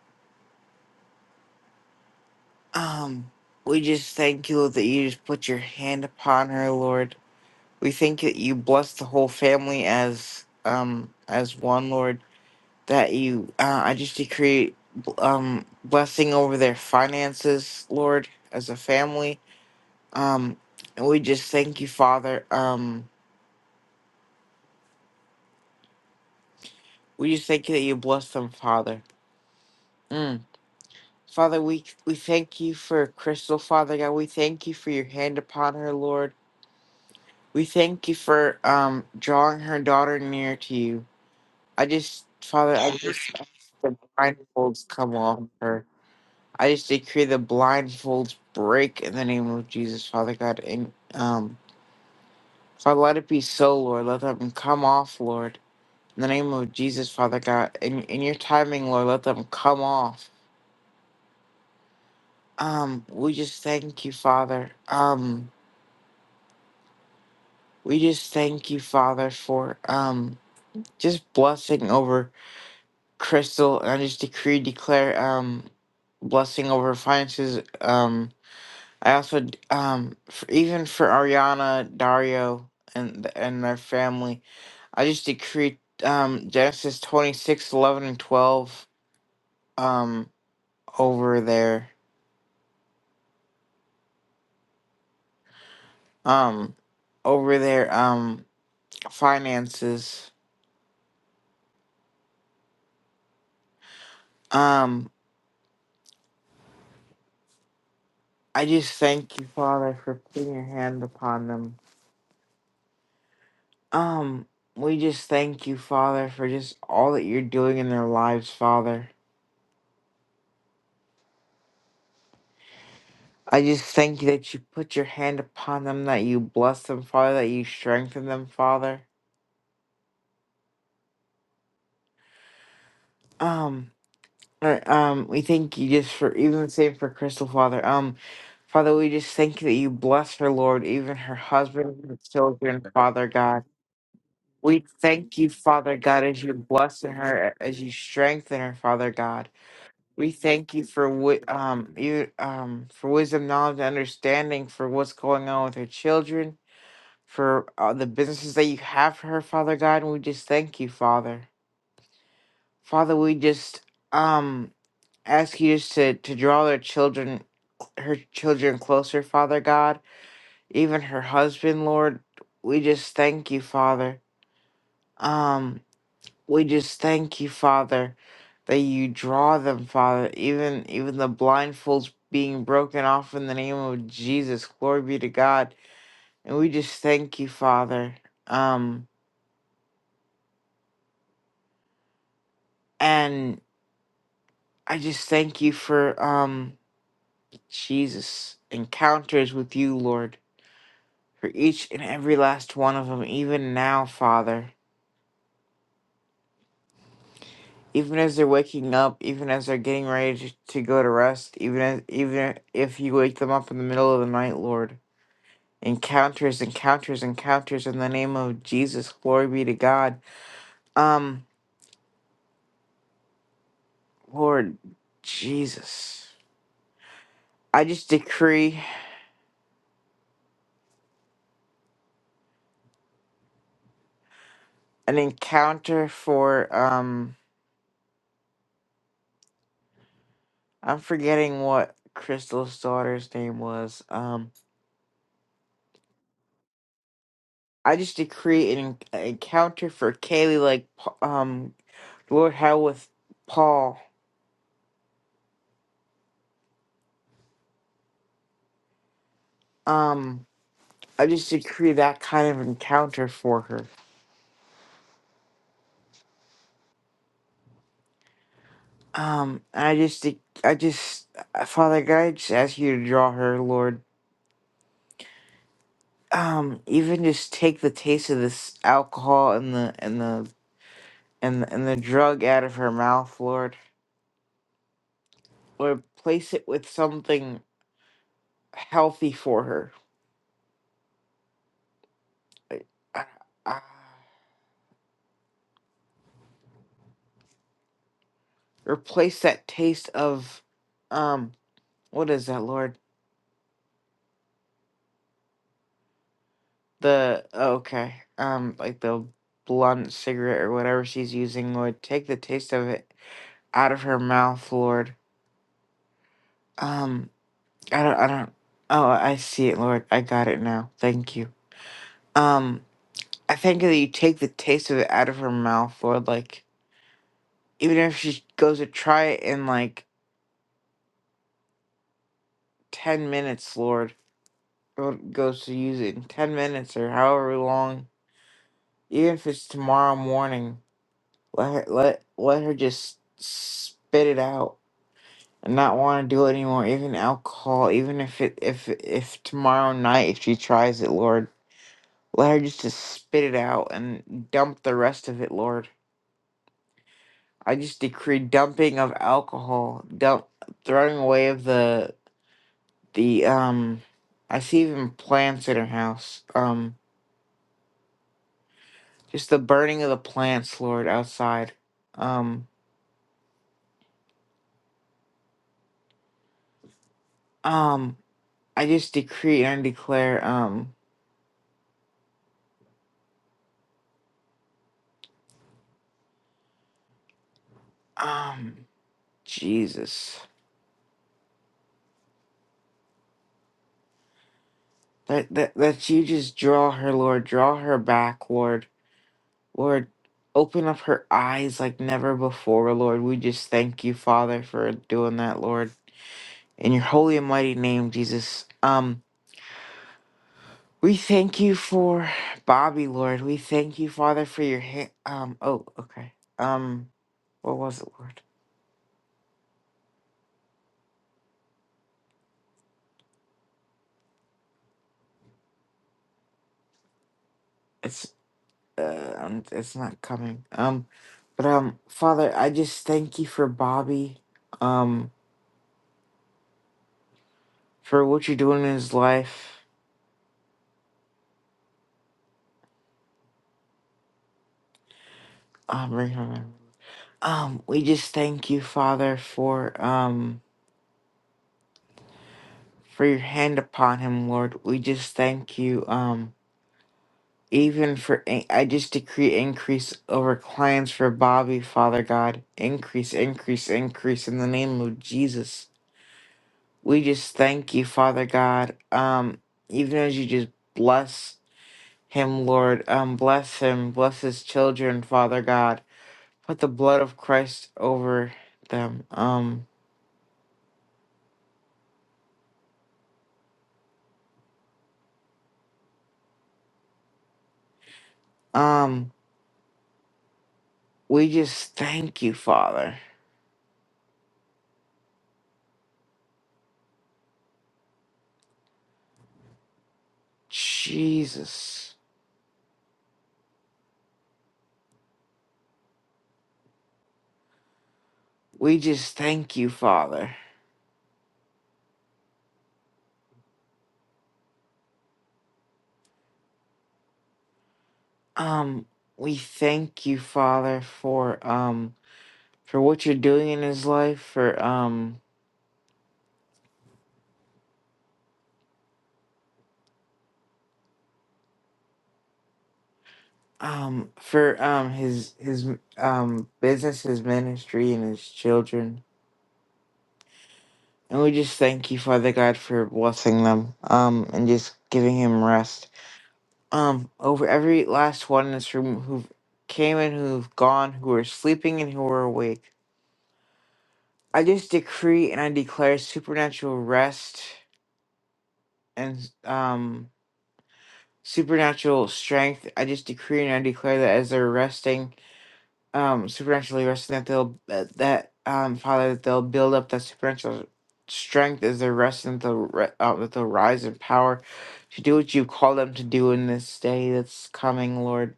Speaker 4: Um, we just thank you, Lord, that you just put your hand upon her, Lord. We thank you that you bless the whole family as um as one, Lord. That you, uh, I just decree um blessing over their finances, Lord, as a family. Um, and we just thank you, Father. Um, we just thank you that you bless them, Father. Mm. Father, we, we thank you for Crystal, Father God. We thank you for your hand upon her, Lord. We thank you for um drawing her daughter near to you. I just, Father, I just ask the blindfolds come off her. I just decree the blindfolds break in the name of Jesus, Father God. And um, Father, let it be so, Lord. Let them come off, Lord. In the name of Jesus, Father God. In, in your timing, Lord, let them come off. Um, we just thank you, Father. Um, We just thank you, Father, for um just blessing over Crystal, and I just decree declare um blessing over finances. Um, I also d- um for, even for Ariana, Dario, and and their family, I just decree um Genesis 26 11 and twelve um over their um over their um finances. Um, I just thank you, Father, for putting your hand upon them Um, we just thank you, Father, for just all that you're doing in their lives, Father. I just thank you that you put your hand upon them, that you bless them, Father, that you strengthen them, Father. Um, uh, um, we thank you just for even the same for Crystal, Father. Um, Father, we just thank you that you bless her, Lord, even her husband, her children, Father God. We thank you, Father God, as you bless her, as you strengthen her, Father God. We thank you for wi- um you um for wisdom, knowledge, and understanding for what's going on with her children, for uh, the businesses that you have for her, Father God, and we just thank you, Father. Father, we just um ask you just to to draw their children, her children closer, Father God, even her husband, Lord. We just thank you, Father. Um. We just thank you, Father, that you draw them, Father, even even the blindfolds being broken off in the name of Jesus. Glory be to God. And we just thank you, Father. Um and I just thank you for um Jesus encounters with you, Lord, for each and every last one of them, even now, Father. Even as they're waking up, even as they're getting ready to, to go to rest, even as, even if you wake them up in the middle of the night, Lord. encounters, encounters, encounters in the name of Jesus. Glory be to God. Um, Lord Jesus, I just decree an encounter for um, I'm forgetting what Crystal's daughter's name was. Um, I just decree an, an encounter for Kaylee, like um, Lord, how with Paul. Um, I just decree that kind of encounter for her. Um, I just, I just, uh, Father God, I just ask you to draw her, Lord. Um, even just take the taste of this alcohol and the and the and the, and the drug out of her mouth, Lord. Or replace it with something healthy for her. Like, uh, uh, replace that taste of, um, what is that, Lord? The oh, okay, um, like the blunt cigarette or whatever she's using, Lord. Take the taste of it out of her mouth, Lord Um, I don't, I don't, oh, I see it, Lord. I got it now. Thank you. Um, I thank you that you take the taste of it out of her mouth, Lord. Like, even if she goes to try it in like 10 minutes, Lord, or goes to use it in 10 minutes or however long, even if it's tomorrow morning, let her, let, let her just spit it out. And not want to do it anymore, even alcohol, even if it if if tomorrow night if she tries it, Lord. Let her just to spit it out and dump the rest of it, Lord. I just decree dumping of alcohol, dump throwing away of the the um I see even plants in her house. Um just the burning of the plants, Lord, outside. Um um I just decree and declare um um Jesus. That that that you just draw her, Lord, draw her back, Lord Lord, open up her eyes like never before, Lord. We just thank you, Father, for doing that, Lord. In your holy and mighty name, Jesus. Um, we thank you for Bobby, Lord. We thank you, Father, for your hand. Um, oh, okay. Um, what was it, Lord? It's uh, um, it's not coming. Um, but um, Father, I just thank you for Bobby. Um, for what you're doing in his life. Um, Um, we just thank you, Father, for um for your hand upon him, Lord. We just thank you, um, even for in- I just decree increase over clients for Bobby, Father God. Increase, increase, increase in the name of Jesus. We just thank you, Father God. Um, even as you just bless him, Lord, um, bless him, bless his children, Father God. Put the blood of Christ over them. Um, um. We just thank you, Father. Jesus. We just thank you, Father. Um, we thank you, Father, for um for what you're doing in his life, for um um for um his his um business, his ministry and his children. And we just thank you, Father God, for blessing them, um, and just giving him rest. Um, over every last one in this room who came and who've gone, who are sleeping and who are awake. I just decree and I declare supernatural rest and um supernatural strength. I just decree and I declare that as they're resting, um, supernaturally resting, that they'll that that, um Father that they'll build up that supernatural strength as they're resting. That they'll ri- uh, that they'll rise in power to do what you call them to do in this day that's coming, Lord.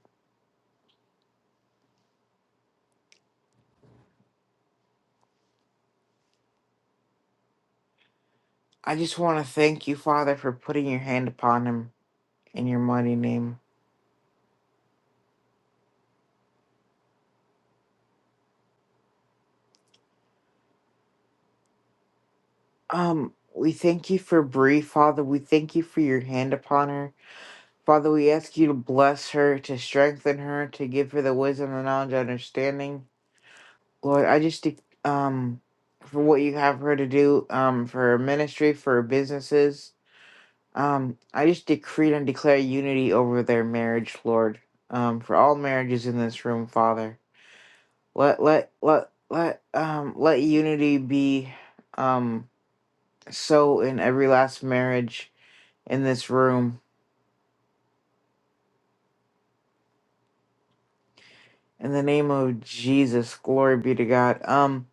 Speaker 4: I just want to thank you, Father, for putting your hand upon him in your mighty name. Um, we thank you for Bree, Father. We thank you for your hand upon her. Father, we ask you to bless her, to strengthen her, to give her the wisdom and knowledge and understanding. Lord, I just de- um for what you have her to do, um, for her ministry, for her businesses. Um, I just decree and declare unity over their marriage, Lord. Um, for all marriages in this room, Father. Let let let let um let unity be um so in every last marriage in this room. In the name of Jesus, glory be to God. Um,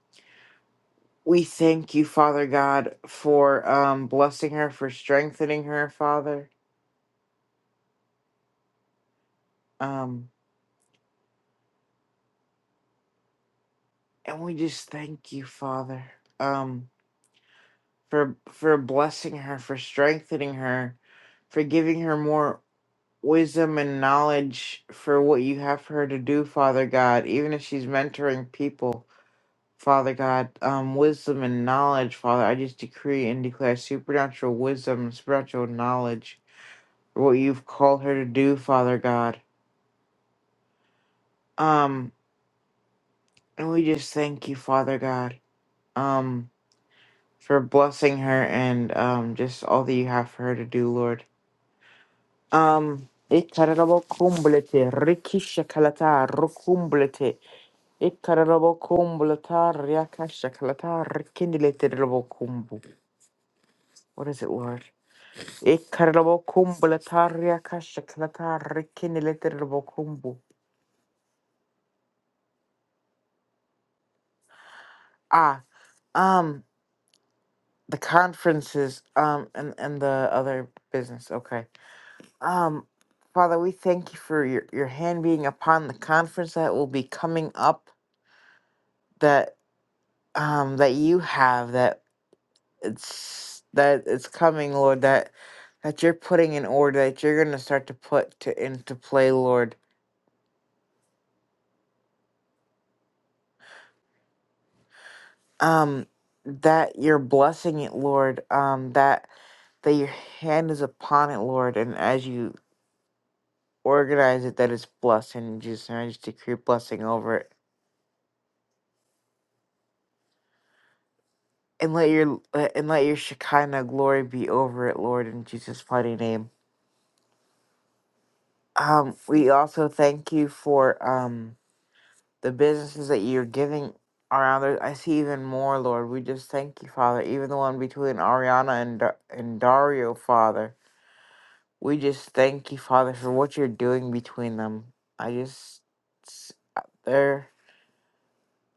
Speaker 4: we thank you, Father God, for um blessing her, for strengthening her, Father. Um, and we just thank you, Father, um, for for blessing her, for strengthening her, for giving her more wisdom and knowledge for what you have for her to do, Father God, even if she's mentoring people. Father God, um, wisdom and knowledge, Father. I just decree and declare supernatural wisdom and supernatural knowledge for what you've called her to do, Father God. Um, and we just thank you, Father God, um, for blessing her and um, just all that you have for her to do, Lord. Um, Ikararabokumblete, rikishakalata, rukumblete, Ikararabokumblata, riakashakalata, rikindilete, rabokumbu. What is it, Lord? Ikarabokhumbulataria kashaknatari kinilitirabokhumbu. Ah, um, the conferences, um, and, and the other business. Okay. Um, Father, we thank you for your, your hand being upon the conference that will be coming up that, um, that you have, that it's, that it's coming, Lord, that, that you're putting in order, that you're going to start to put to, into play, Lord um that you're blessing it lord um that that your hand is upon it lord and as you organize it that it's blessed and just and i just decree blessing over it and let your uh, and let your shekinah glory be over it lord in jesus mighty name um we also thank you for um the businesses that you're giving around there i see even more lord we just thank you father even the one between ariana and Da- and dario father We just thank you, Father, for what you're doing between them. I just s- uh, there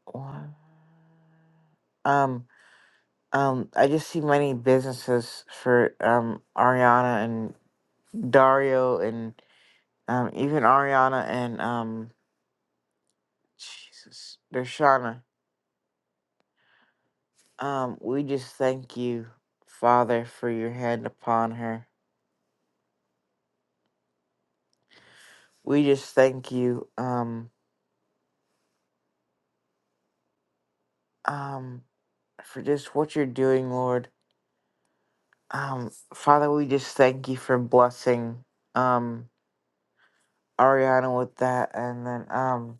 Speaker 4: one- um um I just see many businesses for um Ariana and Dario and um even Ariana and um Jesus Dershana. Um we just thank you, Father, for your hand upon her. We just thank you, um um for just what you're doing, Lord Um, Father, we just thank you for blessing um Ariana with that and then um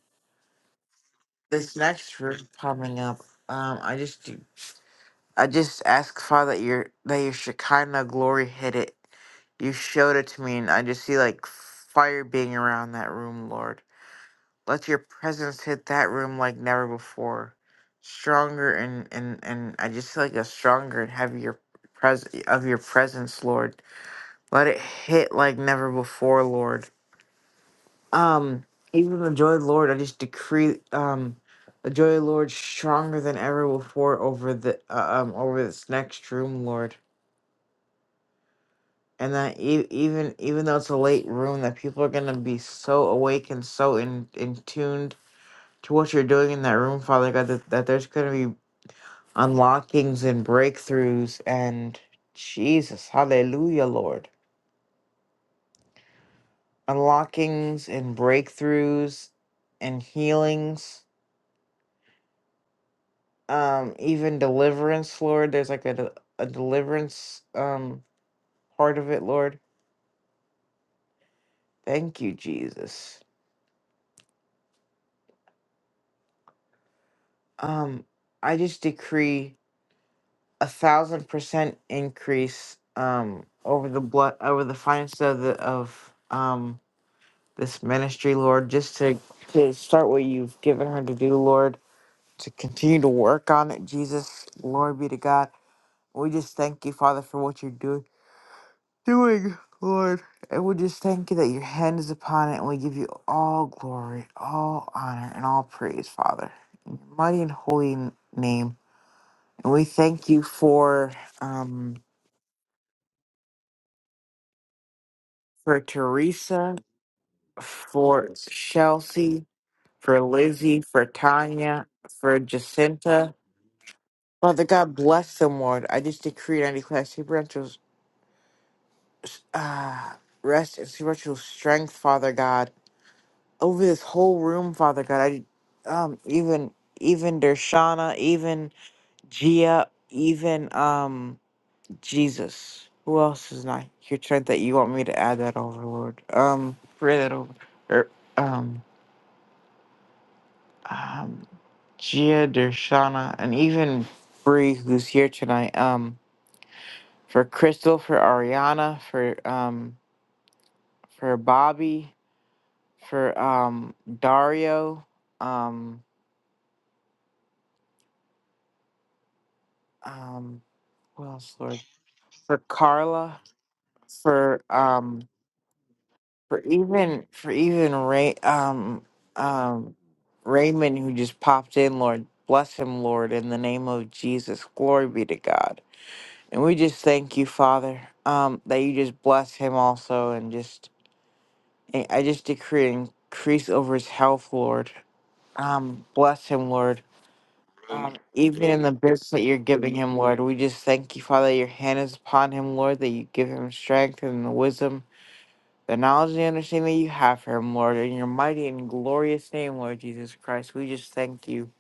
Speaker 4: this next room coming up. Um I just I just ask Father that your that your Shekinah glory hit it. You showed it to me and I just see like fire being around that room, Lord. Let your presence hit that room like never before. Stronger and and and I just see like a stronger and heavier pres of your presence, Lord Let it hit like never before, Lord. Um, even the joy of the Lord, I just decree um the joy of the Lord stronger than ever before over the uh, um over this next room, Lord. And that e- even even though it's a late room, that people are gonna be so awake and so in in tuned to what you're doing in that room, Father God, that, that there's gonna be unlockings and breakthroughs and Jesus, Hallelujah, Lord. unlockings and breakthroughs and healings um even deliverance lord there's like a, de- a deliverance um part of it lord thank you jesus um i just decree a thousand percent increase um over the blood over the finances of the of um this ministry lord just to to start what you've given her to do lord to continue to work on it jesus glory be to god We just thank you, Father, for what you're doing, doing, Lord. And we just thank you that your hand is upon it, and we give you all glory, all honor, and all praise, Father, in your mighty and holy n- name. And we thank you for um for Teresa, for Chelsea, for Lizzie, for Tanya, for Jacinta. Father God, bless them, Lord. I just decree and I declare supernatural uh, rest and supernatural strength, Father God over this whole room, Father God. I um even even Dershana, even Gia, even um Jesus. Who else is not here? Trent, that you want me to add that over, Lord. Um, pray that over. Er, um, um, Gia, Dershana, and even Bree, who's here tonight. Um, for Crystal, for Ariana, for um, for Bobby, for um, Dario, um, um, who else, Lord? for Carla, for um, for even for even Ray um um Raymond who just popped in, Lord bless him, Lord, in the name of Jesus, glory be to God. And we just thank you, Father, um, that you just bless him also, and just and I just decree and increase over his health, Lord. Um, bless him, Lord. Um, even in the business that you're giving him, Lord, we just thank you, Father, that your hand is upon him, Lord, that you give him strength and the wisdom The knowledge and understanding that you have for him, Lord, in your mighty and glorious name, Lord Jesus Christ, we just thank you.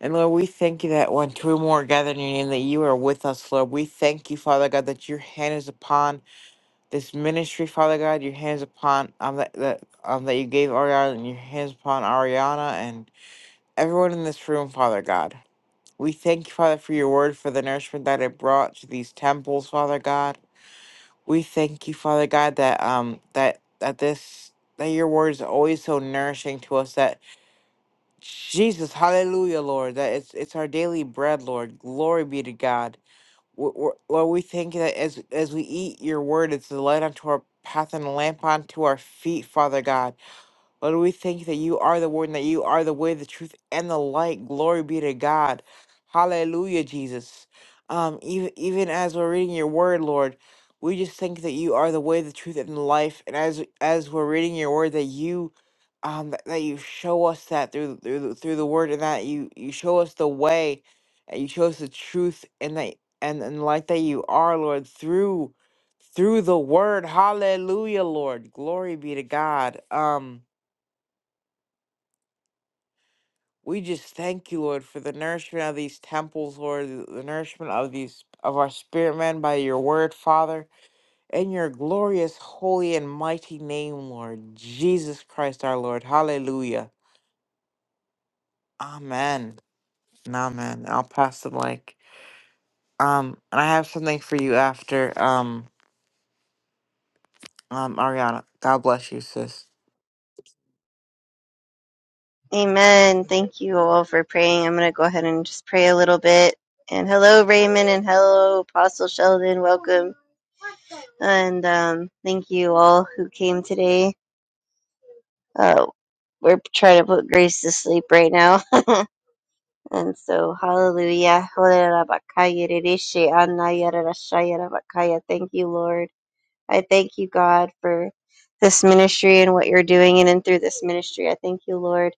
Speaker 4: And Lord, we thank you that when two or more are gathered in your name, that you are with us, Lord. We thank you, Father God, that your hand is upon this ministry, Father God. Your hand is upon um, that that um, that you gave Ariana, and your hands upon Ariana and everyone in this room, Father God. We thank you, Father, for your word, for the nourishment that it brought to these temples, Father God. We thank you, Father God, that um that that this that your words are always so nourishing to us that Jesus, hallelujah, Lord, that it's it's our daily bread, Lord. Glory be to God. we we're, Lord, we thank you that as as we eat your word, it's a light unto our path and a lamp unto our feet, Father God. Lord, we thank you that you are the word and that you are the way, the truth, and the light. Glory be to God. Hallelujah, Jesus. Um, even even as we're reading your word, Lord, we just thank you that you are the way, the truth, and the life. And as as we're reading your word, that you um that, that you show us that through through the, through the word and that you you show us the way and you show us the truth and that and, and like that you are lord through through the word hallelujah lord glory be to god um We just thank you, Lord, for the nourishment of these temples, Lord, the the nourishment of these of our spirit man by your word, Father, in your glorious, holy, and mighty name, Lord, Jesus Christ our Lord. Hallelujah. Amen. And amen. I'll pass the mic. Um, and I have something for you after um um Ariana. God bless you, sis.
Speaker 2: Amen. Thank you all for praying. I'm gonna go ahead and just pray a little bit. And hello, Raymond, and hello, Apostle Sheldon. Welcome. and um, thank you all who came today. Uh, we're trying to put Grace to sleep right now, and so hallelujah. Thank you, Lord. I thank you, God, for this ministry and what you're doing in and through this ministry. I thank you, Lord,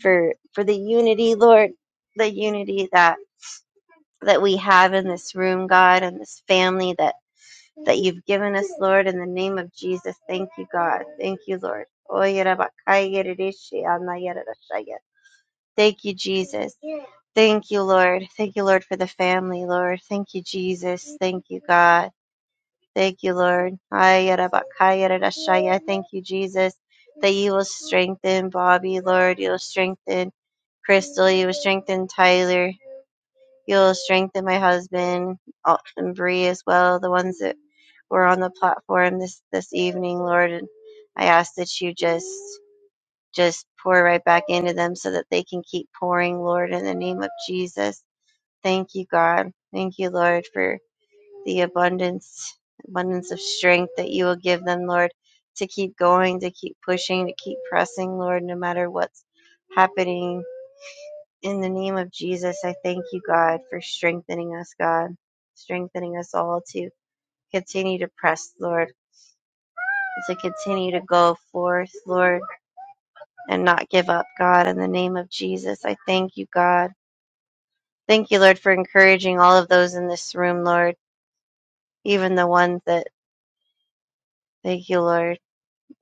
Speaker 2: for for the unity, Lord, the unity that that we have in this room, God, and this family that. that you've given us, Lord, in the name of Jesus. Thank you, God. Thank you, Lord. Thank you, Jesus. Thank you, Lord. Thank you, Lord, for the family, Lord. Thank you, Jesus. Thank you, God. Thank you, Lord. Thank you, Jesus, that you will strengthen Bobby, Lord. You'll strengthen Crystal. You will strengthen Tyler. You'll strengthen my husband and Bree as well, the ones that were on the platform this this evening, Lord. And I ask that you just just pour right back into them so that they can keep pouring, Lord, in the name of Jesus. Thank you, God. Thank you, Lord, for the abundance abundance of strength that you will give them, Lord, to keep going, to keep pushing, to keep pressing, Lord, no matter what's happening in the name of Jesus, I thank you, God, for strengthening us, God, strengthening us all to continue to press, Lord, to continue to go forth, Lord, and not give up, God. In the name of Jesus, I thank you, God. Thank you, Lord, for encouraging all of those in this room, Lord, even the ones that, thank you, Lord,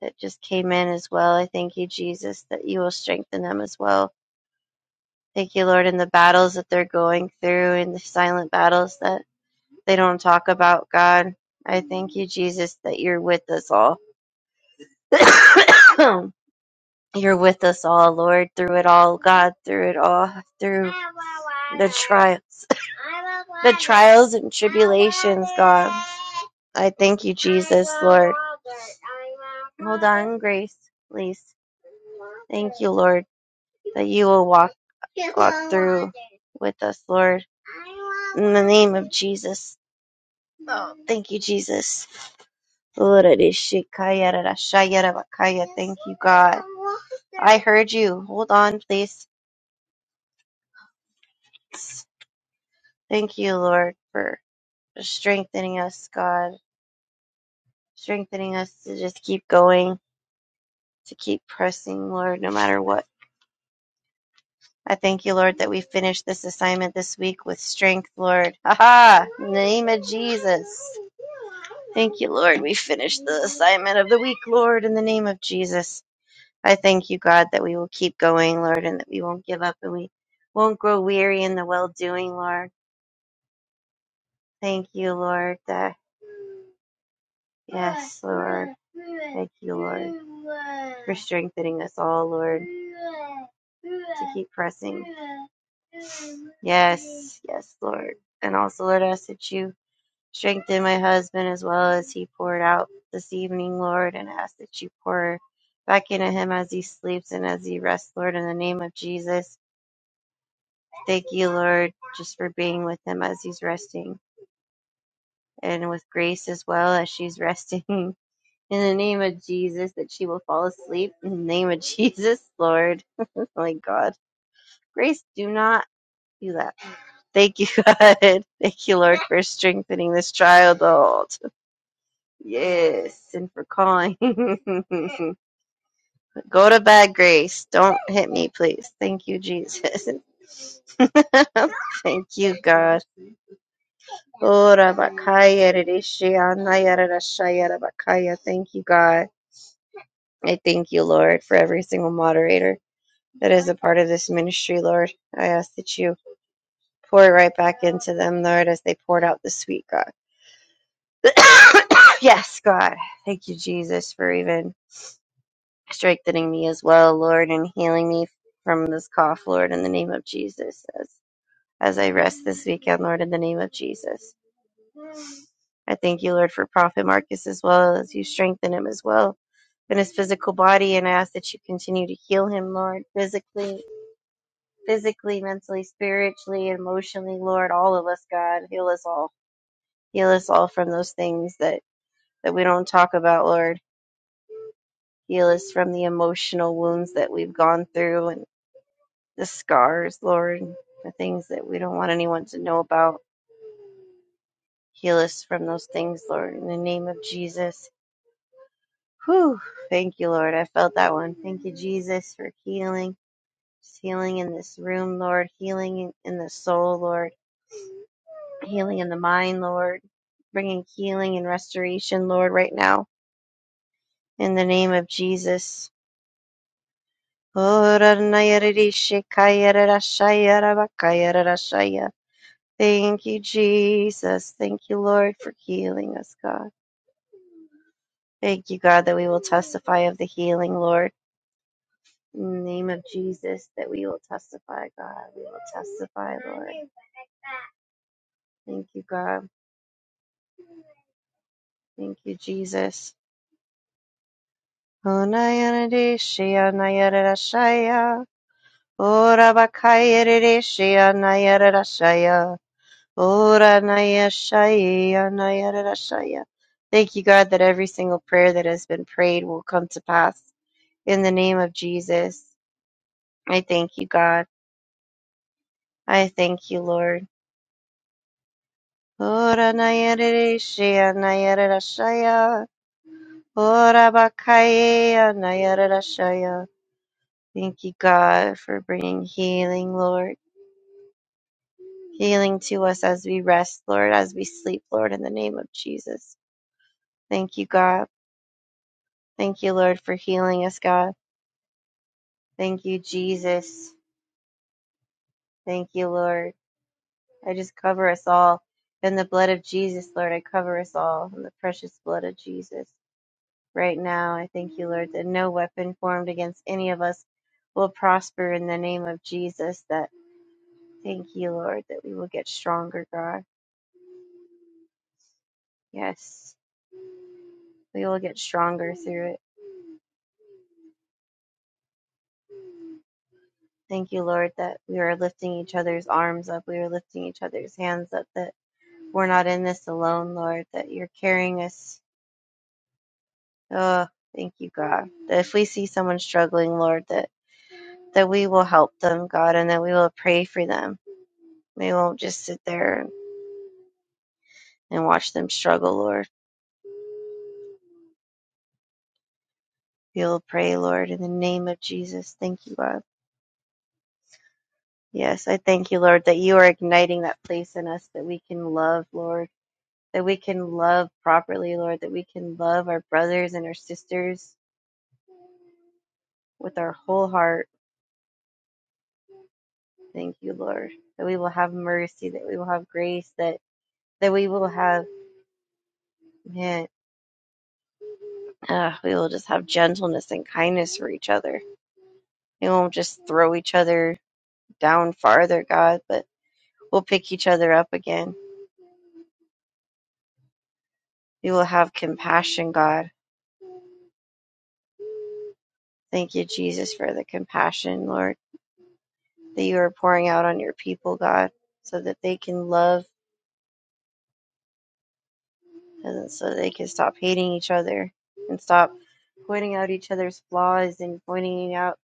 Speaker 2: that just came in as well. I thank you, Jesus, that you will strengthen them as well. Thank you, Lord, in the battles that they're going through, in the silent battles that They don't talk about God. I thank you, Jesus, that you're with us all. you're with us all, Lord, through it all, God, through it all, through the trials, the trials and tribulations, God. I thank you, Jesus, Lord. Hold on, Grace, please. Thank you, Lord, that you will walk walk through with us, Lord. In the name of Jesus. Oh, thank you, Jesus. Urarishikayararashayarabakaya. Thank you, God. I heard you. Hold on, please. Thank you, Lord, for strengthening us, God. Strengthening us to just keep going, to keep pressing, Lord, no matter what. I thank you, Lord, that we finished this assignment this week with strength, Lord. Aha! In the name of Jesus. Thank you, Lord. We finished the assignment of the week, Lord, in the name of Jesus. I thank you, God, that we will keep going, Lord, and that we won't give up and we won't grow weary in the well doing, Lord. Thank you, Lord. That, yes, Lord. Thank you, Lord, for strengthening us all, Lord, to keep pressing. Yes, yes, Lord. And also, Lord, I ask that you strengthen my husband as well as he poured out this evening, Lord, and ask that you pour back into him as he sleeps and as he rests, Lord, in the name of Jesus. Thank you, Lord, just for being with him as he's resting and with Grace as well as she's resting. In the name of Jesus, that she will fall asleep. In the name of Jesus, Lord. my God. Grace, do not do that. Thank you, God. Thank you, Lord, for strengthening this child, Lord. Yes, and for calling. Go to bed, Grace. Don't hit me, please. Thank you, Jesus. Thank you, God. Ora bakaya rishi anaya rarashaya rabakaya. Thank you, God. I thank you, Lord, for every single moderator that is a part of this ministry, Lord. I ask that you pour it right back into them, Lord, as they poured out this week, God. yes, God. Thank you, Jesus, for even strengthening me as well, Lord, and healing me from this cough, Lord, in the name of Jesus. As, as I rest this weekend, Lord, in the name of Jesus. I thank you, Lord, for Prophet Marcus as well as you strengthen him as well in his physical body and I ask that you continue to heal him, Lord, physically, physically, mentally, spiritually, emotionally, Lord, all of us, God, heal us all. Heal us all from those things that, that we don't talk about, Lord. Heal us from the emotional wounds that we've gone through and the scars, Lord, the things that we don't want anyone to know about. Heal us from those things, Lord, in the name of Jesus. Whew. Thank you, Lord. I felt that one. Thank you, Jesus, for healing. healing in this room, Lord, healing in the soul, Lord, healing in the mind, Lord, bringing healing and restoration, Lord, right now, in the name of Jesus. Thank you, Jesus. Thank you, Lord, for healing us, God. Thank you, God, that we will testify of the healing, Lord. In the name of Jesus, that we will testify, God. We will testify, Lord. Thank you, God. Thank you, Jesus. Onayanadishya Nayarashaya Ora Bakayarishya Nayarashaya Ora Nayashaya Nayarashaya. Thank you, God, that every single prayer that has been prayed will come to pass in the name of Jesus. I thank you, God. I thank you, Lord. Ora Nayarishya Nayarashaya Ora Bakaya Nayarashaya. Thank you, God, for bringing healing, Lord. healing to us as we rest, Lord, as we sleep, Lord, in the name of Jesus. Thank you, God. Thank you, Lord, for healing us, God. Thank you, Jesus. Thank you, Lord. I just cover us all in the blood of Jesus, Lord. I cover us all in the precious blood of Jesus. Right now, I thank you, Lord, that no weapon formed against any of us will prosper in the name of Jesus. That thank you, Lord, that we will get stronger, God. Yes, we will get stronger through it. Thank you, Lord, that we are lifting each other's arms up. We are lifting each other's hands up, that we're not in this alone, Lord, that you're carrying us. Oh, thank you, God. That if we see someone struggling, Lord, that, that we will help them, God, and that we will pray for them. We won't just sit there and watch them struggle, Lord. We will pray, Lord, in the name of Jesus. Thank you, God. Yes, I thank you, Lord, that you are igniting that place in us that we can love, Lord that we can love properly, Lord, that we can love our brothers and our sisters with our whole heart. Thank you, Lord, that we will have mercy, that we will have grace, that that we will have man, uh, we will just have gentleness and kindness for each other. We won't just throw each other down farther, God, but we'll pick each other up again. We will have compassion, God. Thank you, Jesus, for the compassion, Lord, that you are pouring out on your people, God, so that they can love and so they can stop hating each other and stop pointing out each other's flaws and pointing out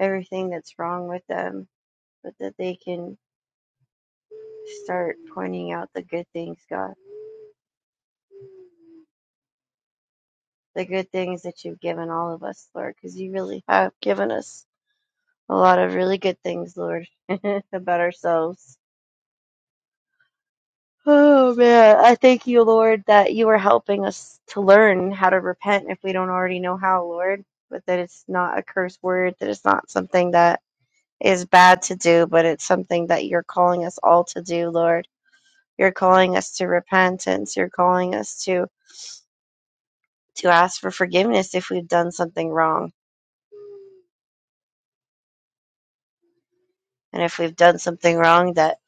Speaker 2: everything that's wrong with them, but that they can start pointing out the good things, God, the good things that you've given all of us, Lord, because you really have given us a lot of really good things, Lord, about ourselves. Oh man, I thank you, Lord, that you are helping us to learn how to repent if we don't already know how, Lord. But that it's not a curse word, that it's not something that is bad to do, but it's something that you're calling us all to do, Lord. You're calling us to repentance. You're calling us to to ask for forgiveness if we've done something wrong. And if we've done something wrong that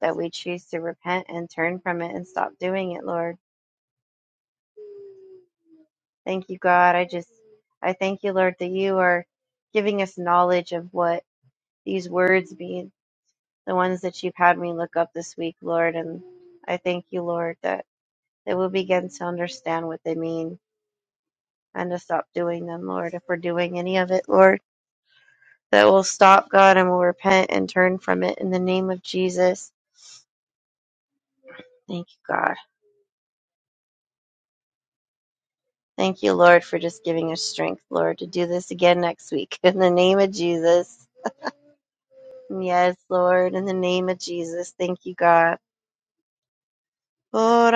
Speaker 2: that we choose to repent and turn from it and stop doing it, Lord. Thank you, God. I just I thank you, Lord, that you are giving us knowledge of what these words mean, the ones that you've had me look up this week, Lord, and I thank you, Lord, that that we'll begin to understand what they mean and to stop doing them, Lord. If we're doing any of it, Lord, that will stop, God, and we'll repent and turn from it in the name of Jesus. Thank you, God. Thank you, Lord, for just giving us strength, Lord, to do this again next week in the name of Jesus. Yes, Lord, in the name of Jesus. Thank you, God. Oh,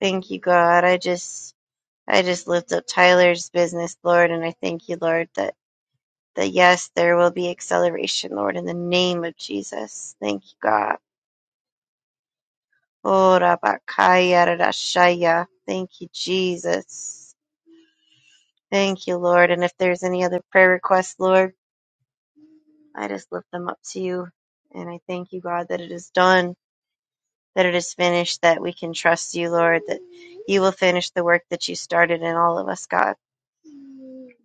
Speaker 2: Thank you, God. I just I just lift up Tyler's business, Lord, and I thank you, Lord, that that yes, there will be acceleration, Lord, in the name of Jesus. Thank you, God. Oh, Rabakaya Rarashaya. Thank you, Jesus. Thank you, Lord. And if there's any other prayer requests, Lord, I just lift them up to you. And I thank you, God, that it is done, that it is finished, that we can trust you, Lord, that you will finish the work that you started in all of us, God.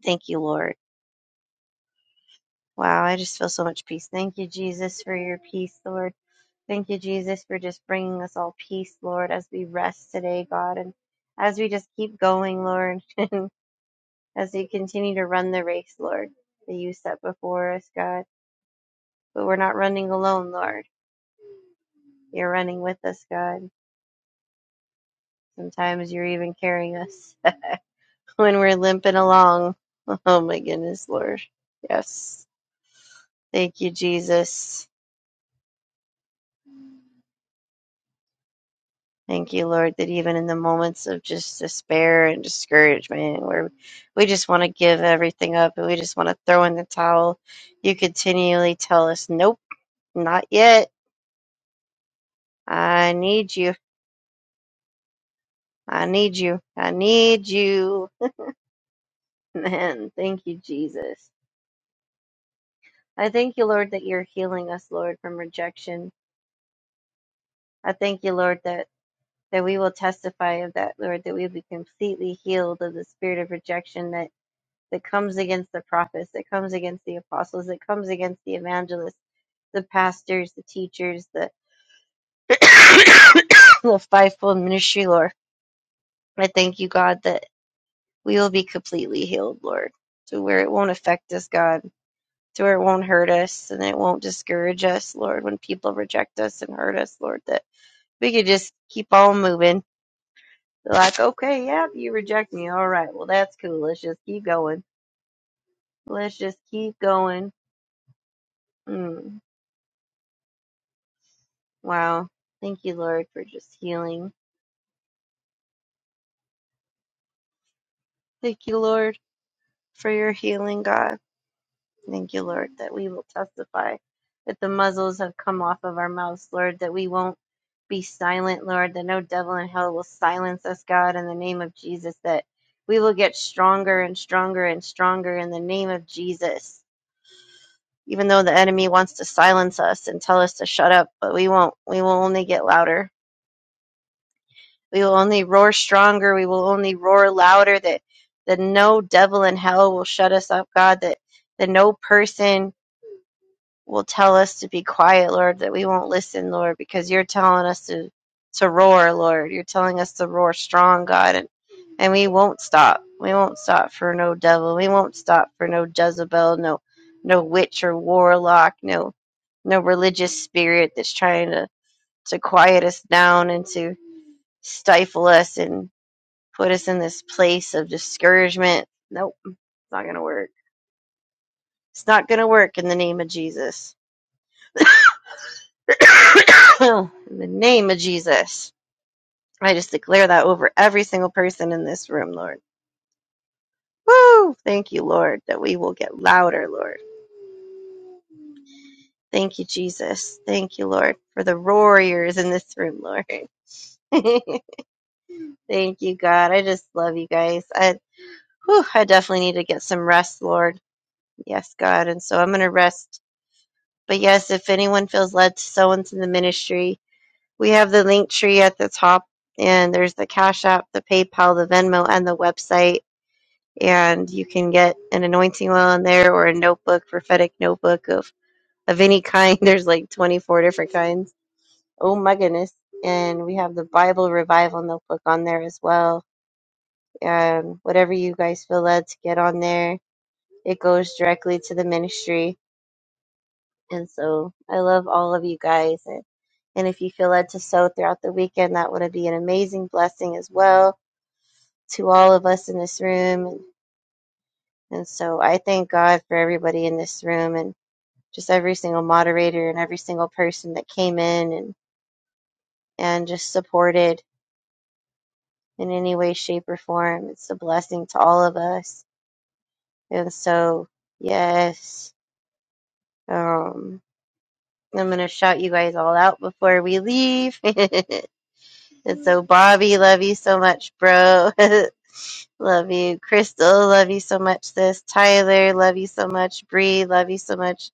Speaker 2: Thank you, Lord. Wow, I just feel so much peace. Thank you, Jesus, for your peace, Lord. Thank you, Jesus, for just bringing us all peace, Lord, as we rest today, God, and as we just keep going, Lord, and as we continue to run the race, Lord, that you set before us, God. But we're not running alone, Lord. You're running with us, God. Sometimes you're even carrying us when we're limping along. Oh, my goodness, Lord. Yes. Thank you, Jesus. Thank you, Lord, that even in the moments of just despair and discouragement, where we just want to give everything up and we just want to throw in the towel, you continually tell us, Nope, not yet. I need you. I need you. I need you. Man, thank you, Jesus. I thank you, Lord, that you're healing us, Lord, from rejection. I thank you, Lord, that, that we will testify of that, Lord, that we will be completely healed of the spirit of rejection, that. that comes against the prophets, that comes against the apostles, that comes against the evangelists, the pastors, the teachers, the, the fivefold ministry, Lord. I thank you, God, that we will be completely healed, Lord, to where it won't affect us, God, to where it won't hurt us and it won't discourage us, Lord, when people reject us and hurt us, Lord, that we could just keep on moving. They're Like, okay, yeah, you reject me. All right, well, that's cool. Let's just keep going. Let's just keep going. Mm. Wow. Thank you, Lord, for just healing. Thank you, Lord, for your healing, God. Thank you, Lord, that we will testify that the muzzles have come off of our mouths, Lord, that we won't be silent, Lord, that no devil in hell will silence us, God, in the name of Jesus, that we will get stronger and stronger and stronger in the name of Jesus. Even though the enemy wants to silence us and tell us to shut up, but we won't. We will only get louder We will only roar stronger. We will only roar louder that, that no devil in hell will shut us up, God, that, that no person will tell us to be quiet, Lord, that we won't listen, Lord, because you're telling us to, to roar, Lord. You're telling us to roar strong, God, and, and we won't stop. We won't stop for no devil. We won't stop for no Jezebel, no, no witch or warlock, no, no religious spirit that's trying to, to quiet us down and to stifle us and put us in this place of discouragement. Nope, it's not going to work. It's not going to work in the name of Jesus. in the name of Jesus. I just declare that over every single person in this room, Lord. Woo! Thank you, Lord, that we will get louder, Lord. Thank you, Jesus. Thank you, Lord, for the warriors in this room, Lord. Thank you, God. I just love you guys. I, whew, I definitely need to get some rest, Lord. Yes, God. And so I'm going to rest But yes, if anyone feels led to sow into the ministry, we have the link tree at the top, and there's the Cash App, the PayPal, the Venmo, and the website. And you can get an anointing oil in there or a notebook, prophetic notebook of, of any kind. There's like 24 different kinds. Oh my goodness. And we have the Bible Revival notebook on there as well. And whatever you guys feel led to get on there, it goes directly to the ministry And so I love all of you guys. And, and if you feel led to sow throughout the weekend, that would be an amazing blessing as well to all of us in this room. And, and so I thank God for everybody in this room and just every single moderator and every single person that came in and, and just supported in any way, shape, or form. It's a blessing to all of us. And so, yes, um, I'm going to shout you guys all out before we leave. And so, Bobby, love you so much, bro. love you. Crystal, love you so much, sis. Tyler, love you so much. Bree, love you so much.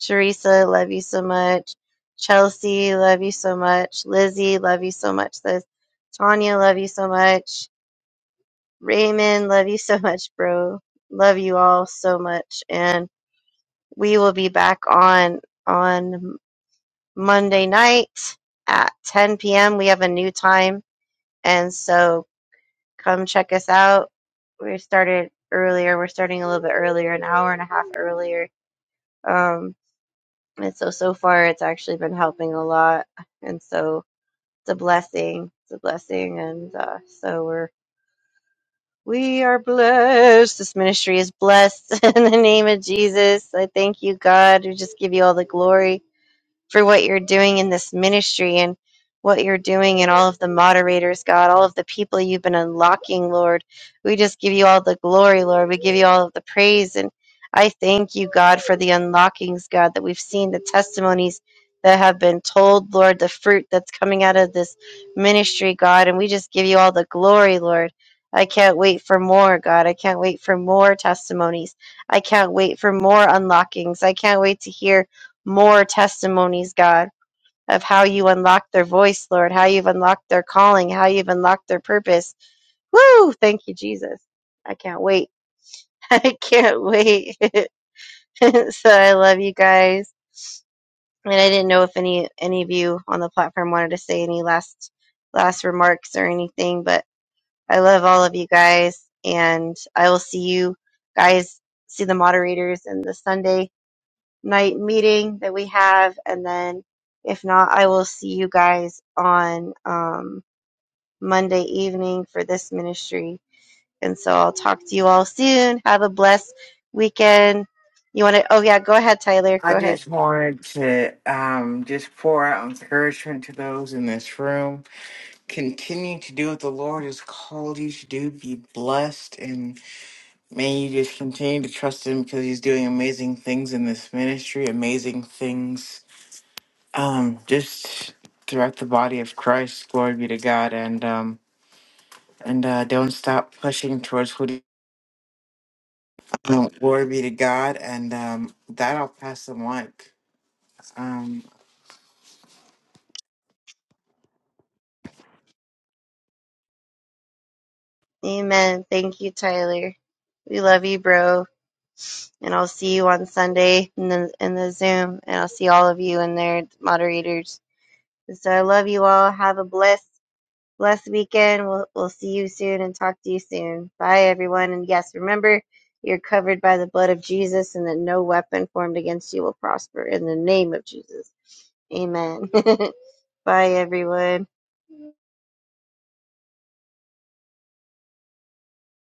Speaker 2: Teresa, love you so much. Chelsea, love you so much. Lizzie, love you so much, sis. Tanya, love you so much. Raymond, love you so much, bro. Love you all so much. And we will be back on on Monday night at 10 p.m. We have a new time. And so Come check us out. We started earlier. We're starting a little bit earlier, an hour and a half earlier. Um, and so so far, it's actually been helping a lot, and so it's a blessing. It's a blessing, and uh, so we're we are blessed. This ministry is blessed in the name of Jesus. I thank you, God. We just give you all the glory. for what you're doing in this ministry and what you're doing and all of the moderators, God, all of the people you've been unlocking, Lord. We just give you all the glory, Lord. We give you all of the praise. And I thank you, God, for the unlockings, God, that we've seen, the testimonies that have been told, Lord, the fruit that's coming out of this ministry, God. And we just give you all the glory, Lord. I can't wait for more, God. I can't wait for more testimonies. I can't wait for more unlockings. I can't wait to hear more testimonies, God, of how you unlocked their voice, Lord, how you've unlocked their calling, how you've unlocked their purpose. Woo! Thank you, Jesus. I can't wait. I can't wait. so I love you guys. And I didn't know if any any of you on the platform wanted to say any last last remarks or anything, but I love all of you guys and I will see you guys see the moderators and the Sunday night meeting that we have. And then if not, I will see you guys on um, Monday evening for this ministry. And so I'll talk to you all soon. Have a blessed weekend. You want to? Oh, yeah, go ahead, Tyler.
Speaker 4: I
Speaker 2: Go ahead.
Speaker 4: just wanted to um just pour out encouragement to those in this room continue to do what the Lord has called you to do. Be blessed, and may you just continue to trust Him because He's doing amazing things in this ministry, amazing things um, just throughout the body of Christ. Glory be to God, and um, and uh, don't stop pushing towards who. Glory be to God, and um, that I'll pass the mic. Um,
Speaker 2: Amen. Thank you, Tyler. We love you, bro. And I'll see you on Sunday in the, in the Zoom. And I'll see all of you in there, moderators. And so I love you all. Have a blessed Blessed weekend. We'll, we'll see you soon and talk to you soon. Bye, everyone. And yes, remember, you're covered by the blood of Jesus and that no weapon formed against you will prosper in the name of Jesus. Amen. Bye, everyone.